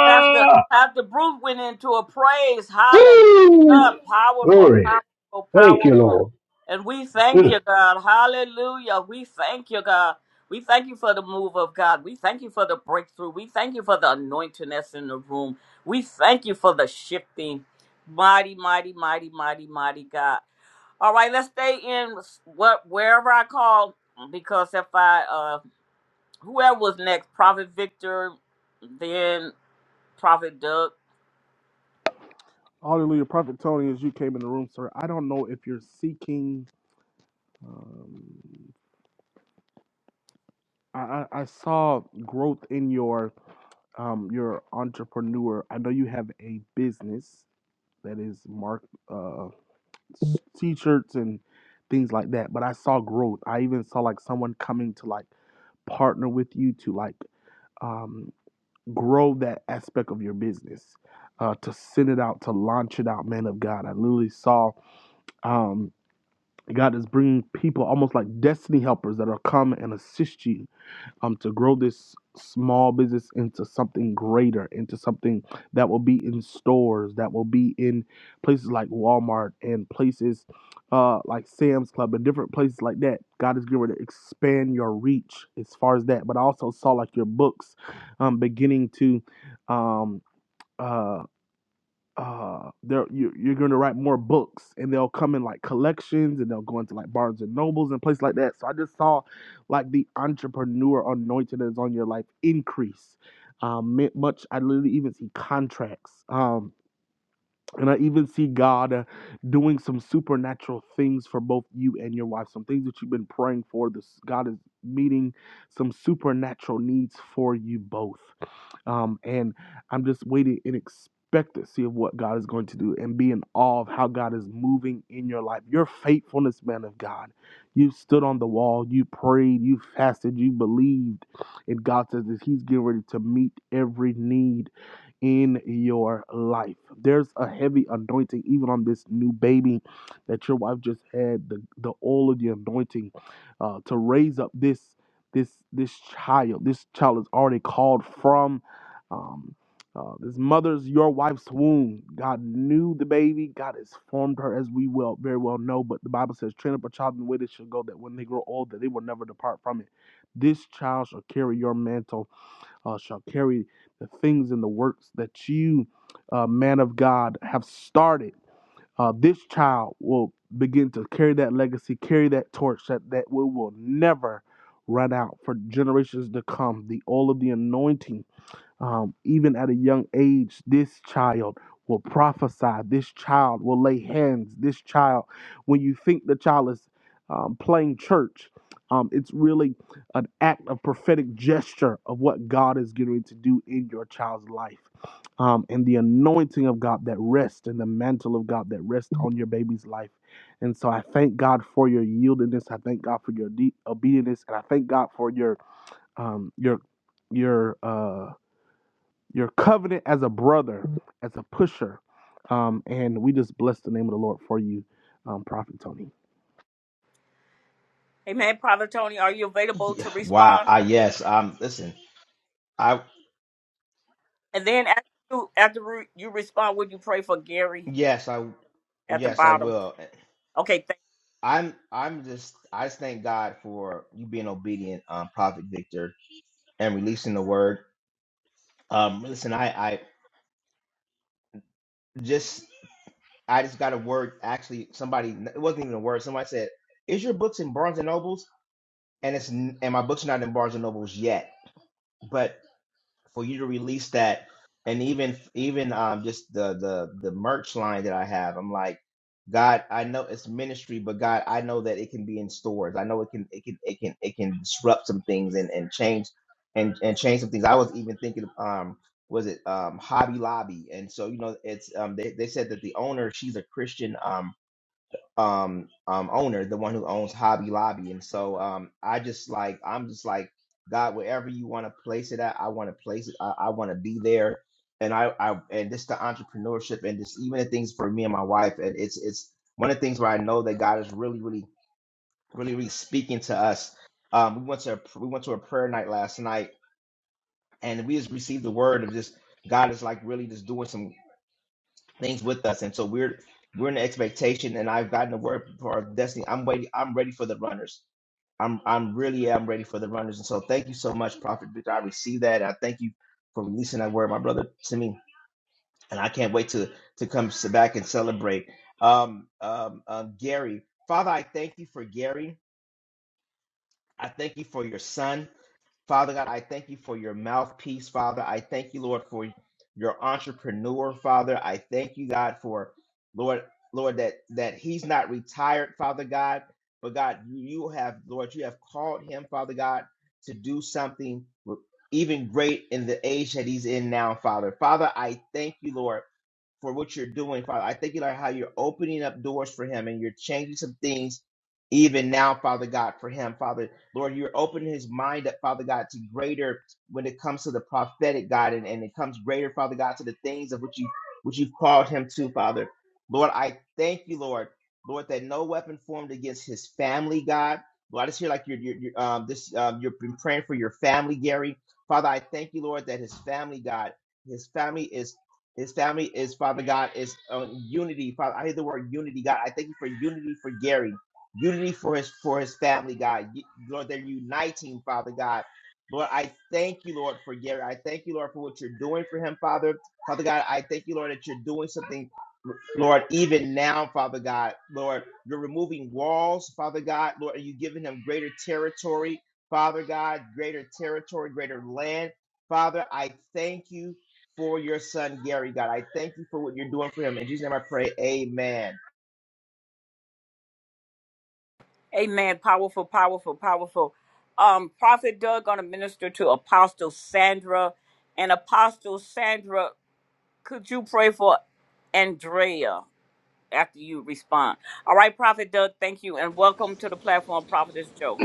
Pastor Pastor Bruce went into a praise. Hallelujah. Woo! Powerful, Glory. powerful, Thank you, powerful. Lord. And we thank Mm. you, God. Hallelujah. We thank you, God. We thank you for the move of God. We thank you for the breakthrough. We thank you for the anointing that's in the room. We thank you for the shifting. Mighty, mighty, mighty, mighty, mighty God. All right, let's stay in what wherever I call because if I uh whoever was next, Prophet Victor, then Prophet Doug. Hallelujah. Prophet Tony, as you came in the room, sir, I don't know if you're seeking. Um, I, I I saw growth in your um, your entrepreneur. I know you have a business that is mark uh, s- t-shirts and things like that. But I saw growth. I even saw like someone coming to like partner with you to like um, grow that aspect of your business, uh, to send it out, to launch it out. Man of God, I literally saw. Um, God is bringing people almost like destiny helpers that are come and assist you um, to grow this small business into something greater, into something that will be in stores, that will be in places like Walmart and places uh, like Sam's Club and different places like that. God is getting to expand your reach as far as that. But I also saw like your books um, beginning to. Um, uh uh they're you, you're going to write more books and they'll come in like collections and they'll go into like barnes and nobles and places like that so i just saw like the entrepreneur anointing that's on your life increase um mi- much i literally even see contracts um and i even see god uh, doing some supernatural things for both you and your wife some things that you've been praying for this god is meeting some supernatural needs for you both um, and I'm just waiting in expectancy of what God is going to do and be in awe of how God is moving in your life. Your faithfulness, man of God. You stood on the wall, you prayed, you fasted, you believed, and God says that He's getting ready to meet every need in your life. There's a heavy anointing, even on this new baby that your wife just had. The the oil of the anointing uh, to raise up this this this child. This child is already called from. Um, uh, this mother's your wife's womb. God knew the baby. God has formed her, as we well very well know. But the Bible says, "Train up a child in the way they should go, that when they grow old, that they will never depart from it." This child shall carry your mantle uh, shall carry the things and the works that you, uh, man of God, have started. Uh, this child will begin to carry that legacy, carry that torch that, that we will never run out for generations to come. The oil of the anointing um, even at a young age, this child will prophesy, this child will lay hands, this child, when you think the child is um, playing church, um, it's really an act of prophetic gesture of what God is getting ready to do in your child's life. Um, and the anointing of God that rests and the mantle of God that rests on your baby's life. And so I thank God for your yieldedness. I thank God for your de- obedience. And I thank God for your um, your your uh, your covenant as a brother, as a pusher. Um, and we just bless the name of the Lord for you, um, Prophet Tony. Amen. Prophet Tony, are you available Yeah, to wow. respond? I yes. Um listen. I And then after you, after re- you respond, would you pray for Gary yes, I at the yes, I bottom? will. Okay, thank I'm I'm just I just thank God for you being obedient, um, Prophet Victor, and releasing the word. Um listen, I I just I just got a word. Actually, somebody it wasn't even a word. Somebody said, "Is your books in Barnes and Nobles?" And it's n- and my books are not in Barnes and Nobles yet. But for you to release that, and even even um just the the the merch line that I have, I'm like, God, I know it's ministry, but God, I know that it can be in stores. I know it can it can it can it can disrupt some things and and change and and change some things. I was even thinking of, um was it um Hobby Lobby, and so you know it's um they they said that the owner she's a Christian um um um owner, the one who owns Hobby Lobby. And so um I just like I'm just like God, wherever you want to place it at, I want to place it. I, I want to be there. And I I and just the entrepreneurship and just even the things for me and my wife. And it's it's one of the things where I know that God is really, really, really, really speaking to us. Um we went to a, we went to a prayer night last night and we just received the word of just God is like really just doing some things with us, and so we're we're in the expectation. And I've gotten the word for our destiny. I'm waiting. I'm ready for the runners. I'm I'm really am ready for the runners. And so thank you so much, Prophet Victor. I receive that. I thank you for releasing that word, my brother, to me. And I can't wait to to come s- back and celebrate. Um, um, um, Gary, Father, I thank you for Gary. I thank you for your son. Father God, I thank you for your mouthpiece, Father. I thank you, Lord, for your entrepreneur, Father. I thank you, God, for Lord, Lord, that that he's not retired, Father God, but God, you, you have, Lord, you have called him, Father God, to do something even great in the age that he's in now, Father. Father, I thank you, Lord for what you're doing, Father. I thank you, Lord, how you're opening up doors for him and you're changing some things even now, Father God, for him, Father. Lord, you're opening his mind up, Father God, to greater when it comes to the prophetic, God, and, and it comes greater, Father God, to the things of which you which you've called him to, Father. Lord, I thank you, Lord. Lord, that no weapon formed against his family, God. Lord, I just hear like you're, you're, you're um, this, um, you've been praying for your family, Gary. Father, I thank you, Lord, that his family, God, his family is his family is Father God is uh, unity. Father, I hear the word unity, God. I thank you for unity for Gary, unity for his for his family, God. Y- Lord, they're uniting, Father God. Lord, I thank you, Lord, for Gary. I thank you, Lord, for what you're doing for him, Father. Father God, I thank you, Lord, that you're doing something Lord, even now, Father God, Lord, you're removing walls, Father God, Lord, and you're giving them greater territory, Father God, greater territory, greater land. Father, I thank you for your son, Gary, God. I thank you for what you're doing for him. In Jesus' name I pray, amen. Amen. Powerful, powerful, powerful. Um, Prophet Doug gonna minister to Apostle Sandra. And Apostle Sandra, could you pray for Andrea after you respond? All right, Prophet Doug, thank you. And welcome to the platform, Prophetess Joe.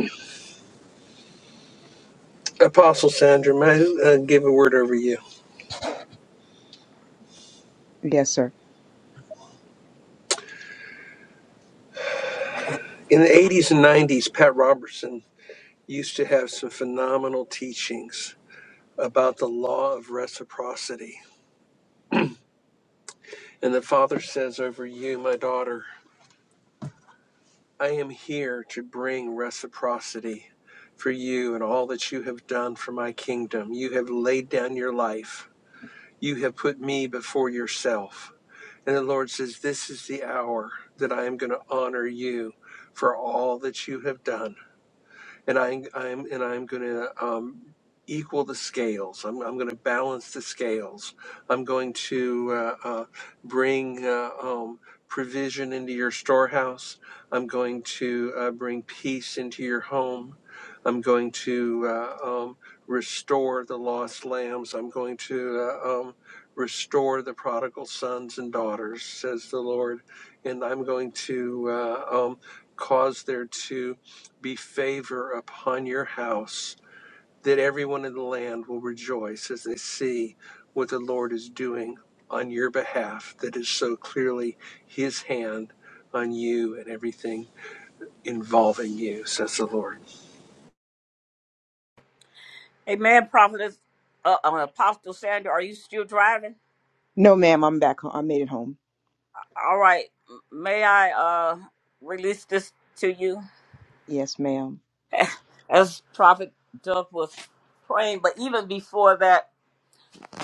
Apostle Sandra, may I uh, give a word over you? Yes, sir. In the 80s and 90s, Pat Robertson used to have some phenomenal teachings about the law of reciprocity. And the Father says over you, my daughter, I am here to bring reciprocity for you and all that you have done for my kingdom. You have laid down your life, you have put me before yourself. And the Lord says, This is the hour that I am going to honor you for all that you have done and I, I'm and I'm going to um, equal the scales. I'm, I'm going to balance the scales. I'm going to uh, uh, bring uh, um, provision into your storehouse. I'm going to uh, bring peace into your home. I'm going to uh, um, restore the lost lambs. I'm going to uh, um, restore the prodigal sons and daughters, says the Lord, and I'm going to uh, um, cause there to be favor upon your house, that everyone in the land will rejoice as they see what the Lord is doing on your behalf, that is so clearly His hand on you and everything involving you, says the Lord. Amen, Prophetess uh, uh, Apostle Sandra, are you still driving? No, ma'am, I'm back home. I made it home. All right. May I uh release this to you Yes, ma'am. as Prophet Doug was praying, but even before that,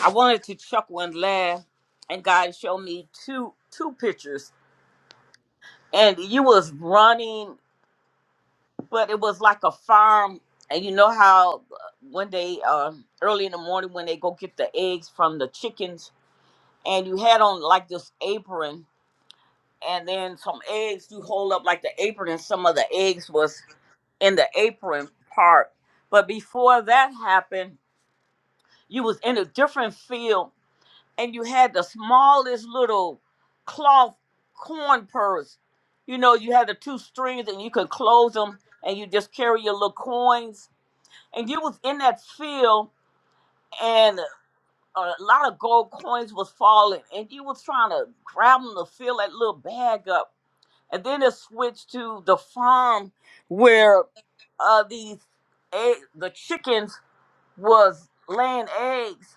I wanted to chuckle and laugh and God showed me two two pictures and you was running, but it was like a farm and you know how uh, when they uh early in the morning when they go get the eggs from the chickens and you had on like this apron and then some eggs you hold up like the apron and some of the eggs was in the apron part. But before that happened, you was in a different field and you had the smallest little cloth corn purse. You know, you had the two strings and you could close them and you just carry your little coins. And you was in that field and a lot of gold coins was falling and you was trying to grab them to fill that little bag up and then it switched to the farm where uh these egg, the chickens was laying eggs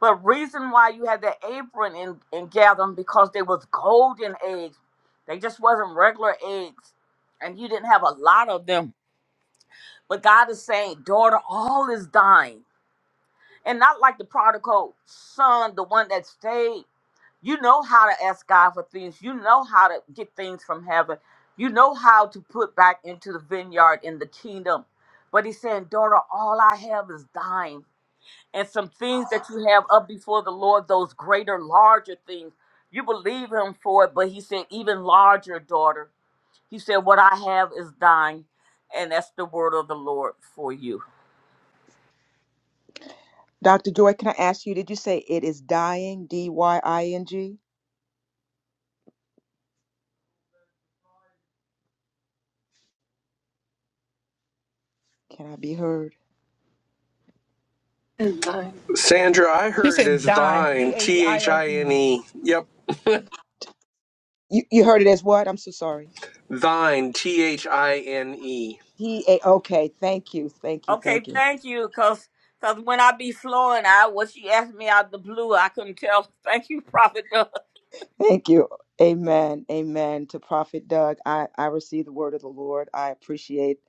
but reason why you had the apron and and gather 'em because they was golden eggs they just wasn't regular eggs and you didn't have a lot of them but god is saying daughter all is dying and not like the prodigal son the one that stayed you know how to ask God for things. You know how to get things from heaven. You know how to put back into the vineyard in the kingdom. But he's saying, daughter, all I have is thine. And some things that you have up before the Lord, those greater, larger things, you believe him for it. But he said, even larger, daughter. He said, what I have is thine. And that's the word of the Lord for you. Dr. Joy, can I ask you, did you say it is dying, D Y I N G? Can I be heard? And thine. Sandra, I You heard it said as dine, T thine, H T I H N I N E. E. Yep, You you heard it as what? I'm so sorry. thine, T H I N E. He a okay. Thank you. Thank you. Okay, Thank you. thank you. Because cause when I be flowing, I what she asked me out the blue, I couldn't tell. Thank you, Prophet. Thank you. Amen. Amen. To Prophet Doug, I I receive the word of the Lord. I appreciate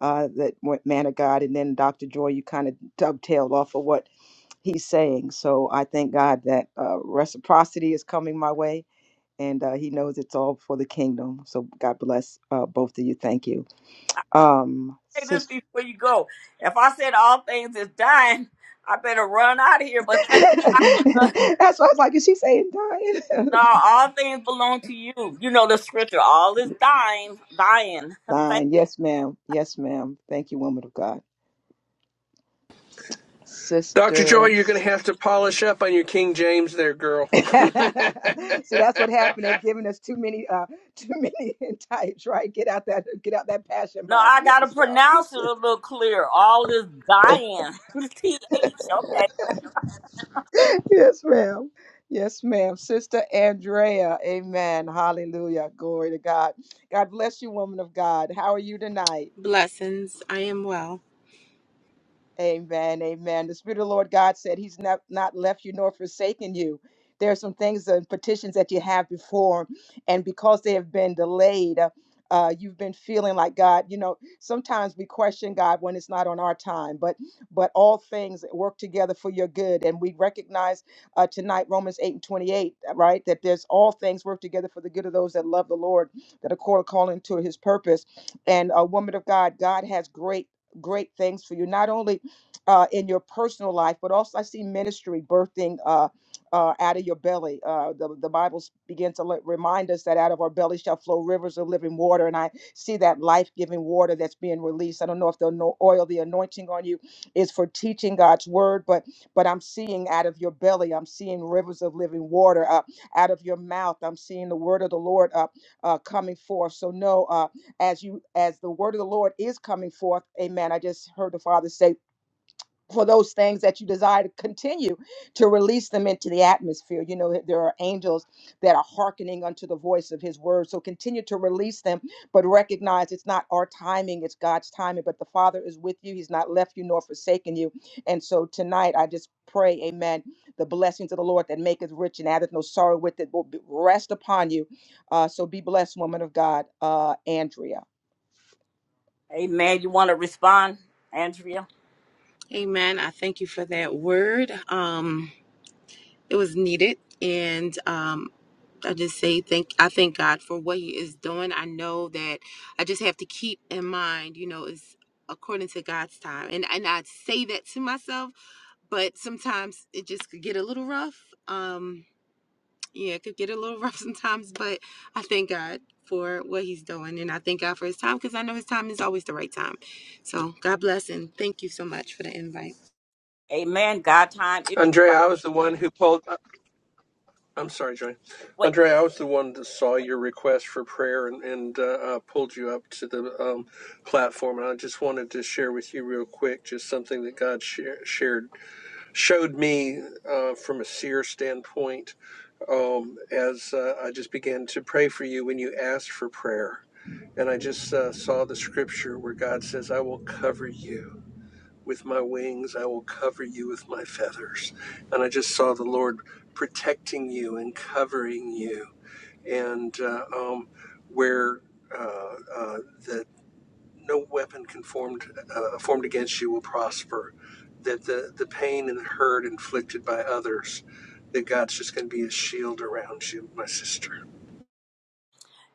uh that what- man of God, and then Dr. Joy, you kind of dovetailed off of what he's saying. So I thank God that uh, reciprocity is coming my way, and uh, He knows it's all for the kingdom. So God bless uh, both of you. Thank you, um, say this sister. before you go. If I said all things is dying, I better run out of here. But That's thank God, why I was like, is she saying dying? no, all things belong to you. You know the scripture. All is dying, dying. Thank. Fine. Yes, ma'am. Yes, ma'am. Thank you, woman of God. Dr. Joy, Sister. you're going to have to polish up on your King James there, girl. See, that's what happened. They've given us too many, uh, too many types, right? Get out that get out that passion No, I Bible. Let me gotta stop. pronounce it a little clear. All is dying. T H. Okay. yes, ma'am. Yes, ma'am. Sister Andrea. Amen. Hallelujah. Glory to God. God bless you, woman of God. How are you tonight? Blessings. I am well. Amen. Amen. The Spirit of the Lord God said He's not, not left you nor forsaken you. There are some things and petitions that you have before, and because they have been delayed, uh, uh, you've been feeling like God. You know, sometimes we question God when it's not on our time, but but all things work together for your good, and we recognize uh, tonight Romans eight and twenty eight, right? That there's all things work together for the good of those that love the Lord, that are called according to His purpose. And a woman of God, God has great great things for you. Not only uh, in your personal life, but also I see ministry birthing uh, uh, out of your belly. Uh, the the Bible s- begins to let, remind us that out of our belly shall flow rivers of living water, and I see that life giving water that's being released. I don't know if the ano- oil, the anointing on you, is for teaching God's word, but but I'm seeing out of your belly, I'm seeing rivers of living water uh, out of your mouth. I'm seeing the word of the Lord uh, uh, coming forth. So know uh, as you as the word of the Lord is coming forth, Amen. I just heard the Father say for those things that you desire to continue to release them into the atmosphere. You know, there are angels that are hearkening unto the voice of his word. So continue to release them, but recognize it's not our timing, it's God's timing. But the Father is with you, He's not left you nor forsaken you. And so tonight, I just pray, amen, the blessings of the Lord that maketh rich and addeth no sorrow with it will be- rest upon you. Uh, so be blessed, woman of God, uh, Andrea. Amen. You want to respond, Andrea? Amen. I thank you for that word. Um, it was needed, and um, I just say thank. I thank God for what He is doing. I know that I just have to keep in mind, you know, it's according to God's time, and and I say that to myself, but sometimes it just could get a little rough. Um, yeah, it could get a little rough sometimes, but I thank God for what he's doing and I thank God for his time because I know his time is always the right time. So God bless and thank you so much for the invite. Amen. God time is Andrea, I was the one who pulled. I'm sorry, Joy. right. Andre, I was the one that saw your request for prayer and, and uh, uh, pulled you up to the um, platform. And I just wanted to share with you real quick just something that God share, shared, showed me uh, from a seer standpoint um, as uh, I just began to pray for you when you asked for prayer. And I just uh, saw the scripture where God says, I will cover you. With my wings, I will cover you with my feathers. And I just saw the Lord protecting you and covering you. And uh, um, where uh, uh, that no weapon can formed, uh, formed against you will prosper, that the, the pain and the hurt inflicted by others, that God's just going to be a shield around you, my sister.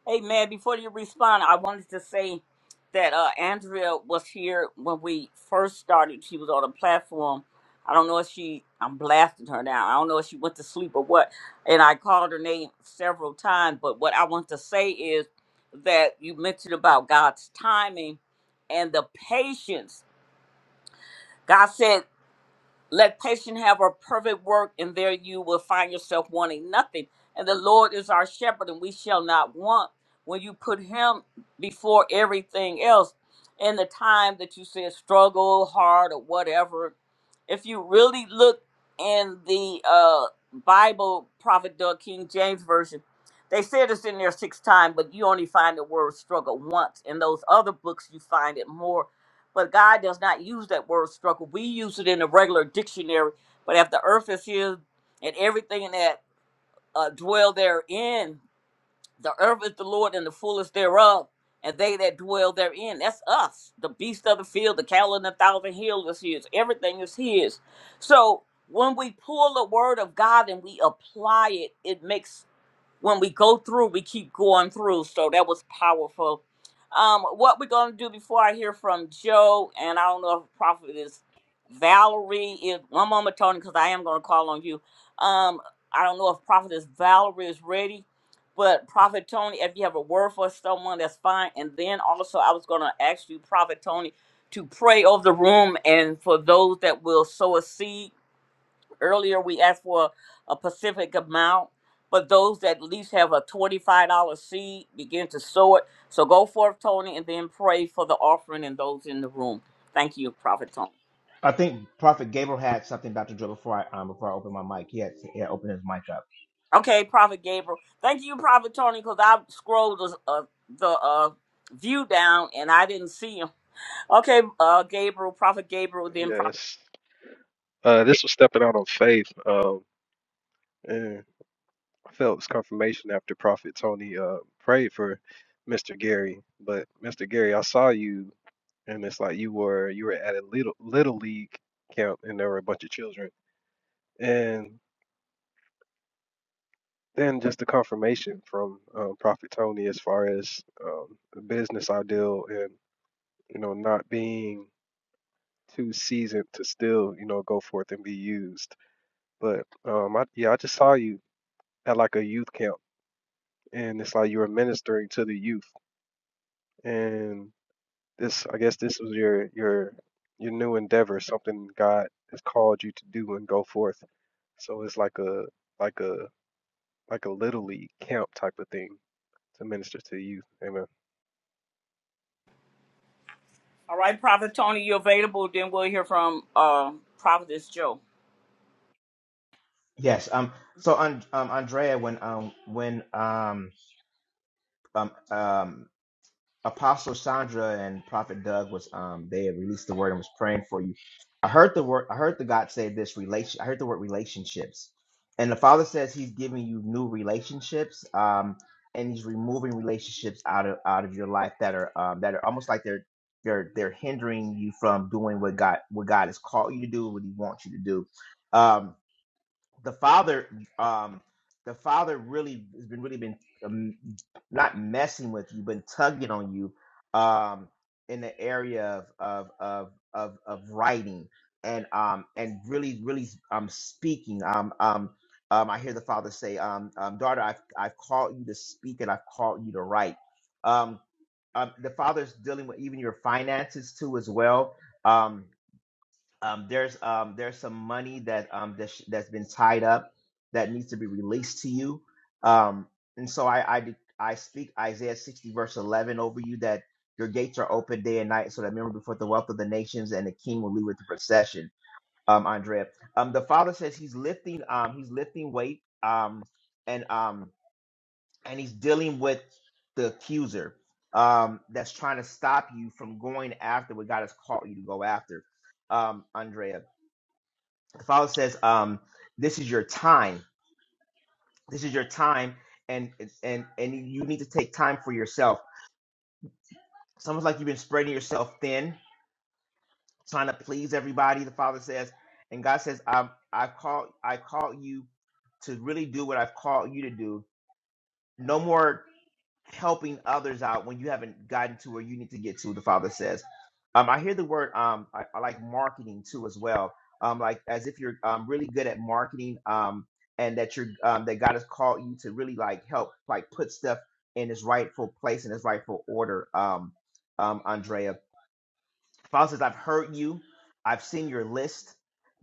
Hey man, before you respond, I wanted to say that uh, Andrea was here when we first started. She was on the platform. I don't know if she, I'm blasting her now. I don't know if she went to sleep or what. And I called her name several times. But what I want to say is that you mentioned about God's timing and the patience. God said let patience have a perfect work, and there you will find yourself wanting nothing. And the Lord is our shepherd, and we shall not want when you put Him before everything else. In the time that you said struggle hard or whatever, if you really look in the uh, Bible, Prophet Doug King James Version, they said it's in there six times, but you only find the word struggle once. In those other books, you find it more but God does not use that word struggle. We use it in the regular dictionary, but if the earth is His and everything that uh, dwell therein, the earth is the Lord and the fullness thereof, and they that dwell therein. That's us, the beast of the field, the cattle in the thousand hills is His. Everything is His. So when we pull the word of God and we apply it, it makes when we go through, we keep going through. So that was powerful. Um, what we're gonna do before I hear from Joe, and I don't know if Prophet is Valerie. Is one moment, Tony, because I am gonna call on you. Um, I don't know if Prophet is Valerie is ready, but Prophet Tony, if you have a word for someone, that's fine. And then also, I was gonna ask you, Prophet Tony, to pray over the room and for those that will sow a seed earlier we asked for a Pacific amount, but those that at least have a twenty-five dollar seed begin to sow it. So go forth, Tony, and then pray for the offering and those in the room. Thank you, Prophet Tony. I think Prophet Gabriel had something, Dr. Joe, before I, um, before I open my mic. He had, he had opened his mic up. Okay, Prophet Gabriel. Thank you, Prophet Tony, because I scrolled the uh, the uh, view down and I didn't see him. Okay, uh, Gabriel, Prophet Gabriel, then Prophet. Yes. Uh, this was stepping out on faith. Um, yeah. Phelps confirmation after Prophet Tony uh prayed for Mr. Gary. But Mr. Gary, I saw you and it's like you were you were at a little little league camp and there were a bunch of children. And then just the confirmation from um, Prophet Tony as far as um, the business ideal and you know not being too seasoned to still you know go forth and be used. But um, I, yeah, I just saw you at like a youth camp and it's like you were ministering to the youth and this I guess this was your your your new endeavor, something God has called you to do and go forth. So it's like a like a like a little league camp type of thing to minister to you. Amen. All right, Prophet Tony, you are available? Then we'll hear from uh, Prophetess Joe. Yes. Um. So, um, um, Andrea, when um when um um um Apostle Sandra and Prophet Doug was um they had released the word and was praying for you. I heard the word. I heard the God say this relation. I heard the word relationships, and the Father says He's giving you new relationships. Um, and He's removing relationships out of out of your life that are um that are almost like they're they're they're hindering you from doing what God what God has called you to do, what He wants you to do. Um, the father um the father really has been really been um, not messing with you but tugging on you um in the area of of of of, of writing and um and really really um speaking um um um I hear the father say um, um daughter I've I've called you to speak and I've called you to write um, um the father's dealing with even your finances too as well Um um, there's um, there's some money that um, that sh- that's been tied up that needs to be released to you. Um, and so I I, de- I speak Isaiah 60 verse 11 over you that your gates are open day and night, so that memory before the wealth of the nations and the king will lead with the procession. Um, Andrea, um, the father says he's lifting um, he's lifting weight um, and um, and he's dealing with the accuser um, that's trying to stop you from going after what God has called you to go after um, Andrea. The Father says, um, this is your time. This is your time, and and and you need to take time for yourself. Someone's like you've been spreading yourself thin, trying to please everybody. The Father says, and God says, I've I've called I called you to really do what I've called you to do. No more. helping others out when you haven't gotten to where you need to get to, the Father says. Um, I hear the word um, I, I like marketing too as well. Um, like as if you're um, really good at marketing um, and that you're um, that God has called you to really like help like put stuff in its rightful place and its rightful order. Um, um, Andrea. Father says, I've heard you. I've seen your list.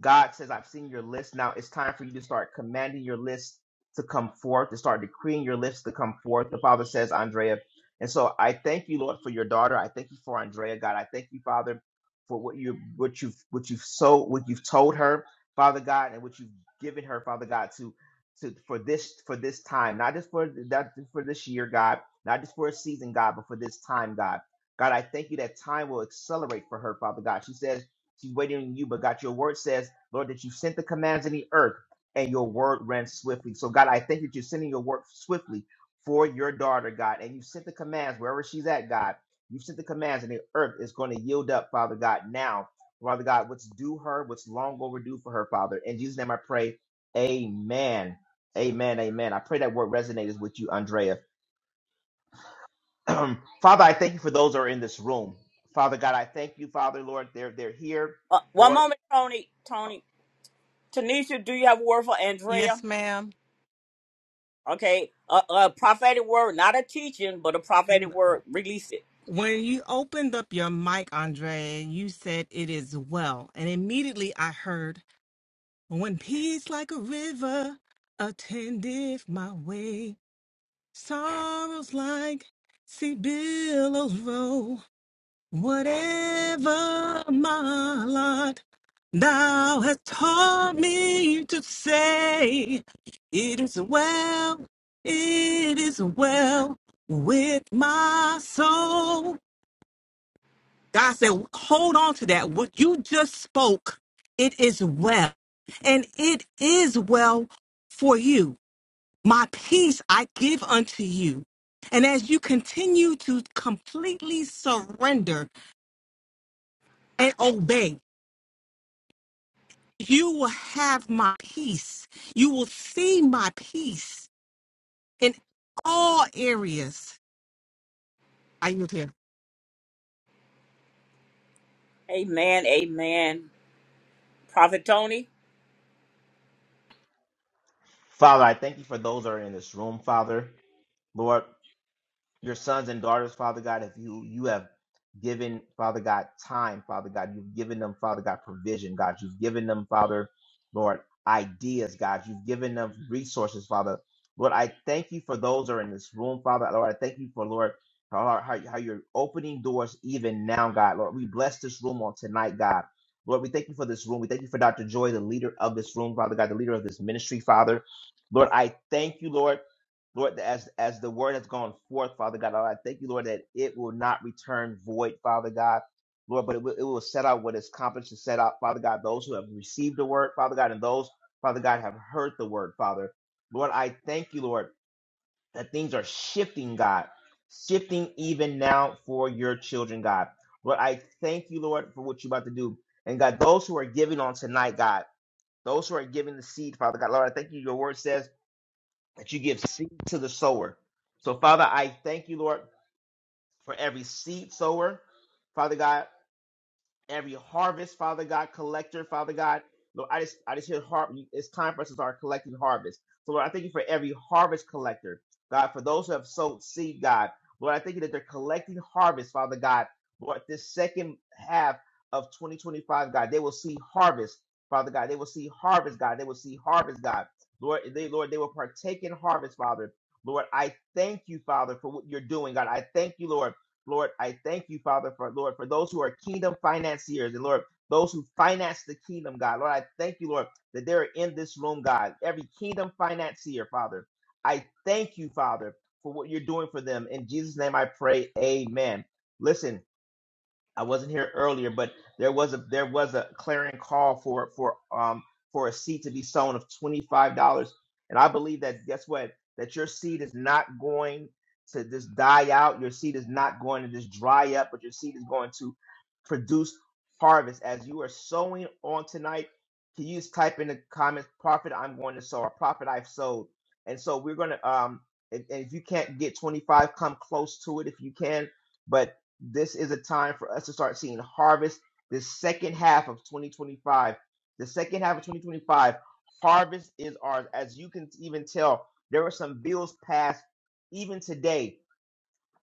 God says, I've seen your list. Now it's time for you to start commanding your list to come forth, to start decreeing your list to come forth. The Father says, Andrea. And so I thank you, Lord, for your daughter. I thank you for Andrea, God. I thank you, Father, for what you what you've what you've so what you've told her, Father God, and what you've given her, Father God, to to for this for this time, not just for that for this year, God, not just for a season, God, but for this time, God. God, I thank you that time will accelerate for her, Father God. She says she's waiting on you, but God, your word says, Lord, that you sent the commands in the earth and your word ran swiftly. So, God, I thank that you're sending your word swiftly for your daughter, God, and you sent the commands wherever she's at, God. You sent the commands and the earth is going to yield up, Father God, now. Father God, what's due her, what's long overdue for her, Father. In Jesus' name I pray, amen. Amen, amen. I pray that word resonates with you, Andrea. Father, I thank you for those who are in this room. Father God, I thank you, Father, Lord, they're they're here. Uh, one Lord, moment, Tony. Tony. Tanisha, do you have a word for Andrea? Yes, ma'am. Okay, a, a prophetic word, not a teaching, but a prophetic word. Release it. When you opened up your mic, Andrea, you said it is well. And immediately I heard, when peace like a river attendeth my way, sorrows like sea billows roll, whatever my lot, thou hast taught me to say, it is well, it is well with my soul. God said, hold on to that. What you just spoke, it is well. And it is well for you. My peace I give unto you. And as you continue to completely surrender and obey, you will have my peace. You will see my peace in all areas. Are you here? Amen. Amen. Prophet Tony. Father, I thank you for those who are in this room, Father. Lord, your sons and daughters, Father God, if you you have given, Father God, time, Father God, you've given them, Father God, provision, God, you've given them, Father, Lord, ideas, God, you've given them resources, Father. Lord, I thank you for those that are in this room, Father. Lord, I thank you for Lord how, how how you're opening doors even now, God. Lord, we bless this room on tonight, God. Lord, we thank you for this room. We thank you for Dr. Joy, the leader of this room, Father God, the leader of this ministry, Father. Lord, I thank you, Lord. Lord, as as the word has gone forth, Father God, Lord, I thank you, Lord, that it will not return void, Father God. Lord, but it will, it will set out what is accomplished to set out, Father God, those who have received the word, Father God, and those, Father God, have heard the word, Father. Lord, I thank you, Lord, that things are shifting, God, shifting even now for your children, God. Lord, I thank you, Lord, for what you're about to do. And God, those who are giving on tonight, God, those who are giving the seed, Father God, Lord, I thank you. Your word says that you give seed to the sower. So, Father, I thank you, Lord, for every seed sower. Father God, every harvest, Father God, collector, Father God. Lord, I just I just hear har- it's time for us to start collecting harvest. So Lord, I thank you for every harvest collector. God, for those who have sowed seed, God. Lord, I thank you that they're collecting harvest, Father God. Lord, this second half of 2025, God, they will see harvest, Father God. They will see harvest, God. They will see harvest, God. Lord, they Lord, they will partake in harvest, Father. Lord, I thank you, Father, for what you're doing, God. I thank you, Lord. Lord, I thank you, Father, for Lord, for those who are kingdom financiers and Lord, those who finance the kingdom, God. Lord, I thank you, Lord, that they're in this room, God. Every kingdom financier, Father. I thank you, Father, for what you're doing for them. In Jesus' name I pray. Amen. Listen, I wasn't here earlier, but there was a there was a clarion call for for um for a seed to be sown of twenty five dollars, and I believe that guess what that your seed is not going to just die out. Your seed is not going to just dry up, but your seed is going to produce harvest as you are sowing on tonight. Can you just type in the comments, "Profit I'm going to sow," or "Profit I've sowed," and so we're gonna um and, and if you can't get twenty five, come close to it if you can, but this is a time for us to start seeing harvest this second half of 2025 the second half of 2025 harvest is ours as you can even tell there were some bills passed even today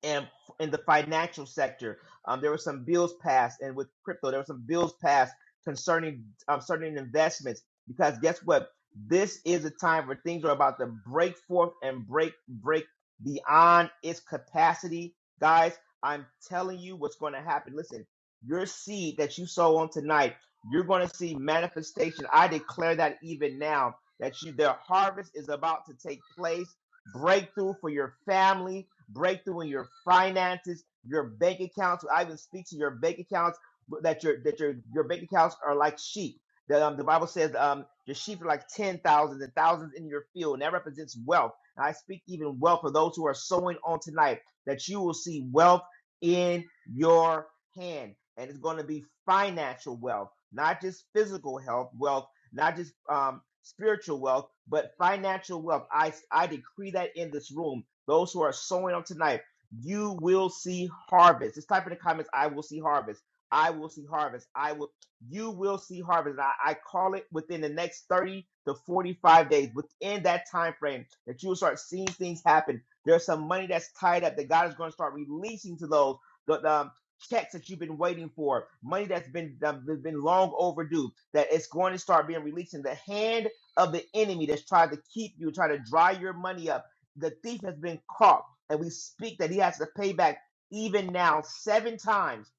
and in the financial sector. Um, there were some bills passed, and with crypto, there were some bills passed concerning um, certain investments. Because guess what? This is a time where things are about to break forth and break break beyond its capacity, guys. I'm telling you what's going to happen. Listen, your seed that you sow on tonight, you're going to see manifestation. I declare that even now that you, their harvest is about to take place. Breakthrough for your family, breakthrough in your finances, your bank accounts. I even speak to your bank accounts that your that your your bank accounts are like sheep. That um, the Bible says um, your sheep are like ten thousands and thousands in your field, and that represents wealth. And I speak even wealth for those who are sowing on tonight that you will see wealth in your hand, and it's going to be financial wealth, not just physical health wealth, not just um, spiritual wealth, but financial wealth. I I decree that in this room those who are sowing on tonight, you will see harvest. Just type in the comments, I will see harvest. I will see harvest. I will, you will see harvest. And I, I call it within the next 30 to 45 days, within that time frame, that you will start seeing things happen. There's some money that's tied up that God is going to start releasing to those. The, the, um, checks that you've been waiting for, money that's been that- that's been long overdue, that it's going to start being released in the hand of the enemy that's trying to keep you, trying to dry your money up the thief has been caught, and we speak that he has to pay back even now seven times,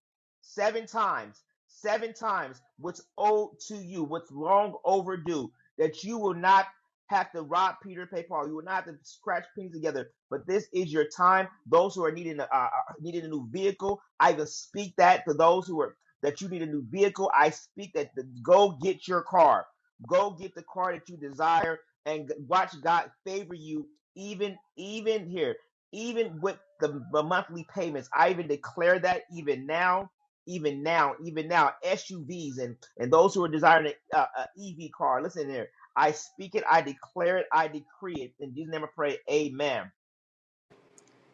seven times, seven times what's owed to you, what's long overdue, that you will not have to rob Peter to pay Paul. You will not have to scratch pennies together. But this is your time. Those who are needing a, uh, needing a new vehicle, I will speak that to those who are that you need a new vehicle. I speak that the, go get your car. Go get the car that you desire and watch God favor you even even here even with the, the monthly payments i even declare that even now even now even now suvs and and those who are desiring an a, a ev car listen here i speak it i declare it i decree it in jesus name i pray amen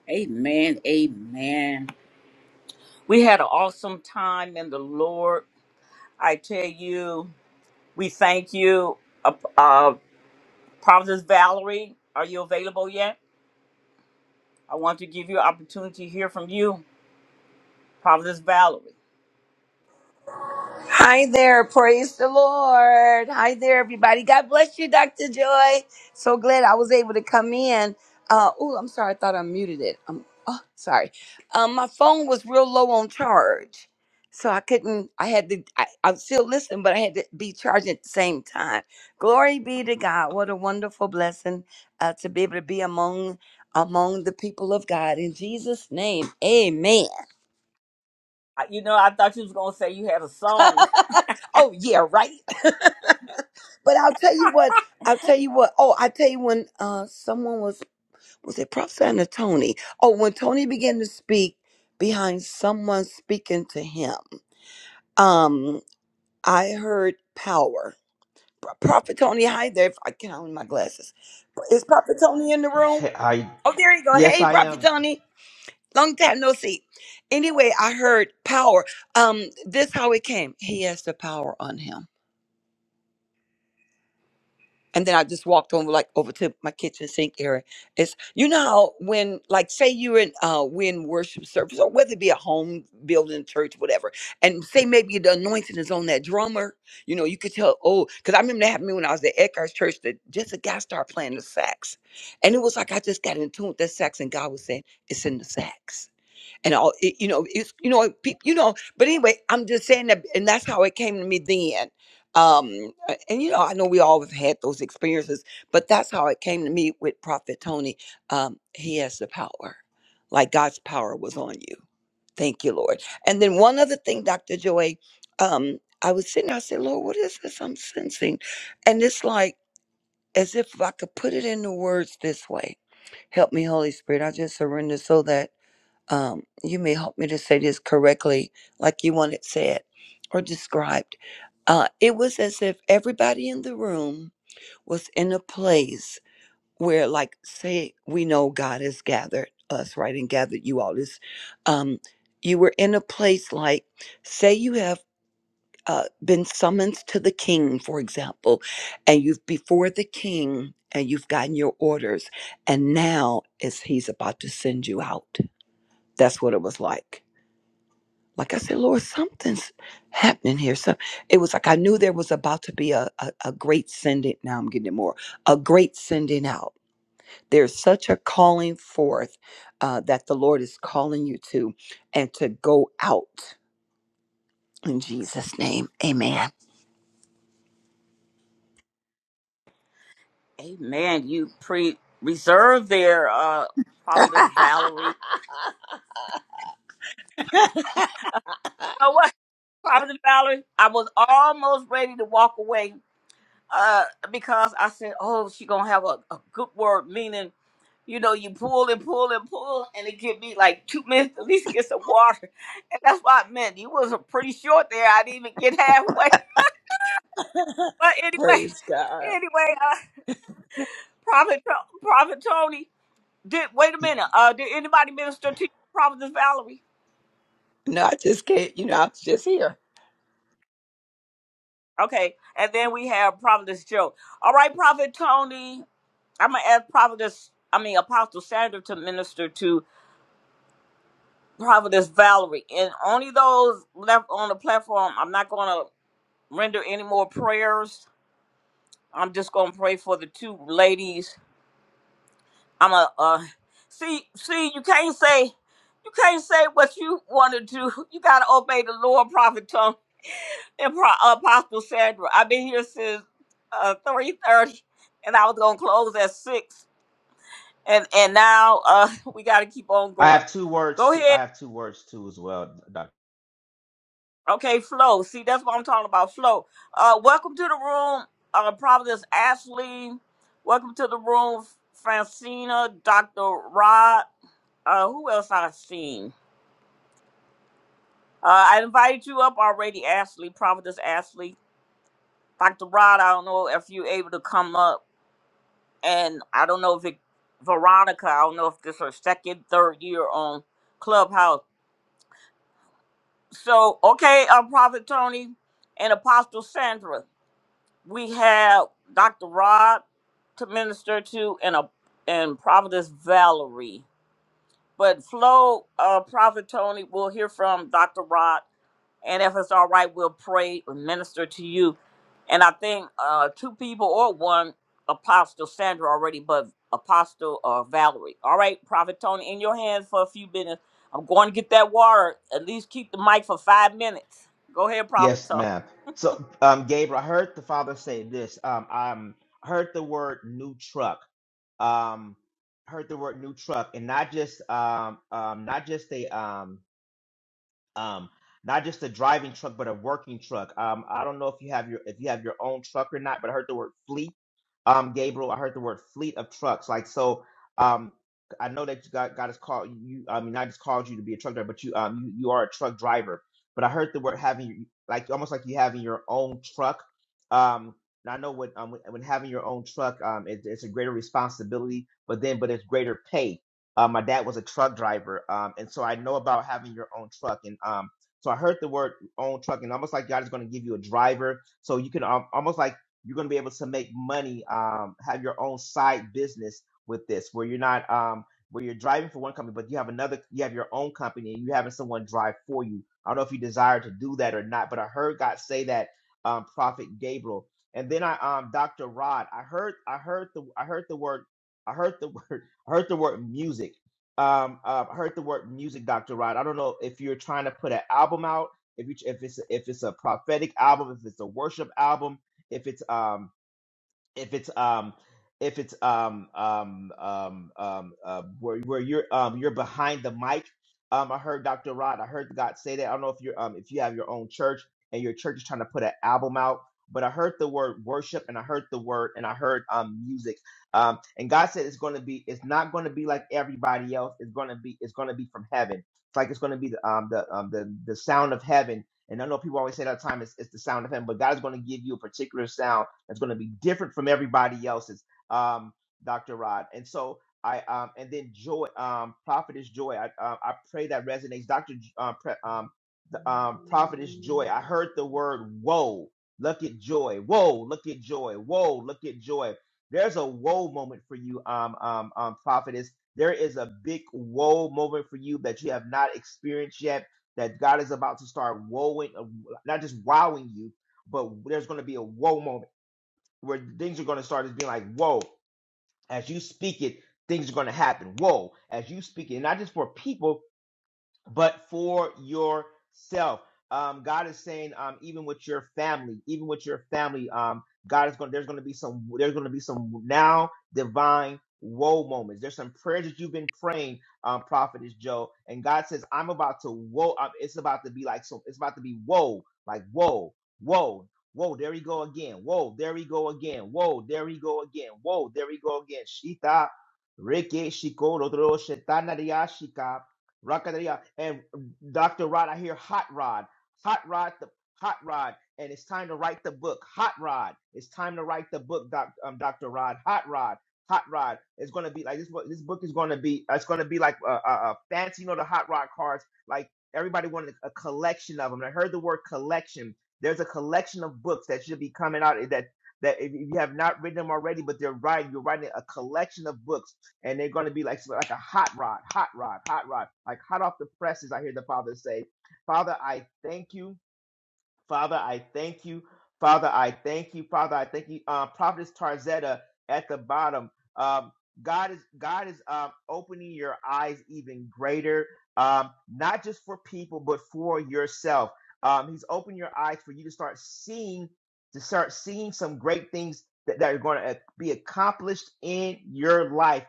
Amen. Amen. We had an awesome time in the Lord. I tell you, we thank you. Uh, uh, Providence Valerie, are you available yet? I want to give you an opportunity to hear from you, Prophetess Valerie. Hi there. Praise the Lord. Hi there, everybody. God bless you, Dr. Joy. So glad I was able to come in. Uh, oh, I'm sorry. I thought I muted it. Um, oh, sorry. Um, my phone was real low on charge. So I couldn't, I had to, I, I'm still listening, but I had to be charging at the same time. Glory be to God. What a wonderful blessing uh, to be able to be among among the people of God. In Jesus' name, amen. I- You know, I thought you was gonna say you had a song. oh yeah, right. but I'll tell you what. I'll tell you what. Oh, I tell you when uh someone was was it prophesying to Tony? Oh, when Tony began to speak behind someone speaking to him, um, I heard power. Pro- Prophet Tony, hi there. If I can not own my glasses. Is Prophet Tony in the room? i Oh, there you go. yes Hey, i Prophet am Tony. Long time no see. Anyway, I heard power. Um, this how it came. He has the power on him and then I just walked on like over to my kitchen sink area. It's you know how when like say you're in uh we in worship service or whether it be a home building church whatever, and say maybe the anointing is on that drummer. You know you could tell oh because I remember that happened to me when I was at Eckhart's church that just a guy started playing the sax, and it was like I just got in tune with that sax and God was saying it's in the sax and all it, you know it's you know it, pe- you know but anyway i'm just saying that and that's how it came to me then um uh, and you know i know we all have had those experiences but that's how it came to me with prophet tony um he has the power like god's power was on you thank you lord and then one other thing dr joy um i was sitting there i said lord what is this i'm sensing and it's like as if i could put it into words this way help me holy spirit i just surrender so that um, you may help me to say this correctly, like you want it said or described. Uh, it was as if everybody in the room was in a place where, like, say, we know God has gathered us, right, and gathered you all. This, um, you were in a place like, say, you have. Uh, been summoned to the king, for example, and you've before the king and you've gotten your orders, and now is he's about to send you out. That's what it was like like I said, Lord, something's happening here. So it was like I knew there was about to be a, a, a great sending. Now I'm getting it more a great sending out. There's such a calling forth uh, that the Lord is calling you to and to go out in Jesus' name. Amen. Amen. You pre reserved there, uh, Prophetess Valerie. Oh, what? Prophetess Valerie, I was almost ready to walk away uh, because I said, oh, she going to have a, a good word, meaning, you know, you pull and pull and pull, and it give me like two minutes to at least get some water. And that's what I meant. You was uh, pretty short there. I didn't even get halfway. But anyway, Praise God. anyway, uh, Prophet, Pro- Prophet Tony, did wait a minute. Uh, did anybody minister to you, Prophetess Valerie? No, I just can't, you know, I was just here. Okay, and then we have Prophetess Joe. All right, Prophet Tony, I'm gonna ask Prophetess, I mean Apostle Sandra to minister to Prophetess Valerie, and only those left on the platform. I'm not gonna render any more prayers. I'm just gonna pray for the two ladies I'm a uh, see see you can't say you can't say what you want to do. You gotta obey the Lord, Prophet Tom and Pro- uh, Apostle Sandra. I've been here since uh, three thirty, and I was gonna close at six, and and now uh, we gotta keep on i going. have two words Go too ahead, i have two words too as well okay, flow. See, that's what I'm talking about, flow. Uh, welcome to the room, uh, Providence Ashley. Welcome to the room, Francina, Doctor Rod. Uh, who else I seen? Uh, I invited you up already, Ashley, Providence Ashley. Dr. Rod, I don't know if you're able to come up. And I don't know if it, Veronica, I don't know if this is her second, third year on Clubhouse. So, okay, uh, Prophet Tony and Apostle Sandra, we have Dr. Rod to minister to and, a, and Providence Valerie. But Flo, uh, Prophet Tony, we'll hear from Dr. Rod and if it's all right, we'll pray and minister to you. And I think uh, two people or one, Apostle Sandra already, but Apostle uh, Valerie. All right, Prophet Tony, in your hands for a few minutes. I'm going to get that water. At least keep the mic for five minutes. Go ahead, Prophet Yes, Tony. ma'am. So, um, Gabriel, I heard the father say this. Um, um, I heard the word new truck. Um, heard the word new truck, and not just um, um, not just a um um, not just a driving truck, but a working truck. Um, I don't know if you have your if you have your own truck or not, but I heard the word fleet. Um, Gabriel, I heard the word fleet of trucks. Like so, um, I know that you got God has called you. I mean, I just called you to be a truck driver, but you um you, you are a truck driver. But I heard the word having like almost like you having your own truck. Um, and I know when um when when having your own truck, um, it, it's a greater responsibility, but then but it's greater pay uh, my dad was a truck driver, um, and so I know about having your own truck. And um, so I heard the word own truck, and almost like God is going to give you a driver, so you can um, almost like you're going to be able to make money, um, have your own side business with this, where you're not um, where you're driving for one company, but you have another, you have your own company, and you're having someone drive for you. I don't know if you desire to do that or not, but I heard God say that, um, Prophet Gabriel. And then I, um, Dr. Rod, I heard, I heard the, I heard the word I heard the word. I heard the word music. Um, uh, I heard the word music, Dr. Rod. I don't know if you're trying to put an album out, if you, if it's if it's a prophetic album, if it's a worship album, if it's um if it's um if it's um um um um uh, where where you're um you're behind the mic. Um, I heard Dr. Rod. I heard God say that. I don't know if you're um if you have your own church and your church is trying to put an album out, but I heard the word worship and I heard the word and I heard um music. Um, and God said it's going to be it's not going to be like everybody else. It's going to be it's going to be from heaven. It's like it's going to be the um the um the the sound of heaven. And I know people always say that all the time it's, it's the sound of heaven, but God's going to give you a particular sound that's going to be different from everybody else's, um, Dr. Rod. And so I, um, and then Joy, um, Prophetess Joy, I, uh, I pray that resonates. Dr. J- Uh, pre, um, the, um, Prophetess Joy, I heard the word whoa. Look at joy. Whoa, look at joy. Whoa, look at joy. There's a whoa moment for you, um, um, um, Prophetess. There is a big whoa moment for you that you have not experienced yet. That God is about to start woeing, uh, not just wowing you, but there's going to be a whoa moment where things are going to start as being like, whoa, as you speak it, things are going to happen. Whoa, as you speak it, and not just for people, but for yourself. Um, God is saying, um, even with your family, even with your family, um, God is going. There's going to be some. There's going to be some now divine woe moments. There's some prayers that you've been praying, um, prophetess Joe, and God says, I'm about to woe. um, It's about to be like so. It's about to be woe, like woe, woe, woe. There we go again. Whoa, there we go again. Whoa, there we go again. Whoa, there we go again. Shita, Ricky, Shiko, Rodro, Shetana, Rakadaya. And Dr. Rod, I hear Hot Rod. Hot Rod, the Hot Rod. And it's time to write the book. Hot Rod. It's time to write the book, doc, um, Dr. Rod. Hot Rod. Hot Rod. It's going to be like this book. This book is going to be, it's going to be like a, a, a fancy, you know, the Hot Rod cards. Like everybody wanted a collection of them. I heard the word collection. There's a collection of books that should be coming out eh, that that if you have not written them already, but they're writing, you're writing a collection of books and they're going to be like so, like a hot rod, hot rod, hot rod, like hot off the presses. I hear the Father say, "Father, I thank you." Father, I thank you. Father, I thank you. Father, I thank you. Uh, Prophetess Tarzetta at the bottom. Um, God is God is um, opening your eyes even greater, um, not just for people, but for yourself. Um, he's opening your eyes for you to start seeing, to start seeing some great things that, that are going to be accomplished in your life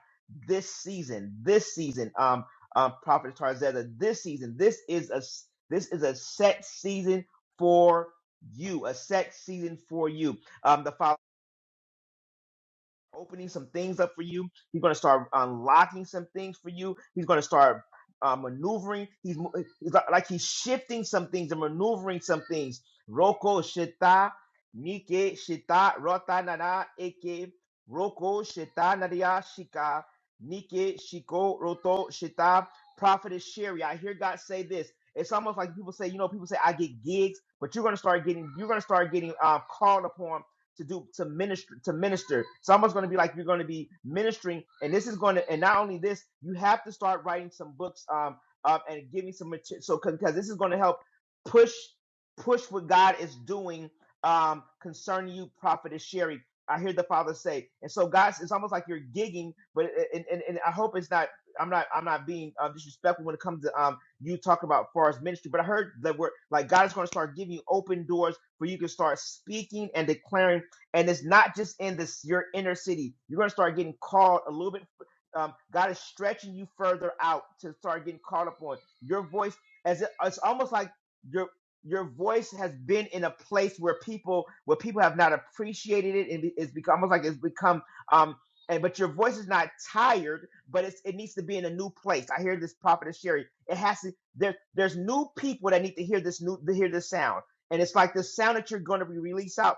this season. This season, um, um, Prophet Tarzetta, this season, this is a s- this is a set season for you, a set season for you. Um, the Father opening some things up for you. He's going to start unlocking some things for you. He's going to start uh, maneuvering. He's, mo- he's li- like he's shifting some things and maneuvering some things. Roko shita nike shita rota nana eke roko shita nadia shika nike shiko roto shita prophetess Sherry. I hear God say this. It's almost like people say, you know, people say I get gigs, but you're going to start getting, you're going to start getting uh, called upon to do to minister to minister. It's almost going to be like you're going to be ministering, and this is going to and not only this, you have to start writing some books um um and giving some material. So because this is going to help push push what God is doing um concerning you, prophetess Sherry. I hear the Father say, and so God, it's almost like you're gigging, but and, and, and I hope it's not. I'm not. I'm not being um, disrespectful when it comes to um you talk about far as ministry, but I heard that we're like God is going to start giving you open doors where you can start speaking and declaring and it's not just in this your inner city. You're going to start getting called a little bit. Um, God is stretching you further out to start getting called upon. Your voice, as it, it's almost like your your voice has been in a place where people where people have not appreciated it, and it's become almost like it's become. Um, and but your voice is not tired, but it's, it needs to be in a new place. I hear this prophet Sherry. It has to. There, there's new people that need to hear this new to hear this sound, and it's like the sound that you're going to be released out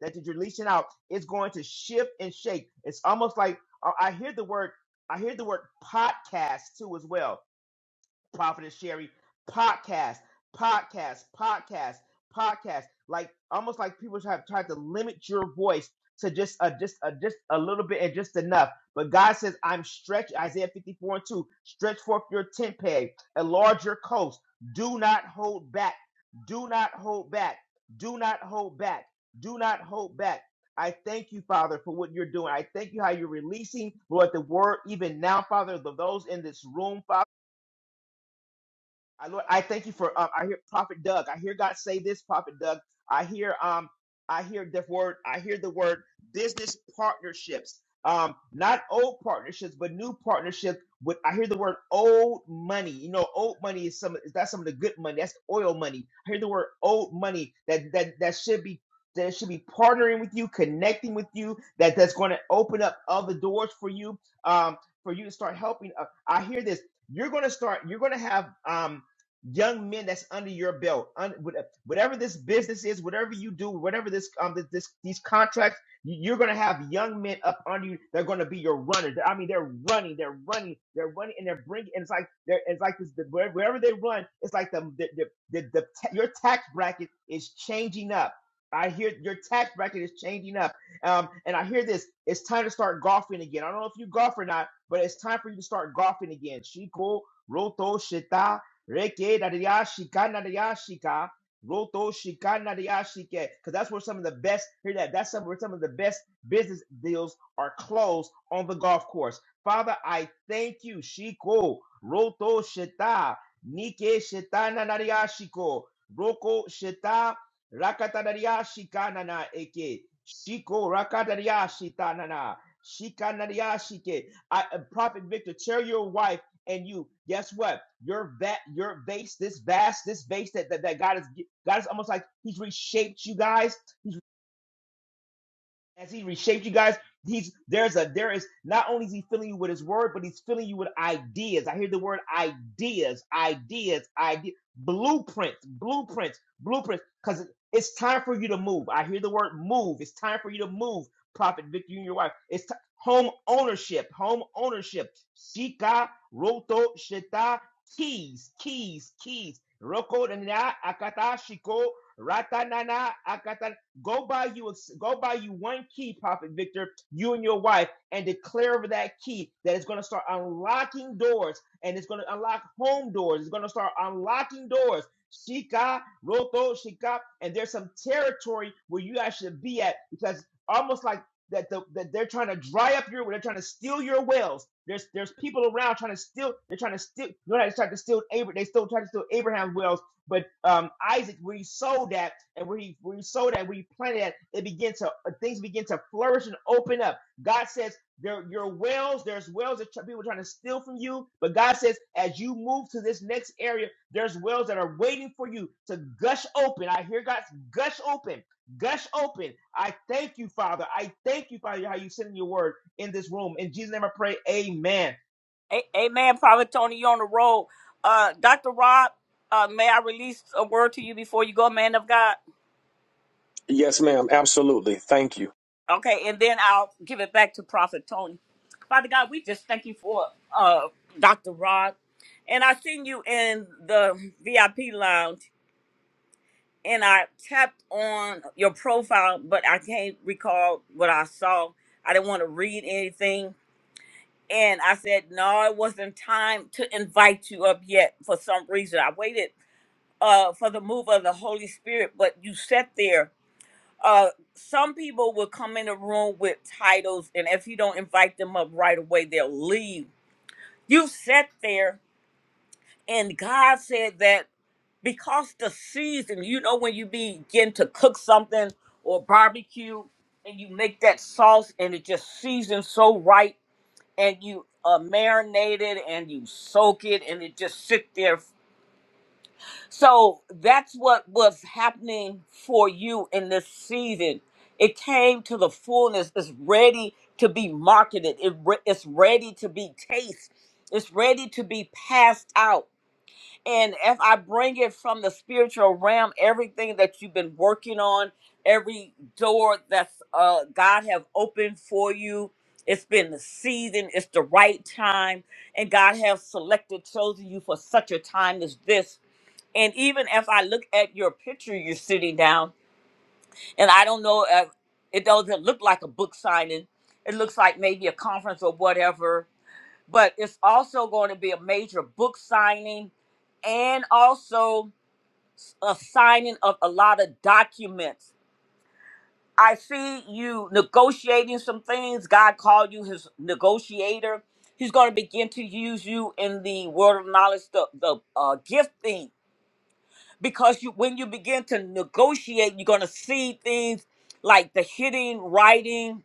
that you're releasing out is going to shift and shake. It's almost like I I hear the word I hear the word podcast too as well Prophetess Sherry podcast, podcast, podcast, podcast. Like almost like people have tried to limit your voice to just a just a just a little bit and just enough. But God says, I'm stretch Isaiah 54 and 2, stretch forth your tent peg, enlarge your coast. Do not hold back. Do not hold back. Do not hold back. Do not hold back. I thank you, Father, for what you're doing. I thank you how you're releasing, Lord, the word even now, Father, of those in this room, Father. I Lord, I thank you for. Uh, I hear Prophet Doug. I hear God say this, Prophet Doug. I hear um, I hear the word. I hear the word business partnerships. Um, not old partnerships, but new partnerships. With I hear the word old money. You know, old money is some. Is that some of the good money? That's oil money. I hear the word old money. That that that should be that should be partnering with you, connecting with you. That that's going to open up other doors for you. Um, for you to start helping. Uh, I hear this. You're going to start. You're going to have. Um, young men that's under your belt un, whatever this business is whatever you do whatever this um this, this these contracts you- are going to have young men up under you they're going to be your runners i mean they're running they're running they're running and they're bringing and it's like they're it's like this the, wherever they run it's like the the, the, the, the ta- your tax bracket is changing up I hear your tax bracket is changing up. Um, and I hear this. It's time to start golfing again. I don't know if you golf or not, but it's time for you to start golfing again. Chico, Roto, Shita, Reke da da Roto shika na Because that's where some of the best, hear that, that's some, where some of the best business deals are closed on the golf course. Father, I thank you. Shiko. Roto sheta, Nike shita na na da Roko shita. Rakata da yashika eke. Shiko rakata da yashita Shika na I, uh, Prophet Victor, tell your wife and you guess what your vet your base this vast this base that, that that god is god is almost like he's reshaped you guys He's as he reshaped you guys he's there's a there is not only is he filling you with his word but he's filling you with ideas i hear the word ideas ideas idea blueprints blueprints blueprints because it's time for you to move i hear the word move it's time for you to move prophet victor you and your wife it's ti- home ownership home ownership shika roto shita keys keys keys roko na akata shiko ratanana akata. Go buy you a, go buy you one key, Prophet Victor, you and your wife, and declare over that key that it's going to start unlocking doors and it's going to unlock home doors. It's going to start unlocking doors. Shika, Roto, Shika, and there's some territory where you guys should be at because almost like that, the, that they're trying to dry up your, they're trying to steal your wells. There's there's people around trying to steal. They're trying to steal. You know, they tried to steal Abraham. They still trying to steal Abraham's wells but um, Isaac, where he sowed that, and where he where he sowed that, where he planted that, it began to uh, things begin to flourish and open up. God says there your wells, there's wells that tr- people are trying to steal from you, but God says as you move to this next area, there's wells that are waiting for you to gush open. I hear God's gush open, gush open. I thank you, Father. I thank you, Father, how you send your word in this room. In Jesus' name, I pray. Amen. A- Amen, Prophet Tony. You're on the road. Uh, Dr. Rob, uh, may I release a word to you before you go, man of God? Yes, ma'am. Absolutely. Thank you. Okay, and then I'll give it back to Prophet Tony. Father God, we just thank you for uh, Dr. Rod. And I seen you in the VIP lounge, and I tapped on your profile, but I can't recall what I saw. I didn't want to read anything. And I said, no, it wasn't time to invite you up yet for some reason. I waited uh, for the move of the Holy Spirit, but you sat there uh some people will come in a room with titles and if you don't invite them up right away they'll leave you sat there and god said that because the season you know when you begin to cook something or barbecue and you make that sauce and it just seasons so right and you uh marinate it and you soak it and it just sit there So that's what was happening for you in this season. It came to the fullness. It's ready to be marketed. It re- it's ready to be tasted. It's ready to be passed out. And if I bring it from the spiritual realm, everything that you've been working on, every door that's uh, God have opened for you, it's been the season. It's the right time, and God have selected, chosen you for such a time as this and even if I look at your picture, you're sitting down, and I don't know if it doesn't look like a book signing. It looks like maybe a conference or whatever, but it's also going to be a major book signing and also a signing of a lot of documents. I see you negotiating some things. God called you his negotiator. He's going to begin to use you in the world of knowledge, the, the uh, gifting because you when you begin to negotiate you're going to see things like the hitting writing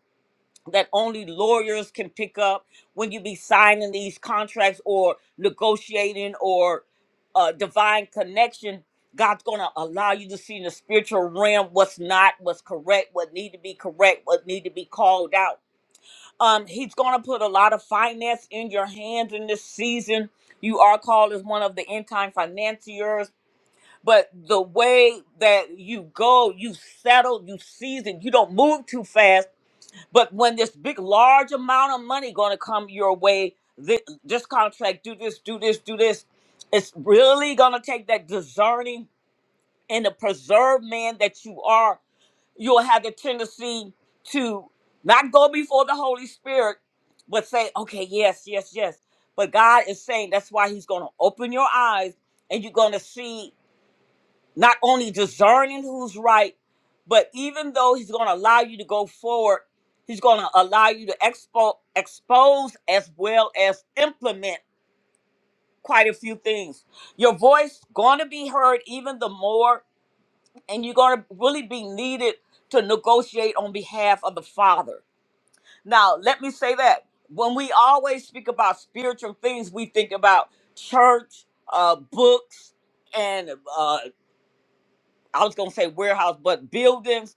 that only lawyers can pick up when you be signing these contracts or negotiating or uh, divine connection god's going to allow you to see in the spiritual realm what's not what's correct what need to be correct what need to be called out um, he's going to put a lot of finance in your hands in this season you are called as one of the end time financiers but the way that you go, you settle, you season, you don't move too fast. But when this big, large amount of money going to come your way, this, this contract, do this, do this, do this, it's really going to take that discerning and the preserved man that you are. You'll have the tendency to not go before the Holy Spirit, but say, okay, yes, yes, yes. But God is saying that's why He's going to open your eyes and you're going to see not only discerning who's right, but even though he's going to allow you to go forward, he's going to allow you to expo- expose as well as implement quite a few things. Your voice going to be heard even the more, and you're going to really be needed to negotiate on behalf of the Father. Now, let me say that when we always speak about spiritual things, we think about church, uh, books, and uh, I was going to say warehouse, but buildings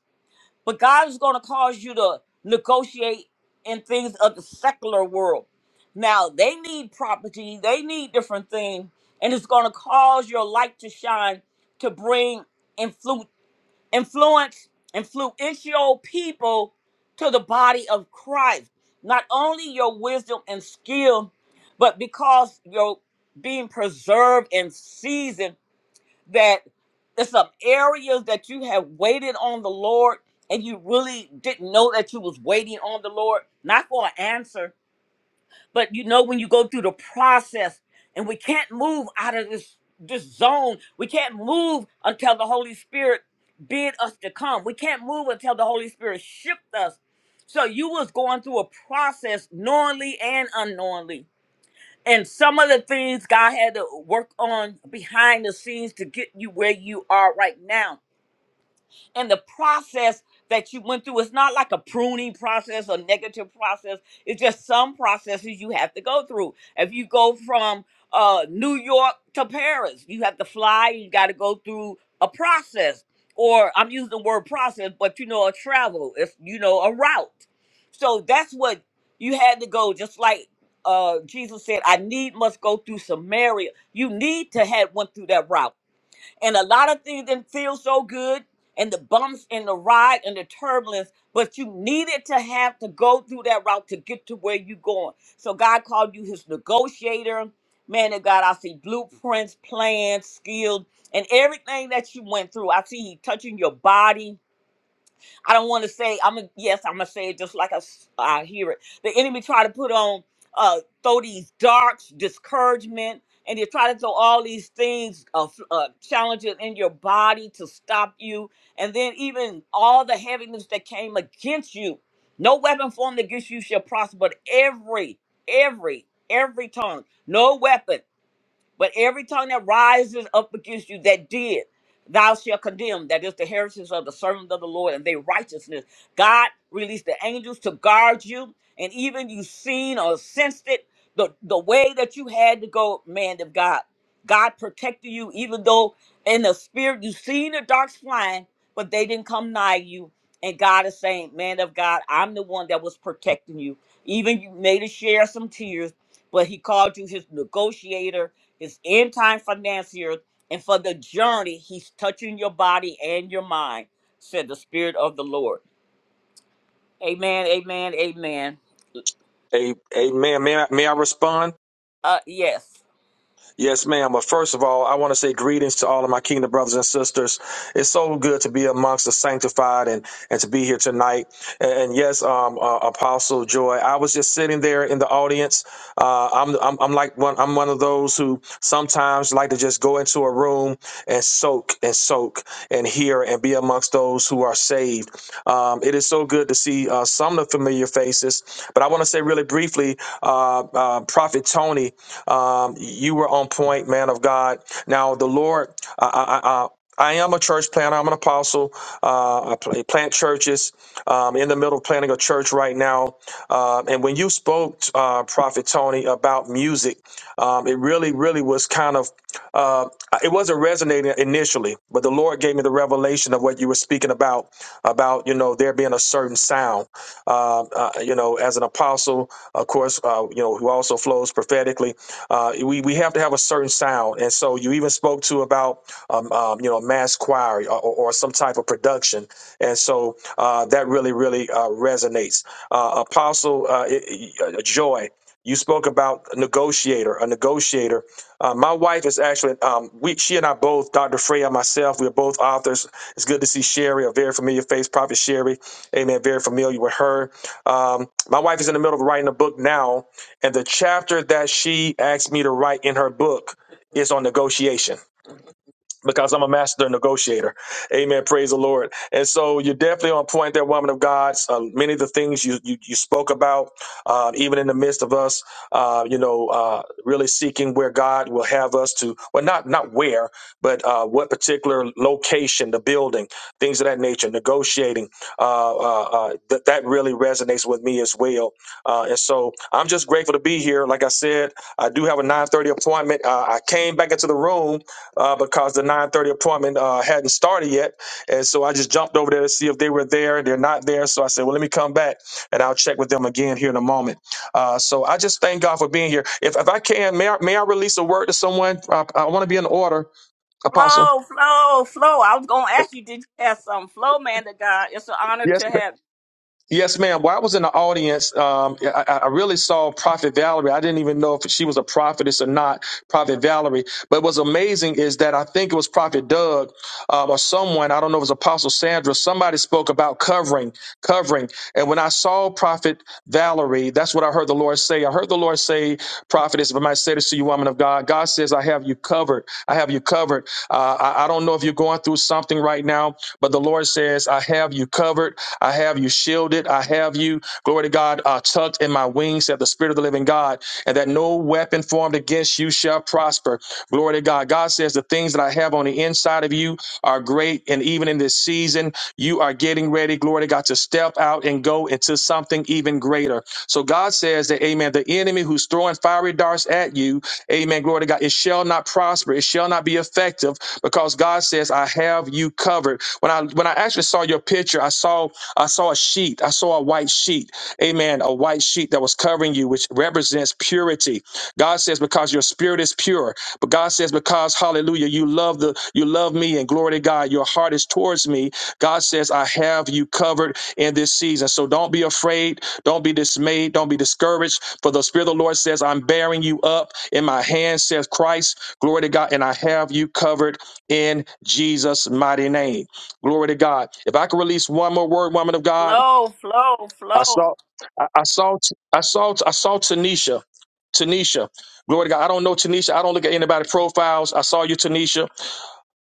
But God is going to cause you to negotiate in things of the secular world. Now, they need property, they need different things, and it's going to cause your light to shine to bring influ- influence, influential people to the body of Christ. Not only your wisdom and skill, but because you're being preserved and seasoned that there's some areas that you have waited on the Lord and you really didn't know that you was waiting on the Lord, not for an answer, but you know when you go through the process and we can't move out of this this zone. We can't move until the Holy Spirit bid us to come. We can't move until the Holy Spirit shipped us. So you was going through a process knowingly and unknowingly and some of the things God had to work on behind the scenes to get you where you are right now and the process that you went through. It's not like a pruning process or negative process. It's just some processes you have to go through. If you go from uh, New York to Paris, you have to fly. You got to go through a process, or I'm using the word process, but you know, a travel. It's you know a route. So that's what you had to go. Just like uh, Jesus said, "I need must go through Samaria." You need to have went through that route and a lot of things didn't feel so good and the bumps and the ride and the turbulence but you needed to have to go through that route to get to where you're going so god called you his negotiator man of god i see blueprints plans skills and everything that you went through i see he touching your body I don't want to say I'm a, yes, I'm gonna say it just like I, s- I hear it. The enemy try to put on uh throw these darts, discouragement, and they try to throw all these things, uh, f- uh challenges in your body to stop you, and then even all the heaviness that came against you. No weapon formed against you shall prosper, but every, every, every tongue, no weapon. But every tongue that rises up against you that did, thou shalt condemn. That is the heritage of the servant of the Lord and their righteousness. God released the angels to guard you, and even you seen or sensed it, the, the way that you had to go, man of God. God protected you, even though in the spirit you seen the darks flying, but they didn't come nigh you. And God is saying, man of God, I'm the one that was protecting you. Even you made us share some tears, but he called you his negotiator his end time financiers, and for the journey he's touching your body and your mind, said the Spirit of the Lord. Amen, amen, amen. A, amen. May I, may I respond? Uh yes. Yes, ma'am. But first of all, I want to say greetings to all of my kingdom brothers and sisters. It's so good to be amongst the sanctified and and to be here tonight. And, yes, um, uh, Apostle Joy, I was just sitting there in the audience. Uh, I'm, I'm I'm like one I'm one of those who sometimes like to just go into a room and soak and soak and hear and be amongst those who are saved. Um, it is so good to see uh, some of the familiar faces. But I want to say really briefly, uh, uh, Prophet Tony, um, you were on point, man of God. Now the Lord. I I, I I am a church planter. I'm an apostle. Uh, I pla- plant churches. Um, in the middle of planting a church right now. Uh, and when you spoke, uh, Prophet Tony, about music, um, it really, really was kind of, uh, it wasn't resonating initially, but the Lord gave me the revelation of what you were speaking about, about, you know, there being a certain sound uh, uh, you know, as an apostle, of course, uh, you know, who also flows prophetically. Uh, we we have to have a certain sound, and so you even spoke to about um, um, you know mass choir or, or or some type of production, and so uh, that really really uh, resonates. Uh, apostle uh, i- i- uh, Joy. You spoke about a negotiator, a negotiator. Uh, my wife is actually, um, we, she and I both, Dr. Freya, myself, we're both authors. It's good to see Sherry, a very familiar face, Prophet Sherry. Amen. Very familiar with her. Um, my wife is in the middle of writing a book now, and the chapter that she asked me to write in her book is on negotiation because I'm a master negotiator. Amen. Praise the Lord. And so you're definitely on point there, woman of God. Uh, many of the things you, you, you spoke about, uh, even in the midst of us, uh, you know, uh, really seeking where God will have us to, well, not, not where, but uh, what particular location, the building, things of that nature, negotiating, uh, uh, uh, that that really resonates with me as well. Uh, and so I'm just grateful to be here. Like I said, I do have a 930 appointment. Uh, I came back into the room uh, because the 9:30 appointment uh, hadn't started yet, and so I just jumped over there to see if they were there. They're not there, so I said, "Well, let me come back and I'll check with them again here in a moment." Uh, so I just thank God for being here. If, if I can, may I, may I release a word to someone? I, I want to be in order, Apostle. Flow, flow, flow. I was gonna ask you, did you have some flow, man to God? It's an honor to have Yes, ma'am. Well, I was in the audience. Um, I, I I really saw Prophet Valerie. I didn't even know if she was a prophetess or not, Prophet Valerie. But what's amazing is that I think it was Prophet Doug uh, or someone, I don't know if it was Apostle Sandra, somebody spoke about covering, covering. And when I saw Prophet Valerie, that's what I heard the Lord say. I heard the Lord say, Prophetess, if I might say this to you, woman of God, God says, I have you covered. I have you covered. Uh, I, I don't know if you're going through something right now, but the Lord says, I have you covered. I have you shielded. I have you, glory to God, uh, tucked in my wings, said the Spirit of the living God, and that no weapon formed against you shall prosper. Glory to God. God says, The things that I have on the inside of you are great. And even in this season, you are getting ready, glory to God, to step out and go into something even greater. So God says that, Amen, the enemy who's throwing fiery darts at you, Amen, glory to God, it shall not prosper. It shall not be effective because God says, "I have you covered." When I when I actually saw your picture, I saw I saw a sheet. I saw a white sheet. Amen. A white sheet that was covering you, which represents purity. God says, "Because your spirit is pure." But God says, "Because Hallelujah, you love the you love me, and glory to God, your heart is towards me." God says, "I have you covered in this season." So don't be afraid. Don't be dismayed. Don't be discouraged. For the Spirit of the Lord says, "I'm bearing you up in my hand," says Christ. Glory to God, and I have you covered in Jesus' mighty name. Glory to God. If I could release one more word, woman of God, flow, flow, I flow. saw, I, I saw, I saw, I saw Tanisha. Tanisha. Glory to God. I don't know Tanisha. I don't look at anybody's profiles. I saw you, Tanisha.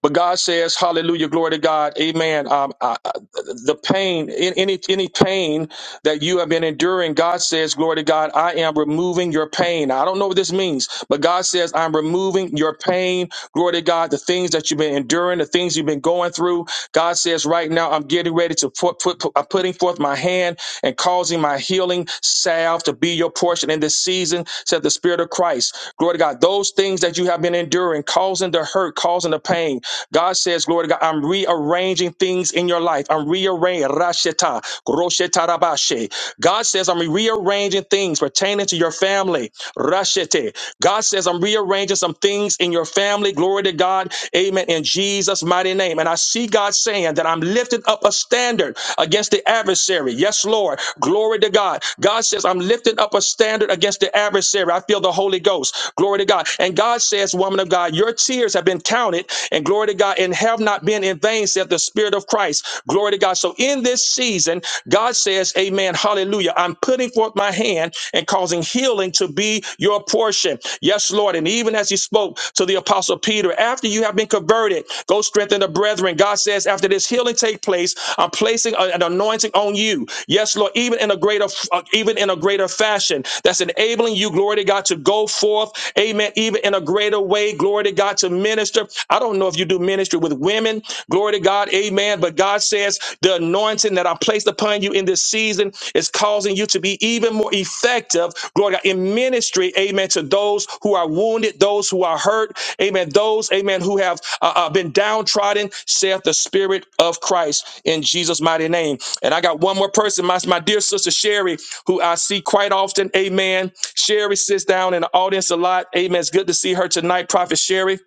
But God says, Hallelujah, glory to God, Amen. Um, I, I, the pain, any any pain that you have been enduring. God says, Glory to God, I am removing your pain. I don't know what this means, but God says, I'm removing your pain. Glory to God, the things that you've been enduring, the things you've been going through. God says, right now, I'm getting ready to put, put, put I'm putting forth my hand and causing my healing salve to be your portion in this season, said the Spirit of Christ. Glory to God, those things that you have been enduring, causing the hurt, causing the pain. God says, Glory to God, I'm rearranging things in your life. I'm rearranging. Rasheta, Grosheta Rabashe. God says, I'm rearranging things pertaining to your family. Rashete. God says, I'm rearranging some things in your family. Glory to God. Amen. In Jesus' mighty name. And I see God saying that I'm lifting up a standard against the adversary. Yes, Lord. Glory to God. God says, I'm lifting up a standard against the adversary. I feel the Holy Ghost. Glory to God. And God says, Woman of God, your tears have been counted, and glory to God, and have not been in vain, said the Spirit. Spirit of Christ. Glory to God. So in this season, God says, Amen, hallelujah. I'm putting forth my hand and causing healing to be your portion. Yes, Lord. And even as he spoke to the apostle Peter, after you have been converted, go strengthen the brethren. God says, after this healing take place, I'm placing a- an anointing on you. Yes, Lord, even in a greater, uh, even in a greater fashion that's enabling you, glory to God, to go forth. Amen. Even in a greater way, glory to God, to minister. I don't know if you do ministry ministry with women. Glory to God. Amen. But God says the anointing that I placed upon you in this season is causing you to be even more effective. Glory to God in ministry. Amen. To those who are wounded, those who are hurt. Amen. Those, amen, who have uh, uh, been downtrodden, saith the Spirit of Christ in Jesus' mighty name. And I got one more person, my, my dear sister Sherry, who I see quite often. Amen. Sherry sits down in the audience a lot. Amen. It's good to see her tonight, Prophet Sherry.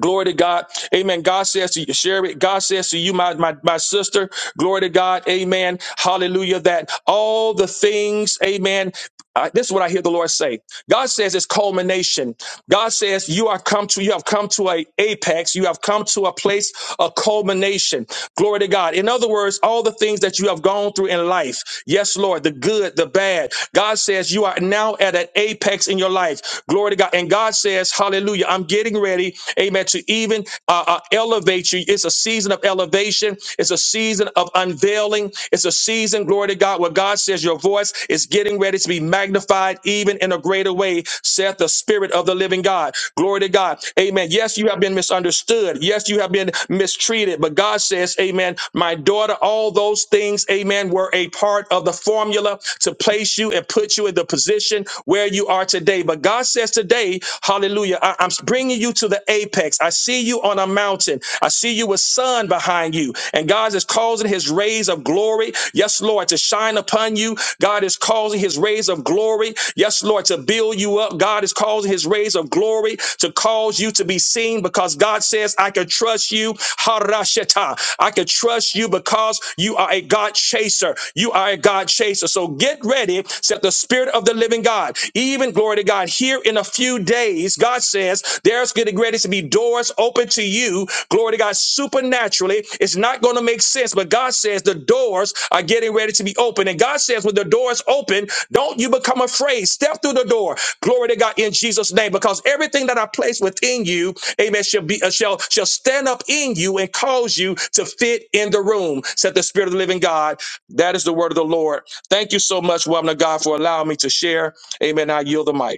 Glory to God. Amen. God says to you, share it. God says to you, my, my, my sister, glory to God. Amen. Hallelujah. That all the things, amen. I- this is what I hear the Lord say. God says it's culmination. God says you are come to you have come to a apex. You have come to a place of culmination. Glory to God. In other words, all the things that you have gone through in life. Yes, Lord, the good, the bad. God says you are now at an apex in your life. Glory to God. And God says, Hallelujah. I'm getting ready, Amen. To even uh, uh, elevate you. It's a season of elevation. It's a season of unveiling. It's a season, glory to God, where God says your voice is getting ready to be magnified even in a greater way, saith the Spirit of the living God. Glory to God. Amen. Yes, you have been misunderstood. Yes, you have been mistreated. But God says, Amen, my daughter, all those things, Amen, were a part of the formula to place you and put you in the position where you are today. But God says today, Hallelujah, I- I'm bringing you to the apex next. I see you on a mountain. I see you with sun behind you. And God is causing his rays of glory, yes, Lord, to shine upon you. God is causing his rays of glory, yes, Lord, to build you up. God is causing his rays of glory to cause you to be seen because God says, I can trust you. Harasheta. I can trust you because you are a God chaser. You are a God chaser. So get ready, said the Spirit of the living God. Even glory to God, here in a few days, God says there's getting ready to be doors open to you. Glory to God, supernaturally. It's not going to make sense, but God says the doors are getting ready to be open. And God says, when the doors open, don't you become afraid. Step through the door. Glory to God in Jesus' name, because everything that I place within you, Amen, shall be uh, shall shall stand up in you and cause you to fit in the room. Said the Spirit of the Living God. That is the word of the Lord. Thank you so much, woman of God, for allowing me to share. Amen. I yield the mic.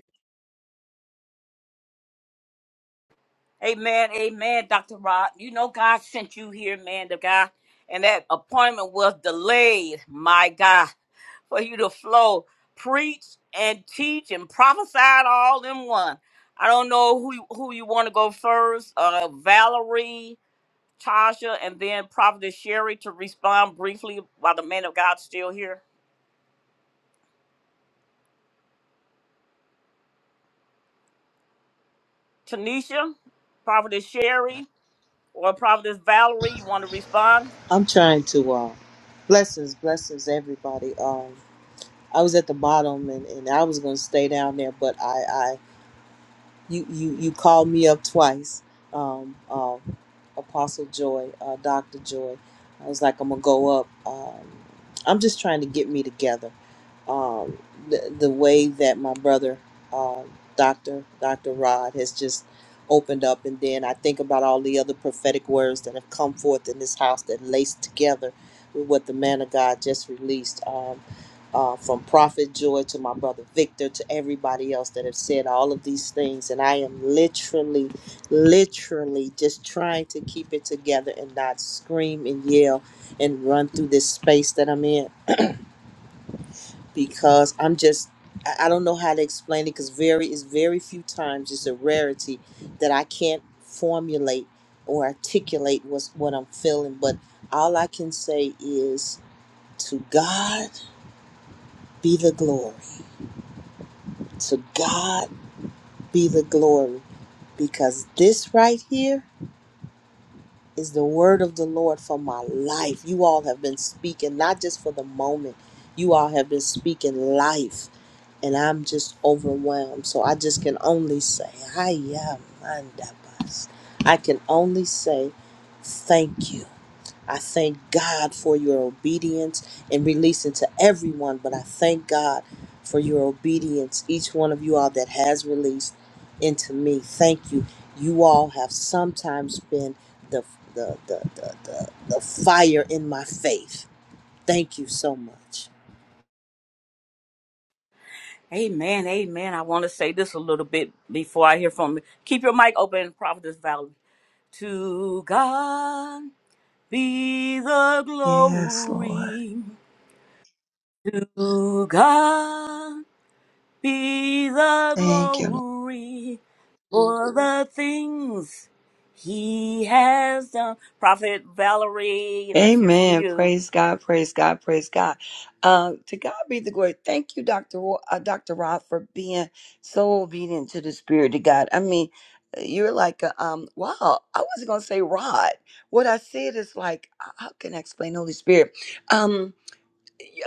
Amen, amen, Dr. Rod. You know God sent you here, man, the guy. And that appointment was delayed, my God, for you to flow, preach and teach and prophesy all in one. I don't know who you, who you want to go first, uh, Valerie, Tasha, and then Prophetess Sherry to respond briefly while the man of God's still here. Tanisha, Prophetess Sherry, or Prophetess Valerie, you want to respond? I'm trying to. Uh, blessings, blessings, everybody. Um, I was at the bottom, and, and I was going to stay down there, but I, you you you called me up twice, um, uh, Apostle Joy, uh, Doctor Joy. I was like, I'm gonna go up. Um, I'm just trying to get me together. Um, the the way that my brother, um Doctor Doctor Rod, has just opened up, and then I think about all the other prophetic words that have come forth in this house that laced together with what the man of God just released. Um, uh, from Prophet Joy to my brother Victor to everybody else that have said all of these things. And I am literally, literally just trying to keep it together and not scream and yell and run through this space that I'm in because I'm just. I I don't know how to explain it because very is very few times it's a rarity that I can't formulate or articulate what's what I'm feeling. But all I can say is to God be the glory. To God be the glory because this right here is the word of the Lord for my life. You all have been speaking, not just for the moment, you all have been speaking life, and I'm just overwhelmed. So I just can only say, I am Mandabas. I can only say, thank you. I thank God for your obedience and releasing to everyone, but I thank God for your obedience, each one of you all that has released into me. Thank you. You all have sometimes been the the the the, the, the fire in my faith. Thank you so much. Amen, amen. I want to say this a little bit before I hear from you. Keep your mic open, Prophetess Valerie. To God be the Yes, Lord. glory. To God be the Thank you. Lord. glory for the things He has done. Prophet Valerie, let's hear from Amen. you. Praise God. Praise God. Praise God. Uh, to God be the glory. Thank you, Dr. Ro- uh, Dr. Rod, for being so obedient to the Spirit of God. I mean, you're like, a, um, wow, I wasn't going to say Rod. What I said is like, uh, how can I explain the Holy Spirit? Um,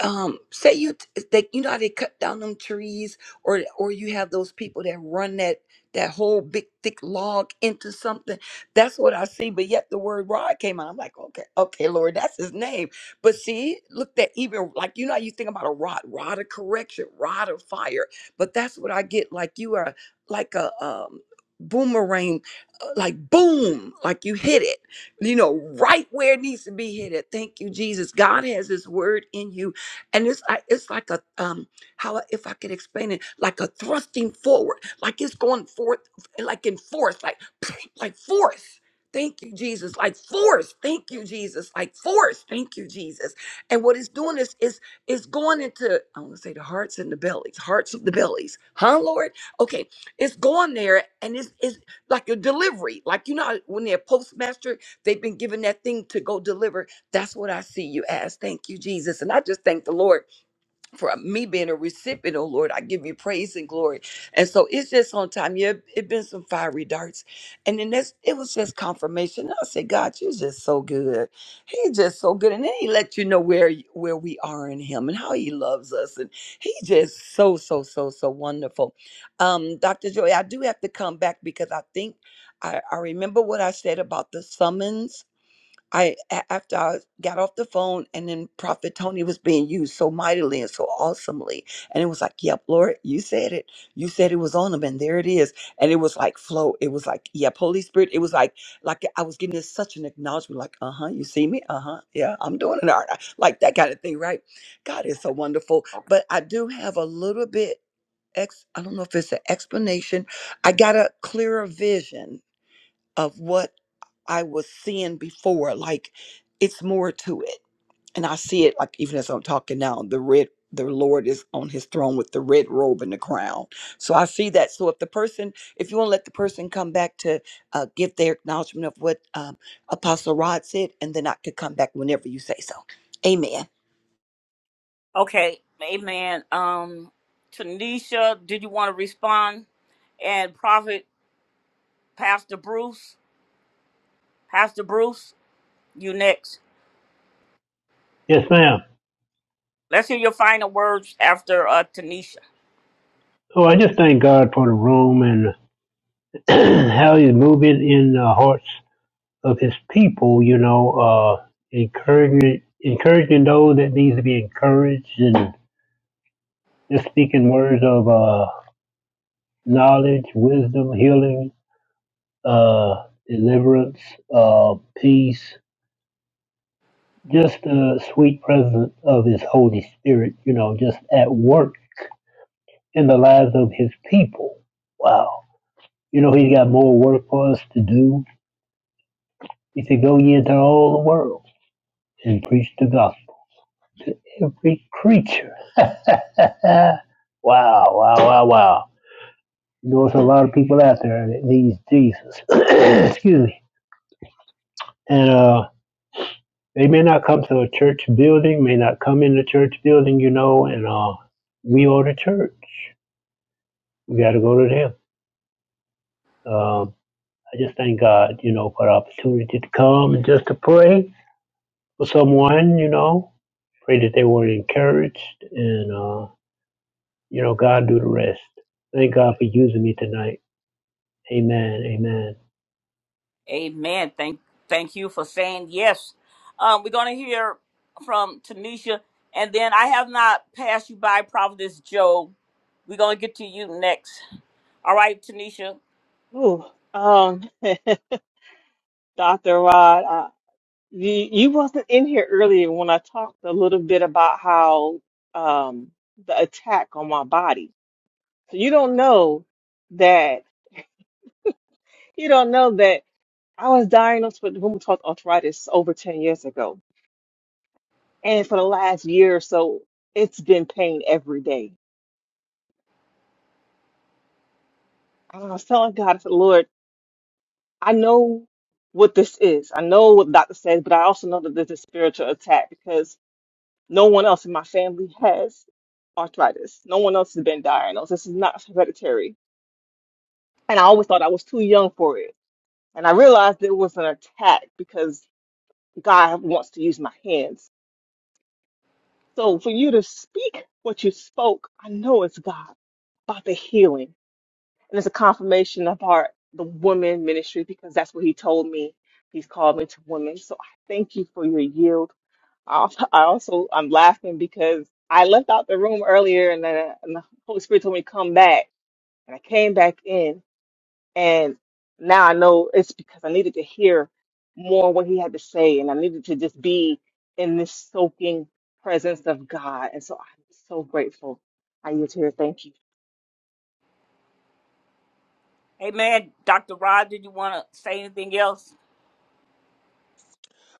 um say you t- they you know how they cut down them trees or or you have those people that run that that whole big thick log into something that's what i see but yet the word rod came out i'm like okay okay lord that's his name but see look that even like you know how you think about a rod rod of correction rod of fire but that's what i get like you are like a um boomerang uh, like boom like you hit it you know, right where it needs to be hit at. Thank you, Jesus. God has His word in you, and it's like it's like a um how I- if I could explain it like a thrusting forward, like it's going forth, like in force, like like force. Thank you, Jesus. Like force. Thank you, Jesus. Like force. Thank you, Jesus. And what it's doing is is is going into I want to say the hearts and the bellies, hearts of the bellies, huh, Lord? Okay, it's going there, and it's it's like a delivery, like you know how when they're postmaster They've been given that thing to go deliver. That's what I see you as. Thank you, Jesus. And I just thank the Lord for me being a recipient, oh Lord. I give you praise and glory. And so it's just on time. Yeah, it been some fiery darts. And then that's it was just confirmation. I said, God, you're just so good. He's just so good. And then he let you know where where we are in him and how he loves us. And he's just so, so, so, so wonderful. Um, Dr. Joy, I do have to come back because I think I, I remember what I said about the summons I a- after I got off the phone and then Prophet Tony was being used so mightily and so awesomely. And it was like, Yep, Lord, you said it. You said it was on him and there it is. And it was like flow. It was like, Yep, Holy Spirit. It was like like I was getting this such an acknowledgement, like, uh-huh, you see me? Uh-huh. Yeah, I'm doing it. All right. Like that kind of thing, right? God is so wonderful. But I do have a little bit ex I don't know if it's an explanation. I got a clearer vision of what I was seeing before. Like it's more to it. And I see it like even as I'm talking now, the red the Lord is on his throne with the red robe and the crown. So I see that. So if the person, if you want to let the person come back to uh, give their acknowledgement of what um, Apostle Rod said, and then I could come back whenever you say so. Amen. Okay, amen. Um, Tanisha, did you want to respond? And Prophet. Pastor Bruce. Pastor Bruce, you next. Yes, ma'am. Let's hear your final words after uh, Tanisha. Oh, I just thank God for the room and how He's moving in the hearts of His people. You know, uh, encouraging encouraging those that need to be encouraged, and just speaking words of uh, knowledge, wisdom, healing, uh, deliverance, uh, peace. Just the sweet presence of His Holy Spirit. You know, just at work in the lives of His people. Wow You know, he's got more work for us to do. He said, Go ye into all the world and preach the gospel to every creature. wow, wow, wow, wow. You know, there's a lot of people out there that needs Jesus. Excuse me. And uh, they may not come to a church building, may not come in the church building, you know, and uh, we are the church. We got to go to them. Um, I just thank God, you know, for the opportunity to come and just to pray for someone, you know, Pray that they were encouraged and, uh, you know, God do the rest. Thank God for using me tonight. Amen. Amen. Amen. Thank thank you for saying yes. Um, we're gonna hear from Tanisha, and then I have not passed you by, Providence Joe. We're gonna get to you next. All right, Tanisha. Ooh, um, Dr. Rod, You, you wasn't in here earlier when I talked a little bit about how um, the attack on my body. So you don't know that you don't know that I was diagnosed with rheumatoid arthritis over 10 years ago. And for the last year or so, it's been pain every day. And I was telling God, I said, Lord, I know what this is. I know what the doctor says, but I also know that there's a spiritual attack because No one else in my family has arthritis. No one else has been diagnosed. This is not hereditary. And I always thought I was too young for it. And I realized it was an attack because God wants to use my hands. So for you to speak what you spoke, I know it's God about the healing. And it's a confirmation of our the women ministry because that's what he told me. He's called me to women. So I thank you for your yield. I I also I'm laughing because I left out the room earlier and then and the Holy Spirit told me to come back and I came back in and now I know it's because I needed to hear more what he had to say and I needed to just be in this soaking presence of God and so I'm so grateful. I yield here. Thank you. Amen. Dr. Rod, did you wanna say anything else?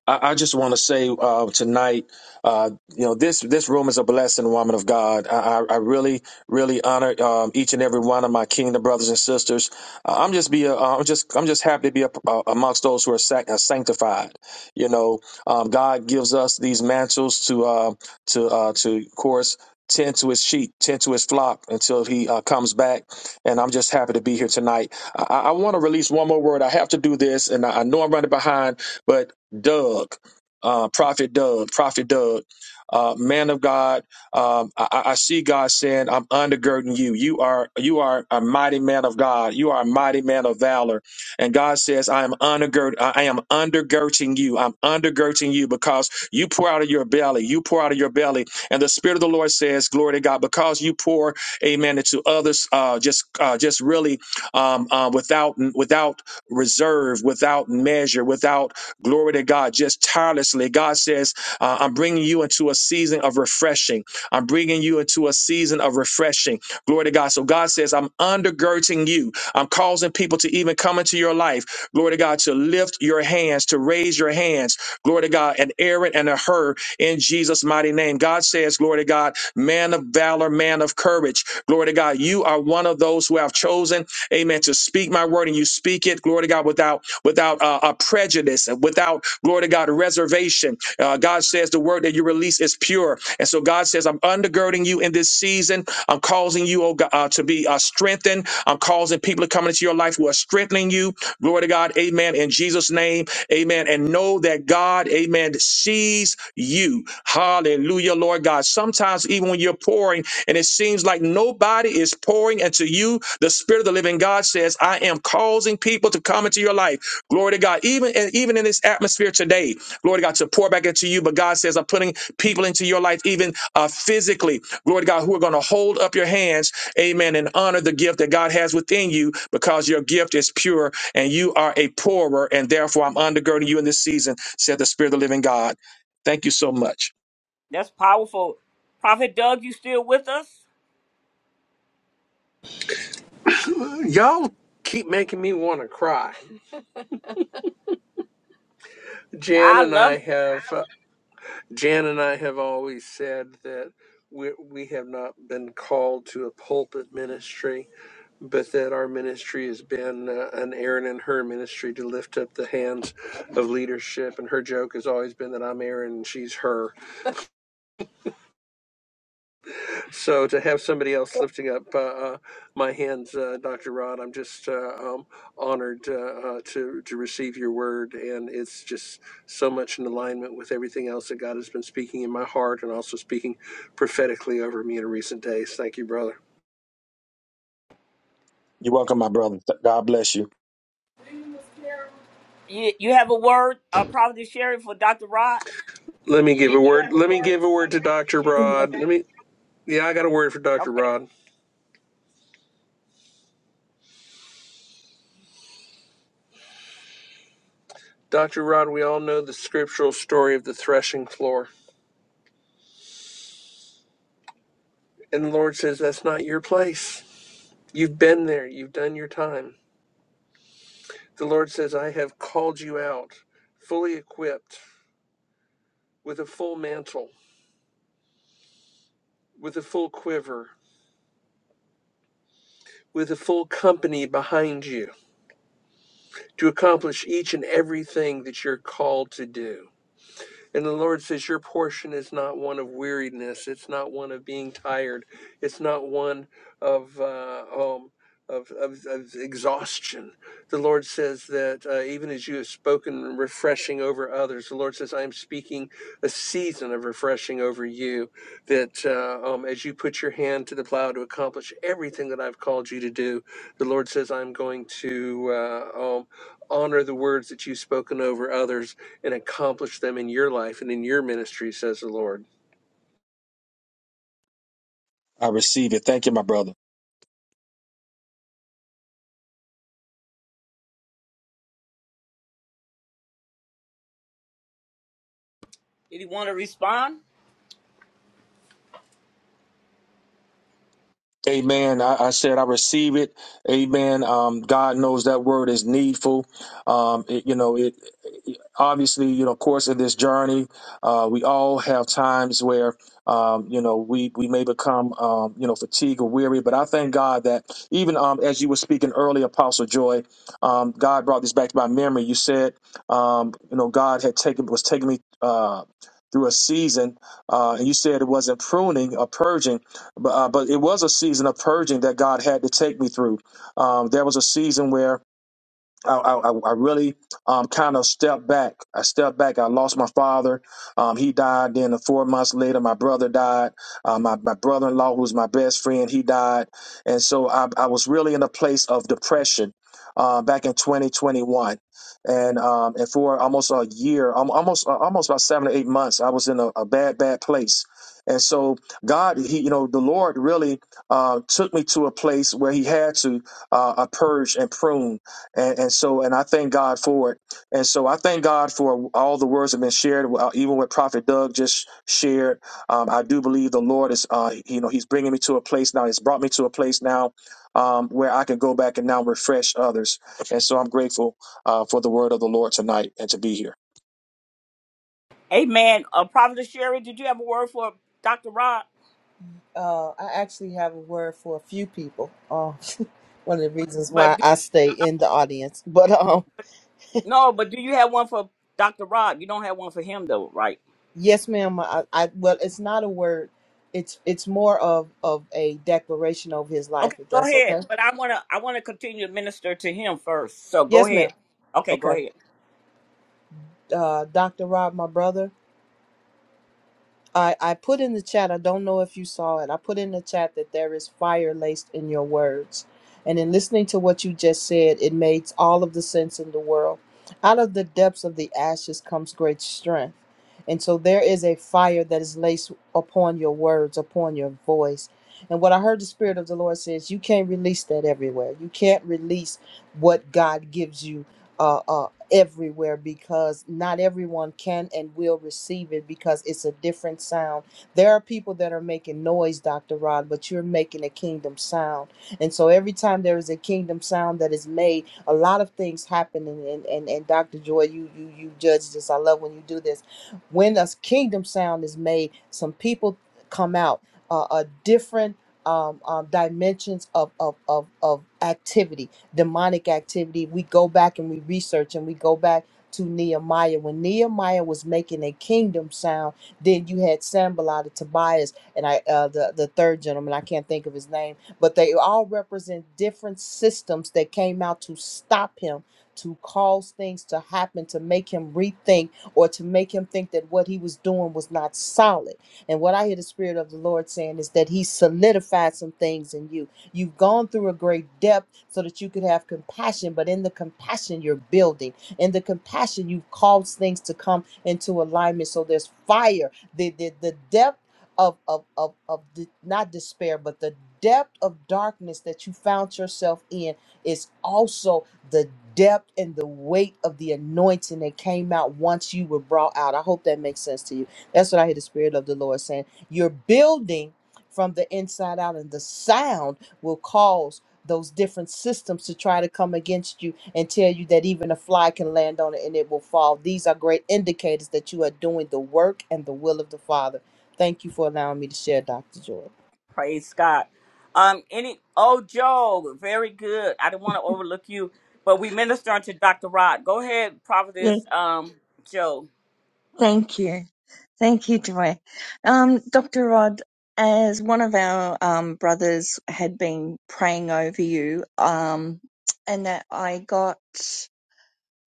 I, I just want to say uh, tonight, uh, you know, this this room is a blessing, woman of God. I, I I really, really honor um, each and every one of my kingdom brothers and sisters. Uh, I'm just be, a, uh, I'm just, I'm just happy to be a, uh, amongst those who are sac- uh, sanctified. You know, um, God gives us these mantles to, uh, to, uh, to, of course. Tend to his sheep, tend to his flock until he uh, comes back. And I'm just happy to be here tonight. I, I want to release one more word. I have to do this, and I, I know I'm running behind, but Doug, uh, Prophet Doug, Prophet Doug, uh, man of God. Um, I, I I see God saying, "I'm undergirding you. You are you are a mighty man of God. You are a mighty man of valor." And God says, "I am undergird. I am undergirding you. I'm undergirding you because you pour out of your belly. You pour out of your belly." And the Spirit of the Lord says, "Glory to God, because you pour, Amen, into others. Uh, just uh, just really um, uh, without without reserve, without measure, without." Glory to God, just tirelessly. God says, uh, I'm bringing you into a season of refreshing. I'm bringing you into a season of refreshing. Glory to God. So God says, I'm undergirding you. I'm causing people to even come into your life. Glory to God, to lift your hands, to raise your hands. Glory to God, and Aaron and a her in Jesus' mighty name. God says, Glory to God, man of valor, man of courage. Glory to God, you are one of those who have chosen, amen, to speak my word and you speak it, glory to God, without without uh, a prejudice and without, glory to God, reservation. Uh, God says the word that you release is pure. And so God says, I'm undergirding you in this season. I'm causing you, oh oh God, uh, to be uh, strengthened. I'm causing people to come into your life who are strengthening you. Glory to God. Amen. In Jesus' name. Amen. And know that God, amen, sees you. Hallelujah, Lord God. Sometimes, even when you're pouring and it seems like nobody is pouring into you, the Spirit of the living God says, I am causing people to come into your life. Glory to God. Even, and even in this atmosphere today, glory to God, to pour back into you. But God says, I'm putting people into your life, even uh, physically, glory to God, who are going to hold up your hands Amen. And honor the gift that God has within you because your gift is pure and you are a pourer. And therefore, I'm undergirding you in this season, said the Spirit of the living God. Thank you so much. That's powerful. Prophet Doug, you still with us? Y'all keep making me want to cry. Jan I and love I it. have. uh, Jan and I have always said that we, we have not been called to a pulpit ministry, but that our ministry has been uh, an Aaron and her ministry to lift up the hands of leadership. And her joke has always been that I'm Aaron and she's her. So to have somebody else lifting up uh, uh, my hands, uh, Dr. Rod, I'm just uh, um, honored uh, uh, to to receive your word, and it's just so much in alignment with everything else that God has been speaking in my heart, and also speaking prophetically over me in recent days. Thank you, brother. You're welcome, my brother. Th- God bless you. You, you have a word, uh, Providence Sherry, for Dr. Rod? Let me give a word. Let me give a word to Dr. Rod. Let me. Yeah, I got a word for Okay. Dr. Rod. Dr. Rod, we all know the scriptural story of the threshing floor, and the Lord says that's not your place. You've been there. You've done your time The Lord says, I have called you out fully equipped with a full mantle, with a full quiver, with a full company behind you to accomplish each and everything that you're called to do. And the Lord says, Your portion is not one of weariness. It's not one of being tired. It's not one of, uh, um, of, of, of exhaustion. The Lord says that uh, even as you have spoken refreshing over others, the Lord says, I am speaking a season of refreshing over you. That uh, um, as you put your hand to the plow to accomplish everything that I've called you to do, the Lord says, I'm going to uh, um, honor the words that you've spoken over others and accomplish them in your life and in your ministry, says the Lord. I receive it. Thank you, my brother. Did he want to respond? Amen. I, I said I receive it. Amen. Um, God knows that word is needful. Um, it- you know, it, obviously, you know, course of this journey, uh, we all have times where um, you know we we may become um, you know fatigued or weary. But I thank God that even um, as you were speaking earlier, Apostle Joy, um, God brought this back to my memory. You said, um, you know, God had taken was taking me. Uh, through a season, uh, and you said it wasn't pruning or purging, but, uh, but it was a season of purging that God had to take me through. Um, there was a season where I, I, I really um, kind of stepped back. I stepped back. I lost my father. Um, he died. Then four months later, my brother died. Uh, my, my brother-in-law, who's my best friend, he died. And so I, I was really in a place of depression uh, back in 2021. And um, and for almost a year, um, almost uh, almost about seven or eight months, I was in a, a bad, bad place. And so God, he, you know, the Lord really uh, took me to a place where He had to uh, uh, purge and prune and, and so and I thank God for it. And so I thank God for all the words that have been shared, uh, even what Prophet Doug just shared. Um, I do believe the Lord is, uh, you know, He's bringing me to a place now. He's brought me to a place now um, where I can go back and now refresh others. And so I'm grateful uh, for the word of the Lord tonight and to be here. Amen. Uh, Prophet Sherry, did you have a word for Dr. Rod? Uh, I actually have a word for a few people. Uh, one of the reasons But why do, I stay in the audience, but um, no, but do you have one for Dr. Rod? You don't have one for him though, right? Yes, ma'am. I, I well, it's not a word. It's it's more of of a declaration of his life, Okay, if go that's ahead. okay. But I wanna I wanna continue to minister to him first. So go Yes, ahead. ma'am. Okay, go Okay. ahead. Uh, Dr. Rob, my brother. I, I put in the chat, I don't know if you saw it. I put in the chat that there is fire laced in your words. And in listening to what you just said, it makes all of the sense in the world. Out of the depths of the ashes comes great strength. And so there is a fire that is laced upon your words, upon your voice. And what I heard the Spirit of the Lord says, you can't release that everywhere. You can't release what God gives you. uh, uh, everywhere because not everyone can and will receive it because it's a different sound. There are people that are making noise, Dr. Rod, but you're making a kingdom sound. And so every time there is a kingdom sound that is made, a lot of things happen and and, and, and Dr. Joy, you you you judge this. I love when you do this. When a kingdom sound is made, some people come out uh, a different um, um, dimensions of, of, of, of activity demonic activity, we go back and we research and we go back to Nehemiah. When Nehemiah was making a kingdom sound, then you had Sambalot, and Tobias, and I uh, the the third gentleman. I can't think of his name, but they all represent different systems that came out to stop him. To cause things to happen, to make him rethink, or to make him think that what he was doing was not solid. And what I hear the Spirit of the Lord saying is that He solidified some things in you You've gone through a great depth so that you could have compassion, but in the compassion, you're building. In the compassion, you've caused things to come into alignment. So there's fire. The, the, the depth of, of, of, of the, not despair, but the depth of darkness that you found yourself in is also the depth and the weight of the anointing that came out once you were brought out. I hope that makes sense to you. That's what I hear the Spirit of the Lord saying. You're building from the inside out, and the sound will cause those different systems to try to come against you and tell you that even a fly can land on it and it will fall. These are great indicators that you are doing the work and the will of the Father. Thank you for allowing me to share, Dr. Joy. Praise God. Um, any oh Joe, very good. I didn't want to overlook you, but we minister unto Dr. Rod. Go ahead, Yes, Prophetess um Joe. thank you. Thank you, Joy. Um, Dr. Rod, as one of our um, brothers had been praying over you, um, and that I got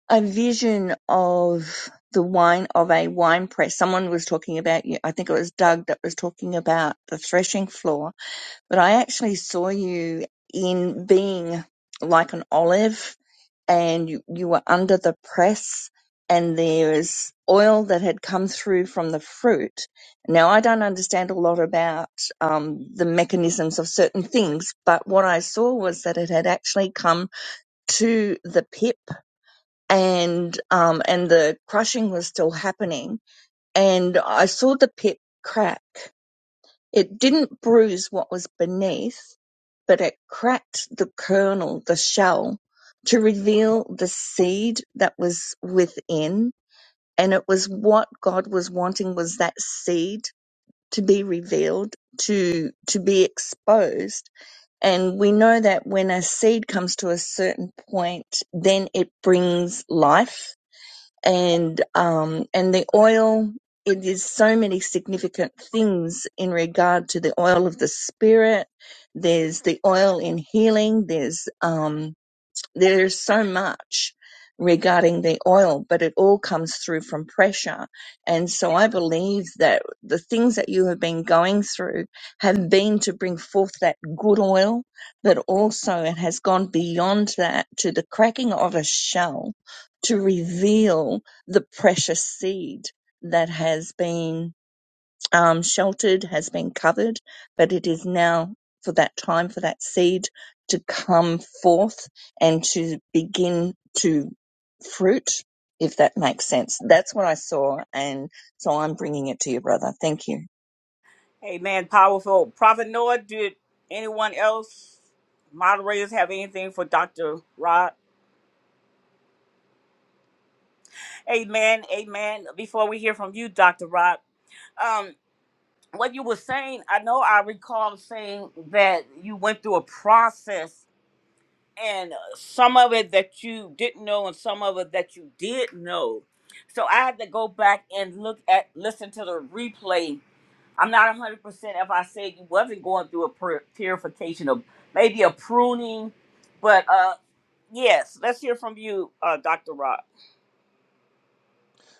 a vision of the wine of a wine press. Someone was talking about you. I think it was Doug that was talking about the threshing floor, but I actually saw you in being like an olive and you, you were under the press and there's oil that had come through from the fruit. Now, I don't understand a lot about um, the mechanisms of certain things, but what I saw was that it had actually come to the pip and, um, and the crushing was still happening. And I saw the pip crack it didn't bruise what was beneath, but it cracked the kernel, the shell, to reveal the seed that was within. And it was what God was wanting was that seed to be revealed, to, to be exposed. And we know that when a seed comes to a certain point, then it brings life and um and the oil it is so many significant things in regard to the oil of the spirit there's the oil in healing there's um there's so much regarding the oil, but it all comes through from pressure. And so I believe that the things that you have been going through have been to bring forth that good oil, but also it has gone beyond that to the cracking of a shell to reveal the precious seed that has been um, sheltered, has been covered, but it is now for that time for that seed to come forth and to begin to fruit, if that makes sense. That's what I saw, and so I'm bringing it to you, brother. Thank you. Amen. Powerful. Prophet Noah, did anyone else, moderators, have anything for Dr. Rod? Amen. Amen. Before we hear from you, Dr. Rod, um, what you were saying, I know I recall saying that you went through a process and uh, some of it that you didn't know and some of it that you did know. So I had to go back and look at, listen to the replay I'm not 100% if I said you wasn't going through a pur- purification of maybe a pruning, but uh yes, let's hear from you, uh Dr. Rock.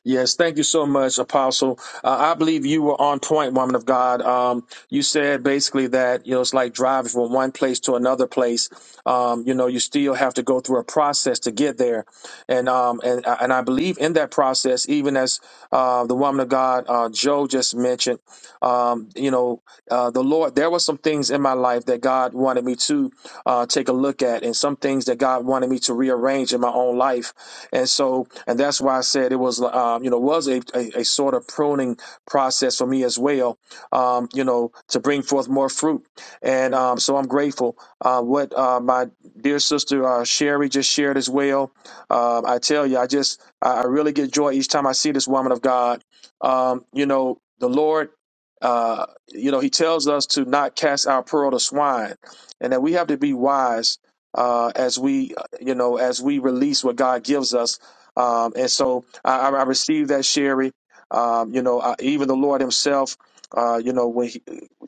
Yes, thank you so much, Apostle. Uh, I believe you were on point, woman of God. Um, you said basically that you know it's like driving from one place to another place. Um, you know, you still have to go through a process to get there, and um, and and I believe in that process, even as uh, the woman of God, uh, Joe, just mentioned. Um, you know uh, the Lord, there were some things in my life that God wanted me to uh, take a look at, and some things that God wanted me to rearrange in my own life, and so, and that's why I said it was, um, you know, was a, a, a sort of pruning process for me as well, um, you know, to bring forth more fruit, and um, so I'm grateful. Uh, what uh, my dear sister uh, Sherry just shared as well, um, I tell you, I just, I I really get joy each time I see this woman of God. Um, you know, the Lord. uh, you know, he tells us to not cast our pearl to swine, and that we have to be wise uh, as we, uh, you know, as we release what God gives us. Um, and so I, I I received that, Sherry. Um, you know, I, even the Lord Himself, uh, you know, when he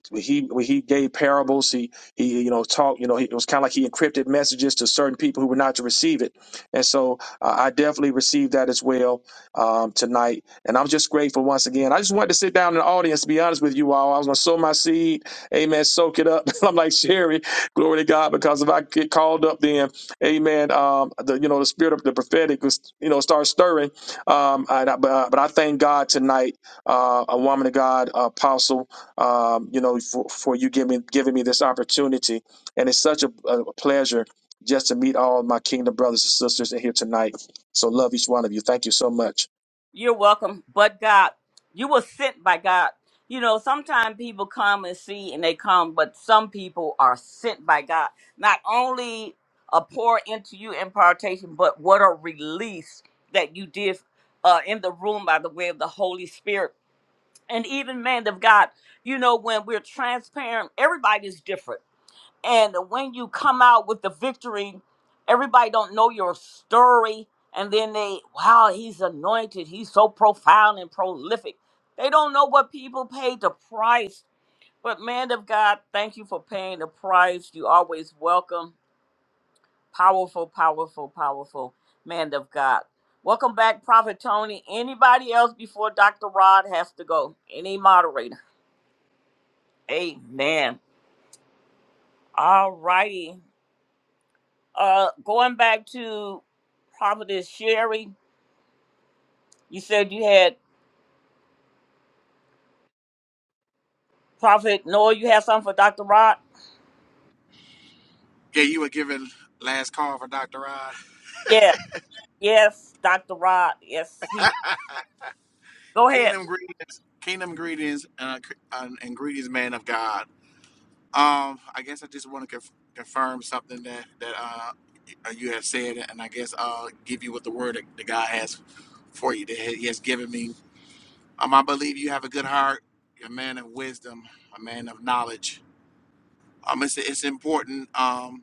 when he when he gave parables, he he you know talked, you know, he, it was kind of like he encrypted messages to certain people who were not to receive it. And so uh, I definitely received that as well um, tonight and I'm just grateful once again. I just wanted to sit down in the audience, to be honest with you all. I was going to sow my seed. Amen. Soak it up. I'm like, Sherry, glory to God, because if I get called up then, amen, um, the, you know, the spirit of the prophetic, was, you know, start stirring. Um, and I, but, uh, but I thank God tonight, uh, a woman of God, apostle, um, you know, for, for you giving, giving me this opportunity. And it's such a, a pleasure just to meet all my kingdom brothers and sisters in here tonight. So love each one of you. Thank you so much. You're welcome. But God, you were sent by God. You know, sometimes people come and see and they come, but some people are sent by God. Not only a pour into you impartation, but what a release that you did uh, in the room by the way of the Holy Spirit. and even man of God, you know, when we're transparent, everybody's different. And when you come out with the victory, everybody don't know your story, and then they, wow, he's anointed, he's so profound and prolific. They don't know what people paid the price. But man of God, thank you for paying the price. You always welcome. Powerful, powerful, powerful man of God. Welcome back, Prophet Tony. Anybody else before Dr. Rod has to go? Any moderator? Amen. All righty. Uh, going back to Prophetess Sherry, you said you had Prophet Noah. You had something for Dr. Rod? Yeah, you were given last call for Dr. Rod. Yes, yes, Dr. Rod. Yes, he. Go ahead. Kingdom greet, kingdom greetings, uh, c- uh, and greetings, man of God. Um, I guess I just want to conf- confirm something that that uh uh, you have said, and I guess I'll give you what the word that God has for you that He has given me. Um, I believe you have a good heart. You're a man of wisdom, a man of knowledge. Um, it's it's important um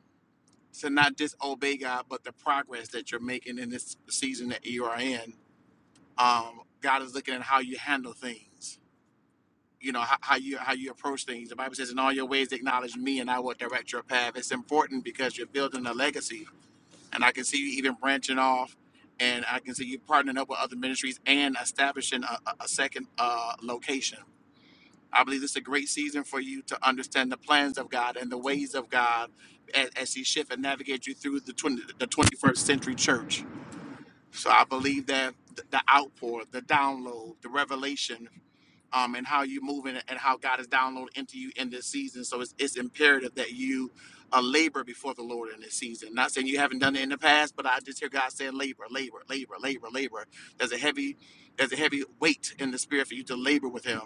to not disobey God, but the progress that you're making in this season that you are in. um, God is looking at how you handle things. You know how, how you how you approach things. The Bible says, "In all your ways, acknowledge me, and I will direct your path." It's important because you're building a legacy, and I can see you even branching off, and I can see you partnering up with other ministries and establishing a, a a second uh, location. I believe this is a great season for you to understand the plans of God and the ways of God as, as He shift and navigate you through the 20, the 21st century church. So I believe that th- the outpour, the download, the revelation um, and how you're moving and how God is downloading into you in this season. So it's, it's imperative that you uh, labor before the Lord in this season. Not saying you haven't done it in the past, but I just hear God saying labor, labor, labor, labor, labor. There's a heavy, there's a heavy weight in the spirit for you to labor with Him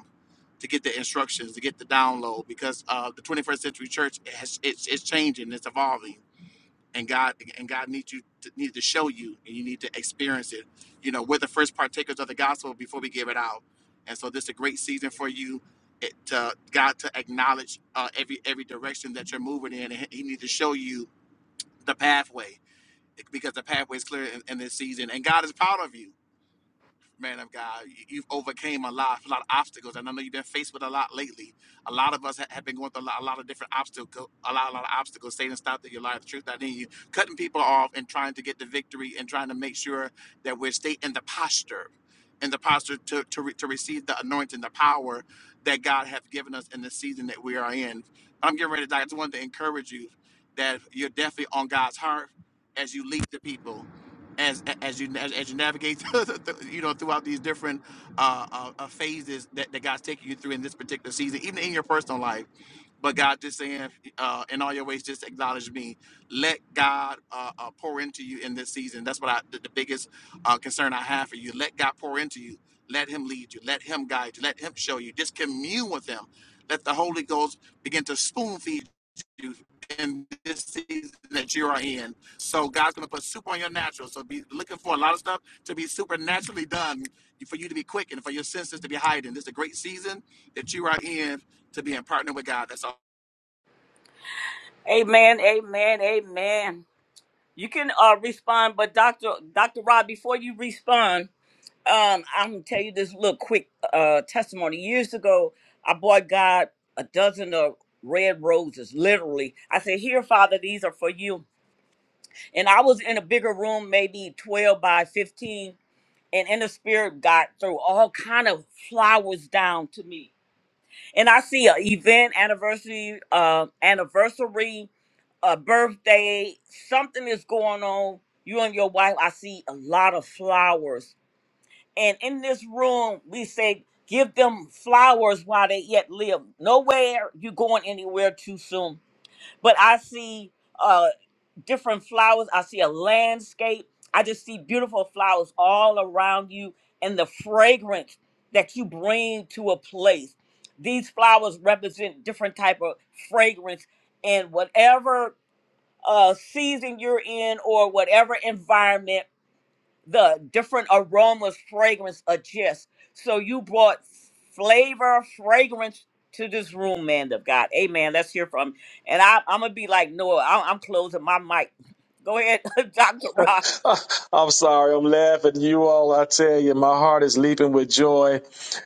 to get the instructions, to get the download, because uh, the 21st century church has, it's, it's changing, it's evolving and God and God needs you to, needs to show you, and you need to experience it. You know, we're the first partakers of the gospel before we give it out, and so this is a great season for you. It, to, God to acknowledge uh, every every direction that you're moving in, and He needs to show you the pathway because the pathway is clear in, in this season, and God is proud of you man of God. You- You've overcame a lot, a lot of obstacles, and I know you've been faced with a lot lately. A lot of us ha- have been going through a lot, a lot of different obstacles, a lot, a lot of obstacles. Satan stopped at your life, the truth not in you, cutting people off and trying to get the victory and trying to make sure that we stay in the posture, in the posture to to, re- to receive the anointing, the power that God has given us in the season that we are in. I'm getting ready to die. I just wanted to encourage you that you're definitely on God's heart as you lead the people as as you as, as you navigate you know throughout these different uh, uh uh, phases that, that god's taking you through in this particular season even in your personal life but god just saying uh in all your ways just acknowledge me let god uh, uh pour into you in this season that's what i the, the biggest uh concern i have for you let god pour into you let him lead you let him guide you let him show you just commune with him let the holy ghost begin to spoon feed you in this season that you are in so God's gonna put super on your natural. So be looking for a lot of stuff to be supernaturally done for you to be quick and for your senses to be heightened. This is a great season that you are in to be in partner with God. That's all. Amen. Amen. Amen. You can uh respond, but Dr. Dr. Rod, before you respond, um, I'm gonna tell you this little quick uh testimony. Years ago, I bought God a dozen of red roses. Literally, I said, "Here, Father, these are for you." And I was in a bigger room, maybe 12 by 15, and in the spirit God threw all kind of flowers down to me. And I see an event, anniversary, uh, anniversary, a birthday, something is going on. You and your wife, I see a lot of flowers. And in this room, we say, give them flowers while they yet live. Nowhere you going anywhere too soon. But I see uh, different flowers. I see a landscape. I just see beautiful flowers all around you and the fragrance that you bring to a place. These flowers represent different type of fragrance and whatever uh, season you're in or whatever environment the different aromas, fragrance, a gist. So you brought flavor, fragrance to this room, man of God. Amen. Let's hear from. And I, I'm gonna be like Noah. I, I'm closing my mic. Go ahead, Doctor Rock. I'm sorry, I'm laughing. You all, I tell you, my heart is leaping with joy.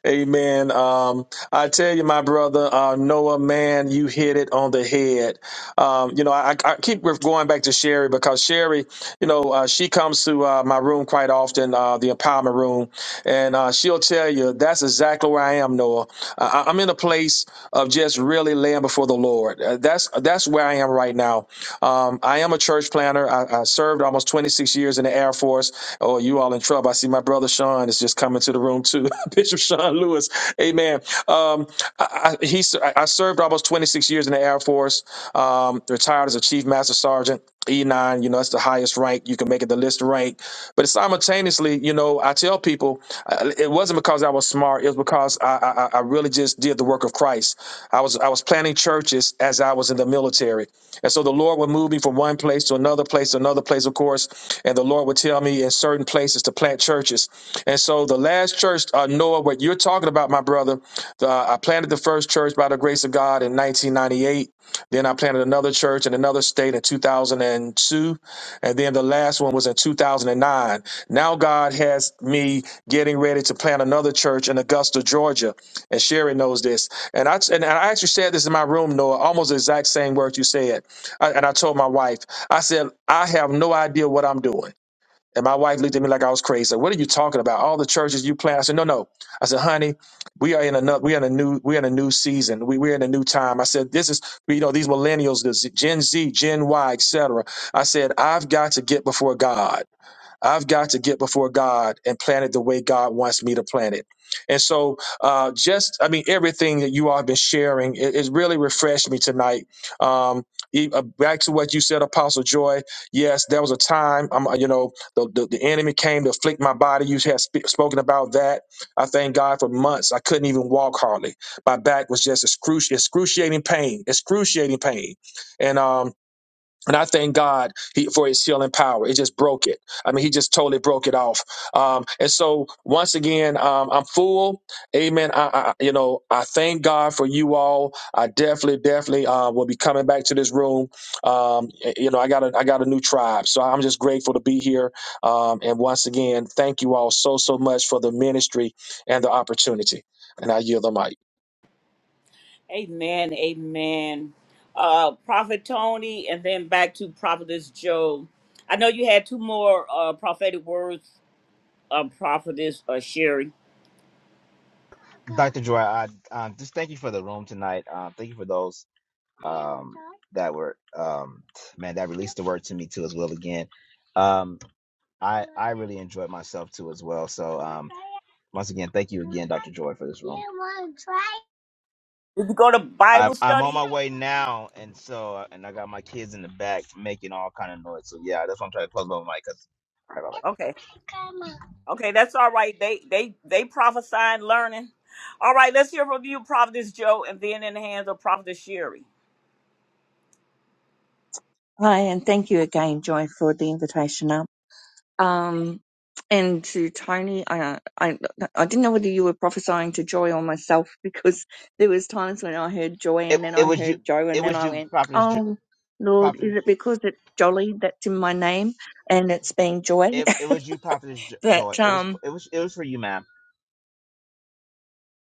Amen. Um, I tell you, my brother uh, Noah, man, you hit it on the head. Um, you know, I, I keep going back to Sherry because Sherry, you know, uh, she comes to uh, my room quite often, uh, the empowerment room, and uh, she'll tell you that's exactly where I am, Noah. I, I'm in a place of just really laying before the Lord. Uh, that's that's where I am right now. Um, I am a church planner. I, I served almost 26 years in the Air Force. Oh, you all in trouble. I see my brother Sean is just coming to the room too. Bishop Sean Lewis. Amen. Um, I, I, he, s- I I served almost 26 years in the Air Force, um, retired as a Chief Master Sergeant, E9. You know, that's the highest rank. You can make it the list rank. But simultaneously, you know, I tell people uh, it wasn't because I was smart. It was because I, I, I I really just did the work of Christ. I was I was planning churches as I was in the military. And so the Lord would move me from one place to another place, to another place, of course. And the Lord would tell me in certain places to plant churches. And so the last church, uh, Noah, what you're talking about, my brother, the, I planted the first church by the grace of God in 1998. Then I planted another church in another state in 2002. And then the last one was in 2009. Now God has me getting ready to plant another church in Augusta, Georgia. And Sherry knows this. And I, and I actually said this in my room, Noah, almost the exact same words you said I, and I told my wife, I said, I have no idea what I'm doing. And my wife looked at me like I was crazy. Like, what are you talking about? All the churches you plant. I said, no, no. I said, honey, we are in another, we're in a new, we're in a new season. We, we're in a new time. I said, this is, you know, these millennials, this Gen Z, Gen Y, etc. I said, I've got to get before God. I've got to get before God and plan it the way God wants me to plan it. And so, uh, just I mean, everything that you all have been sharing, it, it really refreshed me tonight. Um, e- uh, back to what you said, Apostle Joy. Yes, there was a time, um, you know, the, the, the enemy came to afflict my body. You had sp- spoken about that. I thank God for months. I couldn't even walk hardly. My back was just excruci- excruciating pain, excruciating pain. And um, and I thank God he, for his healing power. It just broke it. I mean, he just totally broke it off. Um, and so once again, um, I'm full. Amen. I, I, you know, I thank God for you all. I definitely, definitely, uh, will be coming back to this room. Um, you know, I got a, I got a new tribe. So I'm just grateful to be here. Um, and once again, thank you all so, so much for the ministry and the opportunity. And I yield the mic. Amen. Amen. Uh, Prophet Tony, and then back to Prophetess Joe. I know you had two more uh, prophetic words, uh, Prophetess uh, Sherry. Dr. Joy, I uh, just thank you for the room tonight. Uh, thank you for those. um that were um man that released the word to me too as well again um i i really enjoyed myself too as well so um once again thank you again dr joy for this room Did you go to i'm, Bible I'm on study? my way now and so uh, and i got my kids in the back making all kind of noise so yeah that's why i'm trying to close my mic because Okay. Okay, that's all right. They they they prophesying learning. All right, let's hear from you, Prophetess Joe, and then in the hands of Prophetess Sherry. Hi, and thank you again, Joy, for the invitation. up. Um, and to Tony, I, I, I didn't know whether you were prophesying to Joy or myself because there was times when I heard Joy it, and then it I was you heard Joe and it then was I you went, prophetess Jo- oh Lord, prophetess is it because it's Jolly that's in my name and it's being Joy? it, it was you prophetess Jo- joy But it was um, it was it was for you ma'am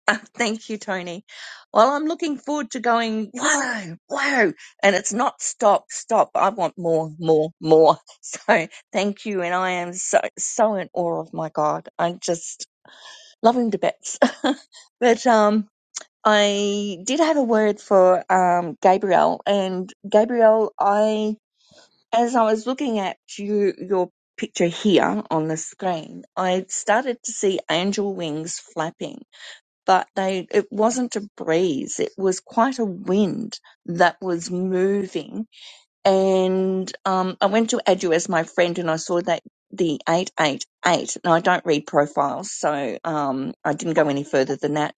thank you, Tony. Well, I'm looking forward to going. Whoa, whoa, and it's not stop, stop. I want more, more, more. So thank you, and I am so so in awe of my God. I just love him to bits. but um, I did have a word for um, Gabriel, and Gabriel, I as I was looking at you, your picture here on the screen, I started to see angel wings flapping, but they it wasn't a breeze; it was quite a wind that was moving and um, I went to Edu as my friend, and I saw that the eight eight eight. Now I don't read profiles, so um, I didn't go any further than that.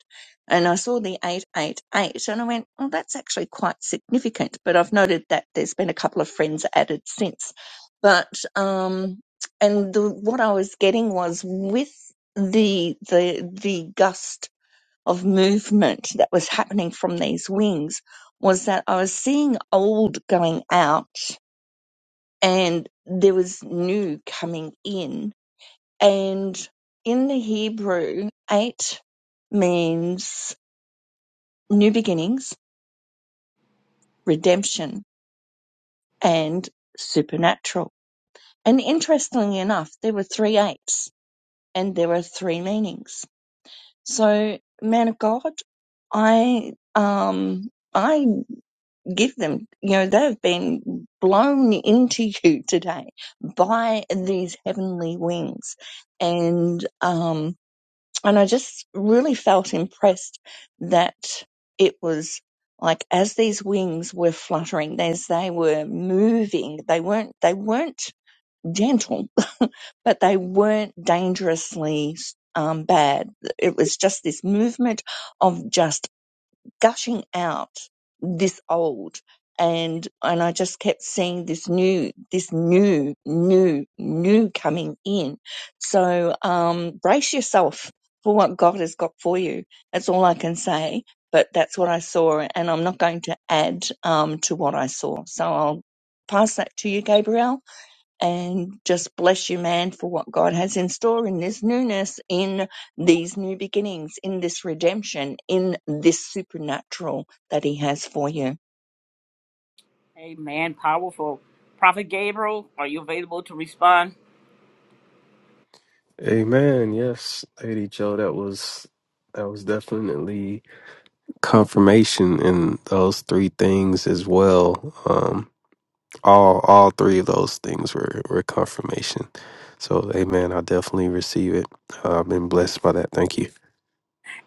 And I saw the eight eight eight, and I went, "Oh, that's actually quite significant." But I've noted that there's been a couple of friends added since. But um, and the, what I was getting was with the the the gust of movement that was happening from these wings was that I was seeing old going out and there was new coming in. And in the Hebrew, eight means new beginnings, redemption, and supernatural. And interestingly enough, there were three eights and there were three meanings. So, man of God, I, um, I give them. You know, they've been blown into you today by these heavenly wings. And, um, and I just really felt impressed that it was like as these wings were fluttering, as they were moving, they weren't, they weren't gentle, but they weren't dangerously um, bad. It was just this movement of just gushing out this old and and I just kept seeing this new this new new new coming in so um brace yourself for what God has got for you that's all I can say but that's what I saw and I'm not going to add um to what I saw so I'll pass that to you Gabriel and just bless you, man, for what God has in store in this newness, in these new beginnings, in this redemption, in this supernatural that He has for you. Amen. Powerful. Prophet Gabriel, are you available to respond? Amen. Yes, Lady Joe, that was that was definitely confirmation in those three things as well. all all three of those things were were confirmation. So amen. I definitely receive it. Uh, I've been blessed by that. Thank you.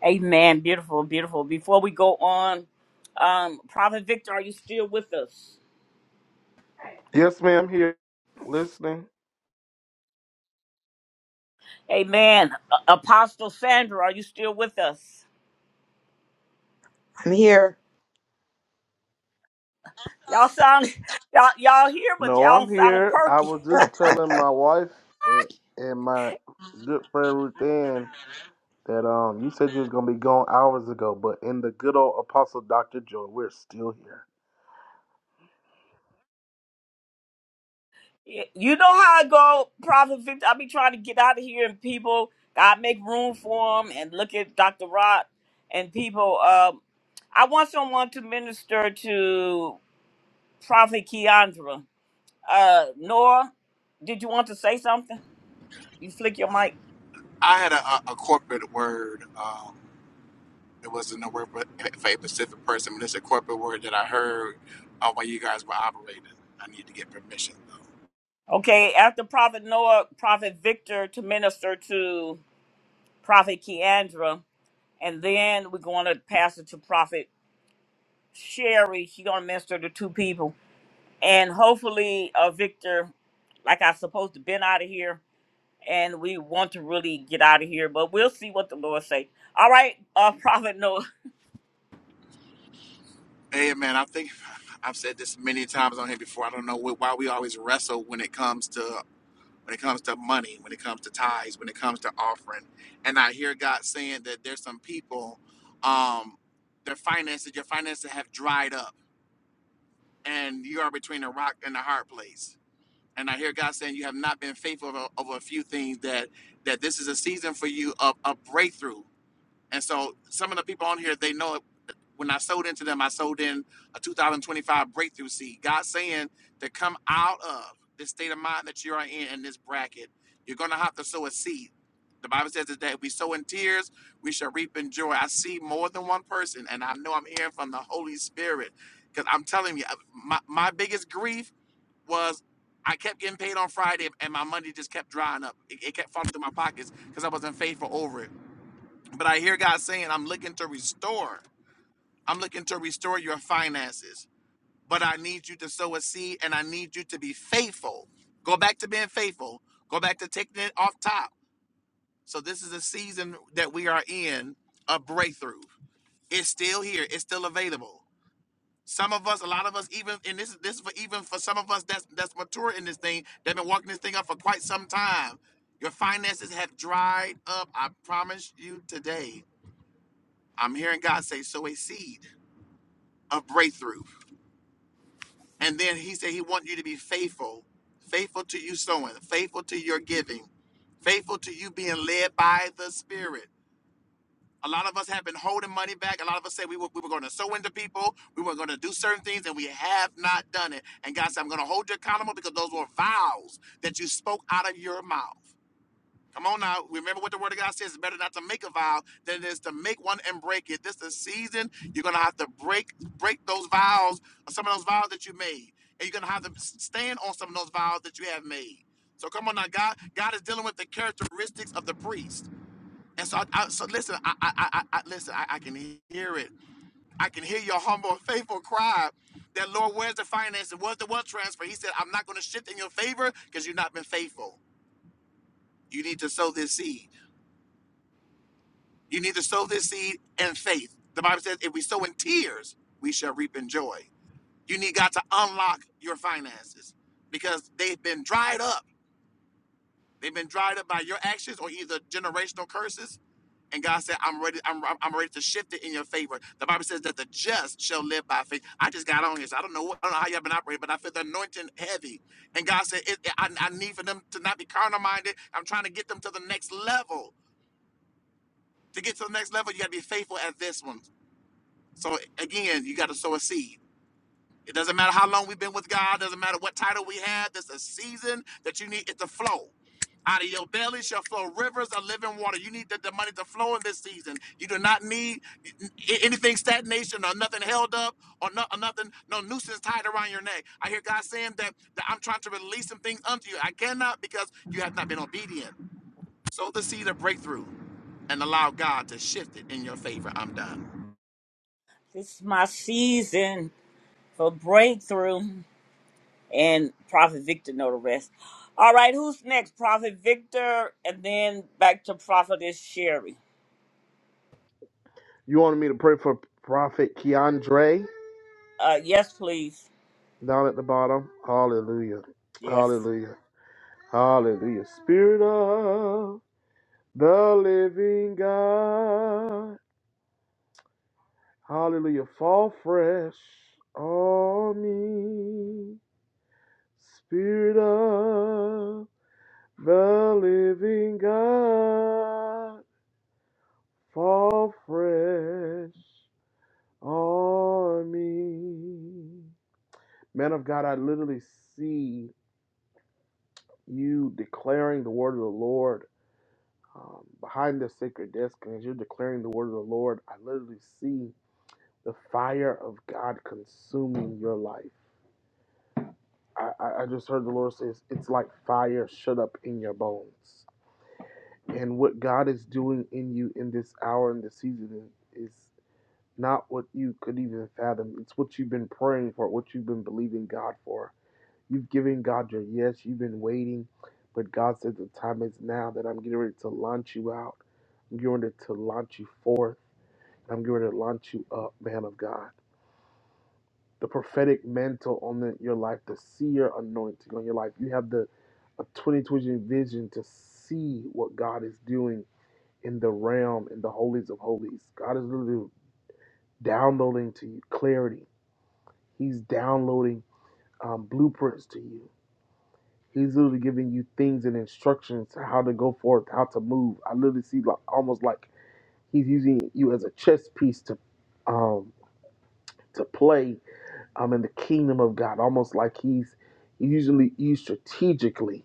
Amen. Beautiful, beautiful. Before we go on, um, Prophet Victor, are you still with us? Yes, ma'am, here. Listening. Amen. A- Apostle Sandra, are you still with us? I'm here. Y'all sound y'all y'all here, but No, y'all I'm don't sound here. I perky. was just telling my wife a- and my good friend Ruth Ann that um you said you was gonna be gone hours ago, but in the good old apostle Dr. Joy, we're still here. Y- You know how I go, Prophet Victor. I be trying to get out of here, and people, God make room for them, and look at Dr. Rod and people. Um, I want someone to minister to Prophet Keandra. Uh, Noah, did you want to say something? You flick your mic. I had a, a, a corporate word. Um, it wasn't a word for, for a specific person, but it's a corporate word that I heard uh, while you guys were operating. I need to get permission though. Okay, after Prophet Noah, Prophet Victor to minister to Prophet Keandra, and then we're going to pass it to Prophet Sherry. She's going to minister to two people. And hopefully, uh, Victor, like I'm supposed to been out of here, and we want to really get out of here, but we'll see what the Lord say. All right, uh, Prophet Noah, Hey man, I think I've said this many times on here before. I don't know wh- why we always wrestle when it comes to when it comes to money, when it comes to tithes, when it comes to offering. And I hear God saying that there's some people, um, their finances, your finances have dried up, and you are between a rock and a hard place. And I hear God saying you have not been faithful over, over a few things. That that this is a season for you of a breakthrough. And so some of the people on here, they know when I sold into them, I sold in a 2025 breakthrough seed. God saying to come out of this state of mind that you are in in this bracket, you're going to have to sow a seed. The Bible says that if we sow in tears, we shall reap in joy. I see more than one person, and I know I'm hearing from the Holy Spirit because I'm telling you, my, my biggest grief was I kept getting paid on Friday, and my money just kept drying up. It, it kept falling through my pockets because I wasn't faithful over it. But I hear God saying, I'm looking to restore. I'm looking to restore your finances, but I need you to sow a seed and I need you to be faithful. Go back to being faithful. Go back to taking it off top. So this is a season that we are in a breakthrough. It's still here. It's still available. Some of us, a lot of us, even and this this for even for some of us that's that's mature in this thing, they've been walking this thing up for quite some time. Your finances have dried up. I promise you today. I'm hearing God say, sow a seed of breakthrough And then he said he wants you to be faithful, faithful to you sowing, faithful to your giving, faithful to you being led by the Spirit. A lot of us have been holding money back. A lot of us said we were, we were going to sow into people, we were going to do certain things, and we have not done it. And God said, I'm going to hold you accountable because those were vows that you spoke out of your mouth. Come on now. Remember what the word of God says. It's better not to make a vow than it is to make one and break it. This is the season you're gonna have to break break those vows, some of those vows that you made. And you're gonna have to stand on some of those vows that you have made. So come on now, God. God is dealing with the characteristics of the priest. And so, I, I- so listen. I, I, I, I listen. I, I can hear it. I can hear your humble, faithful cry. That Lord, where's the finance and where's the wealth transfer? He said, "I'm not going to shift in your favor because you've not been faithful. You need to sow this seed." You need to sow this seed in faith. The Bible says, if we sow in tears, we shall reap in joy. You need God to unlock your finances because they've been dried up. They've been dried up by your actions or either generational curses. And God said, I'm ready, I'm, I'm ready to shift it in your favor. The Bible says that the just shall live by faith. I just got on here. So I don't know what, I don't know how y'all been operating, but I feel the anointing heavy. And God said, it, it- I, I need for them to not be carnal minded. I'm trying to get them to the next level. To get to the next level, you got to be faithful at this one. So again, you got to sow a seed. It doesn't matter how long we've been with God, doesn't matter what title we have, there's a season that you need it to flow. Out of your belly shall flow rivers of living water. You need the, the money to flow in this season. You do not need a- anything stagnation or nothing held up or, no, or nothing, no nooses tied around your neck. I hear God saying that, that I'm trying to release some things unto you. I cannot because you have not been obedient. Sow the seed of breakthrough and allow God to shift it in your favor. I'm done. this is my season for breakthrough, and Prophet Victor know the rest. All right, who's next? Prophet Victor, and then back to Prophetess Sherry. You wanted me to pray for Prophet Keandre Uh, yes, please. down at the bottom? Hallelujah. Yes. Hallelujah. Hallelujah. Spirit of The living God. Hallelujah. Fall fresh on me. Son, fall fresh on me. Mentally see you, the word. Um, behind this, in the word, I see the fire of God consuming your life. I, I, I just heard the Lord says it's like fire shut up in your bones. And what God is doing in you in this hour and this season is Not what you could even fathom. It's what you've been praying for, what you've been believing God for. You've given God your yes, you've been waiting, but God said the time is now that I'm getting ready to launch you out. I'm getting ready to launch you forth. I'm getting ready to launch you up, man of God. The prophetic mantle on the, your life, the seer anointing on your life. You have the a 2020 vision to see what God is doing in the realm, in the holies of holies. God is literally downloading to you clarity He's downloading um, blueprints to you. He's literally giving you things and instructions to how to go forth, how to move. I literally see like almost like he's using you as a chess piece to um, to play um, in the kingdom of God. Almost like he's he usually used strategically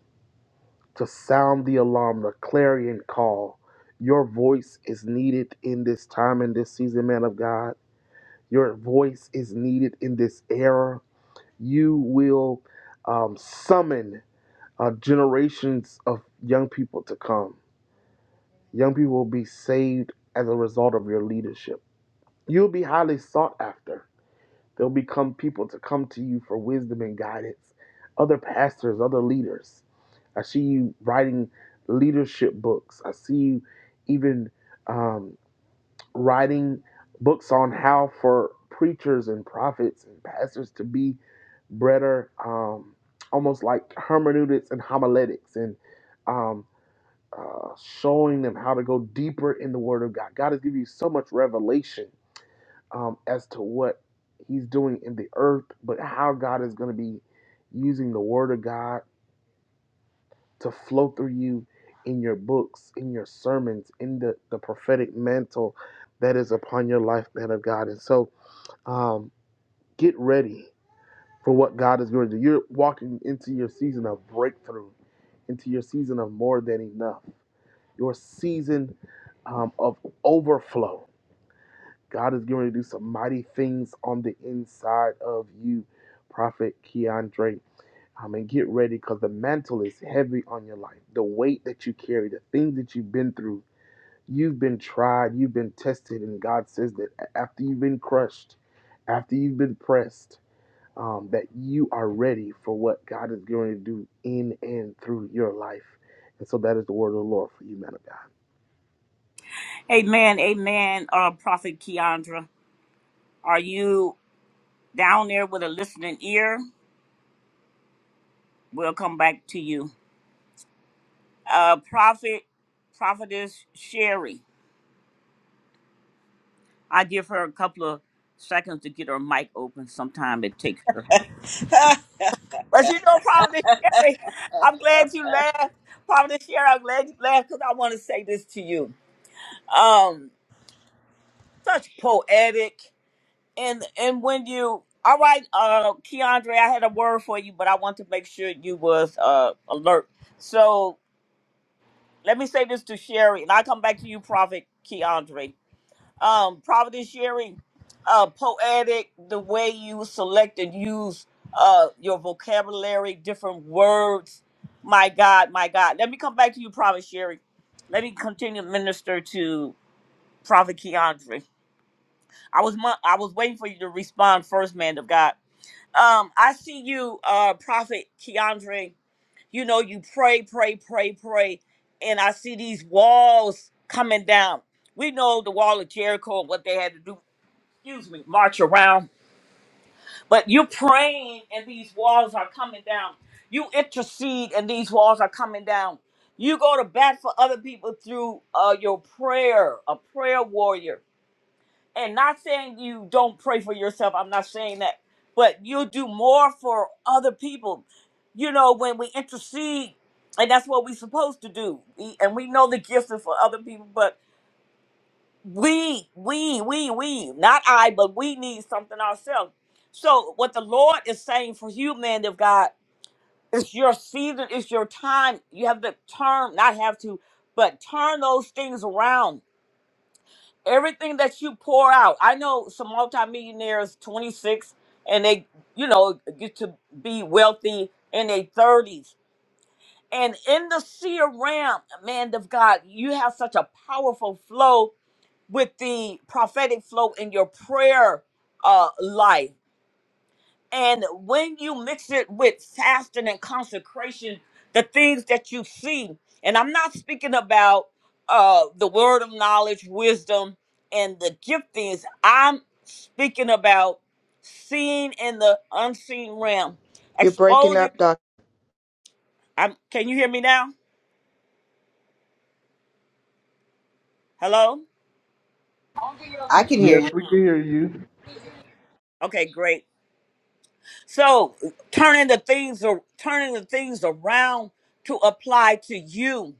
to sound the alarm, the clarion call. Your voice is needed in this time and this season, man of God. Your voice is needed in this era. You will um, summon uh, generations of young people to come. Young people will be saved as a result of your leadership. You'll be highly sought after. There'll become people to come to you for wisdom and guidance, other pastors, other leaders. I see you writing leadership books. I see you even um, writing books on how for preachers and prophets and pastors to be better, um, almost like hermeneutics and homiletics and um, uh, showing them how to go deeper in the Word of God. God has given you so much revelation um, as to what He's doing in the earth, but how God is going to be using the Word of God to flow through you in your books, in your sermons, in the, the prophetic mantle that is upon your life, man of God. And so um, get ready for what God is going to do. You're walking into your season of breakthrough, into your season of more than enough. your season um, of overflow. God is going to do some mighty things on the inside of you, Prophet Keandre. Um, and get ready because the mantle is heavy on your life. The weight that you carry, the things that you've been through, you've been tried, you've been tested, and God says that after you've been crushed, after you've been pressed, um, that you are ready for what God is going to do in and through your life. And so that is the word of the Lord for you, man of God. Amen. Amen. Uh, Prophet Keandra, are you down there with a listening ear? We'll come back to you. Uh, Prophet, Prophetess Sherry. I give her a couple of seconds to get her mic open. Sometime it takes her. But you know, Prophetess Sherry, I'm glad you laughed. Prophetess Sherry, I'm glad you laughed because I want to say this to you. Um, such poetic, and and when you, all right, uh, Keandre, I had a word for you, but I want to make sure you was uh alert. So let me say this to Sherry, and I'll come back to you, Prophet Keandre um, Providence Sherry, uh, poetic the way you select and use uh, your vocabulary, different words. My God, my God. Let me come back to you, Providence Sherry. Let me continue to minister to Prophet Keandre. I was mo- I was waiting for you to respond first, man of God. Um, I see you, uh, Prophet Keandre. You know, you pray, pray, pray, pray, and I see these walls coming down. We know the wall of Jericho and what they had to do excuse me, march around. But you're praying and these walls are coming down. You intercede and these walls are coming down. You go to bat for other people through uh, your prayer, a prayer warrior. And not saying you don't pray for yourself, I'm not saying that, but you do more for other people. You know, when we intercede, and that's what we're supposed to do. We, and we know the gifts are for other people, but we we we we not i but we need something ourselves so what the lord is saying for you man of god it's your season it's your time you have to turn not have to but turn those things around everything that you pour out i know some multimillionaires 26 and they you know get to be wealthy in their 30s and in the seer realm man of god you have such a powerful flow with the prophetic flow in your prayer uh, life. And when you mix it with fasting and consecration, the things that you see, and I'm not speaking about uh, the word of knowledge, wisdom, and the giftings, I'm speaking about seeing in the unseen realm, You're breaking exposing. up, Doc. I'm, can you hear me now? Hello? I can hear Yes, you. we can hear you. Okay, great So turning the things ar- turning the things around to apply to you.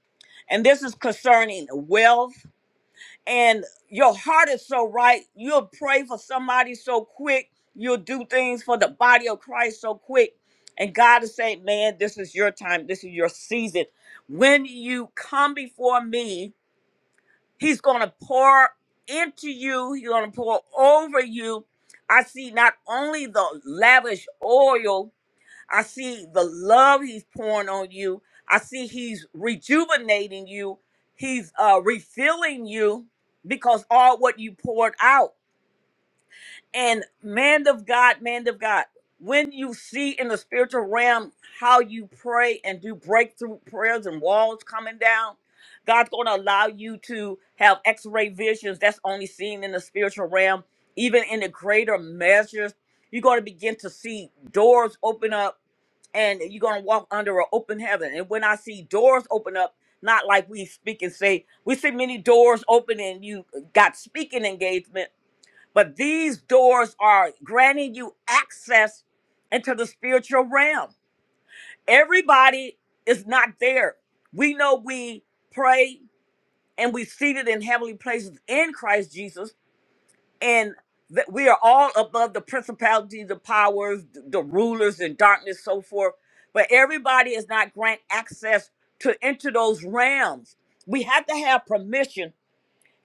And this is concerning wealth. And your heart is so right. You'll pray for somebody so quick. You'll do things for the body of Christ so quick. And God is saying, Man, this is your time. This is your season. When you come before me, He's gonna pour into you, He's gonna pour over you. I see not only the lavish oil I see the love he's pouring on you. I see he's rejuvenating you. He's uh, refilling you because all what you poured out. And man of God, man of God, when you see in the spiritual realm how you pray and do breakthrough prayers and walls coming down, God's going to allow you to have x ray visions that's only seen in the spiritual realm, even in the greater measures. You're going to begin to see doors open up and you're going to walk under an open heaven. And when I see doors open up, not like we speak and say, we see many doors open and you got speaking engagement but these doors are granting you access into the spiritual realm. Everybody is not there. We know we pray and we seated in heavenly places in Christ Jesus, and that we are all above the principalities, the powers, the rulers in darkness, so forth. But everybody is not grant access to enter those realms. We have to have permission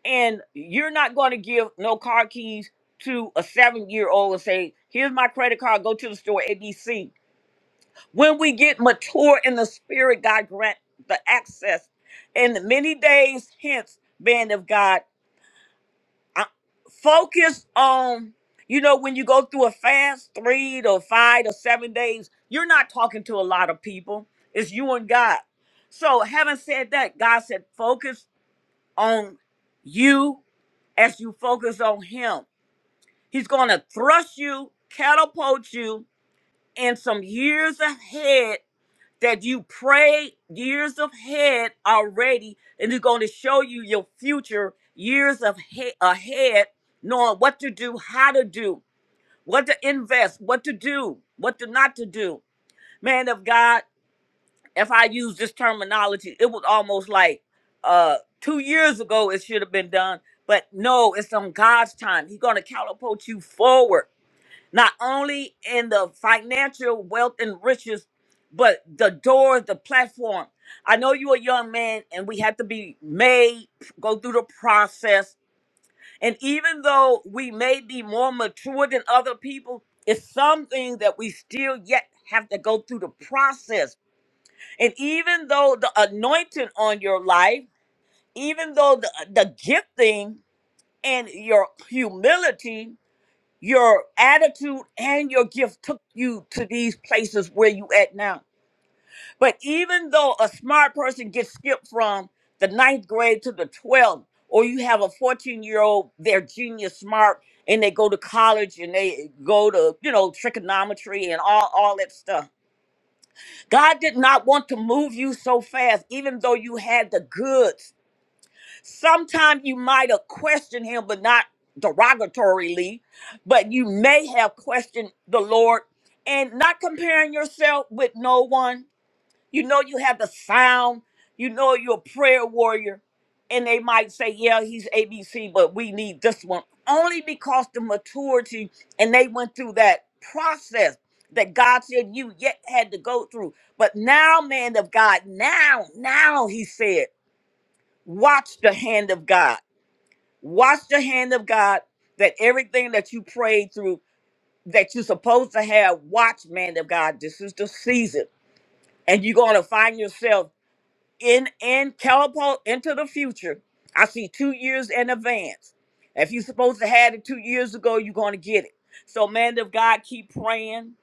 and you're not going to give no car keys to a seven year old and say, Here's my credit card, go to the store ABC. When we get mature in the spirit, God grant the access. And many days hence, man of God, I- focus on, you know, when you go through a fast, three to five to seven days, you're not talking to a lot of people. It's you and God. So, having said that, God said, focus on you as you focus on him. He's going to thrust you, catapult you in some years ahead that you prayed years ahead already, and he's going to show you your future years of he- ahead, knowing what to do, how to do, what to invest, what to do, what to not to do. Man of God, if I use this terminology, it was almost like uh two years ago it should have been done. But no, it's on God's time. He's gonna catapult you forward, not only in the financial wealth and riches, but the door, the platform. I know you're a young man and we have to be made, go through the process. And even though we may be more mature than other people, it's something that we still yet have to go through the process and even though the anointing on your life, even though the, the gifting and your humility, your attitude and your gift took you to these places where you at now. But even though a smart person gets skipped from the ninth grade to the 12th, or you have a 14 year old, they're genius smart and they go to college and they go to, you know, trigonometry and all, all that stuff God did not want to move you so fast, even though you had the goods. Sometimes you might have questioned him, but not derogatorily, but you may have questioned the Lord and not comparing yourself with no one you know you have the sound. You know you're a prayer warrior. And they might say, yeah, he's ABC, but we need this one. Only because the maturity and they went through that process that God said you yet had to go through. But now, man of God, now, now he said, watch the hand of God. Watch the hand of God that everything that you prayed through that you're supposed to have, watch, man of God, this is the season and you're going to find yourself in in teleport into the future. I see two years in advance. If you're supposed to have it two years ago, you're gonna get it. So, man of God, keep praying,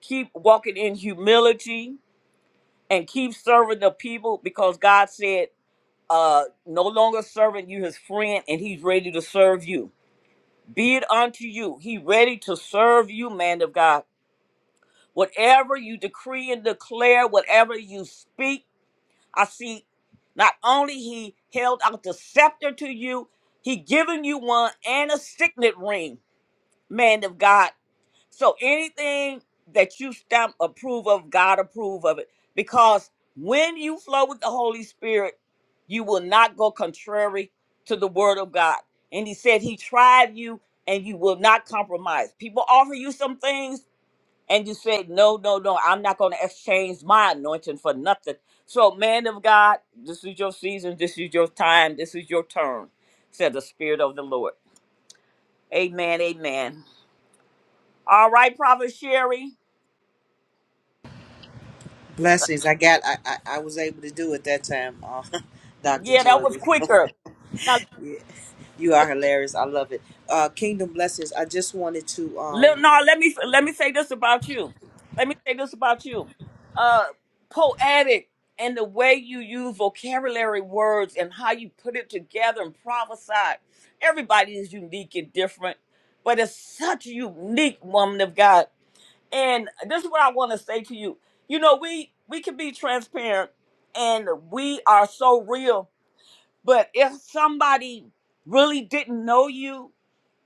keep walking in humility, and keep serving the people because God said, uh, no longer serving you his friend, and he's ready to serve you. Be it unto you. He ready to serve you, man of God. Whatever you decree and declare, whatever you speak. I see not only he held out the scepter to you, he given you one and a signet ring, man of God. So anything that you stamp approve of, God approve of it. Because when you flow with the Holy Spirit, you will not go contrary to the word of God. And he said he tried you and you will not compromise. People offer you some things and you say, No, no, no, I'm not going to exchange my anointing for nothing. So, man of God, this is your season, this is your time, this is your turn, said the Spirit of the Lord. Amen, amen. All right, Prophet Sherry. Blessings. I got. I. I, I was able to do it that time, uh, Doctor Yeah, that Joy. was quicker. Yeah, you are hilarious. I love it. Uh, Kingdom blessings. I just wanted to. Um, Let, no, let me let me say this about you. Let me say this about you. Uh, poetic and the way you use vocabulary words and how you put it together and prophesy. Everybody is unique and different, but it's such a unique woman of God. And this is what I want to say to you. You know, we we can be transparent and we are so real, but if somebody really didn't know you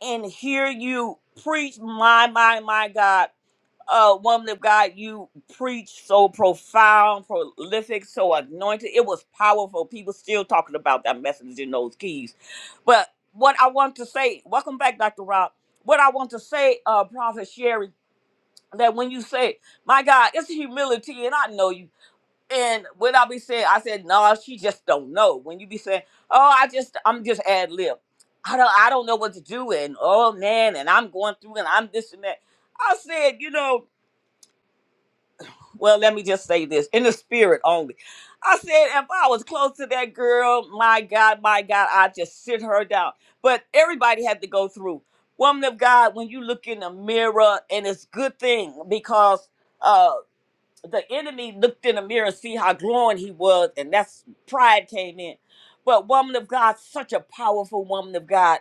and hear you preach. My, my, my God. Uh, woman of God, you preach so profound, prolific, so anointed. It was powerful. People still talking about that message in those keys. But what I want to say, welcome back, Dr. Rob. What I want to say, uh, Prophet Sherry, that when you say, my God, it's humility, and I know you. And what I be saying, I said, no, she just don't know. When you be saying, oh, I just, I'm just ad lib. I don't, I don't know what to do. And oh man, and I'm going through, and I'm this and that. I said, you know, well, let me just say this in the spirit only. I said, if I was close to that girl, my God, my God, I just sit her down. But everybody had to go through. Woman of God, when you look in the mirror, and it's good thing because uh, the enemy looked in the mirror, see how glowing he was, and that's pride came in. But woman of God, such a powerful woman of God,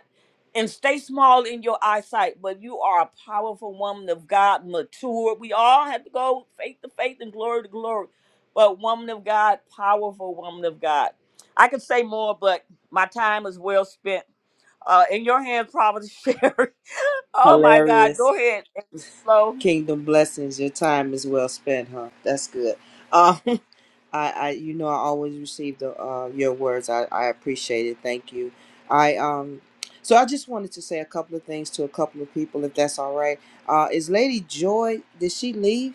and stay small in your eyesight. But you are a powerful woman of God, mature. We all have to go faith to faith and glory to glory. But woman of God, powerful woman of God. I could say more, but my time is well spent. Uh, in your hands, Providence Sherry. oh my God, hilarious. go ahead Hello, Kingdom blessings. Your time is well spent, huh? That's good. I, I you know I always receive the uh, your words. I, I appreciate it. Thank you. I um so I just wanted to say a couple of things to a couple of people if that's all right. Uh is Lady Joy did she leave?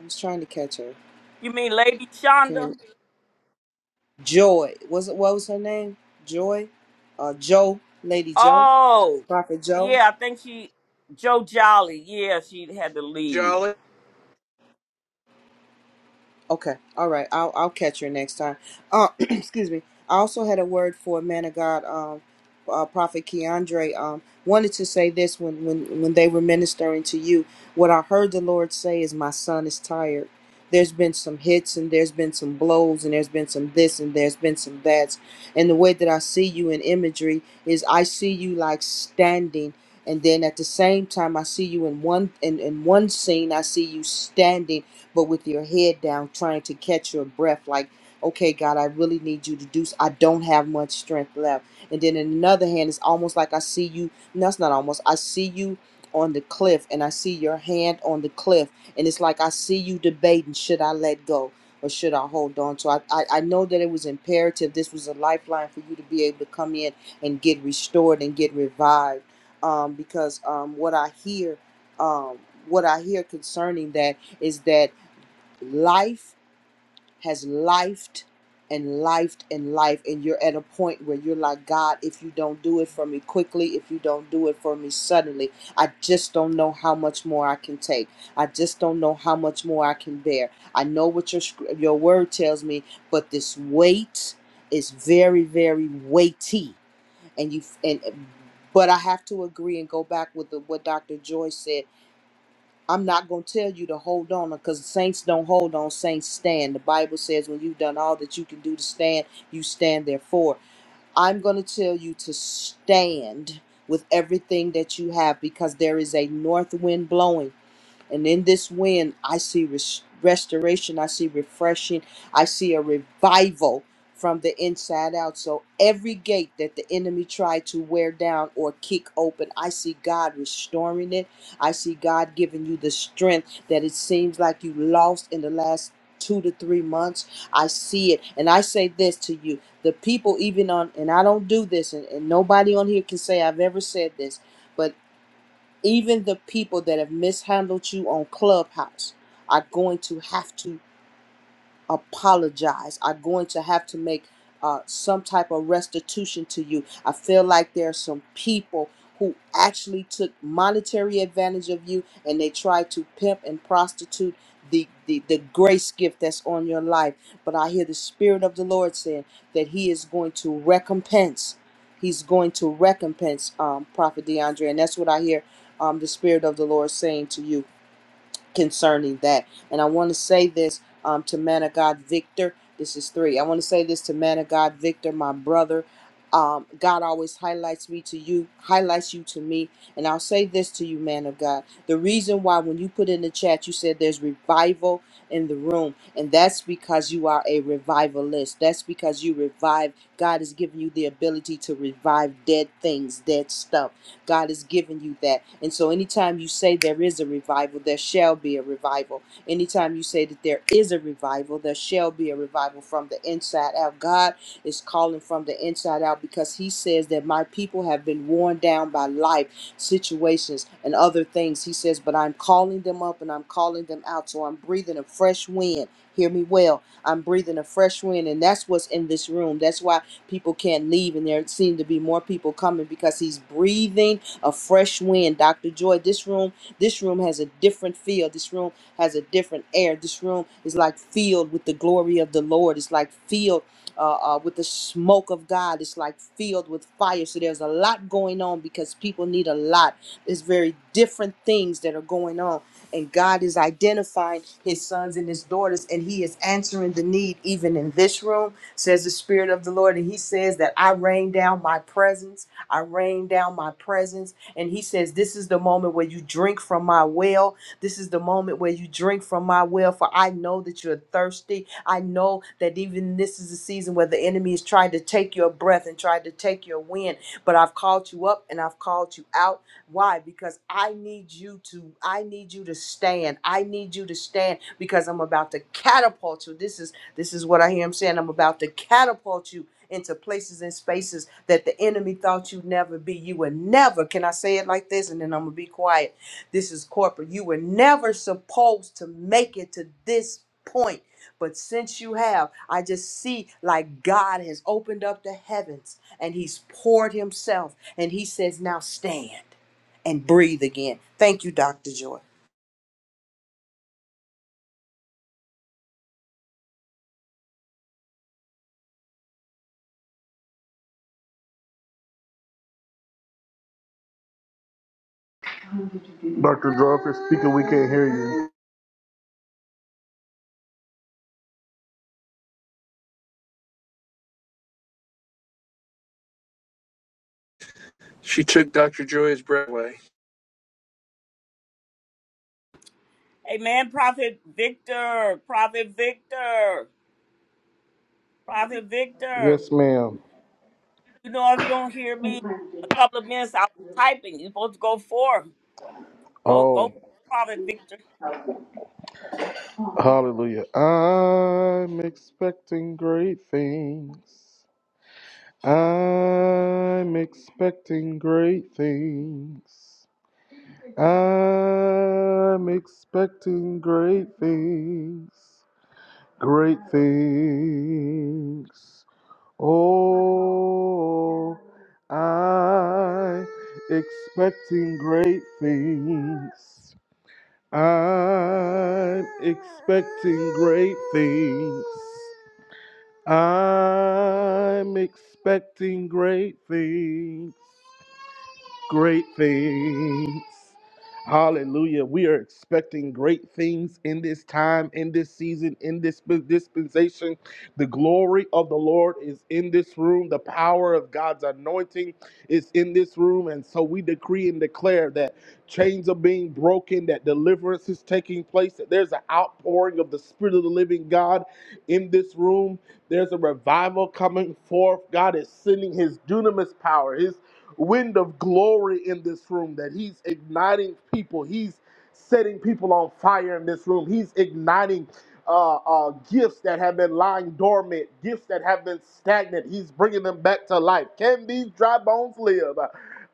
I was trying to catch her. You mean Lady Shonda? Okay. Joy. Was it what was her name? Joy? Uh Joe, Lady Joe, Oh, Prophet Joe. yeah, I think she, Joe Jolly. Yeah, she had to leave. Jolly, Okay. All right. I'll I'll catch her next time. Uh, excuse me. I also had a word for man of God, um, uh, Prophet Keandre. Um, wanted to say this when when when they were ministering to you. What I heard the Lord say is, "My son is tired." There's been some hits and there's been some blows and there's been some this and there's been some that's. And the way that I see you in imagery is, I see you like standing. And then at the same time, I see you in one in, in one scene. I see you standing but with your head down, trying to catch your breath, like, okay, God, I really need you to do, s- I don't have much strength left. And then in another hand, it's almost like I see you, no, it's not almost, I see you on the cliff and I see your hand on the cliff. And it's like I see you debating, should I let go? Or should I hold on? So I, I, I know that it was imperative. This was a lifeline for you to be able to come in and get restored and get revived. Um, because um, what I hear, um, what I hear concerning that is that life has lifed and lifed and life and you're at a point where you're like god if you don't do it for me quickly if you don't do it for me suddenly i just don't know how much more i can take i just don't know how much more i can bear i know what your sc- your word tells me but this weight is very very weighty and you and but i have to agree and go back with the, what dr joy said I'm not going to tell you to hold on because saints don't hold on, saints stand. The Bible says when you've done all that you can do to stand, you stand therefore. I'm going to tell you to stand with everything that you have because there is a north wind blowing. And in this wind, I see res- restoration, I see refreshing, I see a revival from the inside out. So every gate that the enemy tried to wear down or kick open, I see God restoring it. I see God giving you the strength that it seems like you lost in the last two to three months. I see it. And I say this to you the people, even on, and I don't do this, and, and nobody on here can say I've ever said this. But even the people that have mishandled you on Clubhouse are going to have to apologize. I'm going to have to make uh, some type of restitution to you. I feel like there are some people who actually took monetary advantage of you and they tried to pimp and prostitute the, the, the grace gift that's on your life. But I hear the Spirit of the Lord saying that He is going to recompense. He's going to recompense um, Prophet DeAndre. And that's what I hear um, the Spirit of the Lord saying to you concerning that. And I want to say this um, to man of God Victor. This is three. I want to say this to man of God Victor, my brother. Um, God always highlights me to you, highlights you to me. And I'll say this to you, man of God. The reason why, when you put in the chat, you said there's revival in the room, and that's because you are a revivalist. That's because you revive. God has given you the ability to revive dead things, dead stuff God has given you that. And so anytime you say there is a revival, there shall be a revival. Anytime you say that there is a revival, there shall be a revival from the inside out. God is calling from the inside out because he says that my people have been worn down by life, situations, and other things. He says, but I'm calling them up and I'm calling them out. So I'm breathing a fresh wind. Hear me well. I'm breathing a fresh wind, and that's what's in this room. That's why People can't leave, and there seem to be more people coming because he's breathing a fresh wind. Dr. Joy, this room, this room has a different feel. This room has a different air. This room is like filled with the glory of the Lord. It's like filled uh, uh, with the smoke of God. It's like filled with fire. So there's a lot going on because people need a lot. There's very different things that are going on and God is identifying his sons and his daughters and he is answering the need even in this room says the Spirit of the Lord. And He says that I rain down my presence. I rain down my presence. And He says, This is the moment where you drink from my well. This is the moment where you drink from my well, for I know that you're thirsty. I know that even this is a season where the enemy is trying to take your breath and trying to take your wind. But I've called you up and I've called you out. Why? Because I need you to I need you to stand. I need you to stand because I'm about to catapult you. This is this is what I hear him saying. I'm about to catapult you into places and spaces that the enemy thought you'd never be. You would never, can I say it like this? And then I'm going to be quiet. This is corporate. You were never supposed to make it to this point. But since you have, I just see like God has opened up the heavens and he's poured himself. And he says, now stand and breathe again. Thank you, Dr. Joy. Dr. Draw, if you're speaking, we can't hear you. she took Dr. Joy's breath away. Hey, man, Prophet Victor, Prophet Victor, Prophet Victor. Yes, ma'am. You know, if you don't hear me a couple of minutes, I was typing. You're supposed to go for Go, go, Oh, Prophet Victor. hallelujah. I'm expecting great things. I'm expecting great things. I'm expecting great things. Great things. Oh, I'm expecting great things. I'm expecting great things. I'm expecting great things great things. Hallelujah. We are expecting great things in this time, in this season, in this sp- dispensation. The glory of the Lord is in this room. The power of God's anointing is in this room. And so we decree and declare that chains are being broken, that deliverance is taking place, that there's an outpouring of the Spirit of the living God in this room. There's a revival coming forth. God is sending his dunamis power, wind of glory in this room, that He's igniting people. He's setting people on fire in this room. He's igniting uh, uh, gifts that have been lying dormant, gifts that have been stagnant. He's bringing them back to life. Can these dry bones live?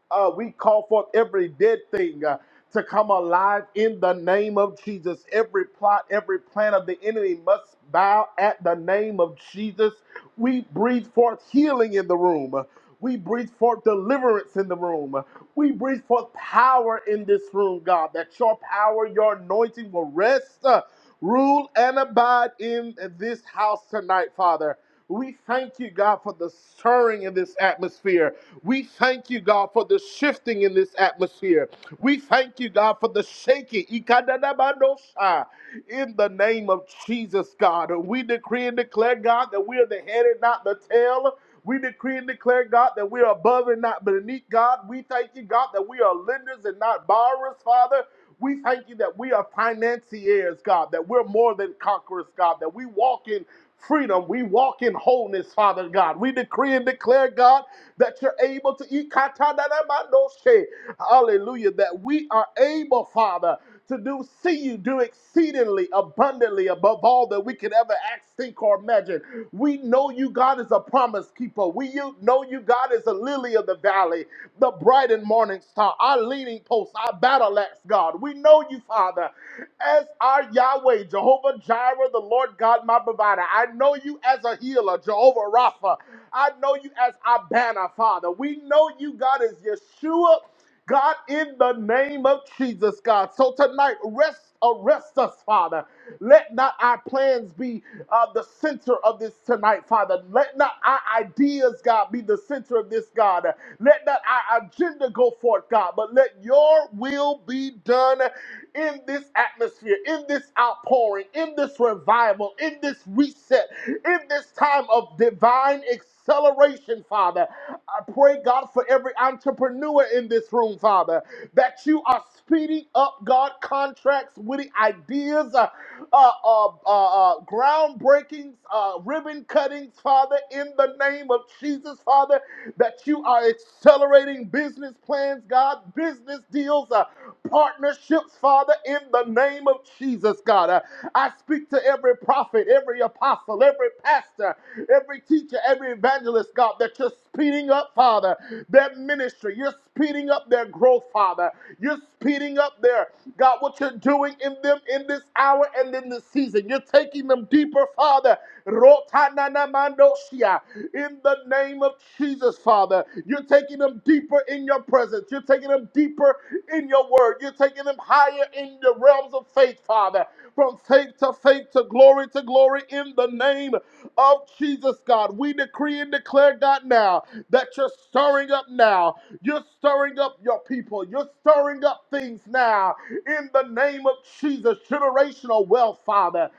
Uh, we call forth every dead thing. uh, to come alive in the name of Jesus. Every plot, every plan of the enemy must bow at the name of Jesus. We breathe forth healing in the room. We breathe forth deliverance in the room. We breathe forth power in this room, God, that your power, your anointing will rest, uh, rule, and abide in this house tonight, Father. We thank you, God, for the stirring in this atmosphere. We thank you, God, for the shifting in this atmosphere. We thank you, God, for the shaking. Ikadadabadosha. In the name of Jesus, God, we decree and declare, God, that we are the head and not the tail. We decree and declare, God, that we are above and not beneath, God. We thank you, God, that we are lenders and not borrowers, Father. We thank you that we are financiers, God, that we're more than conquerors, God, that we walk in freedom. We walk in wholeness, Father God. We decree and declare, God, that you're able to eat. katadadamandoshe. Hallelujah. That we are able, Father, to do, see you do exceedingly abundantly above all that we could ever ask, think, or imagine. We know you, God, as a promise keeper. We you- know you, God, as a lily of the valley, the bright and morning star, our leading post, our battle axe, God. We know you, Father, as our Yahweh, Jehovah Jireh, the Lord God, my provider. I know you as a healer, Jehovah Rapha. I know you as our banner, Father. We know you, God, as Yeshua. God, in the name of Jesus, God. So tonight, rest, arrest us, Father. Let not our plans be uh, the center of this tonight, Father. Let not our ideas, God, be the center of this, God. Let not our agenda go forth, God, but let your will be done in this atmosphere, in this outpouring, in this revival, in this reset, in this time of divine acceleration, Father. I pray, God, for every entrepreneur in this room, Father, that you are speeding up, God, contracts, witty ideas, uh, uh, uh, uh, groundbreakings, uh, ribbon cuttings, Father, in the name of Jesus, Father, that you are accelerating business plans, God, business deals, uh, partnerships, Father, in the name of Jesus, God. Uh, I speak to every prophet, every apostle, every pastor, every teacher, every evangelist, God, that you're speeding up, Father, their ministry. You're speeding up their growth, Father. You're speeding up their God, what you're doing in them in this hour and in this season. You're taking them deeper, Father. Rotananamandoshia. In the name of Jesus, Father. You're taking them deeper in your presence. You're taking them deeper in your word. You're taking them higher in the realms of faith, Father. From faith to faith to glory to glory in the name of Jesus, God. We decree and declare, God, now that you're stirring up now. You're stirring up your people. You're stirring up things now in the name of Jesus. Generational wealth, Father.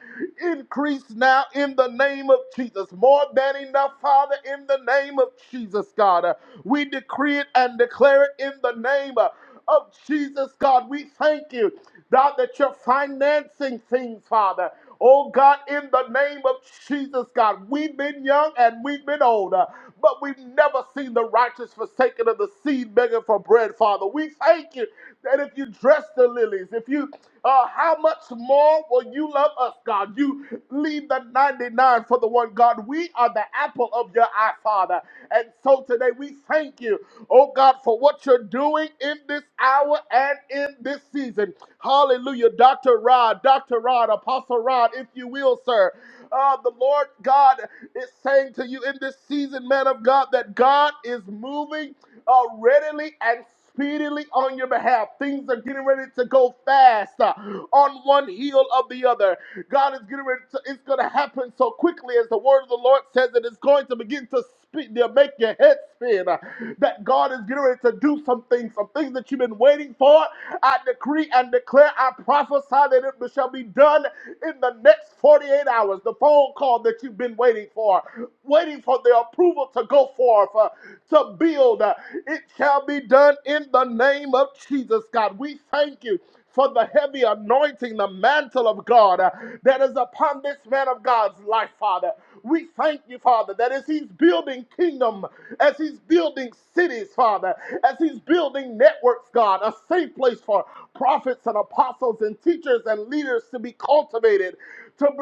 Increase now in the name of Jesus. More than enough, Father, in the name of Jesus, God. Uh, We decree it and declare it in the name uh, of Jesus, God. We thank you, God, that you're financing things, Father. Oh God, in the name of Jesus, God, we've been young and we've been older, but we've never seen the righteous forsaken of the seed begging for bread, Father. We thank you that if you dress the lilies, if you, uh, how much more will you love us, God? You leave the 99 for the one, God. We are the apple of your eye, Father. And so today we thank you, oh God, for what you're doing in this hour and in this season. Hallelujah. Dr. Rod, Dr. Rod, Apostle Rod, if you will, sir. Uh, the Lord God is saying to you in this season, man of God, that God is moving uh, readily and speedily on your behalf. Things are getting ready to go fast uh, on one heel of the other. God is getting ready to, it's going to happen so quickly as the word of the Lord says that it's going to begin to spin, to make your head spin. uh, that God is getting ready to do some things, some things that you've been waiting for. I decree and declare, I prophesy that it shall be done in the next 48 hours. The phone call that you've been waiting for, waiting for the approval to go forth, uh, to healed. Uh, It shall be done in the name of Jesus, God. We thank you for the heavy anointing, the mantle of God uh, that is upon this man of God's life, Father. We thank you, Father, that as he's building kingdom, as he's building cities, Father, as he's works, God, a safe place for prophets and apostles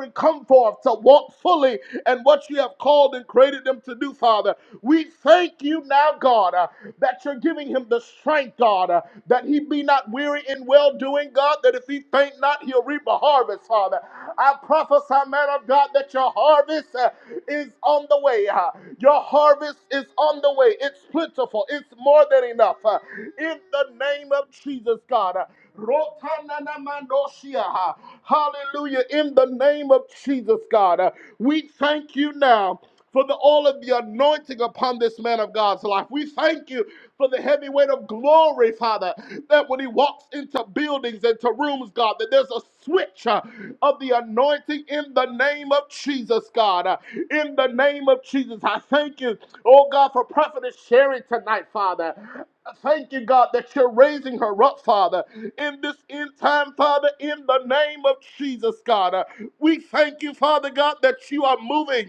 children come forth to walk fully in what you have called and created them to do, Father. We thank you now, God, uh, that you're giving him the strength, God, uh, that he be not weary in well doing, God, that if he faint not, he'll reap a harvest, Father. I prophesy, man of God, that your harvest uh, is on the way. uh, your harvest is on the way. It's plentiful, it's more than enough. uh, in the name of Jesus, God. uh, Rotananamandoshia. Hallelujah. In the name of Jesus, God, uh, we thank you now for the all of the anointing upon this man of God's life. We thank you for the heavy weight of glory, Father, that when he walks into buildings, into rooms, God, that there's a switch uh, of the anointing in the name of Jesus, God. Uh, in the name of Jesus, I thank you, oh God, for Prophetess Sherry tonight, Father. Thank you, God, that you're raising her up, Father, in this end time, Father, in the name of Jesus, God. Uh, We thank you, Father God, that you are moving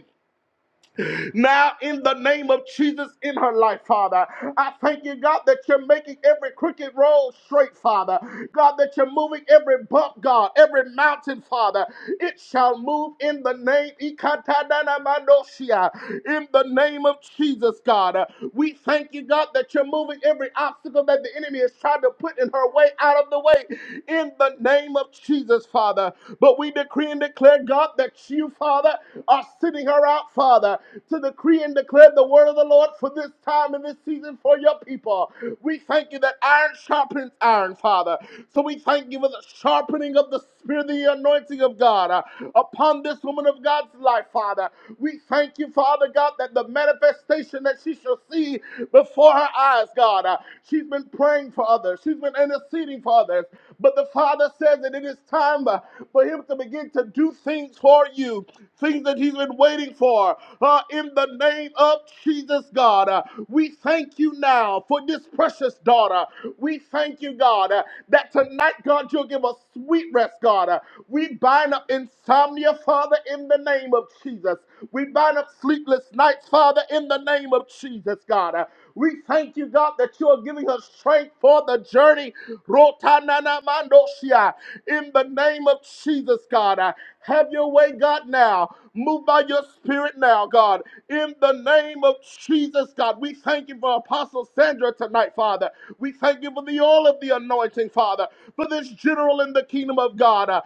now in the name of Jesus in her life, Father. I thank you, God, that you're making every crooked road straight, Father. God, that you're moving every bump, God, every mountain, Father. It shall move in the name, Ikatadanamandoshia, in the name of Jesus, God. We thank you, God, that you're moving every obstacle that the enemy is trying to put in her way out of the way in the name of Jesus, Father. But we decree and declare, God, that you, Father, are sending her out, Father to decree and declare the word of the Lord for this time and this season for your people. We thank you that iron sharpens iron, Father. So we thank you for the sharpening of the Spirit, the anointing of God uh, upon this woman of God's life, Father. We thank you, Father God, that the manifestation that she shall see before her eyes, God. uh, she's been praying for others, she's been interceding for others. But the Father says that it is time uh, for Him to begin to do things for you, things that He's been waiting for uh, in the name of Jesus, God. Uh, we thank you now for this precious daughter. We thank you, God, uh, that tonight, God, you'll give us sweet rest, God. Uh, we bind up insomnia, Father, in the name of Jesus. We bind up sleepless nights, Father, in the name of Jesus, God. Uh, we thank you, God, that you are giving us strength for the journey. Rotanana mandoshia. In the name of Jesus, God. Uh, have your way, God, now. Move by your spirit now, God. In the name of Jesus, God, we thank you for Apostle Sandra tonight, Father. We thank you for the all of the anointing, Father, for this general in the kingdom of God. Uh,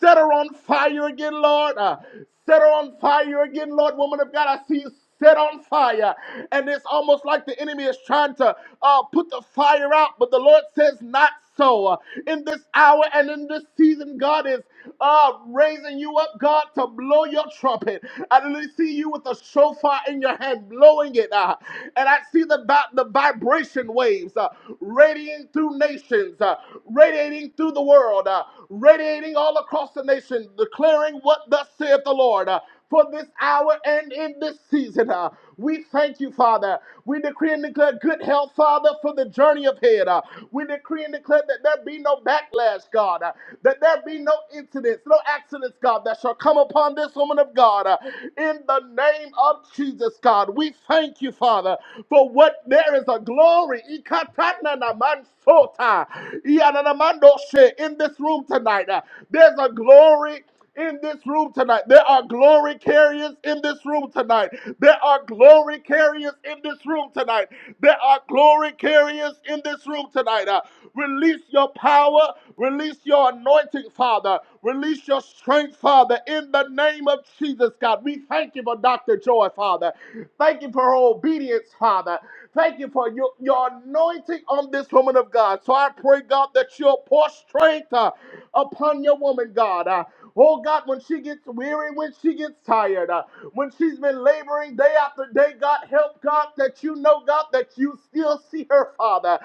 set her on fire again, Lord. Uh, set her on fire again, Lord, woman of God. I see you set on fire. And it's almost like the enemy is trying to uh, put the fire out, but the Lord says, not so. Uh, In this hour and in this season, God is uh, raising you up, God, to blow your trumpet. I literally see you with a shofar in your hand, blowing it. Uh, and I see the, vi- the vibration waves uh, radiating through nations, uh, radiating through the world, uh, radiating all across the nation, declaring what thus saith the Lord. uh, for this hour and in this season. uh, we thank you, Father. We decree and declare good health, Father, for the journey ahead. uh, we decree and declare that there be no backlash, God. Uh, that there be no incidents, no accidents, God, that shall come upon this woman of God. uh, In the name of Jesus, God, we thank you, Father, for what there is a glory Ikatananamansotai, Iyananamandoshe, in this room tonight. Uh, There's a glory in this room tonight. There are glory carriers in this room tonight. There are glory carriers in this room tonight. There are glory carriers in this room tonight. Uh, release your power, Release your anointing, Father. Release your strength, Father, in the name of Jesus, God. We thank you for Dr. Joy, Father. Thank you for her obedience, Father. Thank you for your, your anointing on this woman of God. So I pray, God, that you'll pour strength uh, upon your woman, God. Uh, Oh God, when she gets weary, when she gets tired, uh, when she's been laboring day after day, God help God that you know, God, that you still see her, Father.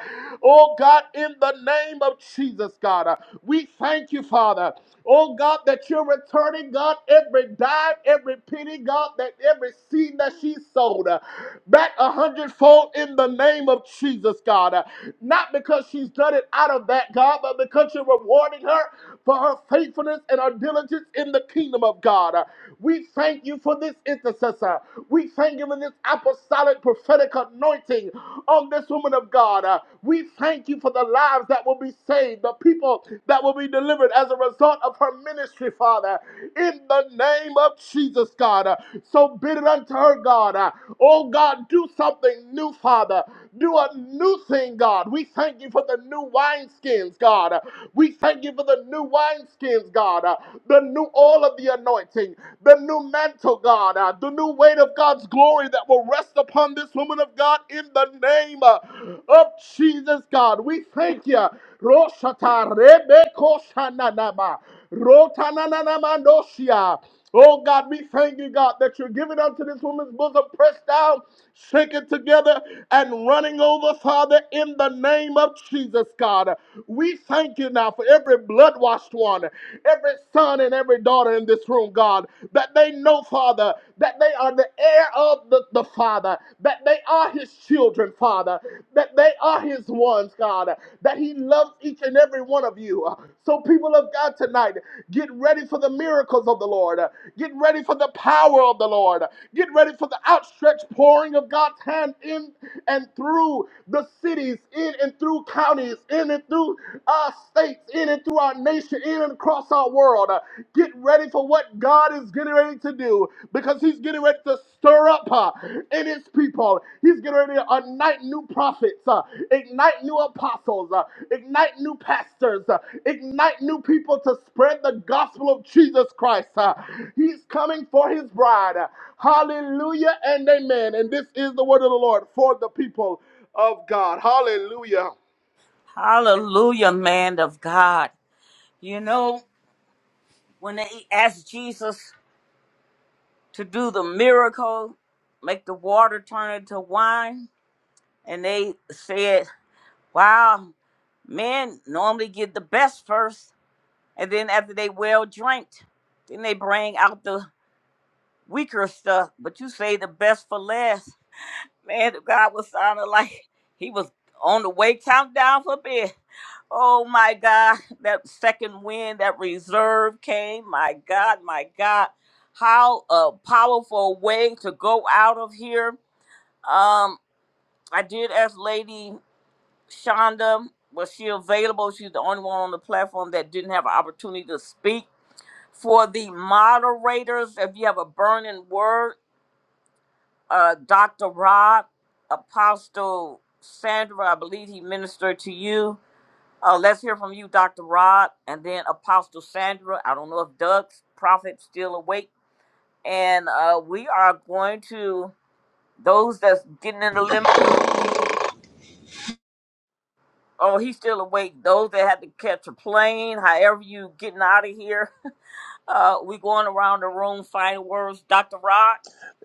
Oh God, in the name of Jesus, God, uh, we thank you, Father. Oh God, that you're returning, God, every dime, every penny, God, that every seed that's uh, back a hundredfold in the name of Jesus, God. Uh, Not let it out of that, God, but rewarding her for her faithfulness and her diligence in the kingdom of God. Uh, We thank you for this intercessor. We thank you for this apostolic prophetic anointing on this woman of God. Uh, We thank you for the lives that the people that will be delivered as a result of ministry, Father, in the name of Jesus, God. Uh, So bid it unto her, God. Uh, Oh, God, do something new, Father. Do a new thing, God. We thank you for the new wineskins, God. Uh, We thank you for the new wineskins, God. Uh, The new oil of the anointing, the new mantle, God, uh, the new weight of God's glory that will rest upon this woman of God in the name uh, of Jesus, God. We thank you. Roshata Rebeko Shananama. Rotananamandosia. Oh God, we thank you, God, that you're giving unto this woman's bosom, pressed down, shaken together, and running over, Father, in the name of Jesus, God. We thank you now for every blood washed one, every son and every daughter in this room, God, that they know, Father, that they are the heir of the, the Father, that they are his children, Father, that they are his ones, God, that he loves each uh, ignite new apostles, uh, ignite new pastors, uh, ignite new people to spread the gospel of Jesus Christ. uh. he's coming for his bride. Uh, Hallelujah and amen. And this is the word of the Lord for the people of God. Hallelujah. Hallelujah, man of God. You know, when they asked Jesus to do the miracle, make the water turn into wine, and they said, Wow, men normally get the best first, and then after they well dranked, then they bring out the weaker stuff. But you say the best for last. Man, the guy was sounding like he was on the way countdown for bed. Oh my God, that second wind, that reserve came. My God, my God, how a powerful way to go out of here. Um, I did ask Lady. Shonda, was she available? She's the only one on the platform that didn't have an opportunity to speak. For the moderators, if you have a burning word, uh, Dr. Rod, Apostle Sandra, I believe he ministered to you. Uh, let's hear from you, Dr. Rod, and then Apostle Sandra. I don't know if Doug's prophet still awake. And uh, we are going to those that's getting in the limit. Oh, he's still awake. Those that had to catch a plane, however you getting out of here. Uh, we going around the room, final words. Dr. Rod,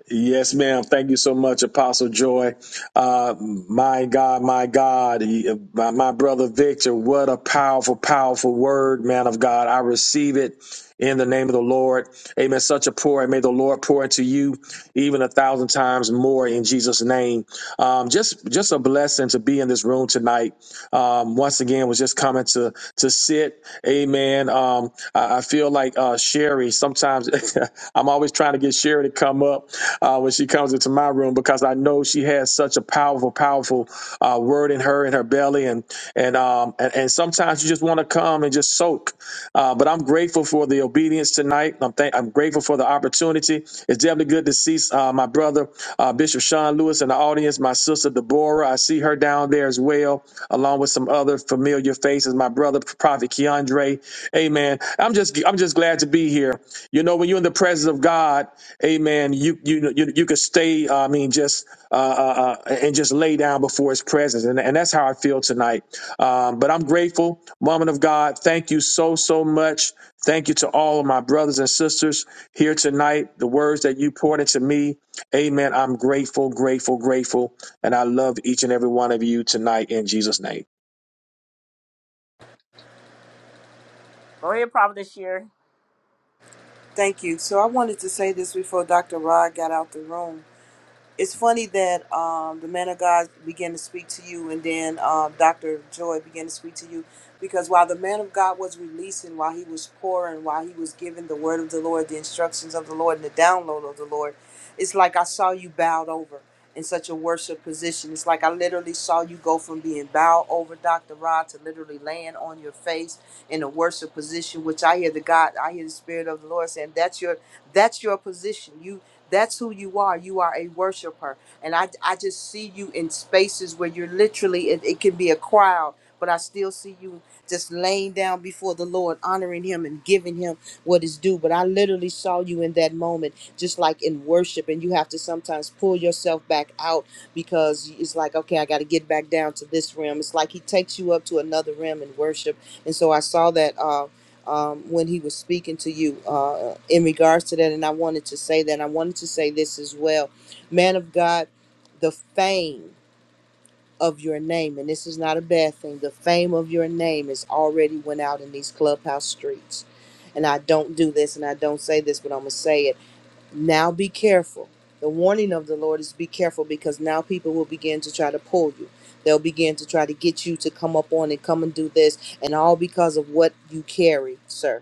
Yes, ma'am. Thank you so much, Apostle Joy. Uh, my God, my God, he- my, my brother Victor, what a powerful, powerful word, man of God. I receive it in the name of the Lord. Amen. Such a pour, and may the Lord pour into you even a thousand times more in Jesus' name. Um, just, just a blessing to be in this room tonight. Um, once again, was just coming to to sit. Amen. Um, I, I feel like uh, Sherry. Sometimes I'm always trying to get Sherry to come up uh, when she comes into my room because I know she has such a powerful, powerful uh, word in her in her belly, and and um and, and sometimes you just want to come and just soak. Uh, but I'm grateful for the obedience tonight. I'm thank I'm grateful for the opportunity opportunity. It's definitely good to see uh, my brother, uh, Bishop Sean Lewis, in the audience, my sister Deborah. I see her down there as well, along with some other familiar faces, my brother, Prophet Keandre. Amen. I'm just I'm just glad to be here. You know, when you're in the presence of God, amen, you you you, you can stay, uh, I mean, just uh, uh, uh, and just lay down before his presence. And, and that's how I feel tonight. Um, but I'm grateful, woman of God. Thank you so, so much Thank you to all of my brothers and sisters here tonight. The words that you poured into me, amen. I'm grateful, grateful, grateful. And I love each and every one of you tonight in Jesus' name. go ahead, Prophet this year. Thank you. So I wanted to say this before Dr. Rod got out the room. it's funny that um, the man of God began to speak to you, and then um, Dr. Joy began to speak to you, because while the man of God was releasing, while he was pouring, while he was giving the word of the Lord, the instructions of the Lord, and the download of the Lord, it's like I saw you bowed over in such a worship position. It's like I literally saw you go from being bowed over, Dr. Rod, to literally laying on your face in a worship position, which I hear the God, I hear the Spirit of the Lord saying, "That's your, that's your position. You." That's who you are. You are a worshiper. And I, I just see you in spaces where you're literally, it, it can be a crowd, but I still see you just laying down before the Lord, honoring Him and giving Him what is due. But I literally saw you in that moment, just like in worship. And you have to sometimes pull yourself back out because it's like, okay, I got to get back down to this realm. It's like He takes you up to another realm in worship. And so I saw that. Uh, um, when he was speaking to you uh, in regards to that. And I wanted to say that. I wanted to say this as well. Man of God, the fame of your name, and this is not a bad thing, the fame of your name is already went out in these clubhouse streets. And I don't do this and I don't say this, but I'm going to say it. Now be careful. The warning of the Lord is be careful because now people will begin to try to pull you. They'll begin to try to get you to come up on and come and do this, and all because of what you carry, sir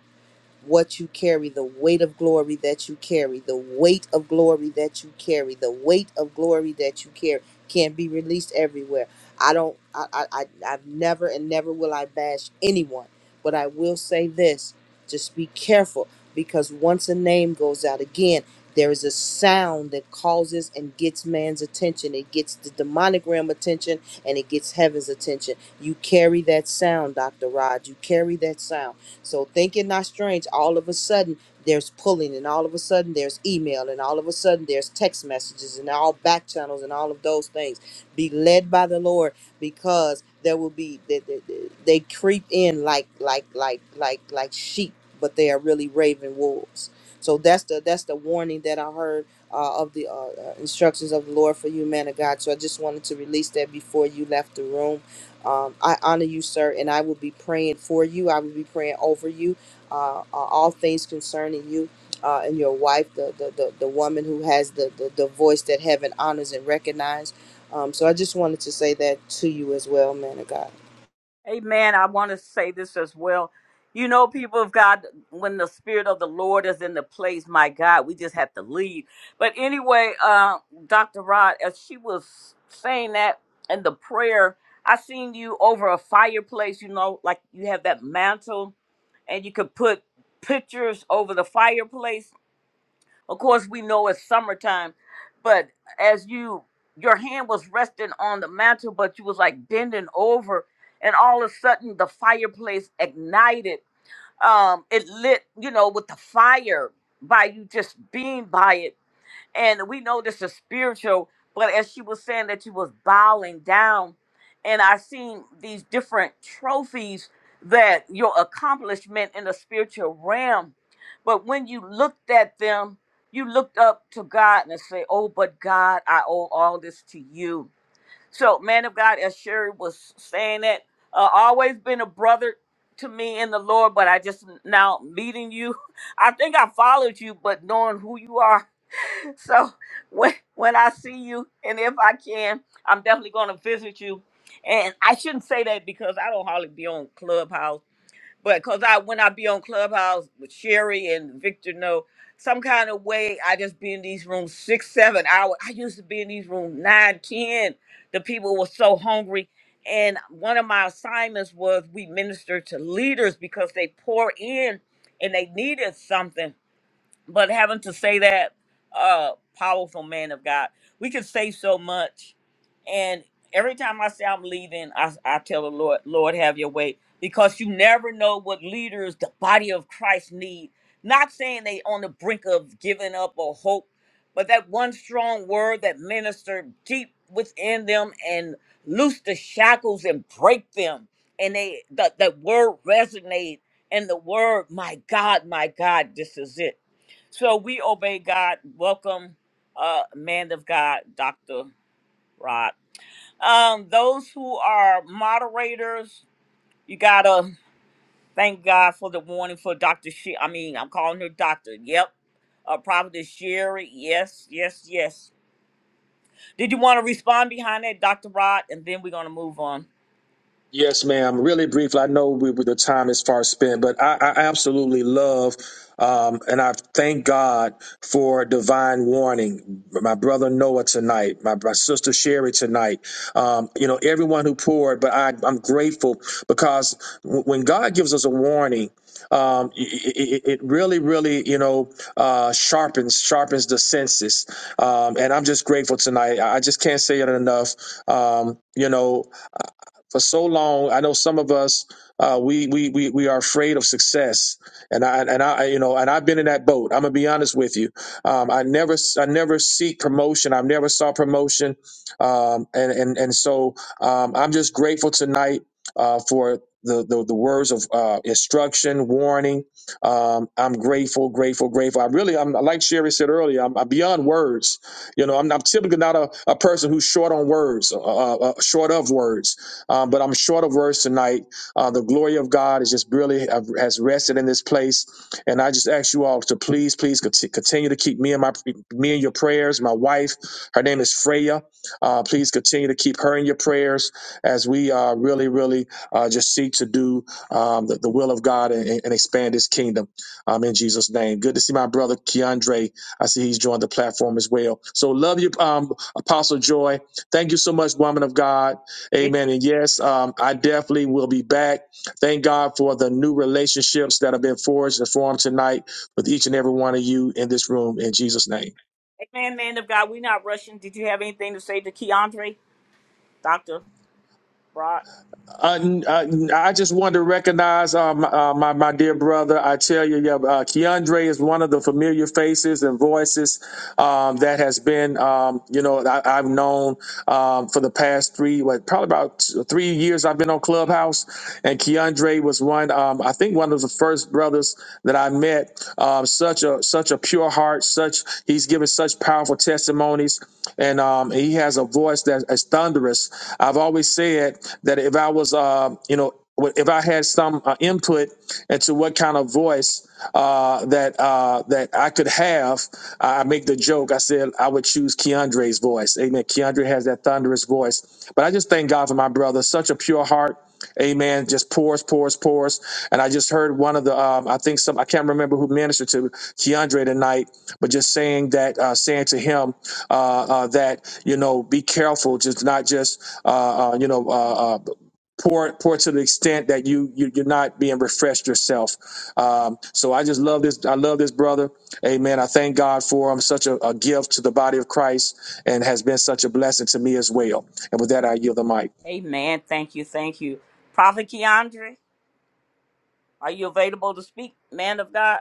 what you carry, the weight of glory that you carry, the weight of glory that you carry, the weight of glory that you carry can be released everywhere. I don't, I, I, I I've never and never will I bash anyone, but I will say this: just be careful because once a name goes out again, there is a sound that causes and gets man's attention. It gets the demonic realm attention and it gets heaven's attention. You carry that sound, Dr. Rod. You carry that sound. So think it not strange. All of a sudden, there's pulling, and all of a sudden, there's email, and all of a sudden, there's text messages, and all back channels, and all of those things. Be led by the Lord, because there will be they, they, they they creep in like like like like like sheep, but they are really raven wolves. So that's the that's the warning that I heard uh, of the uh, uh, instructions of the Lord for you, man of God. So I just wanted to release that before you left the room um, I honor you, sir, and I will be praying for you. I will be praying over you, uh, uh, all things concerning you uh, and your wife, the, the, the, the woman who has the, the, the voice that heaven honors and recognizes. Um, so I just wanted to say that to you as well, man of God. Amen. I want to say this as well. You know, people of God, when the Spirit of the Lord is in the place, my God, we just have to leave. But anyway, uh, Dr. Rod, as she was saying that in the prayer, I seen you over a fireplace, you know, like you have that mantle and you could put pictures over the fireplace Of course, we know it's summertime, but as you, your hand was resting on the mantle, but you was like bending over, and all of a sudden the fireplace ignited. Um, it lit, you know, with the fire by you just being by it and we know this is spiritual but as she was saying that she was bowing down and i seen these different trophies that your accomplishment in the spiritual realm but when you looked at them you looked up to god and say oh but god i owe all this to you so man of god as sherry was saying that uh, always been a brother to me in the lord but i just now meeting you i think i followed you but knowing who you are so when when I see you, and if I can, I'm definitely going to visit you. And I shouldn't say that because I don't hardly be on Clubhouse, but because I when I be on Clubhouse with Sherry and Victor, no, some kind of way I just be in these rooms six, seven hours. I used to be in these rooms nine, ten. The people were so hungry. And one of my assignments was we minister to leaders because they pour in and they needed something but having to say that uh powerful man of god we could say so much and every time i say i'm leaving i, I tell the lord lord have your way because you never know what leaders the body of christ need not saying they on the brink of giving up or hope but that one strong word that ministered deep within them and loose the shackles and break them and they that, that word resonate and the word my god my god this is it so we obey God. Welcome, uh, man of God, Dr. Rod. Um, those who are moderators, you gotta thank God for the warning for Dr. She. I mean, I'm calling her Doctor. Yep. Uh, Prophetess Sherry. Yes, yes, yes. Did you want to respond behind that, Dr. Rod? And then we're gonna move on. Yes, ma'am. Really briefly, I know we, we- the time is far spent, but I, I absolutely love um, and I thank God for divine warning. My brother Noah tonight, my, my sister Sherry tonight, um, you know, everyone who poured, but I, I'm grateful because w- when God gives us a warning, um, it, it, it really, really, you know, uh, sharpens sharpens the senses, um, and I'm just grateful tonight. I I just can't say it enough. Um, you know, for so long. I know some of us uh, we, we we we are afraid of success, and I and I you know and I've been in that boat. I'm gonna be honest with you. Um, I never I never seek promotion. I've never sought promotion, um, and and and so um, I'm just grateful tonight uh, for. The, the, the words of uh, instruction, warning. Um, I'm grateful, grateful, grateful. I really, I'm like Sherry said earlier, I'm, I'm beyond words. You know, I'm, I'm typically not a, a person who's short on words, uh, uh, uh, short of words um, but I'm short of words tonight. Uh, the glory of God is just really uh, has rested in this place, and I just ask you all to please, please conti- continue to keep me and my me in your prayers. My wife, her name is Freya. Uh, please continue to keep her in your prayers as we uh, really, really uh, just seek to do um, the, the will of God and, and expand His kingdom um, in Jesus' name. Good to see my brother Keandre. I see he's joined the platform as well. So love you, um, Apostle Joy. Thank you so much, woman of God. Did, Amen. And yes, um, I definitely will be back. Thank God for the new relationships that have been forged and formed tonight with each and every one of you in this room in Jesus' name. amen, man of God. We're not rushing. Did you have anything to say to Keandre, Dr. Rod? Uh, n- uh, n- I just wanted to recognize uh, my, uh, my my dear brother. I tell you, yeah, uh, Keandre is one of the familiar faces and voices um, that has been, um, you know, I, I've known um, for the past three, what, probably about t- three years. I've been on Clubhouse, and Keandre was one. Um, I think one of the first brothers that I met. Um, such a such a pure heart, such he's given such powerful testimonies, and um, he has a voice that is thunderous. I've always said that if I was, uh, you know, if I had some uh, input into what kind of voice uh, that uh, that I could have, I I make the joke. I said I would choose Keandre's voice. Amen. Keandre has that thunderous voice. But I just thank God for my brother. Such a pure heart. Amen. Just pours, pours, pours. And I just heard one of the, um, I think some, I can't remember who ministered to Keandre tonight, but just saying that, uh, saying to him uh, uh, that you know, be careful, just not just uh, uh, you know. Uh, uh, Poor, poor to the extent that you, you you're not being refreshed yourself. Um, so I just love this. I love this brother. Amen. I thank God for him. Such a, a gift to the body of Christ, and has been such a blessing to me as well. And with that, I yield the mic. Amen. Thank you. Thank you. Prophet Keandre. Are you available to speak, man of God?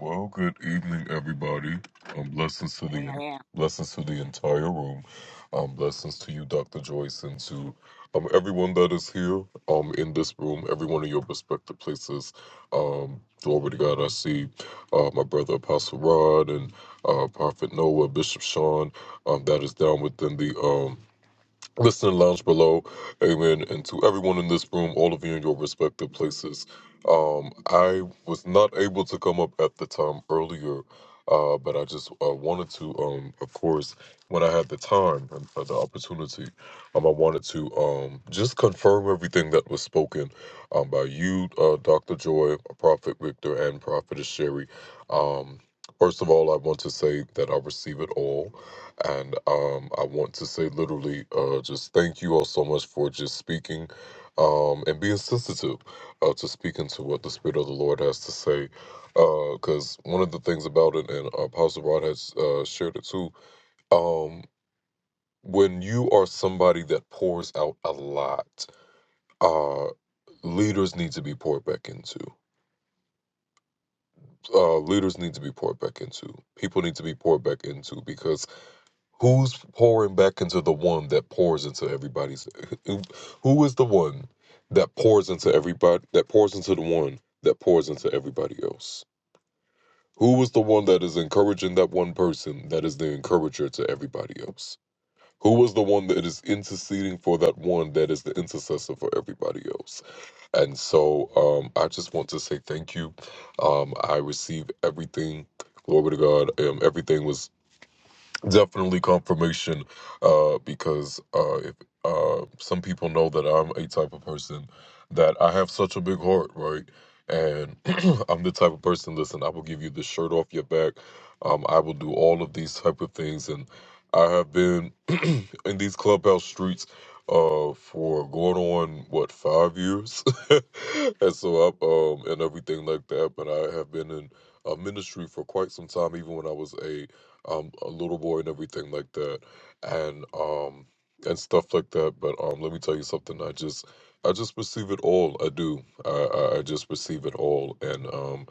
Well, good evening, everybody. Um, blessings to the Man. blessings to the entire room. Um, blessings to you, Dr. Joyce, and to um everyone that is here. Um, in this room, every one of your respective places. Um, glory to God. I see, uh, my brother Apostle Rod and uh, Prophet Noah, Bishop Sean. Um, that is down within the um Listening lounge below, amen. And to everyone in this room, all of you in your respective places. Um, I was not able to come up at the time earlier, uh, but I just uh, wanted to, um, of course, when I had the time and uh, the opportunity, um, I wanted to um, just confirm everything that was spoken um, by you, uh, Dr. Joy, Prophet Victor, and Prophetess Sherry. Um, first of all, I want to say that I receive it all and um, I want to say literally, uh, just thank you all so much for just speaking um, and being sensitive uh, to speaking to what the Spirit of the Lord has to say. Because one of the things about it, and Apostle Rod has uh, shared it too, um, when you are somebody that pours out a lot, uh, leaders need to be poured back into. Uh, leaders need to be poured back into. People need to be poured back into because Who's pouring back into the one that pours into everybody's? Who who is the one that pours into everybody? That pours into the one that pours into everybody else. Who was the one that is encouraging that one person that is the encourager to everybody else? Who was the one that is interceding for that one that is the intercessor for everybody else? And so um, I just want to say thank you. Um, I receive everything. Glory to God. Um, everything was definitely confirmation uh because uh if uh some people know that i'm a type of person that i have such a big heart right and i'm the type of person listen i will give you the shirt off your back um i will do all of these type of things and i have been in these clubhouse streets uh for going on what five years and so i um and everything like that but i have been in uh, ministry for quite some time even when i was a um a little boy and everything like that and um and stuff like that but um let me tell you something i just i just perceive it all i do i i I just perceive it all and um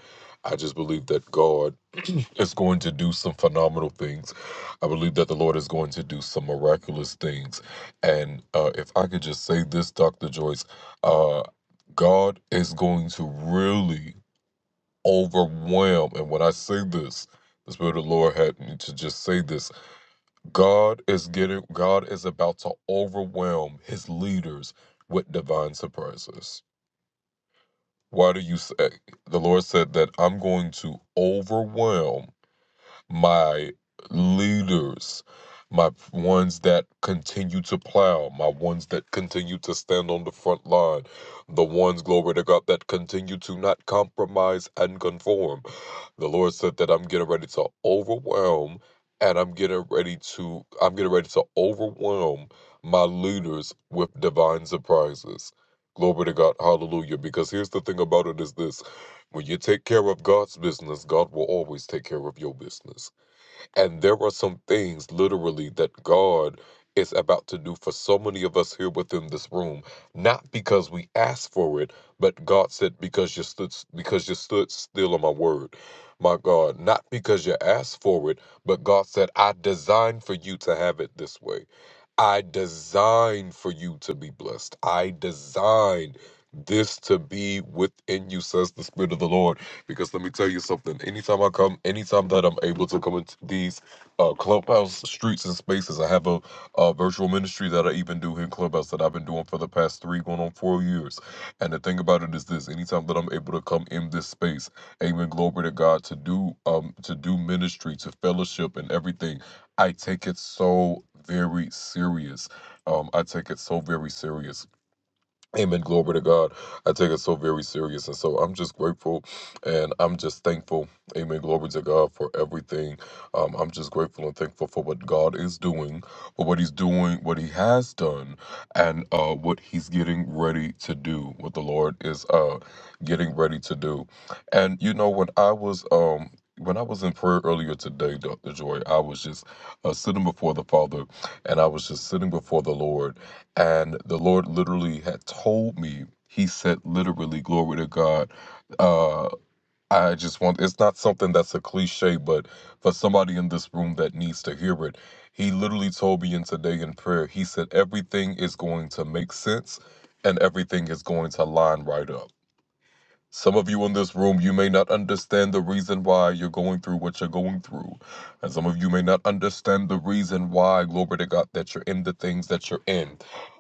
i just believe that god is going to do some phenomenal things I believe that the Lord is going to do some miraculous things. And uh, if I could just say this, Dr. Joyce, uh, God is going to really overwhelm. And when I say this, the Spirit of the Lord had me to just say this God is getting, God is about to overwhelm his leaders with divine surprises. Why do you say? The Lord said that I'm going to overwhelm my leaders, my p- ones that continue to plow, my ones that continue to stand on the front line, the ones, glory to God, that continue to not compromise and conform. The Lord said that I'm getting ready to overwhelm and I'm getting ready to I'm getting ready to overwhelm my leaders with divine surprises. Glory to God, hallelujah. Because here's the thing about it is this when you take care of God's business, God will always take care of your business. And there are some things literally that God is about to do for so many of us here within this room, not because we asked for it, but God said, because you stood because you stood still on my word. My God, not because you asked for it, but God said, I designed for you to have it this way. I designed for you to be blessed. I designed this to be within you, says the Spirit of the Lord. Because let me tell you something. Anytime I come, anytime that I'm able to come into these uh, clubhouse streets and spaces, I have a, a virtual ministry that I even do here in Clubhouse that I've been doing for the past three, going on four years. And the thing about it is this: anytime that I'm able to come in this space, Amen. Glory to God to do um to do ministry, to fellowship, and everything I take it so very serious. Um, I take it so very serious. Amen. Glory to God. I take it so very serious. And so I'm just grateful and I'm just thankful. Amen. Glory to God for everything. Um, I'm just grateful and thankful for what God is doing, for what He's doing, what He has done, and uh, what He's getting ready to do, what the Lord is uh, getting ready to do. And, you know, when I was. Um, when I was in prayer earlier today, Dr. Joy, I was just uh, sitting before the Father and I was just sitting before the Lord and the Lord literally had told me, He said, literally, glory to God. Uh, I just want, it's not something that's a cliche, but for somebody in this room that needs to hear it, He literally told me in today in prayer, He said, everything is going to make sense and everything is going to line right up. Some of you in this room, you may not understand the reason why you're going through what you're going through. And some of you may not understand the reason why, glory to God, that you're in the things that you're in.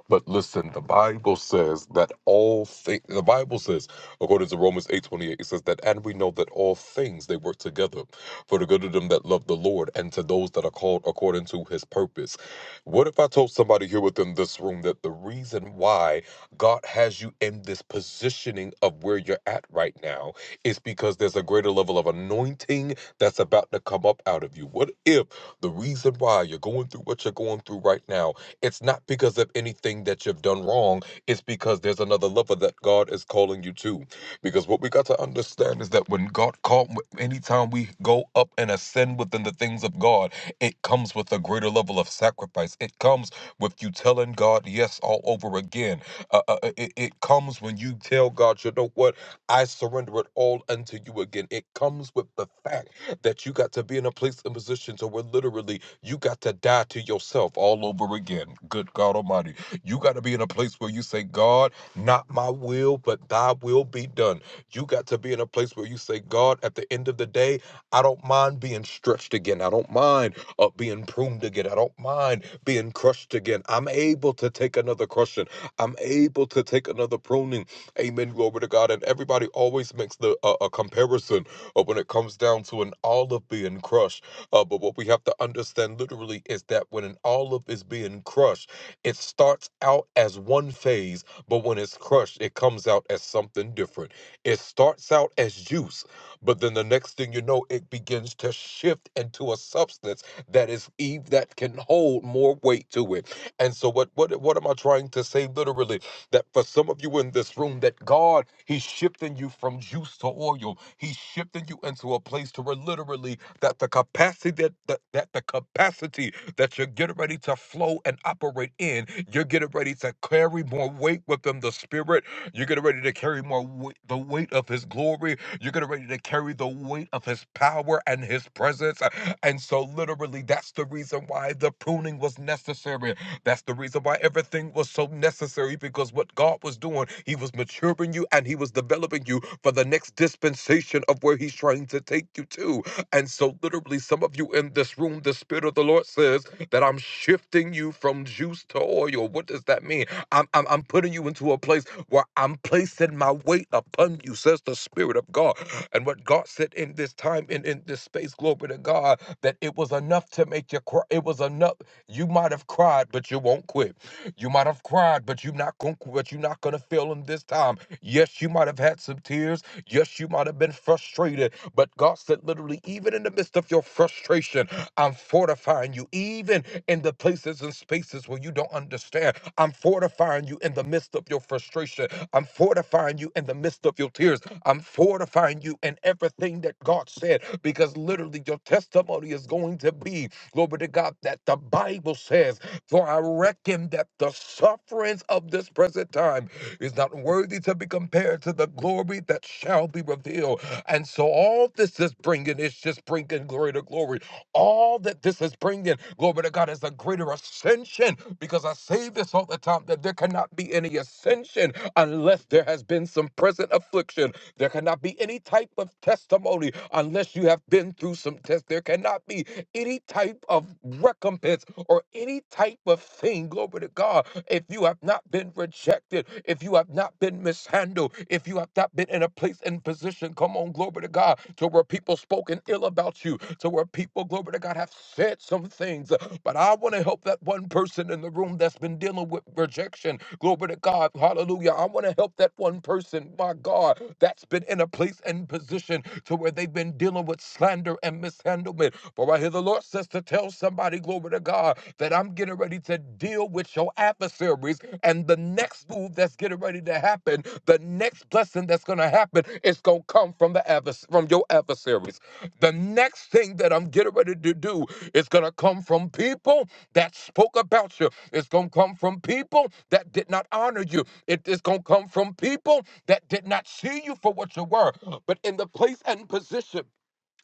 But listen, the Bible says that all things, the Bible says, according to Romans 8.28, it says that, and we know that all things, they work together for the good of them that love the Lord and to those that are called according to his purpose. What if I told somebody here within this room that the reason why God has you in this positioning of where you're at right now is because there's a greater level of anointing that's about to come up out of you. What if the reason why you're going through what you're going through right now, it's not because of anything that you've done wrong, it's because there's another level that God is calling you to. Because what we got to understand is that when God called, anytime we go up and ascend within the things of God, it comes with a greater level of sacrifice. It comes with you telling God yes all over again. Uh, uh, uh, it, it comes when you tell God, you know what? I surrender it all unto you again. It comes with the fact that you got to be in a place and position to where literally you got to die to yourself all over again. Good God Almighty. You got to be in a place where you say, God, not my will, but thy will be done. You got to be in a place where you say, God, at the end of the day, I don't mind being stretched again. I don't mind uh, being pruned again. I don't mind being crushed again. I'm able to take another crushing. I'm able to take another pruning. Amen. Glory to God. And everybody always makes the uh, a comparison uh, when it comes down to an olive being crushed. Uh, but what we have to understand literally is that when an olive is being crushed, it starts out as one phase, but when it's crushed, it comes out as something different. It starts out as juice, but then the next thing you know, it begins to shift into a substance that is Eve that can hold more weight to it. And so what what what am I trying to say literally? That for some of you in this room, that God, He's shifting you from juice to oil. He's shifting you into a place to where literally that the capacity that, that that the capacity that you're getting ready to flow and operate in, you're getting ready to carry more weight with them. the spirit. You're getting ready to carry more weight, the weight of his glory. You're getting ready to carry the weight of his power and his presence. And so literally that's the reason why the pruning was necessary that's the reason why everything was so necessary because what God was doing, He was maturing you and He was developing you for the next dispensation of where He's trying to take you to. And so, literally, some of you in this room, the Spirit of the Lord says that I'm shifting you from juice to oil. What does that mean? I'm, I'm, I'm putting you into a place where I'm placing my weight upon you, says the Spirit of God. And what God said in this time and in this space, glory to God, that it was enough to make you cry. It was enough. You might have cried, but you won't quit. You might have cried, but you're not gonna but you're not gonna fail him this time. Yes, you might have had some tears. Yes, you might have been frustrated, but God said literally, even in the midst of your frustration, I'm fortifying you. Even in the places and spaces where you don't understand, I'm fortifying you in the midst of your frustration. I'm fortifying you in the midst of your tears. I'm fortifying you in everything that God said, because literally your testimony is going to be Glory to God that the Bible says, For I reckon that the sufferings of this present time is not worthy to be compared to the glory that shall be revealed. And so all this is bringing is just bringing glory to glory. All that this is bringing, glory to God, is a greater ascension because I say this all the time that there cannot be any ascension unless there has been some present affliction. There cannot be any type of testimony unless you have been through some tests. There cannot be any type of recompense or any type of thing. Glory to God. If you have not been rejected, if you have not been mishandled, if you have not been in a place and position, come on, glory to God, to where people spoken ill about you, to where people, glory to God, have said some things. But I want to help that one person in the room that's been dealing with rejection. Glory to God. Hallelujah. I want want to help that one person, my God, that's been in a place and position to where they've been dealing with slander and mishandlement. For I hear the Lord says to tell somebody, glory to God, that I'm getting ready to deal with your adversaries. And the next move that's getting ready to happen, the next blessing that's going to happen, is going to come from the advers- from your adversaries. The next thing that I'm getting ready to do is going to come from people that spoke about you. It's going to come from people that did not honor you. It is going to come from people that did not see you for what you were. But in the place and position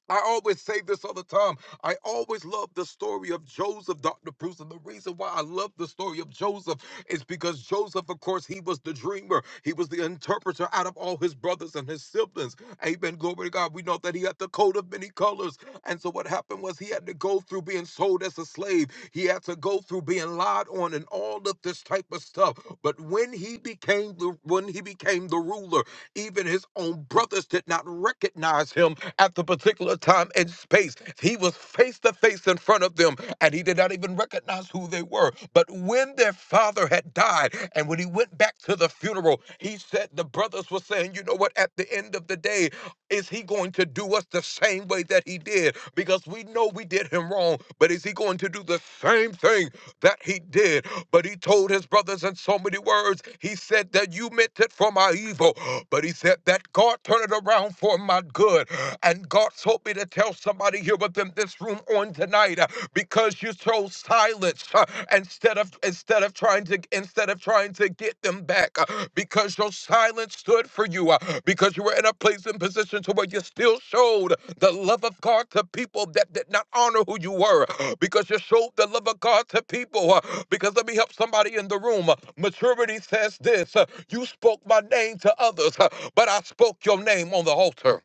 I always say this all the time. I always love the story of Joseph, Dr. Bruce. And the reason why I love the story of Joseph is because Joseph, of course, he was the dreamer. He was the interpreter out of all his brothers and his siblings. Amen. Glory to God. We know that he had the coat of many colors. And so what happened was he had to go through being sold as a slave. He had to go through being lied on and all of this type of stuff. But when he became the when he became the ruler, even his own brothers did not recognize him at the particular time and space. He was face to face in front of them, and he did not even recognize who they were. But when their father had died, and when he went back to the funeral, he said the brothers were saying, You know what? At the end of the day, is he going to do us the same way that he did? Because we know we did him wrong, but is he going to do the same thing? that he did, but he told his brothers in so many words. He said that you meant it for my evil, but he said that God turned it around for my good. And God told me to tell somebody here within this room on tonight uh, because you chose silence uh, instead of instead of trying to instead of trying to get them back. Uh, because your silence stood for you, uh, because you were in a place and position to where you still showed the love of God to people that did not honor who you were, because you showed the love of God to people. uh, Because let me help somebody in the room. uh, Maturity says this uh, You spoke my name to others, uh, but I spoke your name on the altar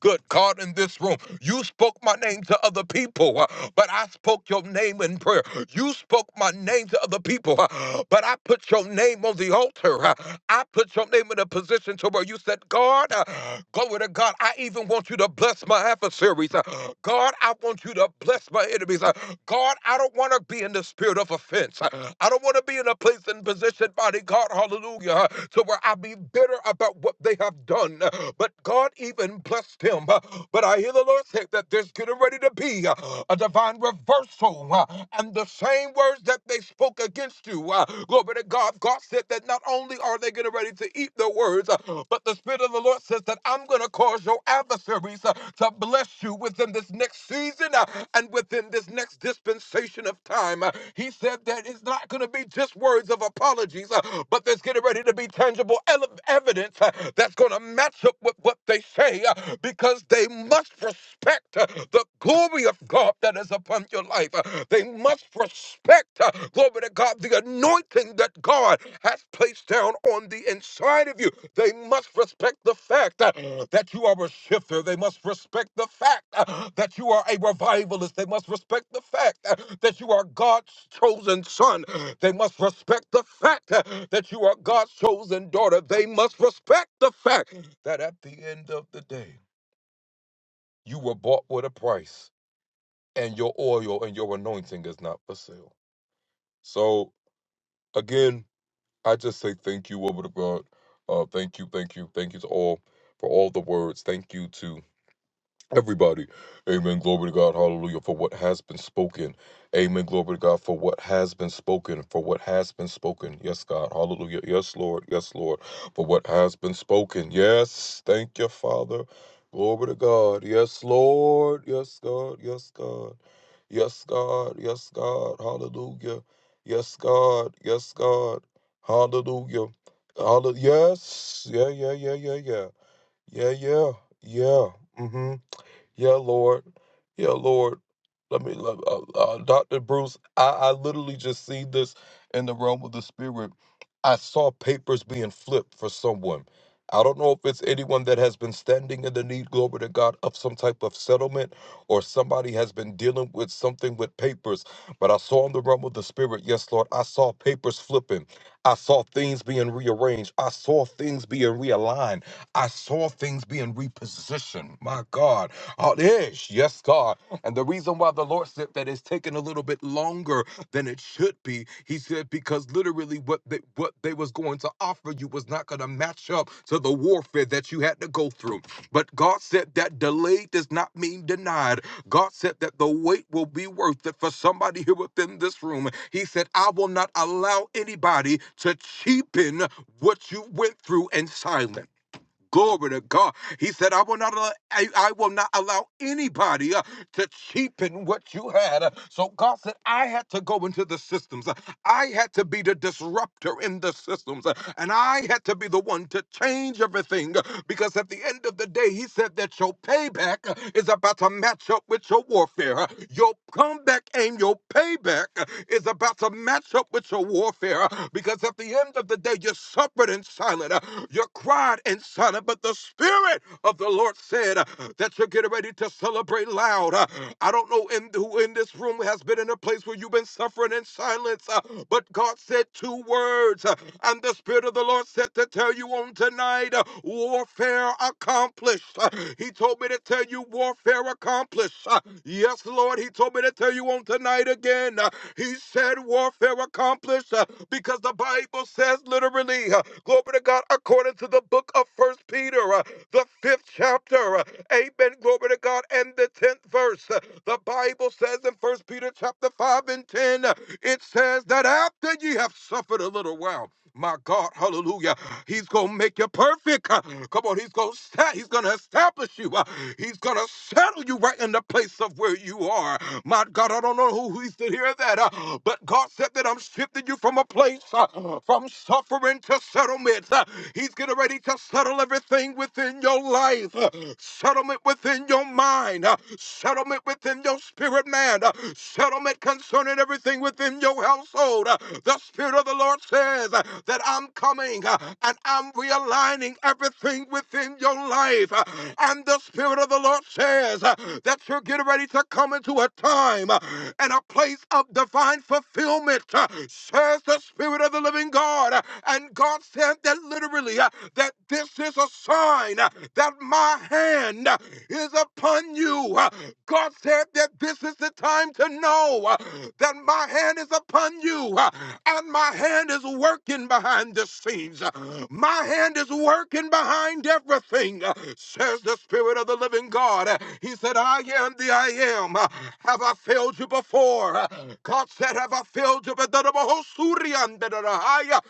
good God, in this room. You spoke my name to other people, uh, but I spoke your name in prayer. You spoke my name to other people, uh, but I put your name on the altar. uh, I put your name in a position to where you said, God, uh, glory to God, I even want you to bless my adversaries. uh, God, I want you to bless my enemies. uh, God, I don't want to be in the spirit of offense. uh, I don't want to be in a place and position, body God, hallelujah, uh, to where I be bitter about what they have done. uh, But God even blessed against them. Uh, But I hear the Lord say that there's getting ready to be uh, a divine reversal. uh, And the same words that they spoke against you, uh, glory to God, God said that not only are they getting ready to eat the words, uh, but the Spirit of the Lord says that I'm going to cause your adversaries uh, to bless you within this next season uh, and within this next dispensation of time. Uh, He said that it's not going to be just words of apologies, uh, but there's getting ready to be tangible ele- evidence uh, that's going to match up with what they say. Uh, because they must respect uh, the glory of God that is upon your life. Uh, They must respect, uh, glory to God, the anointing that God has placed down on the inside of you. They must respect the fact uh, that you are a shifter. They must respect the fact uh, that you are a revivalist. They must respect the fact uh, that you are God's chosen son. They must respect the fact uh, that you are God's chosen daughter. They must respect the fact that at the end of the day, you were bought with a price, and your oil and your anointing is not for sale. So, again, I just say thank you, woman of God. Uh, thank you, thank you, thank you to all for all the words. Thank you to everybody. Amen. Glory to God. Hallelujah. For what has been spoken. Amen. Glory to God. For what has been spoken. For what has been spoken. Yes, God. Hallelujah. Yes, Lord. Yes, Lord. For what has been spoken. Yes. Thank you, Father. Glory to God. Yes, Lord. Yes, God. Yes, God. Yes, God. Yes, God. Hallelujah. Yes, God. Yes, God. Hallelujah. Hallelujah. Yes. Yeah, yeah, yeah, yeah, yeah. Yeah, yeah, yeah. Mm-hmm. Yeah, Lord. Yeah, Lord. Let me, let- uh, uh, Dr. Bruce, I, I literally just seen this in the realm of the spirit. I saw papers being flipped for someone. I don't know if it's anyone that has been standing in the need, glory to God, of some type of settlement or somebody has been dealing with something with papers. But I saw in the realm of the spirit, yes, Lord, I saw papers flipping. I saw things being rearranged. I saw things being realigned. I saw things being repositioned. My God. Oh, yes, yes, God. And the reason why the Lord said that it's taken a little bit longer than it should be, He said, because literally what they, what they was going to offer you was not going to match up to the warfare that you had to go through. But God said that delay does not mean denied. God said that the wait will be worth it for somebody here within this room. He said, I will not allow anybody to cheapen what you went through in silence. Glory to God. He said, I will not allow, I, I will not allow anybody uh, to cheapen what you had. Uh, So God said, I had to go into the systems. Uh, I had to be the disruptor in the systems. Uh, And I had to be the one to change everything. Uh, Because at the end of the day, he said that your payback uh, is about to match up with your warfare. Uh, Your comeback aim, your payback uh, is about to match up with your warfare uh, because at the end of the day, you suffered in silence. uh, You cried in silence, but the Spirit of the Lord said uh, that you're getting ready to celebrate loud. uh, I don't know in, who in this room has been in a place where you've been suffering in silence, uh, but God said two words, uh, and the Spirit of the Lord said to tell you on tonight, uh, warfare accomplished. Uh, He told me to tell you you warfare accomplished. Uh, Yes, Lord, he told me to tell you on tonight again. Uh, He said warfare accomplished uh, because the Bible says literally, uh, glory to God, according to the book of First Peter, uh, the fifth chapter, uh, amen, glory to God, and the tenth verse. uh, The Bible says in First Peter chapter 5 and 10, uh, it says that after ye have suffered a little while, my God, hallelujah. He's gonna make you perfect. Uh, Come on, he's gonna sta- he's gonna establish you. Uh, He's gonna settle you right in the place of where you are. My God, I don't know who who needs to hear that, uh, but God said that I'm shifting you from a place uh, from suffering to settlement. Uh, He's getting ready to settle everything within your life, uh, settlement within your mind, uh, settlement within your spirit, man, uh, settlement concerning everything within your household. uh, the Spirit of the Lord says uh, that I'm coming uh, and I'm realigning everything within your life. uh, And the Spirit of the Lord says uh, that you're getting ready to come into a time uh, and a place of divine fulfillment, uh, says the Spirit of the living God. Uh, And God said that literally uh, that this is a sign uh, that my hand uh, is upon you. Uh, God said that this is the time to know. uh, that my hand is upon you uh, and my hand is working behind the scenes. uh, My hand is working behind everything, uh, says the Spirit of the living God. Uh, He said, I am the I am. Uh, Have I failed you before? Uh, God said, Have I failed you? But uh, uh,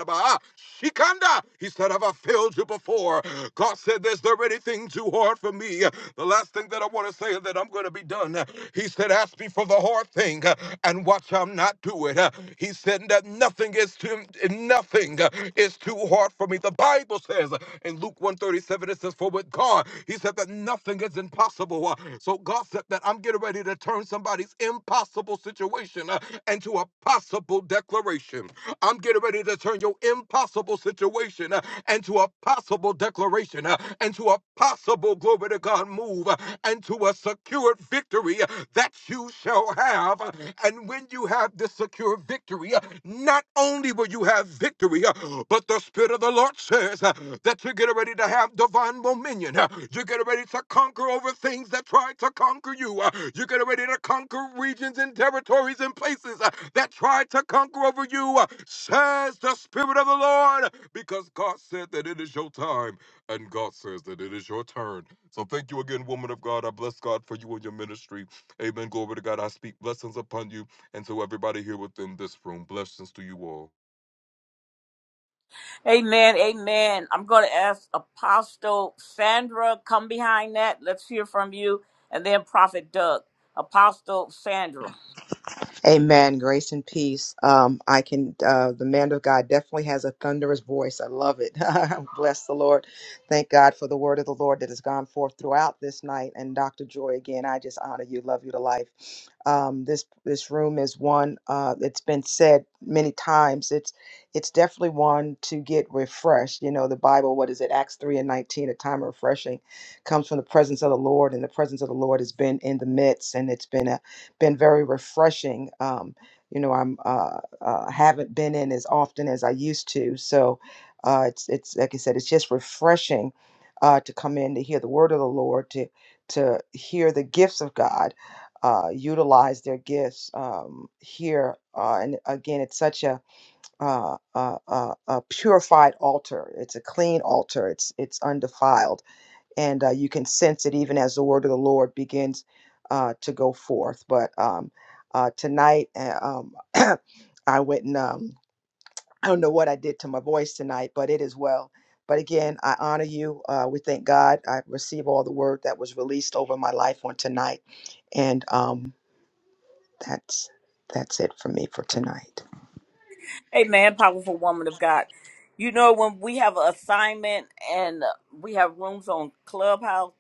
uh, uh, Shikanda. He said, Have I failed you before? God said, Is there anything too hard for me? The last thing that I want to say that I'm going to be done. He said, Ask me for the hard thing uh, and watch I'm not do it. Uh, He said that nothing is too nothing uh, is too hard for me. The Bible says uh, in Luke 137, it says, For with God, he said that nothing is impossible. Uh, So God said that I'm getting ready to turn somebody's impossible situation uh, into a possible declaration. I'm getting ready to turn your impossible situation uh, into a possible declaration, uh, into a possible unstoppable, glory to God, move uh, and to a secured victory uh, that you shall have. Uh, And when you have this secure victory, uh, not only will you have victory, uh, but the Spirit of the Lord says uh, that you're getting ready to have divine dominion. uh, You're getting ready to conquer over things that try to conquer you. uh, You're getting ready to conquer regions and territories and places uh, that try to conquer over you, uh, says the Spirit of the Lord, because God said that it is your time and God says that it is your turn. So thank you again, woman of God. I bless God for you and your ministry. Amen. Glory to God. I speak blessings upon you and to everybody here within this room. Blessings to you all. Amen. Amen. I'm going to ask Apostle Sandra, come behind that. Let's hear from you. And then Prophet Doug. Apostle Sandra. Amen. Grace and peace. Um, I can. Uh, the man of God definitely has a thunderous voice. I love it. Bless the Lord. Thank God for the word of the Lord that has gone forth throughout this night. And Dr. Joy, again, I just honor you. Love you to life. Um, this this room is one. Uh, it's been said many times. It's it's definitely one to get refreshed. You know, the Bible. What is it? Acts three and nineteen. A time of refreshing comes from the presence of the Lord, and the presence of the Lord has been in the midst, and it's been a been very refreshing. Um, you know, I'm uh, uh, haven't been in as often as I used to, so uh, it's it's like I said, it's just refreshing uh, to come in to hear the word of the Lord, to to hear the gifts of God, uh, utilize their gifts um, here, uh, and again, it's such a, uh, a a a purified altar. It's a clean altar. It's it's undefiled and uh, you can sense it even as the word of the Lord begins uh, to go forth. But um, uh, tonight, uh, um, I went and um, I don't know what I did to my voice tonight, but it is well. But again, I honor you. Uh, we thank God. I receive all the word that was released over my life on tonight, and um, that's that's it for me for tonight. Amen. Powerful woman of God. You know, when we have an assignment and uh, we have rooms on Clubhouse,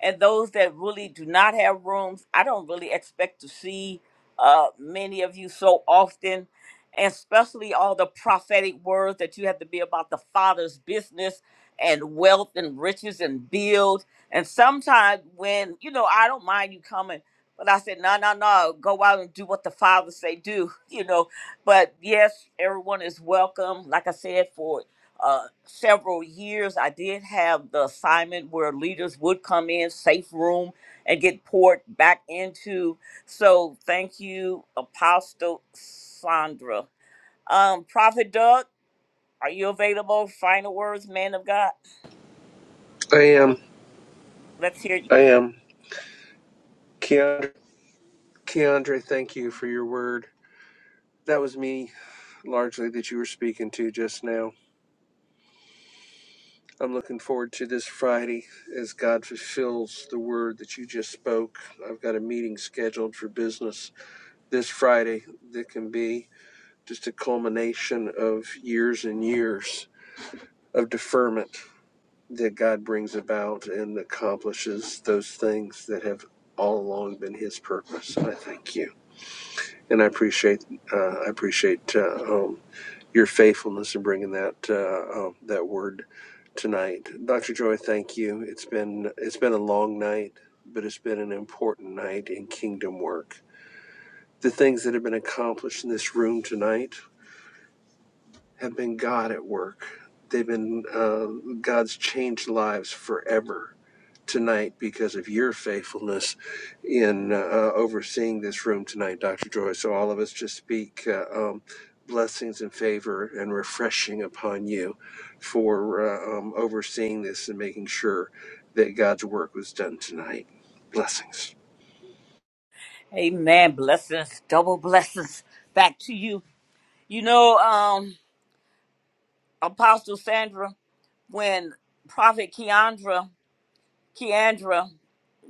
and those that really do not have rooms, I don't really expect to see uh, many of you so often, and especially all the prophetic words that you have to be about the Father's business and wealth and riches and build. And sometimes when you know, I don't mind you coming, but I said, no, no, no, go out and do what the Father say do, you know. But yes, everyone is welcome. Like I said, for uh, several years, I did have the assignment where leaders would come in, safe room, and get poured back into. So thank you, Apostle Sandra. Um, Prophet Doug, are you available? Final words, man of God. I am, Let's hear you. I am. Keandre, Keandre, thank you for your word. That was me largely that you were speaking to just now. I'm looking forward to this Friday as God fulfills the word that you just spoke. I've got a meeting scheduled for business this Friday that can be just a culmination of years and years of deferment that God brings about and accomplishes those things that have all along been His purpose. And I thank you, and I appreciate uh, I appreciate uh, um, your faithfulness in bringing that uh, uh, that word tonight, Doctor Joy. Thank you. It's been it's been a long night, but it's been an important night in kingdom work. The things that have been accomplished in this room tonight have been God at work. They've been uh, God's changed lives forever tonight because of your faithfulness in uh, overseeing this room tonight, Dr. Joy. So all of us just speak uh, um, blessings and favor and refreshing upon you for uh, um, overseeing this and making sure that God's work was done tonight. Blessings. Amen. Blessings, double blessings back to you. You know, um, Apostle Sandra, when Prophet Keandra, Keandra,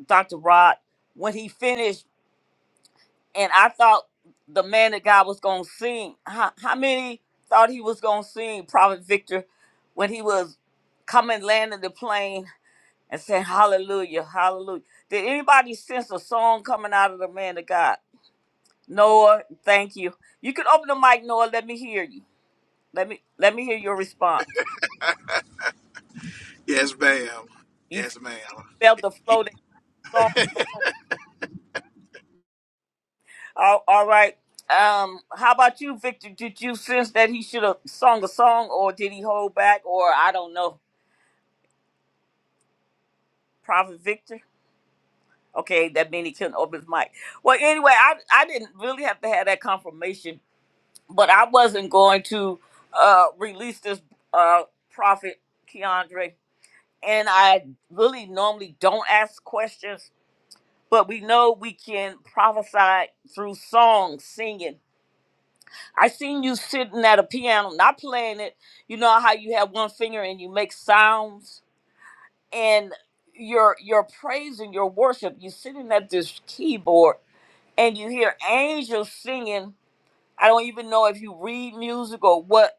Dr. Rod, when he finished, and I thought the man that God was gonna sing. How, how many thought he was gonna sing Prophet Victor when he was coming landing the plane and saying Hallelujah, Hallelujah? Did anybody sense a song coming out of the man of God? Noah, thank you. You can open the mic, Noah. Let me hear you. Let me let me hear your response. You felt the flow that song. All, all right. Um, how about you, Victor? Did you sense that he should have sung a song, or did he hold back, or I don't know? Prophet Victor. Okay, that means he couldn't open his mic. Well, anyway, I I didn't really have to have that confirmation, but I wasn't going to uh, release this uh, prophet Keandre, and I really normally don't ask questions, but we know we can prophesy through song singing. I seen you sitting at a piano, not playing it. You know how you have one finger and you make sounds and your your praise and your worship you're sitting at this keyboard and you hear angels singing i don't even know if you read music or what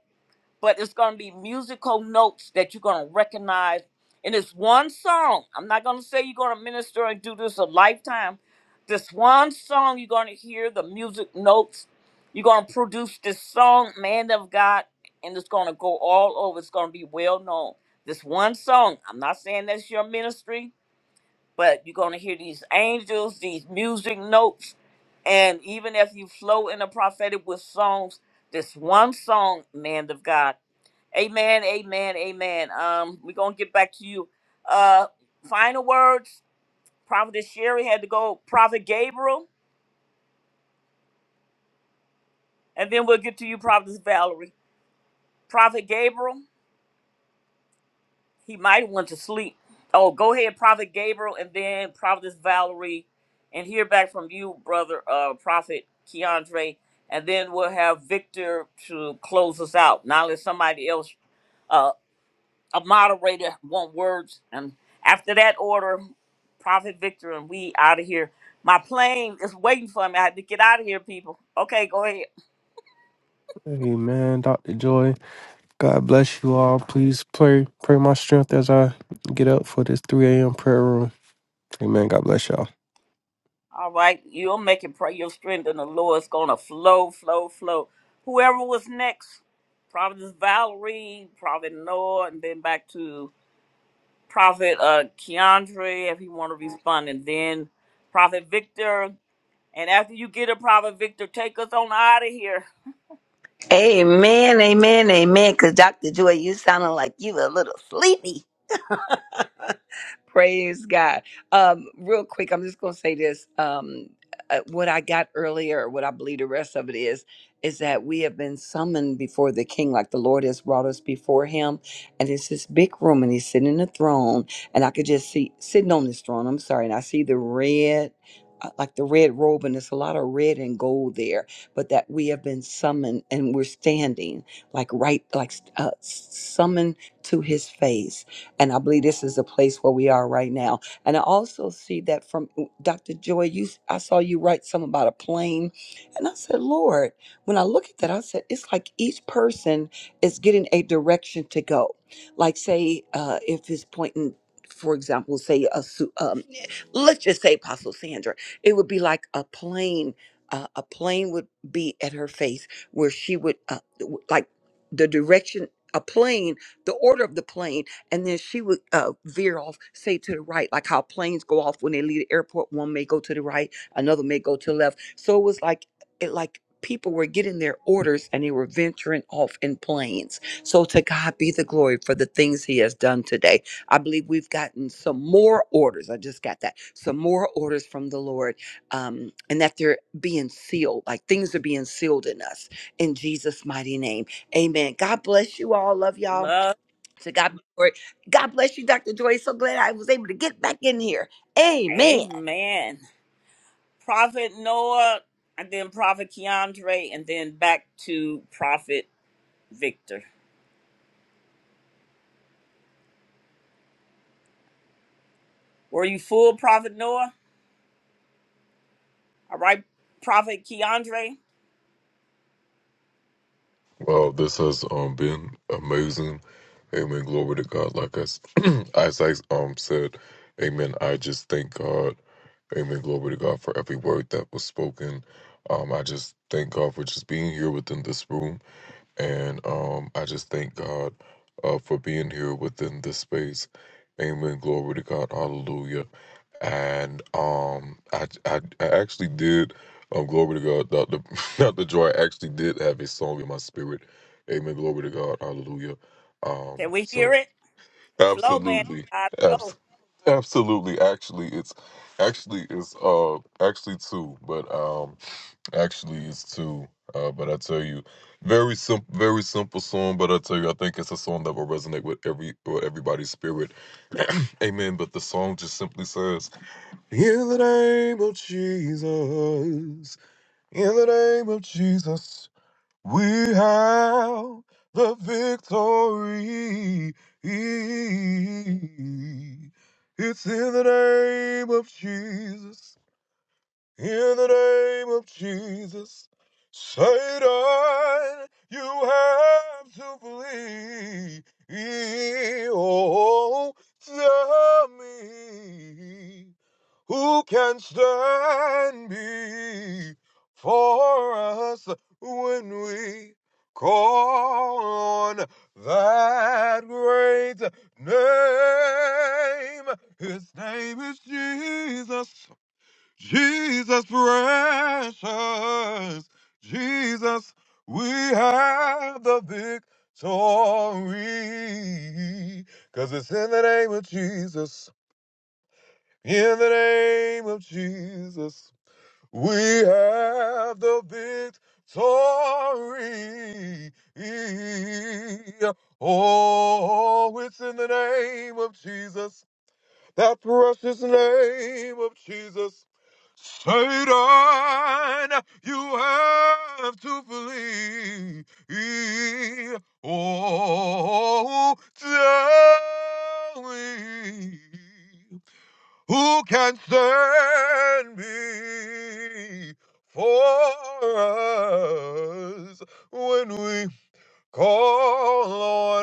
but it's going to be musical notes that you're going to recognize. And it's one song. I'm not going to say you're going to minister and do this a lifetime. This one song, you're going to hear the music notes. You're going to produce this song, Man of God, and it's going to go all over. It's going to be well known. This one song, I'm not saying that's your ministry, but you're going to hear these angels, these music notes. And even if you flow in the prophetic with songs, this one song, Man of God Amen, amen, amen. Um, we're gonna get back to you. Uh final words, Prophet Sherry had to go, Prophet Gabriel, and then we'll get to you, Prophet Valerie. Prophet Gabriel, he might have went to sleep. Oh, go ahead, Prophet Gabriel, and then Prophet Valerie, and hear back from you, brother uh Prophet Keandre, and then we'll have Victor to close us out. Now let somebody else. uh, a moderator want words and after that order prophet victor and we out of here my plane is waiting for me i had to get out of here people okay go ahead Amen. Dr. Joy. God bless you all. Please pray pray my strength as I get up for this 3 a.m. prayer room. Amen. God bless y'all. all right you'll make it pray your strength and the lord's gonna flow flow flow whoever was next prophet valerie prophet noah and then back to prophet uh keandre if he want to respond and then prophet victor and after you get a prophet victor take us on out of here Amen, amen, amen. Because Dr. Joy, you sounding like you a little sleepy. Praise God. Um, real quick, I'm just going to say this. Um, uh, what I got earlier, what I believe the rest of it is, is that we have been summoned before the King, like the Lord has brought us before Him, and it's this big room, and He's sitting in the throne, and I could just see sitting on His throne. I'm sorry, and I see the red. uh, Like the red robe, and there's a lot of red and gold there, but that we have been summoned and we're standing like right, like uh, summoned to his face and I believe this is the place where we are right now. And I also see that from Dr. Joy, you I saw you write something about a plane. And I said, Lord, when I look at that, I said, it's like each person is getting a direction to go. Like say, uh, if it's pointing for example, say a su- um, let's just say Apostle Sandra, it would be like a plane. Uh, a plane would be at her face where she would uh, w- like the direction a plane, the order of the plane and then she would uh, veer off, say to the right, like how planes go off when they leave the airport. One may go to the right, another may go to the left. So it was like it like people were getting their orders and they were venturing off in planes. So to God be the glory for the things He has done today. I believe we've gotten some more orders. I just got that some more orders from the Lord, um, and that they're being sealed. Like things are being sealed in us in Jesus' mighty name. Amen. God bless you all. Love y'all Love. so God, be glory. God bless you, Dr. Joy. So glad I was able to get back in here. Amen. Amen. Prophet Noah, and then Prophet Keandre, and then back to Prophet Victor. Were you full, Prophet Noah? All right, Prophet Keandre, Well, this has um been amazing. Amen. Glory to God. Like as as I um said, Amen. I just thank God. Amen. Glory to God for every word that was spoken. Um, I just thank God for just being here within this room, and um, I just thank God, uh, for being here within this space. Amen. Glory to God. Hallelujah and um, I, I I actually did. Um, glory to God, Doctor Doctor Joy actually did have a song in my spirit. Amen. Glory to God. Hallelujah. can Um, we hear so it? Flow, man. absolutely, I abs- flow. absolutely. Actually, it's actually it's uh actually two, but um actually it's two. Uh, but I tell you, very simple, very simple song. But I tell you, I think it's a song that will resonate with every with everybody's spirit. Amen. But the song just simply says. In the name of Jesus, in the name of Jesus, we have the victory. It's in the name of Jesus, in the name of Jesus. Satan, you have to flee. Oh, tell me. Who can stand before us when we call on that great name? His name is Jesus, Jesus precious, Jesus, we have the victory. Cause it's in the name of Jesus. In the name of Jesus, we have the victory. Oh, it's in the name of Jesus, that precious name of Jesus. Satan, you have to flee. Oh, down. Who can stand before us when we Call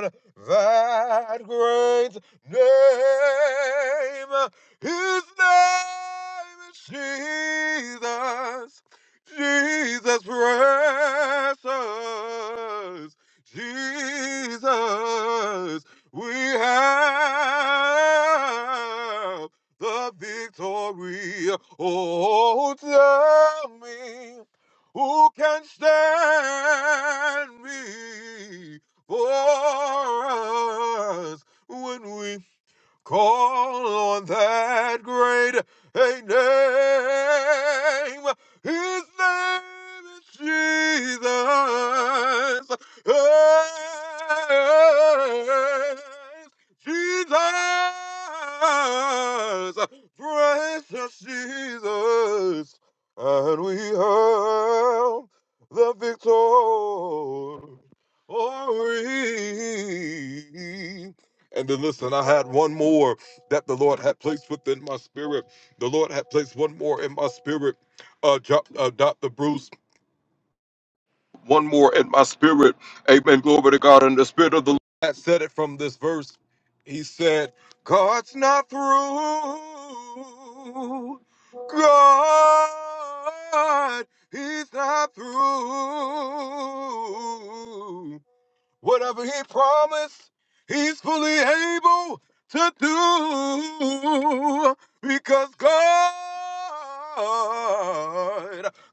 on that great name. His name is Jesus. Jesus precious. Jesus, we have the victory. Oh, tell me who can stand before us when we Call on that great name. His name is Jesus. Yes, Jesus, precious Jesus, and we hail the victor. And then listen, I had one more that the Lord had placed within my spirit. The Lord had placed one more in my spirit. Uh, Jo- uh, Dr. Bruce, one more in my spirit. Amen. Glory to God. And the spirit of the Lord had said it from this verse. He said, God's not through. God, he's not through. Whatever he promised, he's fully able to do because God,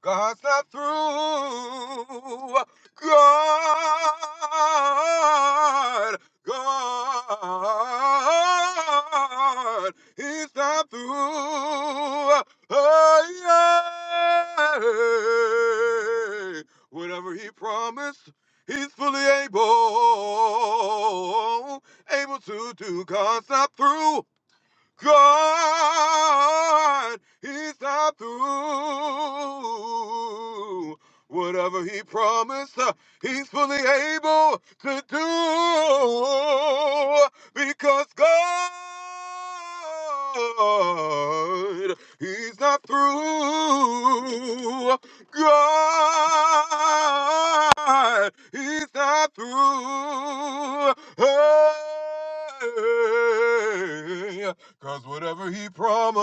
God's not through. God, God, he's not through. Oh, yeah. Whatever he promised. He's fully able, able to do. Cause I'm through. God is not through. Whatever he promised, uh, he's fully able to do because God, he's not through. God, he's not through. Hey, Cause whatever he promised,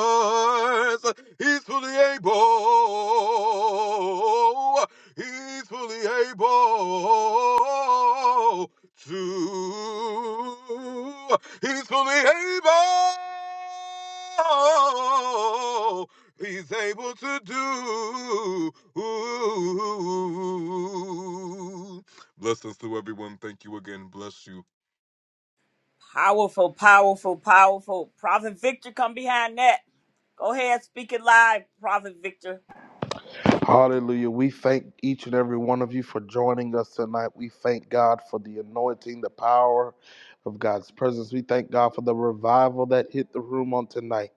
he's fully able. He's fully able to. He's fully able. He's able to do. Blessings to everyone. Thank you again. Bless you. Powerful, powerful, powerful. Prophet Victor, come behind that. Go ahead, speak it live, Prophet Victor. Hallelujah. We thank each and every one of you for joining us tonight. We thank God for the anointing, the power of God's presence. We thank God for the revival that hit the room on tonight.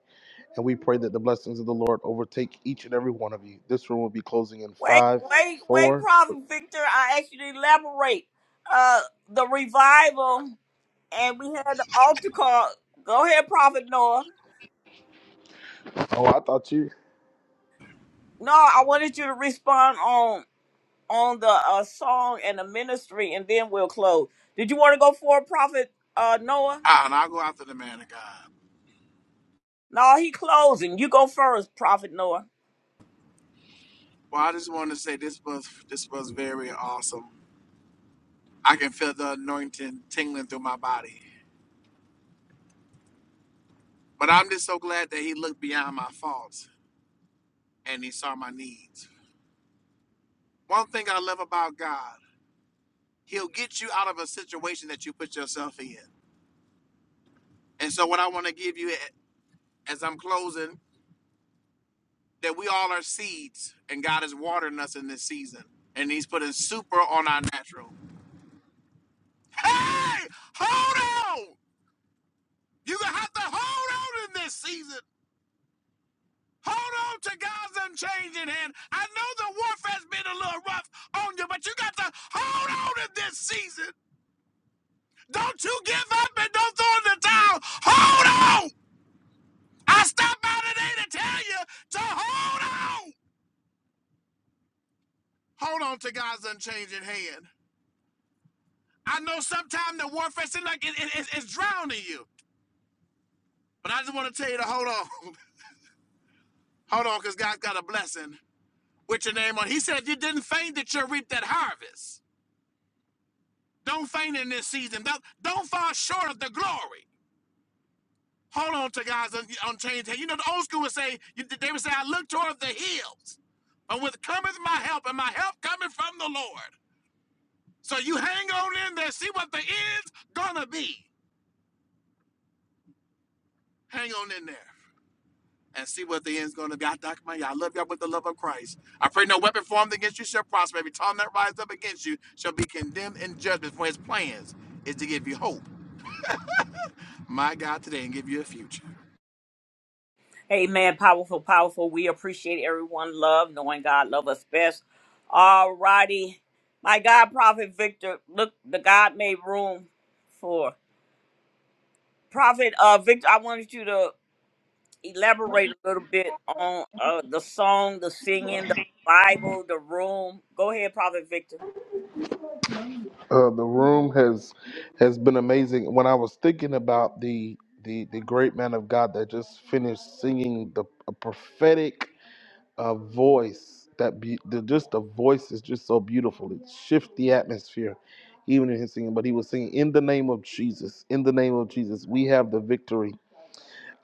And we pray that the blessings of the Lord overtake each and every one of you. This room will be closing in Wait, five, wait, wait, four. Prophet Victor. I asked you to elaborate. Uh, the revival. and we had the altar call. Go ahead, Prophet Noah. Oh, I thought you. No, I wanted you to respond on on the uh, song and the ministry, and then we'll close. Did you want to go for it, Prophet uh, Noah? Ah, and I'll go after the man of God. No, he closing. You go first, Prophet Noah. Well, I just want to say this was this was very awesome. I can feel the anointing tingling through my body. But I'm just so glad that he looked beyond my faults and he saw my needs. One thing I love about God, he'll get you out of a situation that you put yourself in. And so what I want to give you as I'm closing, that we all are seeds and God is watering us in this season. And he's putting super on our natural. Hey, hold on! You're gonna have to hold on in this season Hold on to God's unchanging hand. I know the warfare's been a little rough on you, but you got to hold on in this season. Don't you give up and don't throw in the towel. Hold on. I stopped by today to tell you to hold on. Hold on to God's unchanging hand. I know sometimes the warfare seems like it, it- it's drowning you, but I just want to tell you to hold on. Hold on, because God's got a blessing with your name on. He said, You didn't faint that you'll reap that harvest. Don't faint in this season. Don't, don't fall short of the glory. Hold on to God's on, on change. You know, the old school would say, you- they would say, I look toward the hills. But with cometh my help, and my help coming from the Lord. So you hang on in there, see what the end's gonna be. Hang on in there and see what the end's gonna be. I, Dr. Maya, I love y'all with the love of Christ. I pray no weapon formed against you shall prosper. Every tongue that rises up against you shall be condemned in judgment, for his plans is to give you hope, my God, today, and give you a future. Amen. Powerful, powerful. We appreciate everyone. Love, knowing God love us best. All righty. My God, Prophet Victor, look, the God made room for Prophet uh, Victor. I wanted you to elaborate a little bit on uh, the song, the singing, the Bible, the room. Go ahead, Prophet Victor. Uh, the room has has been amazing. When I was thinking about the the the great man of God that just finished singing the a prophetic uh, voice, that be, the, just the voice is just so beautiful. It shifts the atmosphere, even in his singing. But he was singing in the name of Jesus. In the name of Jesus, we have the victory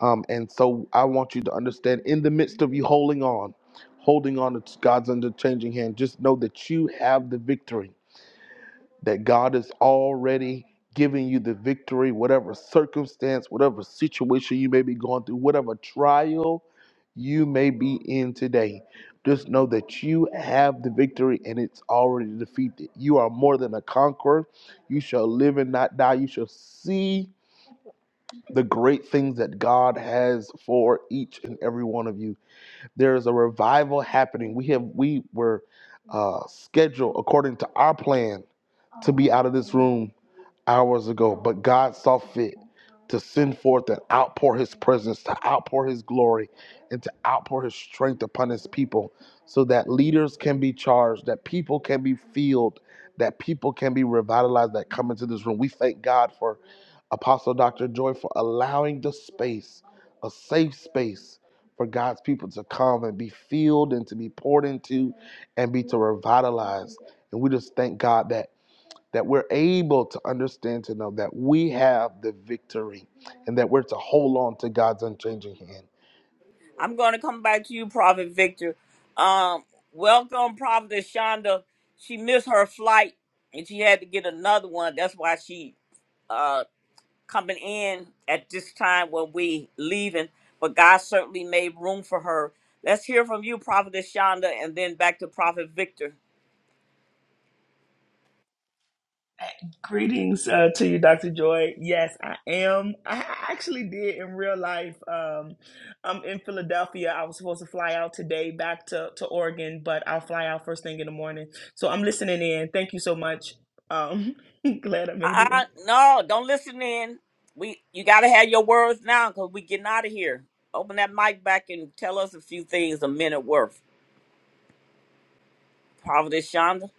Um, and so I want you to understand in the midst of you holding on, holding on to God's unchanging hand, just know that you have the victory, that God is already giving you the victory, whatever circumstance, whatever situation you may be going through, whatever trial you may be in today. Just know that you have the victory and it's already defeated. You are more than a conqueror. You shall live and not die. You shall see the great things that God has for each and every one of you. There is a revival happening. We have we were uh, scheduled according to our plan to be out of this room hours ago, but God saw fit to send forth and outpour His presence, to outpour His glory, and to outpour His strength upon His people, so that leaders can be charged, that people can be filled, that people can be revitalized. That come into this room. We thank God for Apostle Dr. Joy for allowing the space, a safe space for God's people to come and be filled and to be poured into and be to revitalized. And we just thank God that that we're able to understand to know that we have the victory and that we're to hold on to God's unchanging hand. I'm going to come back to you, Prophet Victor. Um, welcome, Prophet Shonda. She missed her flight and she had to get another one. That's why she uh, coming in at this time when we leaving. But God certainly made room for her. Let's hear from you, Prophet Shonda, and then back to Prophet Victor. Greetings uh, to you, Dr. Joy. Yes, I am. I actually did in real life. Um, I'm in Philadelphia. I was supposed to fly out today back to, to Oregon, but I'll fly out first thing in the morning. So I'm listening in. Thank you so much. Um, glad I made it in. I, I- no, don't listen in. We you gotta have your words now because we getting out of here. Open that mic back and tell us a few things a minute worth. Prophet Shonda.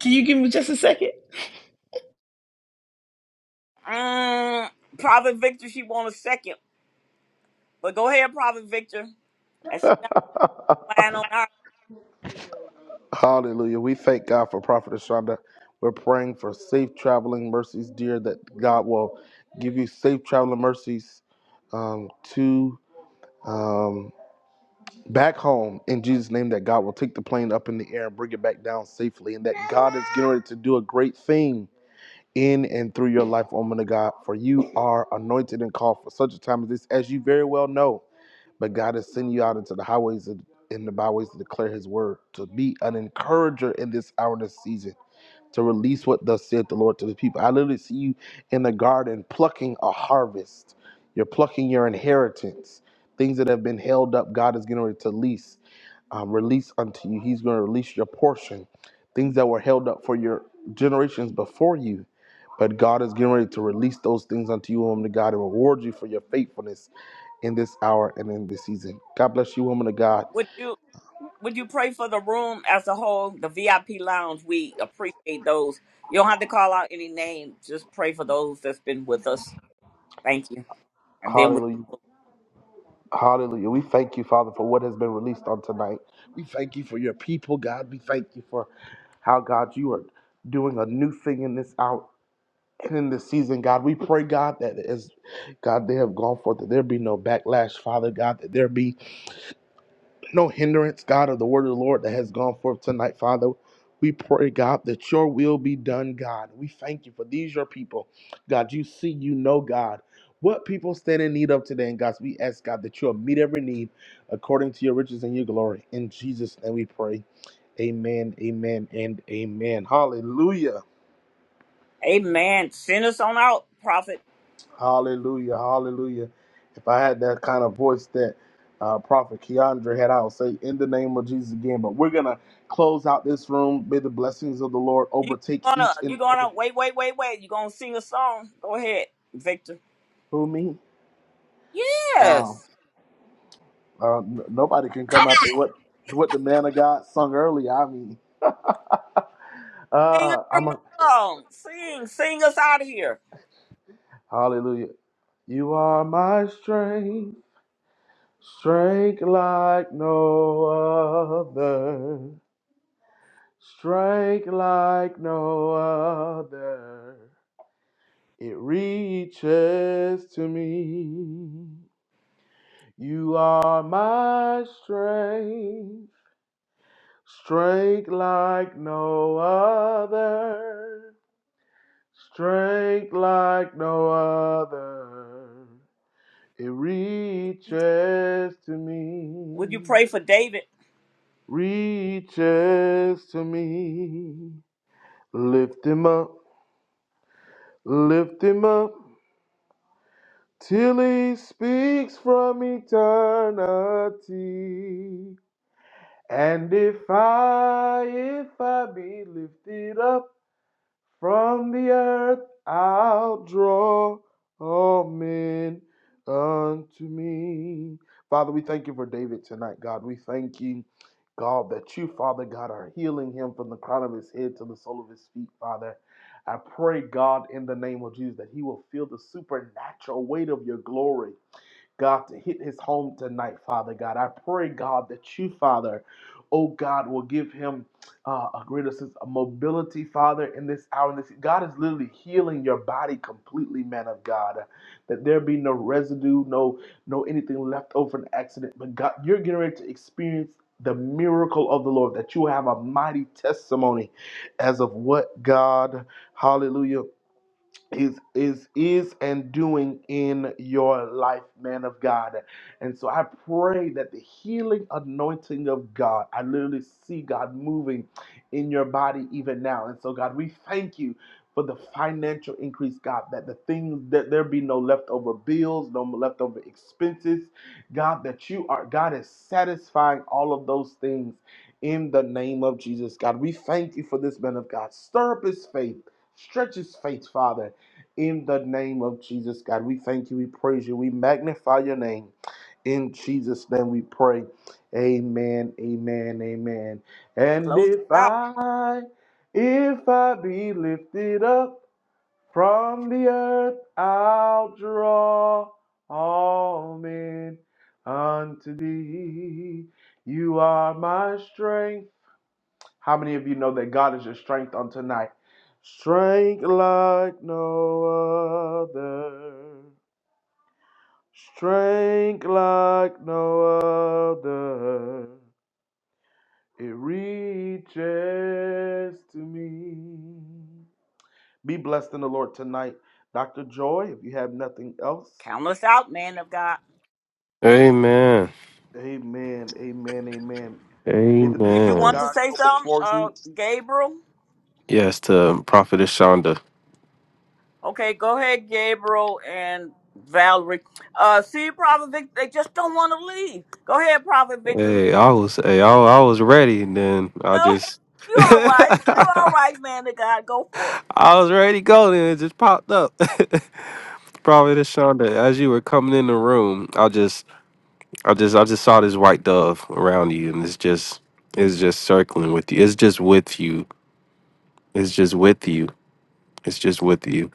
Can you give me just a second? Mm, Prophet Victor, she want a second. But go ahead, Prophet Victor. And she not lying on our Hallelujah. We thank God for Prophet Ashonda. We're praying for safe traveling mercies, dear, that God will give you safe traveling mercies um, to um, back home in Jesus' name that God will take the plane up in the air and bring it back down safely, and that God is getting ready to do a great thing in and through your life, woman of God. For you are anointed and called for such a time as this, as you very well know. But God is sending you out into the highways and the byways to declare His word, to be an encourager in this hour and this season, to release what thus saith the Lord to the people. I literally see you in the garden plucking a harvest. You're plucking your inheritance, things that have been held up. God is getting ready to release um, release unto you. He's going to release your portion, things that were held up for your generations before you. But God is getting ready to release those things unto you, woman of God, and reward you for your faithfulness in this hour and in this season. God bless you, woman of God. would you would you pray for the room as a whole, the VIP lounge? We appreciate those. You don't have to call out any name. Just pray for those that's been with us. Thank you. And then we Hallelujah. Hallelujah. We thank you, Father, for what has been released on tonight. We thank you for your people, God. We thank you for how, God, you are doing a new thing in this hour in this season, God. We pray, God, that as God they have gone forth, that there be no backlash, Father God, that there be no hindrance, God, of the word of the Lord that has gone forth tonight, Father. We pray, God, that your will be done, God. We thank you for these your people. God, you see, you know, God. What people stand in need of today, and God, we ask God that you'll meet every need according to your riches and your glory. In Jesus' name we pray. Amen, amen, and amen. Hallelujah. Amen. Send us on out, Prophet. Hallelujah, hallelujah. If I had that kind of voice that uh, Prophet Keandre had, I would say, in the name of Jesus again. But we're going to close out this room. May the blessings of the Lord You overtake gonna each you and gonna wait, wait, wait, wait. You gonna sing a song? Go ahead, Victor. who me. Uh, Yes. uh, n- nobody can Come. come after what what the man of God sung earlier. I mean, Sing a uh, I'm a, different song. Sing, sing us out of here. hallelujah. You are my strength, strength like no other, strength like no other. It reaches to me. You are my strength, strength like no other, strength like no other. It reaches to Would you me, pray for David? reaches to me. Lift him up, lift him up. till he speaks from eternity. And if I, if I be lifted up from the earth, I'll draw all men unto me. Father, we thank you for David tonight, God. We thank you, God, that you, Father God, are healing him from the crown of his head to the sole of his feet, Father. I pray, God, in the name of Jesus, that he will feel the supernatural weight of your glory God, to hit his home tonight, Father God. I pray, God, that you, Father, oh God, will give him uh, a greater sense of mobility, Father, in this hour. In this, God is literally healing your body completely, man of God. That there be no residue, no, no anything left over an accident. But God, you're getting ready to experience the miracle of the Lord, that you have a mighty testimony as of what God, hallelujah is is is and doing in your life man of god and so i pray that the healing anointing of god i literally see god moving in your body even now and so god we thank you for the financial increase god that the things that there be no leftover bills no leftover expenses god that you are god is satisfying all of those things in the name of jesus god we thank you for this man of god stir up his faith stretch his faith father in the name of Jesus, God. We thank you, we praise you, we magnify your name. In Jesus' name we pray. Amen, amen, amen. And Close us if out. I, if I be lifted up from the earth, I'll draw all men unto thee. You are my strength how many of you know that God is your strength on tonight? Strength like no other. Strength like no other. It reaches to me. Be blessed in the Lord tonight. Dr. Joy, if you have nothing else. Count us out, man of God. Amen. Amen. Amen. Amen. May the peace Did you of Amen. want to God say go something, before uh, you. Gabriel? Yes, to Prophetess Shonda. Okay, go ahead, Gabriel and Valerie. Uh, see, Prophet Victor, they just don't want to leave. Go ahead, Prophet Victor. Go Hey, I was hey, I, I was ready and then I ahead. just You all right? You all I right, man of God? Go for it. was ready to go then it just popped up. Prophetess Shonda, as you were coming in the room, I just I just I just saw this white dove around you and it's just it's just circling with you. It's just with you. It's just with you. It's just with you.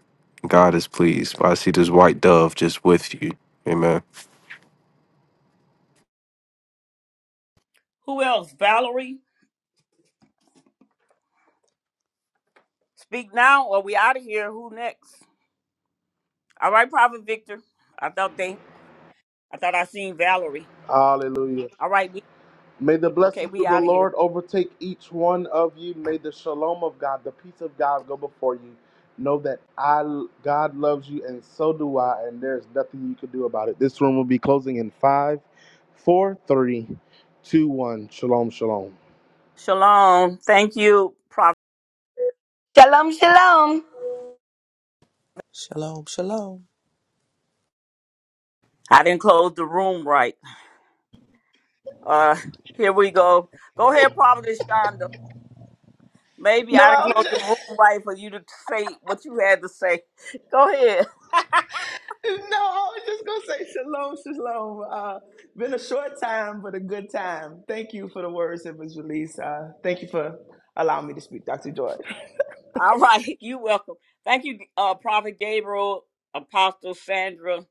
God is pleased. I see this white dove just with you. Amen. Who else? Valerie. Speak now, or we out of here. Who next? All right, Prophet Victor. I thought they. I thought I seen Valerie. Hallelujah. All right, we May the okay. blessings We of the out of here. Lord overtake each one of you. May the shalom of God, the peace of God go before you. Know that I God loves you and so do I, and there's nothing you can do about it. This room will be closing in five, four, three, two, one. Shalom, shalom. Shalom. Thank you, Prophet. Shalom, shalom. I didn't close the room right. Uh, here we go. Go ahead, Prophet Shonda. Maybe No, I I didn't was close the just room right for you to say what you had to say. Go ahead. no, I was just gonna say shalom, shalom. Uh, been a short time, but a good time. Thank you for the words that was released. Uh, thank you for allowing me to speak, Dr. Joy. All right, you welcome. Thank you, uh, Prophet Gabriel, Apostle Sandra,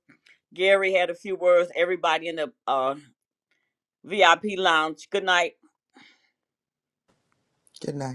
Gary had a few words. Everybody in the uh, VIP Lounge. Good night. Good night.